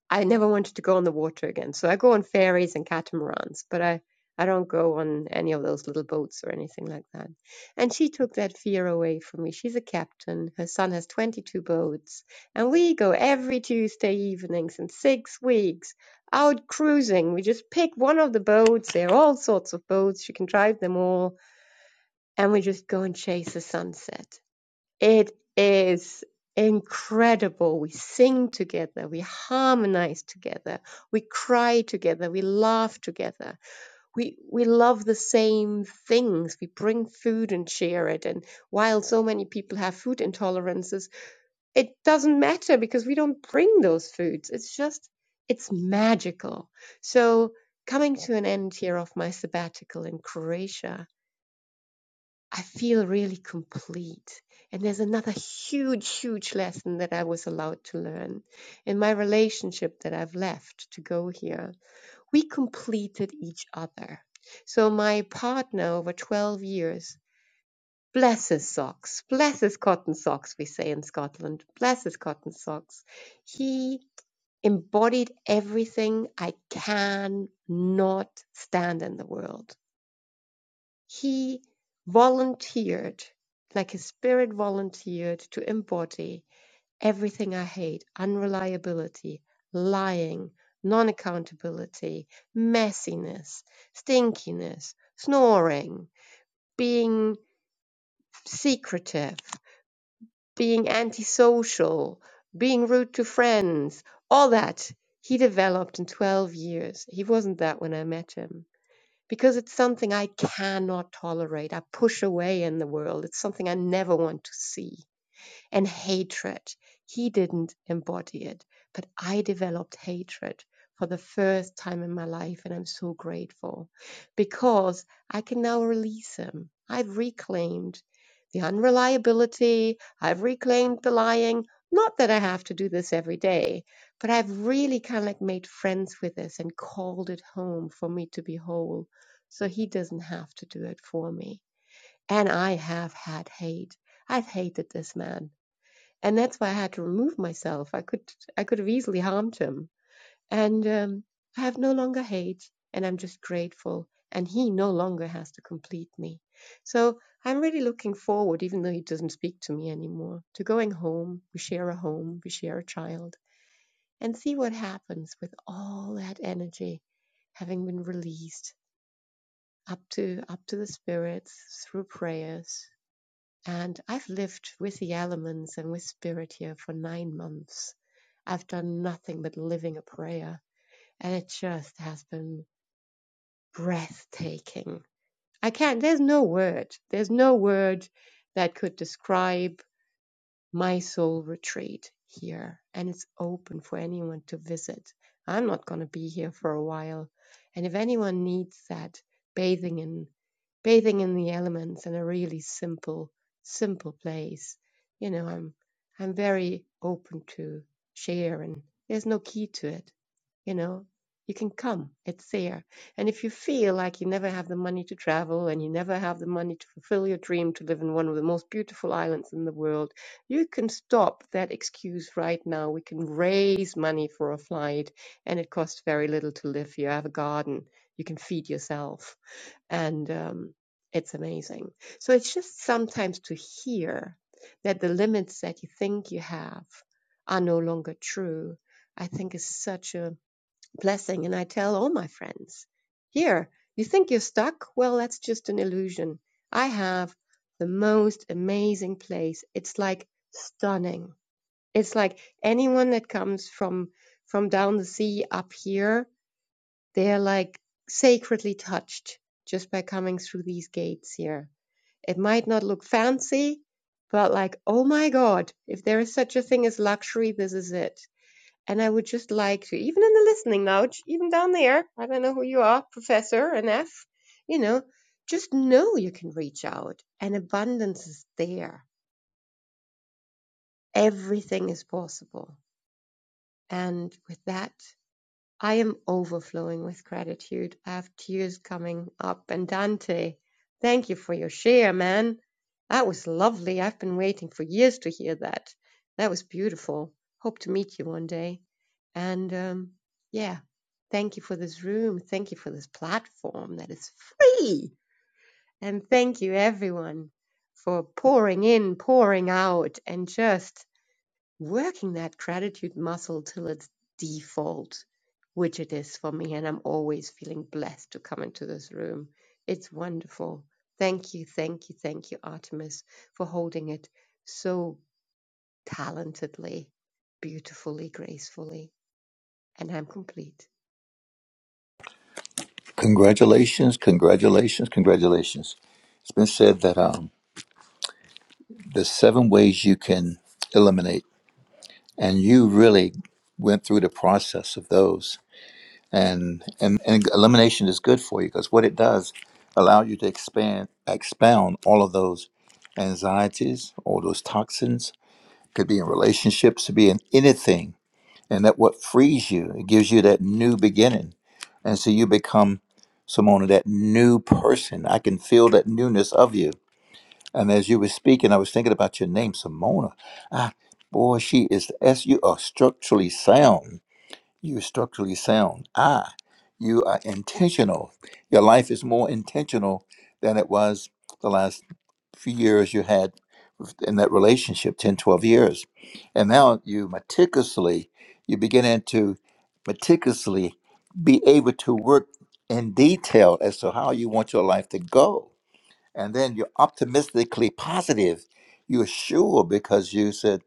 [SPEAKER 6] I never wanted to go on the water again. So I go on ferries and catamarans, but I, I don't go on any of those little boats or anything like that. And she took that fear away from me. She's a captain. Her son has 22 boats. And we go every Tuesday evenings in six weeks out cruising. We just pick one of the boats. There are all sorts of boats. She can drive them all. And we just go and chase the sunset. It is incredible. We sing together, we harmonize together, we cry together, we laugh together. We we love the same things. We bring food and share it. And while so many people have food intolerances, it doesn't matter because we don't bring those foods. It's just it's magical. So coming to an end here of my sabbatical in Croatia, I feel really complete. And there's another huge, huge lesson that I was allowed to learn in my relationship that I've left to go here. We completed each other. So my partner over 12 years, bless his socks, bless his cotton socks, we say in Scotland, bless his cotton socks. He embodied everything I can not stand in the world he volunteered, like his spirit volunteered, to embody everything I hate unreliability, lying, non accountability, messiness, stinkiness, snoring, being secretive, being antisocial, being rude to friends, all that. He developed in 12 years. He wasn't that when I met him because it's something I cannot tolerate. I push away in the world. It's something I never want to see and hatred. He didn't embody it, but I developed hatred for the first time in my life. And I'm so grateful because I can now release him. I've reclaimed the unreliability, I've reclaimed the lying. Not that I have to do this every day, but I've really kind of like made friends with this and called it home for me to be whole. So he doesn't have to do it for me. And I have had hate. I've hated this man and that's why I had to remove myself. I could I could have easily harmed him, and um, I have no longer hate, and I'm just grateful. And he no longer has to complete me. So I'm really looking forward, even though he doesn't speak to me anymore, to going home. We share a home, we share a child, and see what happens with all that energy having been released up to up to the spirits through prayers and I've lived with the elements and with spirit here for nine months. I've done nothing but living a prayer, and it just has been breathtaking. I can't, there's no word, there's no word that could describe my soul retreat here and it's open for anyone to visit. I'm not going to be here for a while. And if anyone needs that bathing in bathing in the elements in a really simple simple place, you know, I'm I'm very open to share and there's no key to it, you know. You can come, it's there. And if you feel like you never have the money to travel and you never have the money to fulfill your dream to live in one of the most beautiful islands in the world, you can stop that excuse right now. We can raise money for a flight, and it costs very little to live here. I have a garden. You can feed yourself, and um, it's amazing. So it's just sometimes to hear that the limits that you think you have are no longer true. I think is such a blessing. And I tell all my friends, here, you think you're stuck? Well, that's just an illusion. I have the most amazing place. It's like stunning. It's like anyone that comes from, from down the sea up here, they're like sacredly touched just by coming through these gates here. It might not look fancy, but like, oh my God, if there is such a thing as luxury, this is it and I would just like to, even in the listening lounge, even down there, I don't know who you are, Professor and F, you know, just know you can reach out and abundance is there. Everything is possible. And with that, I am overflowing with gratitude. I have tears coming up. And Dante, thank you for your share, man. That was lovely. I've been waiting for years to hear that. That was beautiful. Hope to meet you one day. And um, yeah, thank you for this room. Thank you for this platform that is free. And thank you, everyone, for pouring in, pouring out, and just working that gratitude muscle till it's default, which it is for me. And I'm always feeling blessed to come into this room. It's wonderful. Thank you, thank you, thank you, Artemis, for holding it so talentedly, beautifully, gracefully. And I'm complete.
[SPEAKER 16] Congratulations, congratulations, congratulations. It's been said that um, there's seven ways you can eliminate, and you really went through the process of those. And, and, and elimination is good for you because what it does allow you to expand, expound all of those anxieties, all those toxins. Could be in relationships, could be in anything and that what frees you it gives you that new beginning and so you become Simona that new person I can feel that newness of you and as you were speaking I was thinking about your name Simona ah boy she is as you are structurally sound you're structurally sound. Ah, you are intentional. Your life is more intentional than it was the last few years you had in that relationship, 10, 12 years. And now you meticulously, you beginning to meticulously be able to work in detail as to how you want your life to go. And then you're optimistically positive. You're sure because you said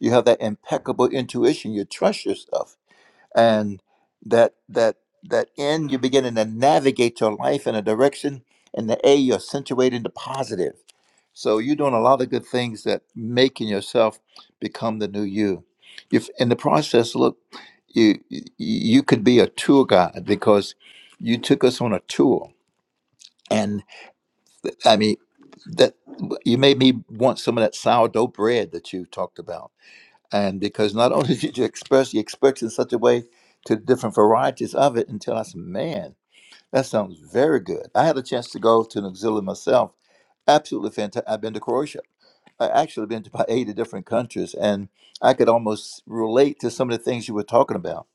[SPEAKER 16] you have that impeccable intuition. You trust yourself and that that that N you're beginning to navigate your life in a direction, and the A you're accentuating the positive. So you're doing a lot of good things that making yourself become the new you. If in the process, look, you you you could be a tour guide because you took us on a tour, and I mean that you made me want some of that sourdough bread that you talked about and because not only (laughs) did you express, you expressed in such a way to the different varieties of it until I said, man, that sounds very good. I had a chance to go to New Zealand myself. Absolutely fantastic. I've been to Croatia. I actually been to about 80 different countries, and I could almost relate to some of the things you were talking about.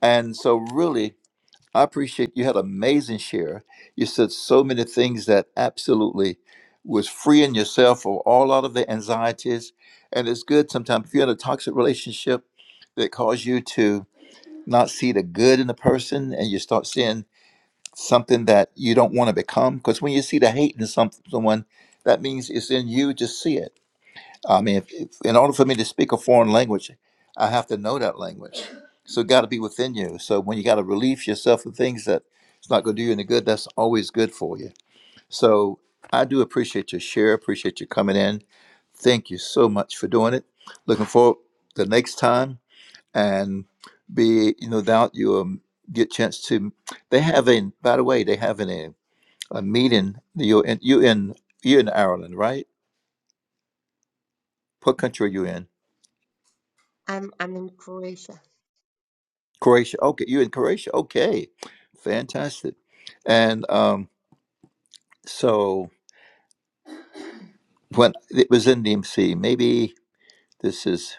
[SPEAKER 16] And so, really, I appreciate you had an amazing share. You said so many things that absolutely was freeing yourself of all lot of the anxieties. And it's good sometimes if you're in a toxic relationship that cause you to not see the good in the person and you start seeing something that you don't want to become. Because when you see the hate in some, someone, that means it's in you to see it I mean, if, if, in order for me to speak a foreign language, I have to know that language. So it got to be within you. So when you got to relieve yourself of things that it's not going to do you any good, that's always good for you. So I do appreciate your share. Appreciate you coming in. Thank you so much for doing it. Looking forward to the next time and be you know doubt you um, get chance to. They have a by the way they have an, a a meeting. You're in you in you're in Ireland, right? What country are you in?
[SPEAKER 6] I'm I'm in Croatia.
[SPEAKER 16] Croatia. Okay, you in Croatia? Okay, fantastic. And um, so when it was in DMC, maybe this is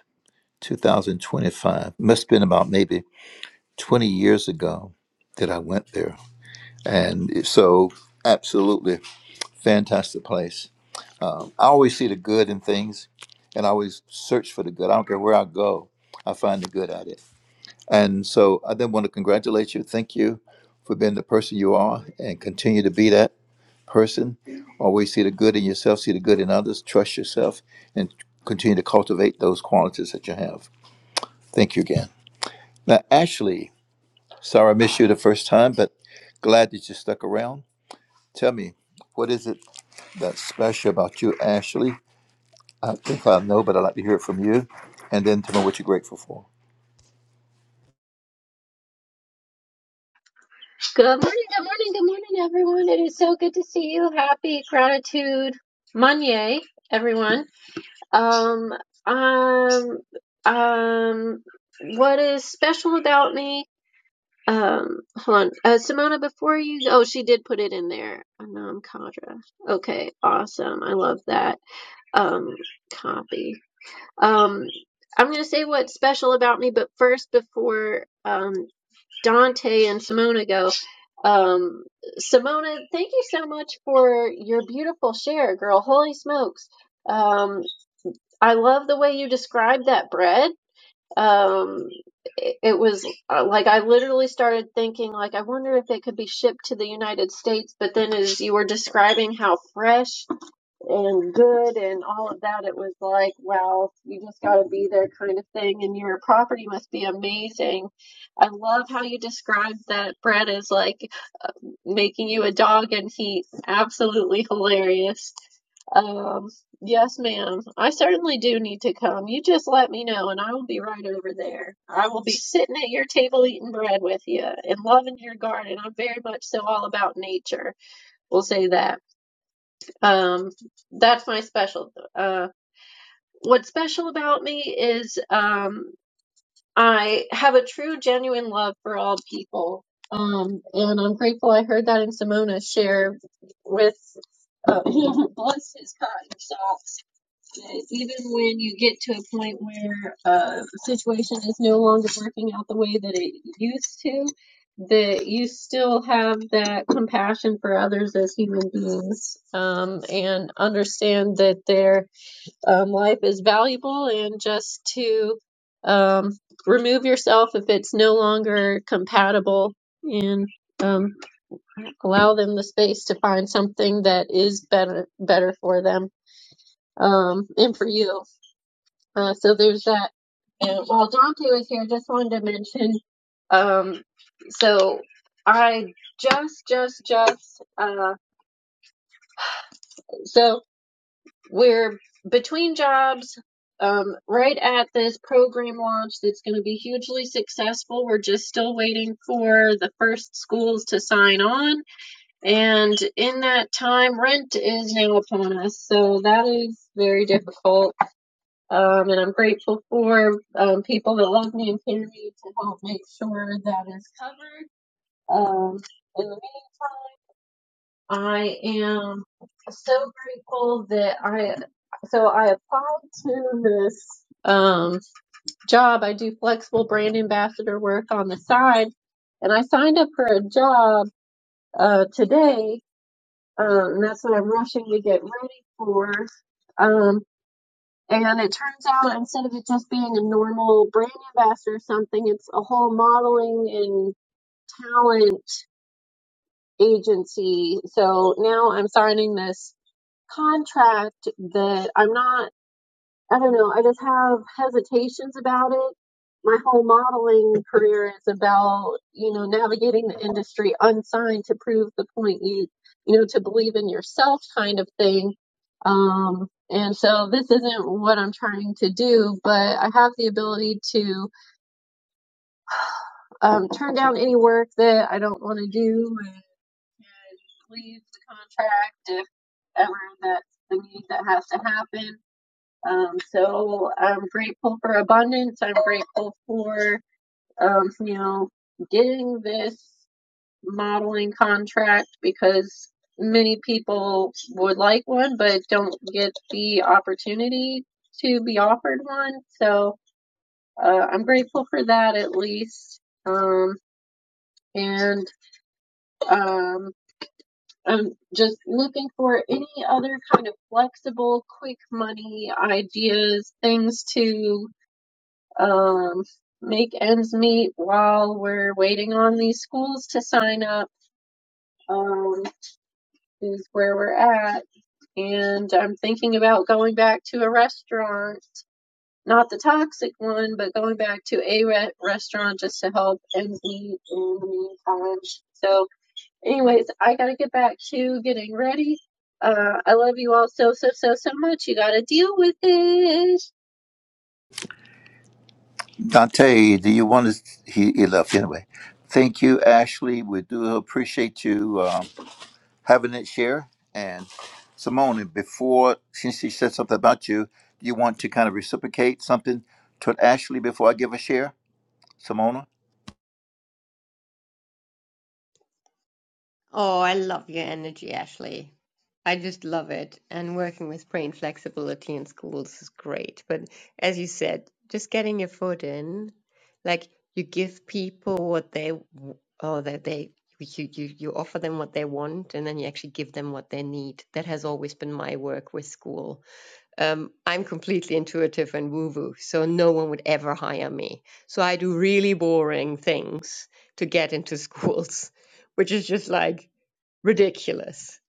[SPEAKER 16] 2025. Must have been about maybe 20 years ago that I went there. And it- so, absolutely fantastic place. Um, I always see the good in things, and I always search for the good. I don't care where I go, I find the good at it. And so, I then want to congratulate you. Thank you for being the person you are, and continue to be that person. Always see the good in yourself, see the good in others, trust yourself, and continue to cultivate those qualities that you have. Thank you again. Now, Ashley, sorry I missed you the first time, but glad that you stuck around. Tell me, what is it that's special about you, Ashley? I think I know, but I'd like to hear it from you. And then tell me what you're grateful for.
[SPEAKER 18] Good morning, good morning, good morning, everyone. It is so good to see you. Happy gratitude Monday, everyone. Um, um, um, what is special about me? Um, hold on. Uh, Simona, before you, oh, she did put it in there. Anam Kadra. Okay, awesome. I love that. Um, copy. Um, I'm going to say what's special about me, but first, before um, Dante and Simona go, um, Simona, thank you so much for your beautiful share, girl. Holy smokes. Um, I love the way you described that bread. Um, it, it was uh, like I literally started thinking, like, I wonder if it could be shipped to the United States, but then as you were describing how fresh and good and all of that. It was like, wow, you just got to be there kind of thing. And your property must be amazing. I love how you described that Brett is like uh, making you a dog, and he absolutely hilarious. Um, yes, ma'am. I certainly do need to come. You just let me know, and I will be right over there. I will be sitting at your table eating bread with you and loving your garden. I'm very much so all about nature. We'll say that. Um, that's my special. Uh, what's special about me is um, I have a true, genuine love for all people. Um, and I'm grateful I heard that in Simona share with, uh, (laughs) bless his cotton socks Okay, even when you get to a point where uh, a situation is no longer working out the way that it used to, that you still have that compassion for others as human beings um, and understand that their um, life is valuable and just to um, remove yourself if it's no longer compatible and um, allow them the space to find something that is better better for them um, and for you uh, so there's that. And while Dante was here, just wanted to mention. Um, so I just, just, just. Uh, so we're between jobs. Um, right at this program launch, that's going to be hugely successful. We're just still waiting for the first schools to sign on, and in that time, rent is now upon us. So that is very difficult Um, and I'm grateful for um, people that love me and care me to help make sure that is covered. Um, in the meantime, I am so grateful that I so I applied to this um, job. I do flexible brand ambassador work on the side, and I signed up for a job uh, today. Um, and that's what I'm rushing to get ready for. Um, And it turns out instead of it just being a normal brand ambassador or something, it's a whole modeling and talent agency. So now I'm signing this contract that I'm not I don't know. I just have hesitations about it. My whole modeling career is about, you know, navigating the industry unsigned to prove the point you, you know, to believe in yourself kind of thing. Um, and so this isn't what I'm trying to do, but I have the ability to um, turn down any work that I don't want to do and leave the contract if ever that's the need that has to happen. Um, so I'm grateful for abundance. I'm grateful for, um, you know, getting this modeling contract because many people would like one but don't get the opportunity to be offered one. So uh, I'm grateful for that at least. Um, and um, I'm just looking for any other kind of flexible, quick money ideas, things to um, make ends meet while we're waiting on these schools to sign up um, is where we're at. And I'm thinking about going back to a restaurant, not the toxic one, but going back to a re- restaurant just to help ends meet in the meantime. So, anyways, I got to get back to getting ready. Uh, I love you all so, so, so, so much. You got to deal with it.
[SPEAKER 16] Dante, do you want to? He, he left anyway. Thank you, Ashley. We do appreciate you. Um, having it share. And Simone, before since she said something about you, you want to kind of reciprocate something to Ashley before I give a share? Simona?
[SPEAKER 6] Oh, I love your energy, Ashley. I just love it. And working with brain flexibility in schools is great. But as you said, just getting your foot in, like you give people what they w- or that they you, you you offer them what they want and then you actually give them what they need. That has always been my work with school. Um, I'm completely intuitive and woo-woo, so no one would ever hire me. So I do really boring things to get into schools, (laughs) which is just like ridiculous.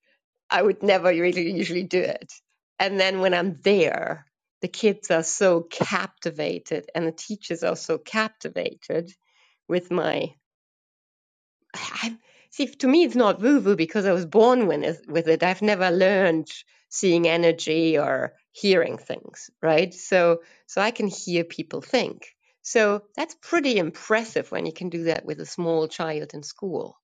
[SPEAKER 6] I would never really usually do it. And then when I'm there, the kids are so captivated and the teachers are so captivated with my I see. To me, it's not woo woo because I was born with it, with it. I've never learned seeing energy or hearing things, right? So, so I can hear people think. So that's pretty impressive when you can do that with a small child in school.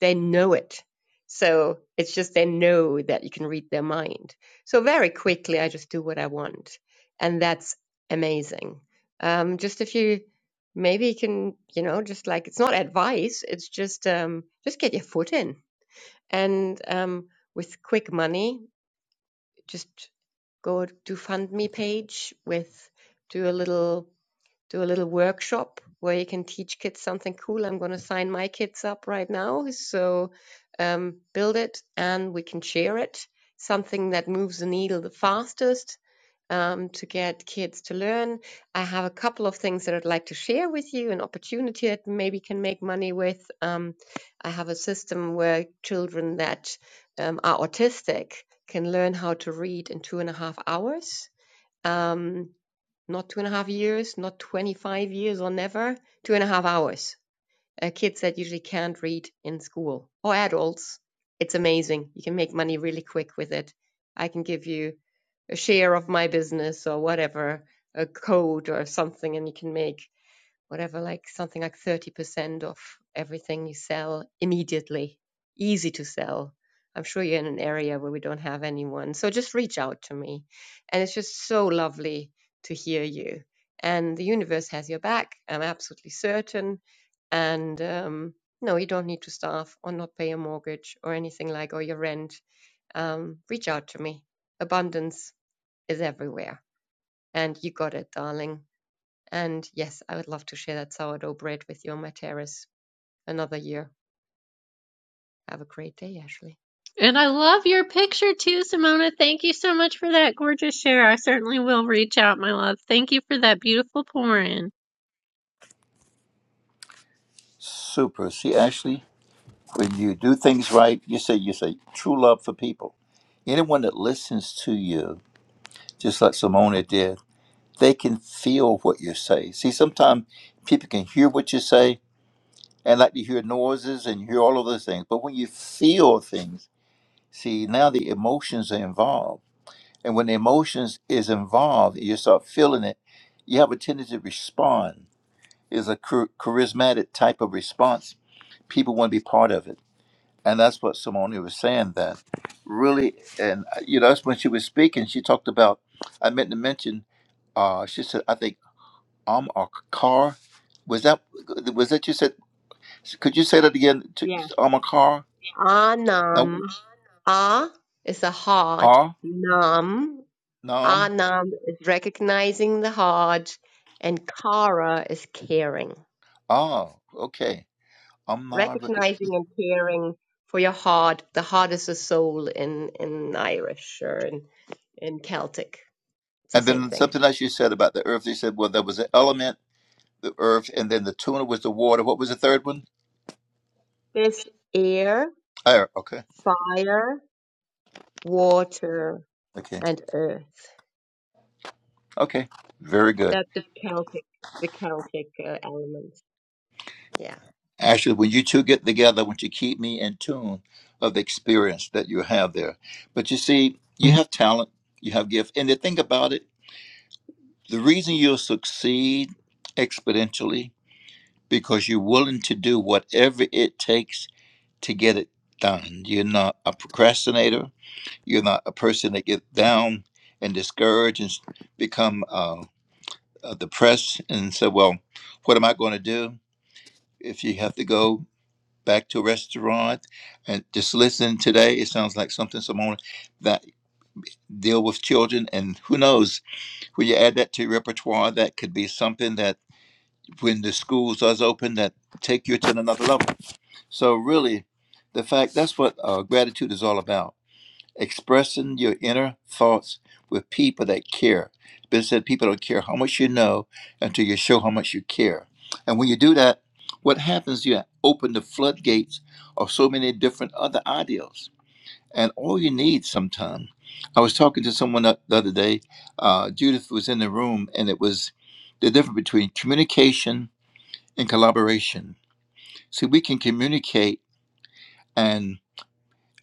[SPEAKER 6] They know it. So it's just they know that you can read their mind. So very quickly, I just do what I want, and that's amazing. Um, just a few maybe you can you know just like it's not advice it's just um just get your foot in and um with quick money just go to fundme page with do a little do a little workshop where you can teach kids something cool i'm going to sign my kids up right now so um build it and we can share it something that moves the needle the fastest um, to get kids to learn. I have a couple of things that I'd like to share with you, an opportunity that maybe can make money with. Um, I have a system where children that um, are autistic can learn how to read in two and a half hours. Um, not two and a half years, not 25 years or never, two and a half hours uh, kids that usually can't read in school or adults. It's amazing. You can make money really quick with it. I can give you a share of my business or whatever, a code or something, and you can make whatever, like something like 30% of everything you sell immediately, easy to sell. I'm sure you're in an area where we don't have anyone. So just reach out to me. And it's just so lovely to hear you. And the universe has your back. I'm absolutely certain. And um, no, you don't need to starve or not pay a mortgage or anything like or your rent. Um, reach out to me. Abundance is everywhere. And you got it, darling. And yes, I would love to share that sourdough bread with you on my terrace another year. Have a great day, Ashley.
[SPEAKER 18] And I love your picture too, Simona. Thank you so much for that gorgeous share. I certainly will reach out, my love. Thank you for that beautiful pour-in.
[SPEAKER 16] Super. See, Ashley, when you do things right, you say you say true love for people. Anyone that listens to you, just like Simona did, they can feel what you say. See, sometimes people can hear what you say and like to hear noises and hear all of those things. But when you feel things, see now the emotions are involved And when emotions is involved, you start feeling it, you have a tendency to respond. It's a char- charismatic type of response. People want to be part of it. And that's what Simone was saying that really, and uh, you know, that's when she was speaking, she talked about, I meant to mention, uh, she said, I think, um, or car. Was that, was that you said, could you say that again? To,
[SPEAKER 6] Yeah.
[SPEAKER 16] um, a car? No,
[SPEAKER 6] Anam. Ah is a hard.
[SPEAKER 16] ah,
[SPEAKER 6] Nam.
[SPEAKER 16] nom,
[SPEAKER 6] Anam is recognizing the hard. And Kara is caring.
[SPEAKER 16] ah, okay. Um,
[SPEAKER 6] Recognizing and caring for your heart. The heart is a soul in, in Irish or in, in Celtic. It's the
[SPEAKER 16] And
[SPEAKER 6] same
[SPEAKER 16] then
[SPEAKER 6] thing.
[SPEAKER 16] something else you said about the earth. You said, well, there was an element, the earth, and then the tuna was the water. What was the third one?
[SPEAKER 6] There's air,
[SPEAKER 16] Air. Okay.
[SPEAKER 6] fire, water,
[SPEAKER 16] Okay.
[SPEAKER 6] and earth.
[SPEAKER 16] Okay. Very good.
[SPEAKER 6] That's the Celtic, the Celtic uh, element. Yeah.
[SPEAKER 16] Actually, when you two get together, I want you to keep me in tune of the experience that you have there. But you see, you have talent, you have gift. And the thing about it, the reason you'll succeed exponentially because you're willing to do whatever it takes to get it done. You're not a procrastinator You're not a person that get down and discouraged and s- become uh, uh, depressed and say, "Well, what am I going to do?" If you have to go back to a restaurant and just listen today, it sounds like something someone that deal with children and who knows when you add that to your repertoire that could be something that when the schools does open that take you to another level so really the fact that's what uh, gratitude is all about expressing your inner thoughts with people that care. But said people don't care how much you know until you show how much you care. And when you do that, what happens? You open the floodgates of so many different other ideals. And all you need sometimes. I was talking to someone the other day. Uh, Judith was in the room, and it was the difference between communication and collaboration. See, we can communicate and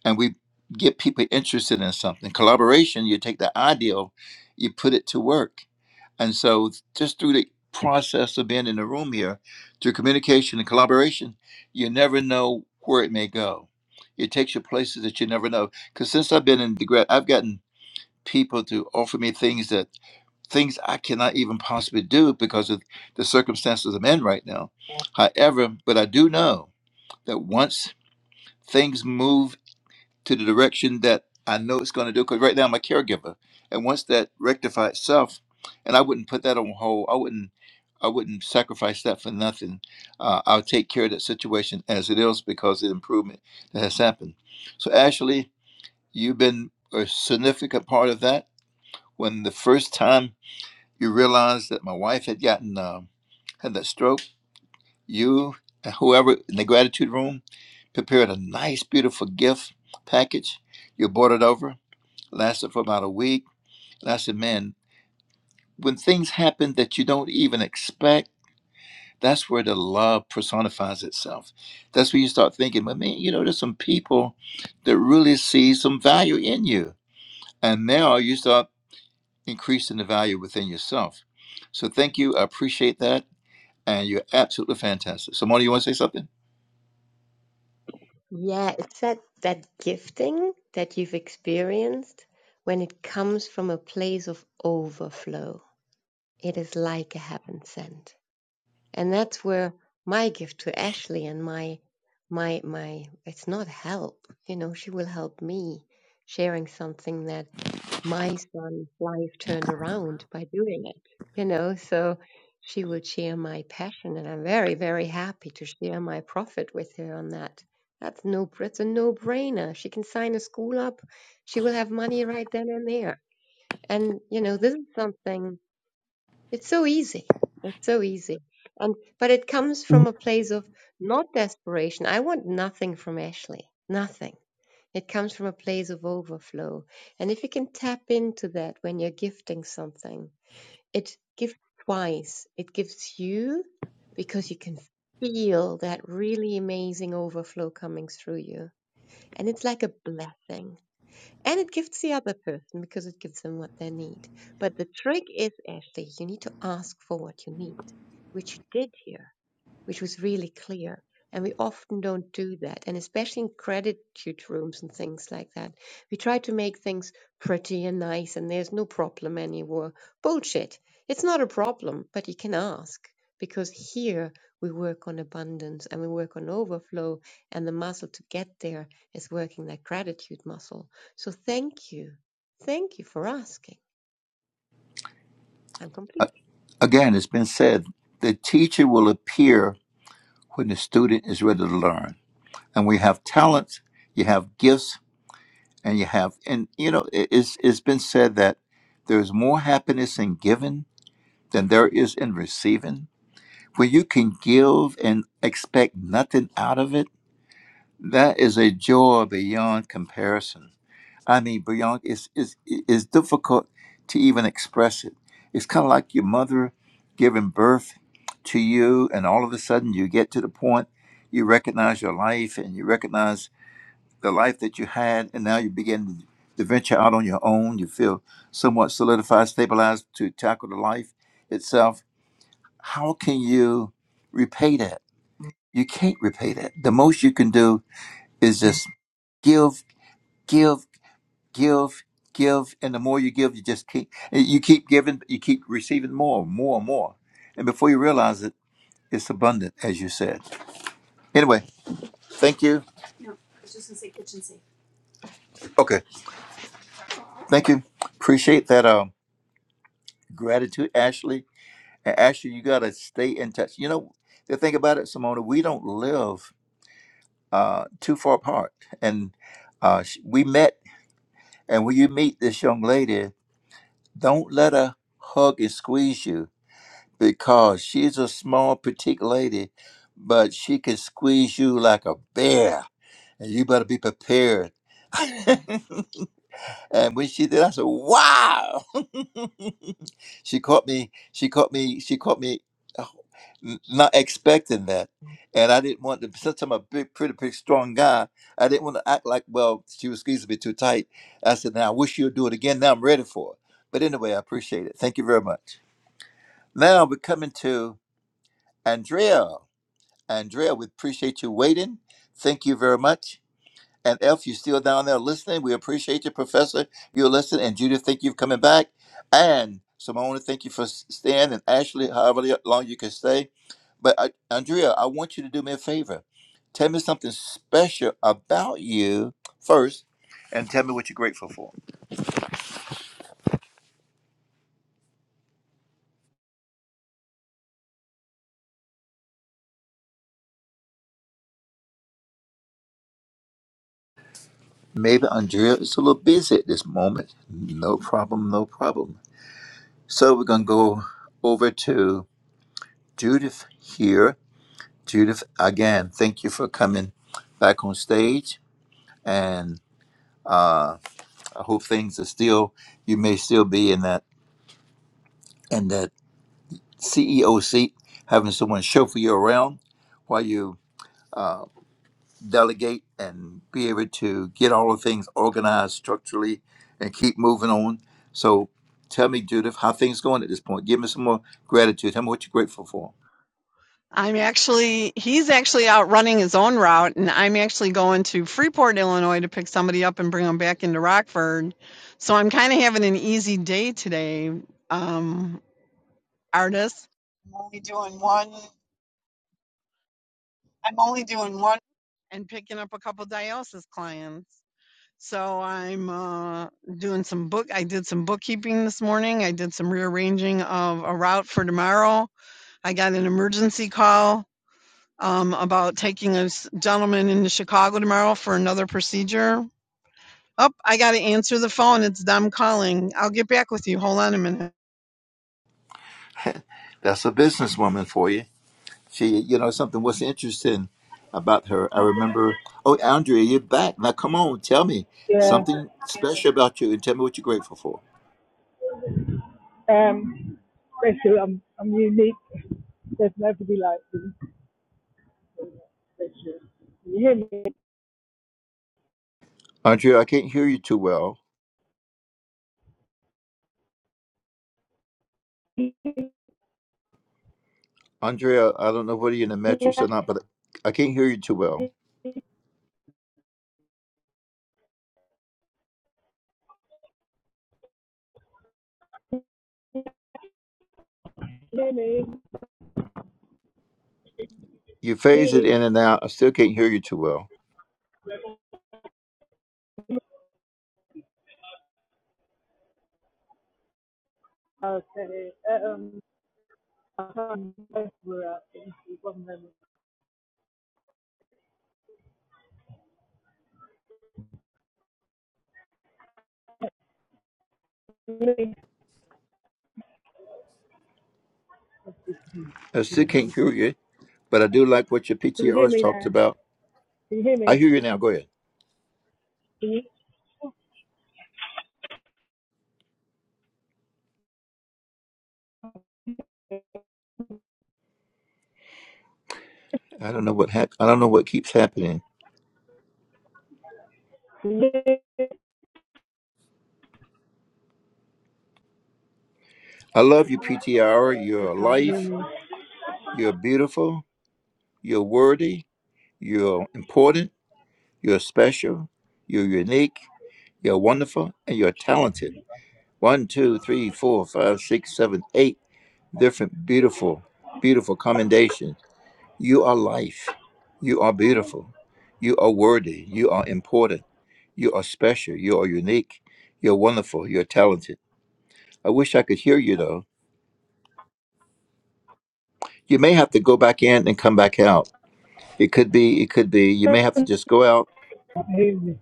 [SPEAKER 16] and we get people interested in something. Collaboration, you take the ideal, you put it to work. And so, just through the process of being in the room here, through communication and collaboration, you never know where it may go. It takes you places that you never know. Because since I've been in the grad, I've gotten people to offer me things that things I cannot even possibly do because of the circumstances I'm in right now. However, but I do know that once things move to the direction that I know it's going to do. Because right now I'm a caregiver, and once that rectify itself, and I wouldn't put that on hold. I wouldn't. I wouldn't sacrifice that for nothing. Uh, I'll take care of that situation as it is because of the improvement that has happened. So, Ashley, you've been a significant part of that. When the first time you realized that my wife had gotten um had that stroke, you and whoever in the gratitude room prepared a nice, beautiful gift package. You brought it over lasted for about a week. And I said, man, when things happen that you don't even expect, that's where the love personifies itself. That's where you start thinking, well, man, you know, there's some people that really see some value in you. And now you start increasing the value within yourself. So thank you. I appreciate that. And you're absolutely fantastic. Simone, you want to say something?
[SPEAKER 6] Yeah, it's that that gifting that you've experienced when it comes from a place of overflow. It is like a heaven sent. And that's where my gift to Ashley and my my my it's not help, you know, she will help me sharing something that my son's life turned around by doing it, you know. So she would share my passion, and I'm very, very happy to share my profit with her on that. That's no, it's a no-brainer. She can sign a school up. She will have money right then and there. And you know, this is something. It's so easy. It's so easy. And but it comes from a place of not desperation. I want nothing from Ashley. Nothing it comes from a place of overflow. And if you can tap into that when you're gifting something, it gives twice. It gives you because you can feel that really amazing overflow coming through you. And it's like a blessing. And it gives the other person because it gives them what they need. But the trick is, Ashley, you need to ask for what you need, which you did here which was really clear. And we often don't do that. And especially in gratitude rooms and things like that, we try to make things pretty and nice and there's no problem anymore. Bullshit. It's not a problem, but you can ask because here we work on abundance and we work on overflow and the muscle to get there is working that gratitude muscle. So thank you. Thank you for asking. I'm
[SPEAKER 16] A-
[SPEAKER 6] complete.
[SPEAKER 16] Again, it's been said the teacher will appear when the student is ready to learn. And we have talents, you have gifts, and you have and you know it- it's it's been said that there is more happiness in giving than there is in receiving when you can give and expect nothing out of it that is a joy beyond comparison i mean beyond it's it's, it's difficult to even express it it's kind of like your mother giving birth to you and all of a sudden you get to the point you recognize your life and you recognize the life that you had, and now you begin to, venture out on your own. You feel somewhat solidified, stabilized to tackle the life itself. How can you repay that? You can't repay that. The most you can do is just give, give, give, give, and the more you give, you just keep you keep giving, you keep receiving more, more, more, and before you realize it, it's abundant, as you said. Anyway, thank you. Okay, thank you. Appreciate that. Um, gratitude, Ashley And actually, you got to stay in touch. You know, the thing about it, Simona, we don't live uh, too far apart. And uh, sh- we met, and when you meet this young lady, don't let her hug and squeeze you because she's a small, petite lady, but she can squeeze you like a bear. And you better be prepared. (laughs) And when she did, I said, "Wow!" (laughs) she caught me. She caught me. She caught me oh, n- not expecting that, and I didn't want to. Since I'm a big, pretty, pretty strong guy, I didn't want to act like well she was squeezing me too tight. I said, "Now I wish you'd do it again. Now I'm ready for it." But anyway, I appreciate it. Thank you very much. Now we're coming to Andrea. Andrea, we appreciate you waiting. Thank you very much. And Elf, you're still down there listening. We appreciate you, Professor. You're listening. And Judith, thank you for coming back. And Simone, thank you for s- staying. And Ashley, however li- long you can stay. But I, Andrea, I want you to do me a favor. Tell me something special about you first, and tell me what you're grateful for. Maybe Andrea is a little busy at this moment. No problem, no problem. So we're going to go over to Judith here Judith, again, thank you for coming back on stage, and uh, I hope things are still. You may still be in that in that CEO seat, having someone chauffeur you around while you uh, delegate and be able to get all the things organized structurally and keep moving on. So, tell me, Judith, how things going at this point? Give me some more gratitude. Tell me what you're grateful for.
[SPEAKER 15] I'm actually, he's actually out running his own route, and I'm actually going to Freeport, Illinois to pick somebody up and bring them back into Rockford. So I'm kind of having an easy day today, um, artist. I'm only doing one, I'm only doing one and picking up a couple dialysis clients. So I'm uh, doing some book. I did some bookkeeping this morning. I did some rearranging of a route for tomorrow. I got an emergency call um, about taking a gentleman into Chicago tomorrow for another procedure. Oh, I got to answer the phone. It's them calling. I'll get back with you. Hold on a minute.
[SPEAKER 16] That's a businesswoman for you. She, you know, something was interesting about her. I remember, oh, Andrea, you're back. Now, come on, tell me
[SPEAKER 19] Yeah.
[SPEAKER 16] something special about you and tell me what you're grateful for.
[SPEAKER 19] Um, special. I'm, I'm unique. There's nobody like me. Special. You hear me?
[SPEAKER 16] Andrea, I can't hear you too well. Andrea, I don't know whether you're in the mattress or not, but I can't hear you too well.
[SPEAKER 19] You hear me?
[SPEAKER 16] You
[SPEAKER 19] You
[SPEAKER 16] phase it
[SPEAKER 19] hear me?
[SPEAKER 16] in and out. I still can't hear you too well.
[SPEAKER 19] Okay. Um, I can't remember where I One moment. Can you hear me?
[SPEAKER 16] I still can't hear you, but I do like what your PTRs talked
[SPEAKER 19] now?
[SPEAKER 16] about.
[SPEAKER 19] Can you hear
[SPEAKER 16] I
[SPEAKER 19] me?
[SPEAKER 16] hear you now. Go ahead. I don't know what hap- I don't know what keeps happening.
[SPEAKER 19] Can you hear me?
[SPEAKER 16] I love your PTR. You're
[SPEAKER 19] I can't hear
[SPEAKER 16] alive.
[SPEAKER 19] me. I
[SPEAKER 16] You're beautiful. You're worthy You're important, you're special, you're unique, you're wonderful, and you're talented. One, two, three, four, five, six, seven, eight different beautiful, beautiful commendations. You are life. You are beautiful. You are worthy. You are important. You are special. You are unique. You're wonderful. You're talented. I wish I could hear you though. You may have to go back in and come back out. It could be, it could be. You may have to just go out.
[SPEAKER 19] can't hear me.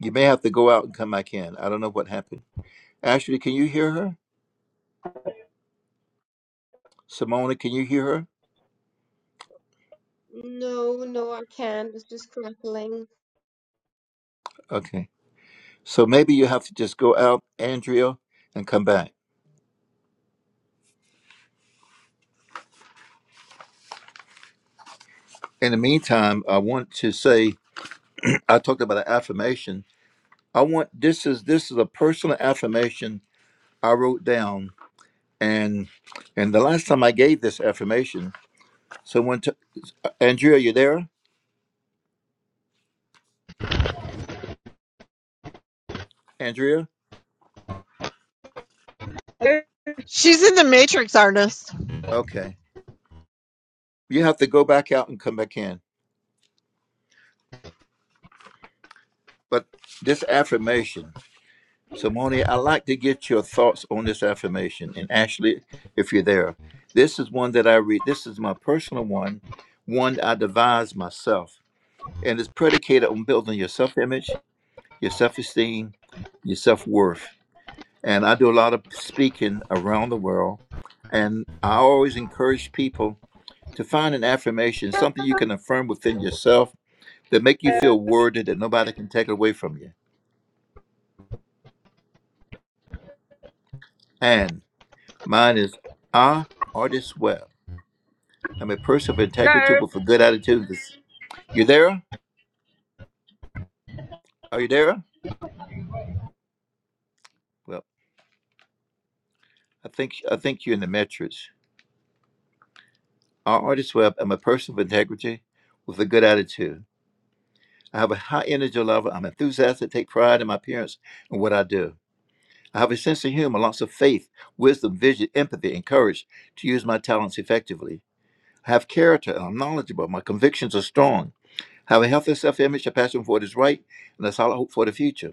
[SPEAKER 16] You may have to go out and come back in. I don't know what happened Ashley, can you hear her? Simona, can you hear her?
[SPEAKER 6] No, no, I can't. It's just crackling.
[SPEAKER 16] Okay. So maybe you have to just go out, Andrea, and come back. In the meantime, I want to say (clears throat) I talked about an affirmation. I want this is this is a personal affirmation I wrote down, and and the last time I gave this affirmation, someone t- uh, Andrea, you there? Andrea,
[SPEAKER 15] She's in the Matrix, artist.
[SPEAKER 16] okay. You have to go back out and come back in. But this affirmation. So, Moni, I'd like to get your thoughts on this affirmation. And Ashley, if you're there, this is one that I read. This is my personal one, one I devised myself. And it's predicated on building your self image, your self esteem, your self worth. And I do a lot of speaking around the world. And I always encourage people to find an affirmation, something you can affirm within yourself that make you feel worthy that nobody can take away from you. And mine is, I, Artist Web. I'm a person of integrity with a good attitude. This- You there? Are you there? Well, I think I think you're in the metrics. Our artist web. I'm a person of integrity with a good attitude. I have a high energy level. I'm enthusiastic. Take pride in my appearance and what I do. I have a sense of humor, lots of faith, wisdom, vision, empathy, and courage to use my talents effectively. I have character and I'm knowledgeable. My convictions are strong. I have a healthy self-image, a passion for what is right, and a solid hope for the future.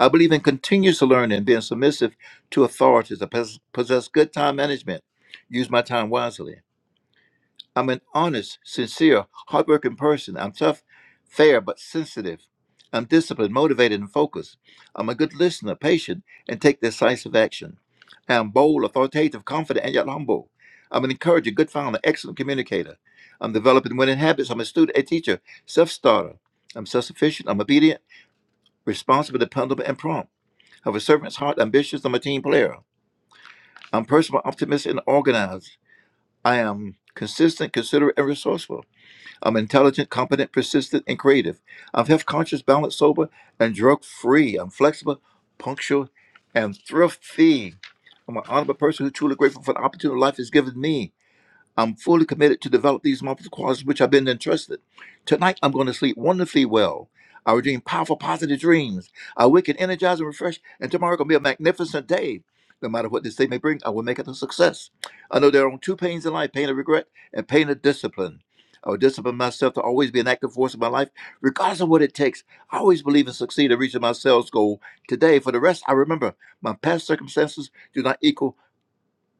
[SPEAKER 16] I believe in continuous learning and being submissive to authorities. I pos- possess good time management, use my time wisely. I'm an honest, sincere, hardworking person. I'm tough, fair, but sensitive. I'm disciplined, motivated, and focused. I'm a good listener, patient, and take decisive action. I'm bold, authoritative, confident, and yet humble. I'm an encourager, good founder, excellent communicator. I'm developing winning habits. I'm a student, a teacher, self starter. I'm self sufficient. I'm obedient, responsible, dependable, and prompt. Have a servant's heart, ambitious. I'm a team player. I'm personal, optimistic, and organized. I am consistent, considerate, and resourceful. I'm intelligent, competent, persistent, and creative. I'm health conscious, balanced, sober, and drug free. I'm flexible, punctual, and thrifty. I'm an honorable person who's truly grateful for the opportunity life has given me. I'm fully committed to develop these multiple qualities which I've been entrusted. Tonight, I'm going to sleep wonderfully well. I will dream powerful, positive dreams. I wake and energize and refresh, and tomorrow going to be a magnificent day. No matter what this day may bring, I will make it a success. I know there are only two pains in life pain of regret and pain of discipline. I will discipline myself to always be an active force in my life, regardless of what it takes. I always believe in succeed in reaching my sales goal today. For the rest, I remember my past circumstances do not equal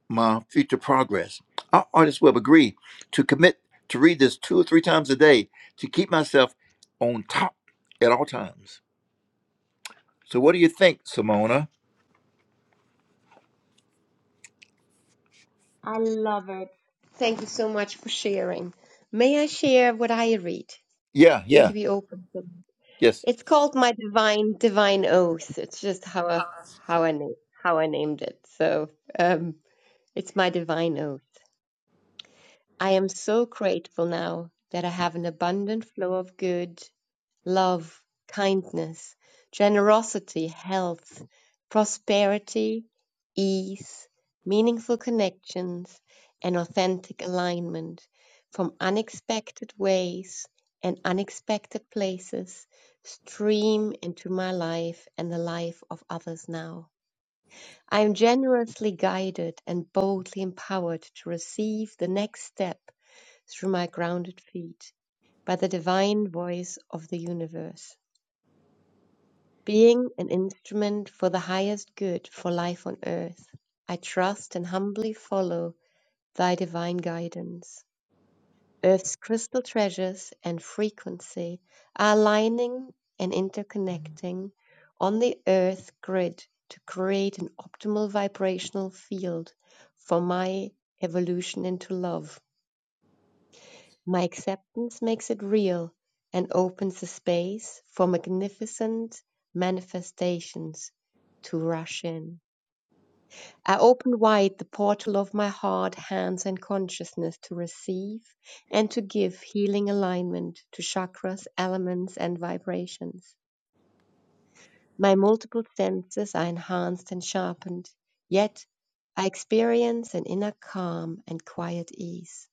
[SPEAKER 16] my future progress. Our artists will agree to commit to read this two or three times a day to keep myself on top at all times. So, what do you think, Simona?
[SPEAKER 6] I love it. Thank you so much for sharing. May I share what I read?
[SPEAKER 16] Yeah,
[SPEAKER 6] Would
[SPEAKER 16] yeah,
[SPEAKER 6] you be open to? it?
[SPEAKER 16] yes,
[SPEAKER 6] It's called My Divine Divine Oath. It's just how I, how I na- how I named it. So um, it's My Divine Oath. I am so grateful now that I have an abundant flow of good love, kindness, generosity, health, prosperity, ease, meaningful connections, and authentic alignment from unexpected ways and unexpected places stream into my life and the life of others now. I am generously guided and boldly empowered to receive the next step through my grounded feet by the divine voice of the universe. Being an instrument for the highest good for life on earth, I trust and humbly follow thy divine guidance. Earth's crystal treasures and frequency are aligning and interconnecting on the earth grid to create an optimal vibrational field for my evolution into love. My acceptance makes it real and opens the space for magnificent manifestations to rush in. I open wide the portal of my heart, hands, and consciousness to receive and to give healing alignment to chakras, elements, and vibrations. My multiple senses are enhanced and sharpened, yet I experience an inner calm and quiet ease.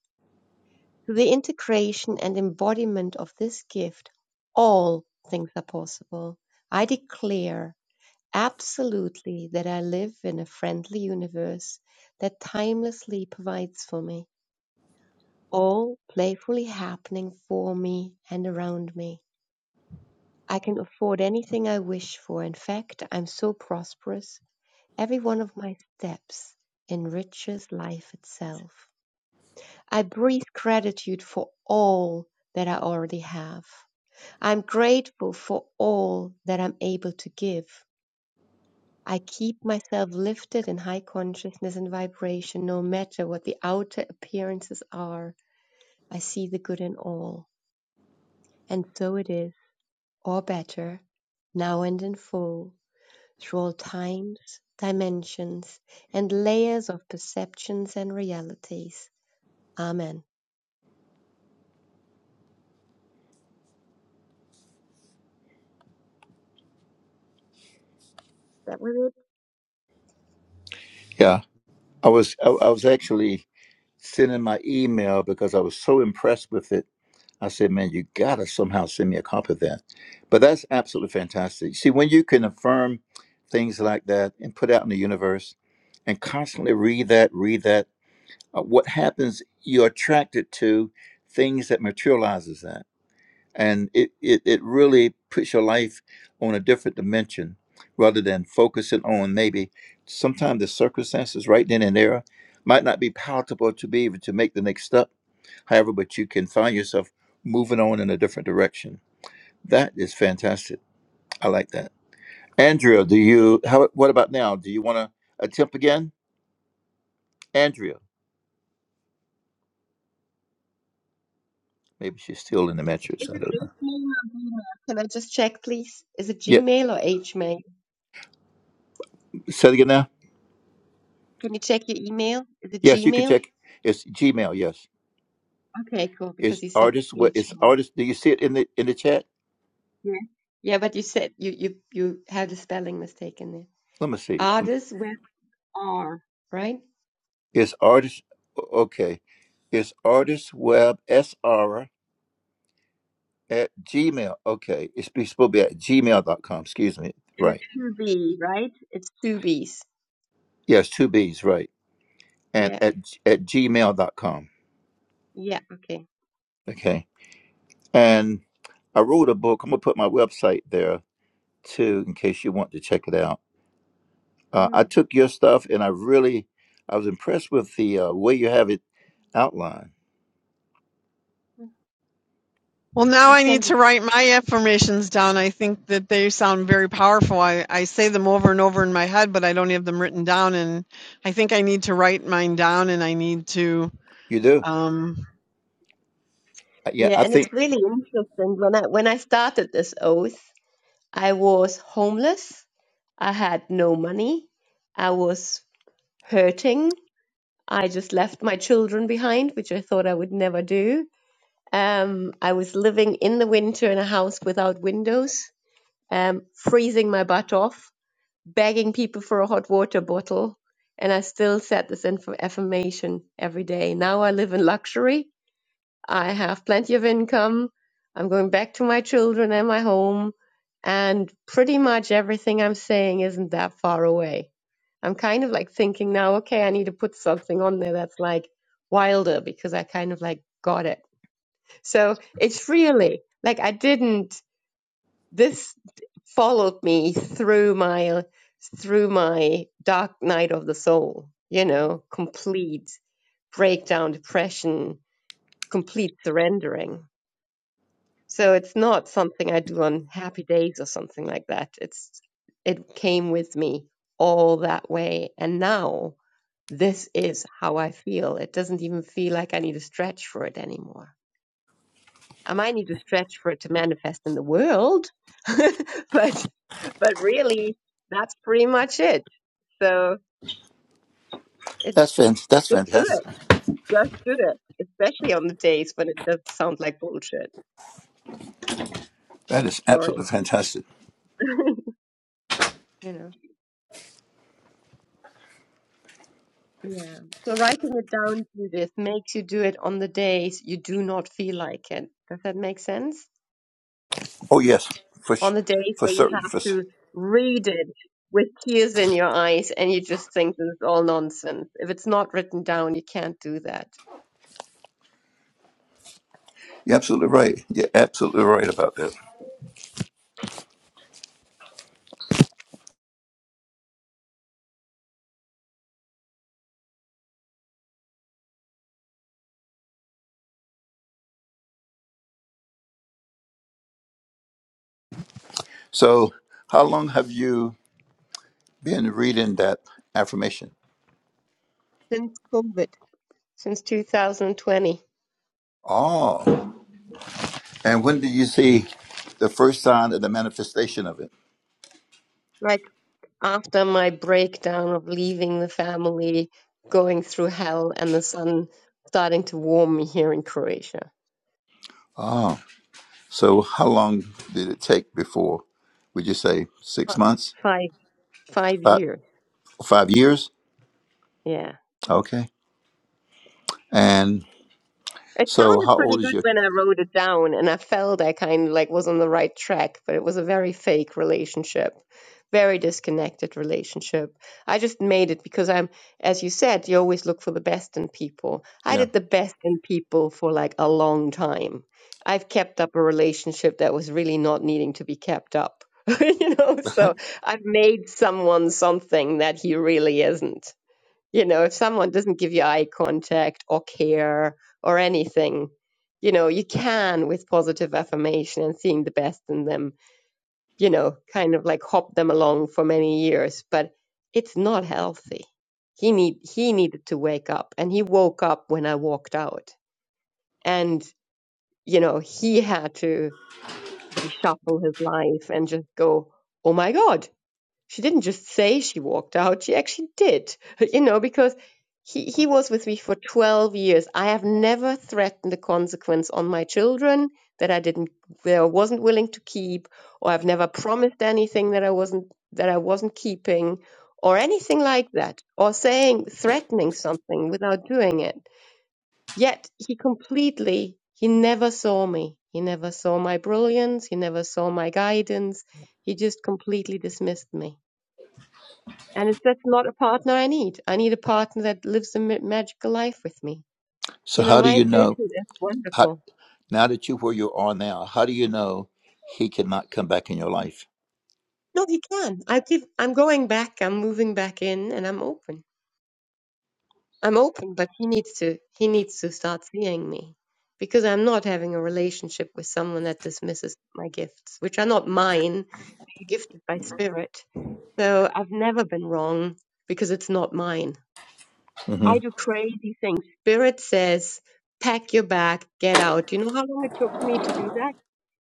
[SPEAKER 6] Through the integration and embodiment of this gift, all things are possible. I declare absolutely that I live in a friendly universe that timelessly provides for me, all playfully happening for me and around me. I can afford anything I wish for. In fact, I'm so prosperous. Every one of my steps enriches life itself. I breathe gratitude for all that I already have. I'm grateful for all that I'm able to give. I keep myself lifted in high consciousness and vibration no matter what the outer appearances are. I see the good in all, and so it is, or better, now and in full, through all times, dimensions, and layers of perceptions and realities. Amen. That was
[SPEAKER 16] yeah. I was I, I was actually sending my email because I was so impressed with it. I said, man, you gotta somehow send me a copy of that. But that's absolutely fantastic. See, when you can affirm things like that and put out in the universe and constantly read that, read that uh, what happens you're attracted to things that materializes that and it, it it really puts your life on a different dimension rather than focusing on maybe sometimes the circumstances right then and there might not be palatable to be able to make the next step however but you can find yourself moving on in a different direction that is fantastic i like that andrea do you how what about now do you want to attempt again andrea maybe she's still in the mattress
[SPEAKER 6] Is
[SPEAKER 16] i
[SPEAKER 6] it
[SPEAKER 16] don't know
[SPEAKER 6] Hmail or Gmail? Can I just check, please? Is it
[SPEAKER 16] yeah
[SPEAKER 6] Gmail or Hmail?
[SPEAKER 16] say it again now.
[SPEAKER 6] Can you check your email? Is it
[SPEAKER 16] Yes, you can
[SPEAKER 6] Gmail?
[SPEAKER 16] check. It's Gmail. Yes,
[SPEAKER 6] Okay, cool.
[SPEAKER 16] it's
[SPEAKER 6] Because you said
[SPEAKER 16] artist. What it's
[SPEAKER 6] Hmail.
[SPEAKER 16] artist? Do you see it in the in the chat?
[SPEAKER 6] Yeah. Yeah, but you said you you you had a spelling mistake in there.
[SPEAKER 16] Let me see. Um,
[SPEAKER 6] Artists with R, right?
[SPEAKER 16] It's artist. Okay, it's artistweb sr at gmail. Okay, it's be- supposed to be at Gmail dot com. Excuse me.
[SPEAKER 6] And
[SPEAKER 16] Right.
[SPEAKER 6] it's two B, right? It's two B's.
[SPEAKER 16] Yes, two B's. Right. And
[SPEAKER 6] Yeah.
[SPEAKER 16] at at Gmail dot com.
[SPEAKER 6] Yeah. Okay.
[SPEAKER 16] Okay. And I wrote a book. I'm gonna put my website there too, in case you want to check it out. Uh, I
[SPEAKER 6] Mm.
[SPEAKER 16] took your stuff, and I really, I was impressed with the uh, way you have it outline.
[SPEAKER 15] Well, now
[SPEAKER 6] I
[SPEAKER 15] I need
[SPEAKER 6] sent it.
[SPEAKER 15] to write my affirmations down. I think that they sound very powerful. I, I say them over and over in my head, but I don't have them written down. And I think I need to write mine down and I need to,
[SPEAKER 16] You do?
[SPEAKER 15] um,
[SPEAKER 16] Uh, Yeah,
[SPEAKER 6] Yeah,
[SPEAKER 16] I
[SPEAKER 6] and
[SPEAKER 16] think
[SPEAKER 6] it's really interesting. When I when I started this oath, I was homeless. I had no money. I was hurting. I just left my children behind, which I thought I would never do. Um, I was living in the winter in a house without windows, um, freezing my butt off, begging people for a hot water bottle. And I still said this inf- affirmation every day. Now I live in luxury I have plenty of income. I'm going back to my children and my home. And pretty much everything I'm saying isn't that far away. I'm kind of like thinking now, okay, I need to put something on there that's like wilder because I kind of like got it. So it's really like I didn't, this followed me through my, through my dark night of the soul, you know, complete breakdown, depression, complete surrendering. So it's not something I do on happy days or something like that. It's it came with me all that way and now this is how I feel. It doesn't even feel like I need to stretch for it anymore. I might need to stretch for it to manifest in the world, (laughs) but but really that's pretty much it. So it's
[SPEAKER 16] that's fan- that's
[SPEAKER 6] just do it.
[SPEAKER 16] fantastic.
[SPEAKER 6] Just do it. Especially on the days when it does sound like bullshit.
[SPEAKER 16] That is
[SPEAKER 6] Sorry.
[SPEAKER 16] absolutely fantastic.
[SPEAKER 6] You know. Yeah. So writing it down to this makes you do it on the days you do not feel like it. Does that make sense?
[SPEAKER 16] Oh yes, for
[SPEAKER 6] On
[SPEAKER 16] sh-
[SPEAKER 6] the days
[SPEAKER 16] for
[SPEAKER 6] where you
[SPEAKER 16] certain.
[SPEAKER 6] have
[SPEAKER 16] For s-
[SPEAKER 6] to read it with tears in your eyes and you just think this is all nonsense. If it's not written down, you can't do that.
[SPEAKER 16] you're absolutely right. You're absolutely right about that. So, how long have you been reading that affirmation?
[SPEAKER 6] Since COVID, since 2020,
[SPEAKER 16] Oh, and when did you see the first sign of the manifestation of it?
[SPEAKER 6] like after my breakdown of leaving the family, going through hell, and the sun starting to warm me here in Croatia.
[SPEAKER 16] Oh, so how long did it take before? Would you say six
[SPEAKER 6] Fi-
[SPEAKER 16] months,
[SPEAKER 6] Five, five
[SPEAKER 16] five,
[SPEAKER 6] years.
[SPEAKER 16] five years?
[SPEAKER 6] Yeah.
[SPEAKER 16] Okay. And
[SPEAKER 6] It
[SPEAKER 16] so, how
[SPEAKER 6] sounded pretty
[SPEAKER 16] old is
[SPEAKER 6] good
[SPEAKER 16] your?
[SPEAKER 6] when I wrote it down, and I felt I kind of like was on the right track, but it was a very fake relationship, very disconnected relationship. I just made it because I'm, as you said, you always look for the best in people. I
[SPEAKER 16] Yeah.
[SPEAKER 6] did the best in people for like a long time. I've kept up a relationship that was really not needing to be kept up. (laughs) You know, so I've made someone something that he really isn't you know if someone doesn't give you eye contact or care or anything you know you can with positive affirmation and seeing the best in them you know kind of like hop them along for many years but it's not healthy he need he needed to wake up and he woke up when i walked out and you know he had to reshuffle his life and just go oh my god she didn't just say she walked out she actually did you know because he, he was with me for 12 years i have never threatened the consequence on my children that i didn't that i wasn't willing to keep or i've never promised anything that i wasn't that i wasn't keeping or anything like that or saying threatening something without doing it yet he completely he never saw me he never saw my brilliance he never saw my guidance he just completely dismissed me and it's that's not a partner I need. I need a partner that lives a ma- magical life with me.
[SPEAKER 16] So
[SPEAKER 6] You know,
[SPEAKER 16] how do
[SPEAKER 6] my
[SPEAKER 16] you
[SPEAKER 6] intuition
[SPEAKER 16] know?
[SPEAKER 6] is
[SPEAKER 16] How,
[SPEAKER 6] wonderful.
[SPEAKER 16] now that you're where you are now, how do you know he cannot come back in your life?
[SPEAKER 6] No, he can. I keep. I'm going back. I'm moving back in, and I'm open. I'm open, but he needs to. He needs to start seeing me, because I'm not having a relationship with someone that dismisses my gifts, which are not mine. They're gifted by spirit. So I've never been wrong because it's not mine.
[SPEAKER 16] Mm-hmm.
[SPEAKER 6] I do crazy things. Spirit says, pack your bag, get out. You know how long it took me to do that?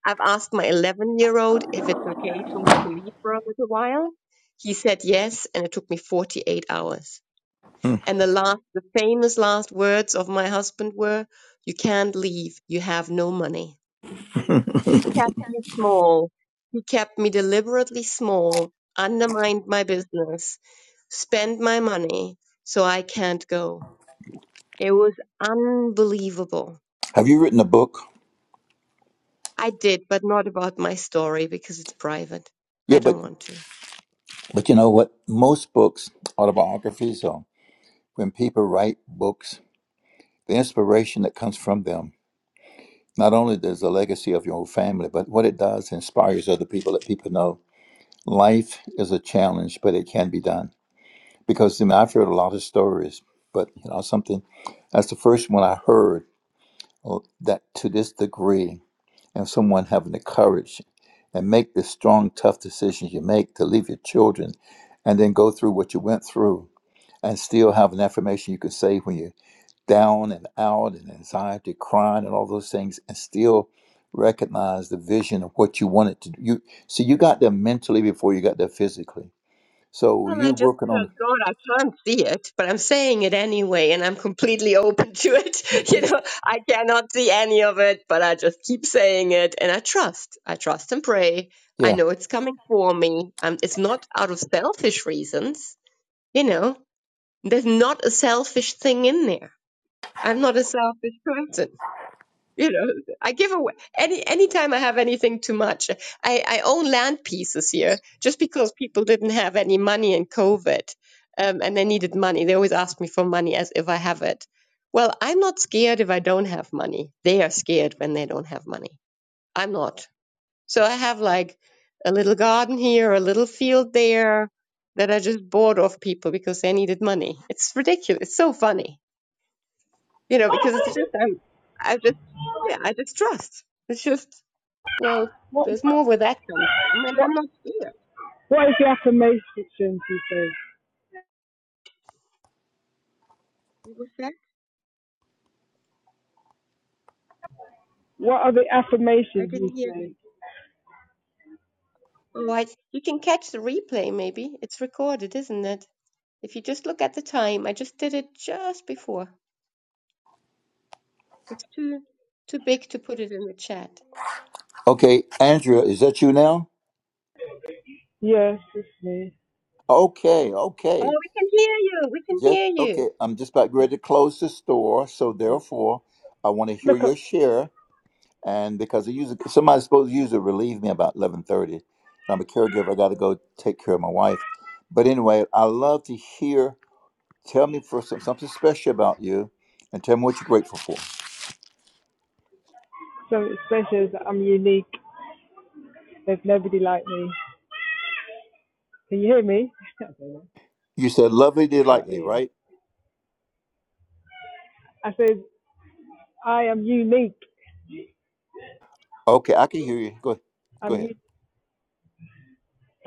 [SPEAKER 6] I've asked my 11 year old if it's okay for me to leave for a little while. He said yes, and it took me 48 hours.
[SPEAKER 16] hmm
[SPEAKER 6] And the last, the famous last words of my husband were, You can't leave. You have no money. He kept me small. He kept me deliberately small, undermined my business, spent my money so I can't go. It was unbelievable.
[SPEAKER 16] Have you written a book?
[SPEAKER 6] I did, but not about my story because it's private.
[SPEAKER 16] Yeah,
[SPEAKER 6] I
[SPEAKER 16] but
[SPEAKER 6] don't want to.
[SPEAKER 16] but you know what? Most books, autobiographies, or when people write books, the inspiration that comes from them not only there's the legacy of your own family, but what it does inspires other people. That people know life is a challenge, but it can be done. Because I mean, I've heard a lot of stories, but you know something. That's the first one I heard oh, that to this degree and someone having the courage and make the strong tough decisions you make to leave your children and then go through what you went through and still have an affirmation you can say when you're down and out and anxiety crying and all those things and still recognize the vision of what you wanted to do you see you got there mentally before you got there physically so
[SPEAKER 6] Well, I
[SPEAKER 16] you
[SPEAKER 6] just
[SPEAKER 16] working on
[SPEAKER 6] told
[SPEAKER 16] the
[SPEAKER 6] God I can't see it, but I'm saying it anyway, and I'm completely open to it. (laughs) You know, I cannot see any of it, but I just keep saying it, and I trust. I trust and pray. I
[SPEAKER 16] yeah
[SPEAKER 6] know it's coming for me. Um, it's not out of selfish reasons. You know, there's not a selfish thing in there. I'm not a selfish person. you know i give away any anytime i have anything too much i i own land pieces here just because people didn't have any money in covid um, and they needed money they always ask me for money as if i have it well i'm not scared if i don't have money they are scared when they don't have money i'm not so i have like a little garden here a little field there that i just bought off people because they needed money it's ridiculous it's so funny you know, because it's just I, I just yeah, I just trust. It's just well, there's more where that comes from, and I'm not sure.
[SPEAKER 19] What is the affirmations you say?
[SPEAKER 6] What was that?
[SPEAKER 19] What are the
[SPEAKER 6] I
[SPEAKER 19] affirmations you
[SPEAKER 6] didn't hear that.
[SPEAKER 19] say?
[SPEAKER 6] Oh, I, you can catch the replay. Maybe it's recorded, isn't it? If you just look at the time, I just did it just before. It's too too big to put it in the chat.
[SPEAKER 16] okay andrea is that you now
[SPEAKER 19] Yes, it's me.
[SPEAKER 16] okay
[SPEAKER 6] Oh,
[SPEAKER 16] okay
[SPEAKER 6] we can hear you. We can
[SPEAKER 16] Just
[SPEAKER 6] hear you.
[SPEAKER 16] okay. I'm just about ready to close the store, so therefore, I want to hear
[SPEAKER 19] Look
[SPEAKER 16] your
[SPEAKER 19] up.
[SPEAKER 16] share. And because I usually somebody's supposed to usually relieve me about eleven thirty. I'm a caregiver. I got to go take care of my wife. But anyway, I love to hear. Tell me for some, something special about you, and tell me what you're grateful for.
[SPEAKER 19] So it's special that I'm unique. There's nobody like me. Can you hear me? (laughs) I don't know.
[SPEAKER 16] You said lovely,
[SPEAKER 19] I can't
[SPEAKER 16] delightly,
[SPEAKER 19] hear.
[SPEAKER 16] right?
[SPEAKER 19] I said, I am unique.
[SPEAKER 16] Okay, I can hear you. Go, go
[SPEAKER 19] I'm
[SPEAKER 16] ahead.
[SPEAKER 19] u-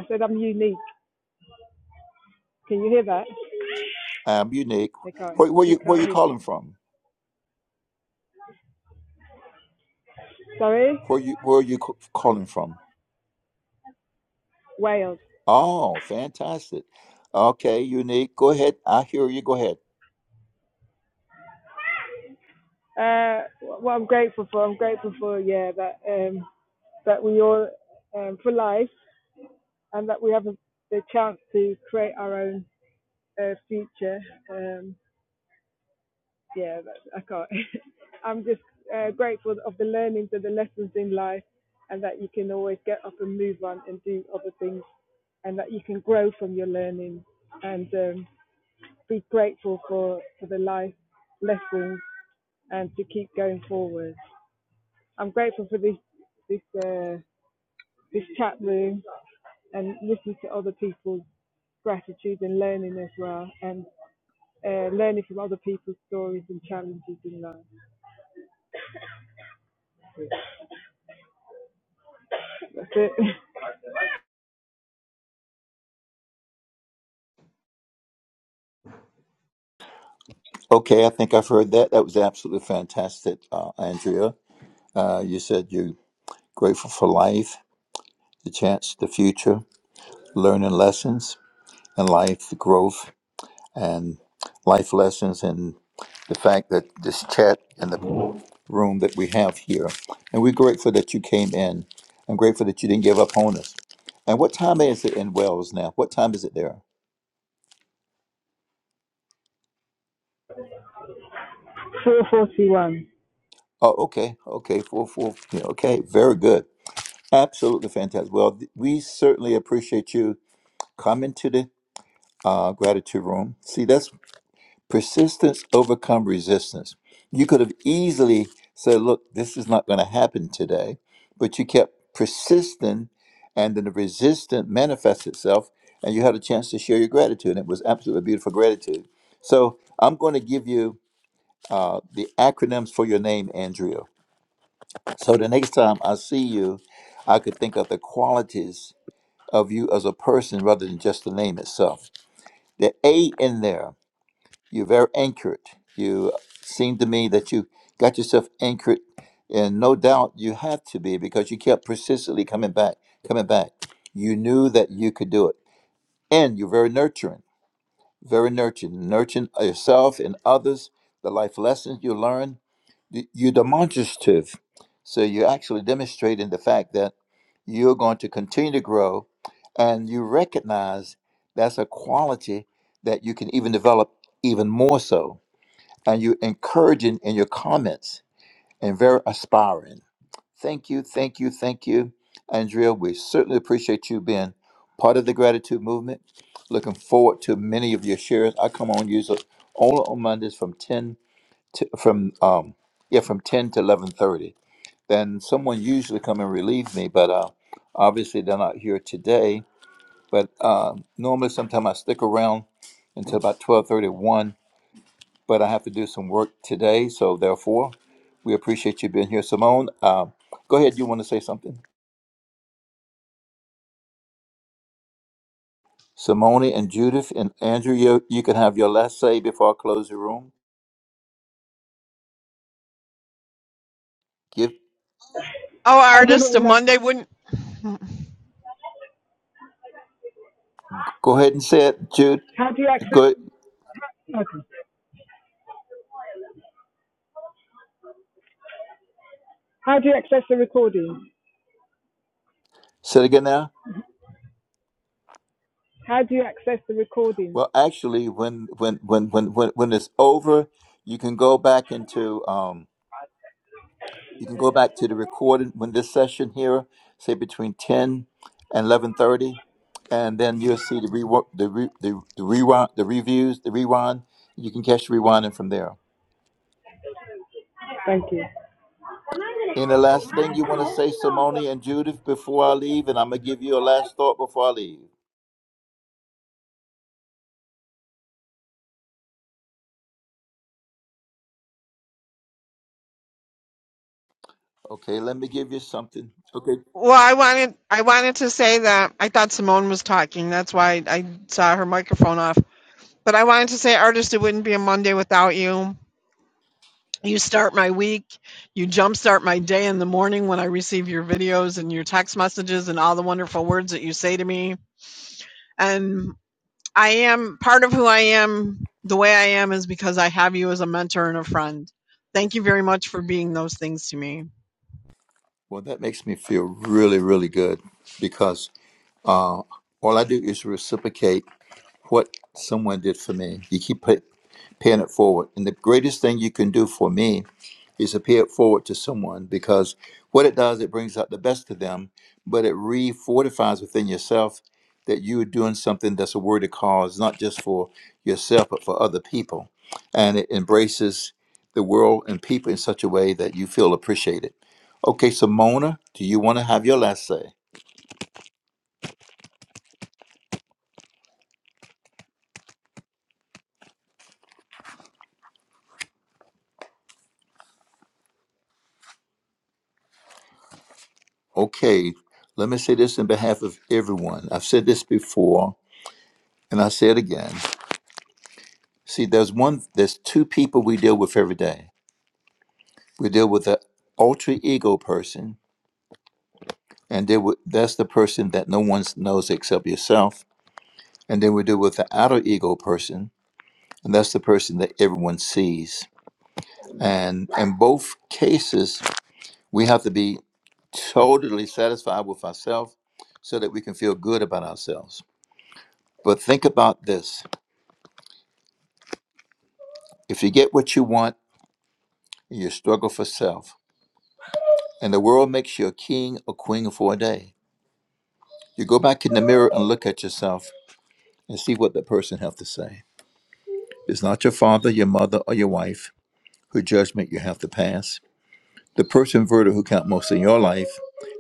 [SPEAKER 19] I said, I'm unique. Can you hear that?
[SPEAKER 16] I'm unique.
[SPEAKER 19] They can't.
[SPEAKER 16] Where, where
[SPEAKER 19] You
[SPEAKER 16] you where
[SPEAKER 19] can't
[SPEAKER 16] you
[SPEAKER 19] hear.
[SPEAKER 16] calling from?
[SPEAKER 19] Sorry,
[SPEAKER 16] Where you where are you c- calling from?
[SPEAKER 19] Wales.
[SPEAKER 16] Oh, fantastic. Okay, unique. Go ahead. I hear you. Go ahead.
[SPEAKER 19] Uh, what I'm grateful for, I'm grateful for yeah that um that we all um for life and that we have a, the chance to create our own uh, future. Um, yeah, I can't. (laughs) I'm just uh, grateful of the learnings and the lessons in life, and that you can always get up and move on and do other things, and that you can grow from your learning and um, be grateful for, for the life lessons and to keep going forward. I'm grateful for this this uh, this chat room and listening to other people's gratitude and learning as well, and uh, learning from other people's stories and challenges in life. That's it. (laughs)
[SPEAKER 16] Okay, I think I've heard that. That was absolutely fantastic, uh, Andrea. Uh, you said you're grateful for life, the chance, the future, learning lessons, and life growth, and life lessons, and the fact that this chat and the room that we have here. And we're grateful that you came in. I'm grateful that you didn't give up on us. And what time is it in Wells now? What time is it there?
[SPEAKER 19] 441.
[SPEAKER 16] Oh, okay, okay, four, four, yeah, okay, very good, absolutely fantastic. Well, th- we certainly appreciate you coming to the uh, gratitude room. See, that's persistence overcome resistance. You could have easily said, "Look, this is not going to happen today," but you kept persisting, and then the resistance manifests itself, and you had a chance to share your gratitude. And it was absolutely beautiful gratitude. So, I'm going to give you uh, the acronyms for your name, Andrea. So the next time I see you, I could think of the qualities of you as a person rather than just the name itself. The A in there, you're very anchored. You seem to me that you got yourself anchored, and no doubt you had to be because you kept persistently coming back, coming back. You knew that you could do it. And you're very nurturing, very nurturing, nurturing yourself and others, the life lessons you learn y- you're demonstrative. So you're actually demonstrating the fact that you're going to continue to grow and you recognize that's a quality that you can even develop even more so. And you're encouraging in your comments and very aspiring. Thank you, thank you, thank you, Andrea. We certainly appreciate you being part of the gratitude movement. Looking forward to many of your shares. I come on usually only on Mondays from 10 t- from um yeah from 10 to 11:30 then someone usually come and relieve me but uh obviously they're not here today but uh normally sometime I stick around until about 12:31 but I have to do some work today so therefore we appreciate you being here Simone uh, go ahead you want to say something Simone and Judith and Andrew you you can have your last say before I close the room give
[SPEAKER 15] oh,
[SPEAKER 19] I just
[SPEAKER 15] artist,
[SPEAKER 19] want
[SPEAKER 15] a
[SPEAKER 19] to know,
[SPEAKER 15] Monday wouldn't.
[SPEAKER 16] go ahead and say it Jude
[SPEAKER 19] how do you access,
[SPEAKER 16] go ahead,
[SPEAKER 19] okay. how do you access the recording?
[SPEAKER 16] say it again now
[SPEAKER 19] How do you access the recording?
[SPEAKER 16] Well, actually, when when when when when when it's over, you can go back into um, you can go back to the recording when this session here, say between ten and eleven thirty, and then you'll see the rework the re, the the rewind the reviews the rewind. You can catch the rewinding from there.
[SPEAKER 19] Thank you.
[SPEAKER 16] And the last thing you want to say, Simone and Judith, before I leave, and I'm gonna give you a last thought before I leave. Okay, let me give you something. Okay.
[SPEAKER 15] Well, I wanted I wanted to say that I thought Simone was talking. That's why I saw her microphone off. But I wanted to say, artist, it wouldn't be a Monday without you. you start my week you jumpstart my day in the morning when i receive your videos and your text messages and all the wonderful words that you say to me and i am part of who i am the way i am is because i have you as a mentor and a friend thank you very much for being those things to me
[SPEAKER 16] Well, that makes me feel really, really good because Uh, all I do is reciprocate what someone did for me. You keep pay, paying it forward. And the greatest thing you can do for me is to pay it forward to someone because what it does, it brings out the best of them, but it re fortifies within yourself that you are doing something that's a worthy cause, not just for yourself, but for other people. And it embraces the world and people in such a way that you feel appreciated. Okay, so Mona, do you want to have your last say? Okay, let me say this in behalf of everyone. I've said this before, and I say it again. See, there's one, there's two people we deal with every day. We deal with the ultra ego person, and deal with, that's the person that no one knows except yourself. And then we deal with the outer ego person, and that's the person that everyone sees. And in both cases, we have to be totally satisfied with ourselves so that we can feel good about ourselves. But think about this If you get what you want, you struggle for self, and the world makes you a king or queen for a day. You go back in the mirror and look at yourself and see what the person have to say. It's not your father, your mother, or your wife whose judgment you have to pass. The person verdict who count most in your life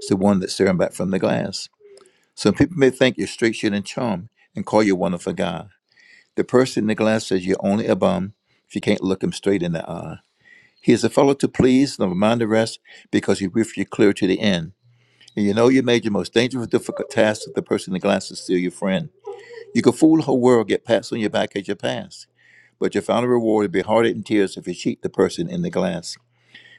[SPEAKER 16] is the one that's staring back from the glass. Some people may think you're straight shooting and charm and call you a wonderful guy. The person in the glass says you're only a bum if you can't look him straight in the eye. He is a fellow to please, never mind the rest, because he with you clear to the end. And you know you made your most dangerous, difficult task with the person in the glass is still your friend. You could fool the whole world, get pats on your back as you pass, but your final reward would be heartache and tears if you cheat the person in the glass.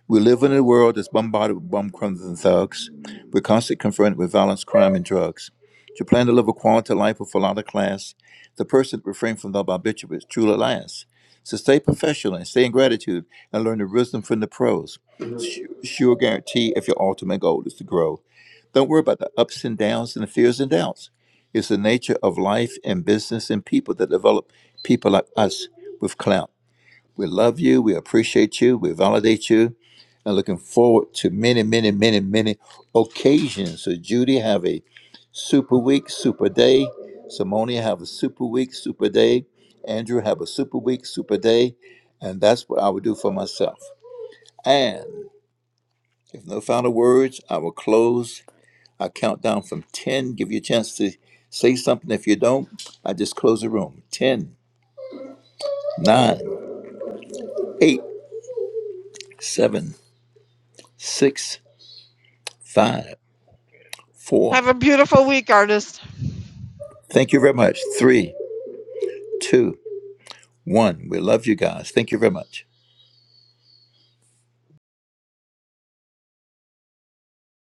[SPEAKER 16] We live in a world that's bombarded with bum crumbs and thugs. We're constantly confronted with violence, crime, and drugs. To plan to live a quality life with a lot of class, the person that refrains from the barbiturate is truly lasts. So stay professional and stay in gratitude and learn the wisdom from the pros. Su- Sure guarantee if your ultimate goal is to grow. Don't worry about the ups and downs and the fears and doubts. It's the nature of life and business and people that develop people like us with clout. We love you. We appreciate you. We validate you and looking forward to many, many, many, many occasions. So, Judy, have a super week, super day. Simone, have a super week, super day. Andrew, have a super week, super day. And that's what I would do for myself. And if no final words, I will close. I count down from 10, give you a chance to say something. If you don't, I just close the room. Ten, nine, eight, seven, six, five, four.
[SPEAKER 15] have a beautiful week, artist.
[SPEAKER 16] Thank you very much. 3, 2, One, we love you guys. Thank you very much.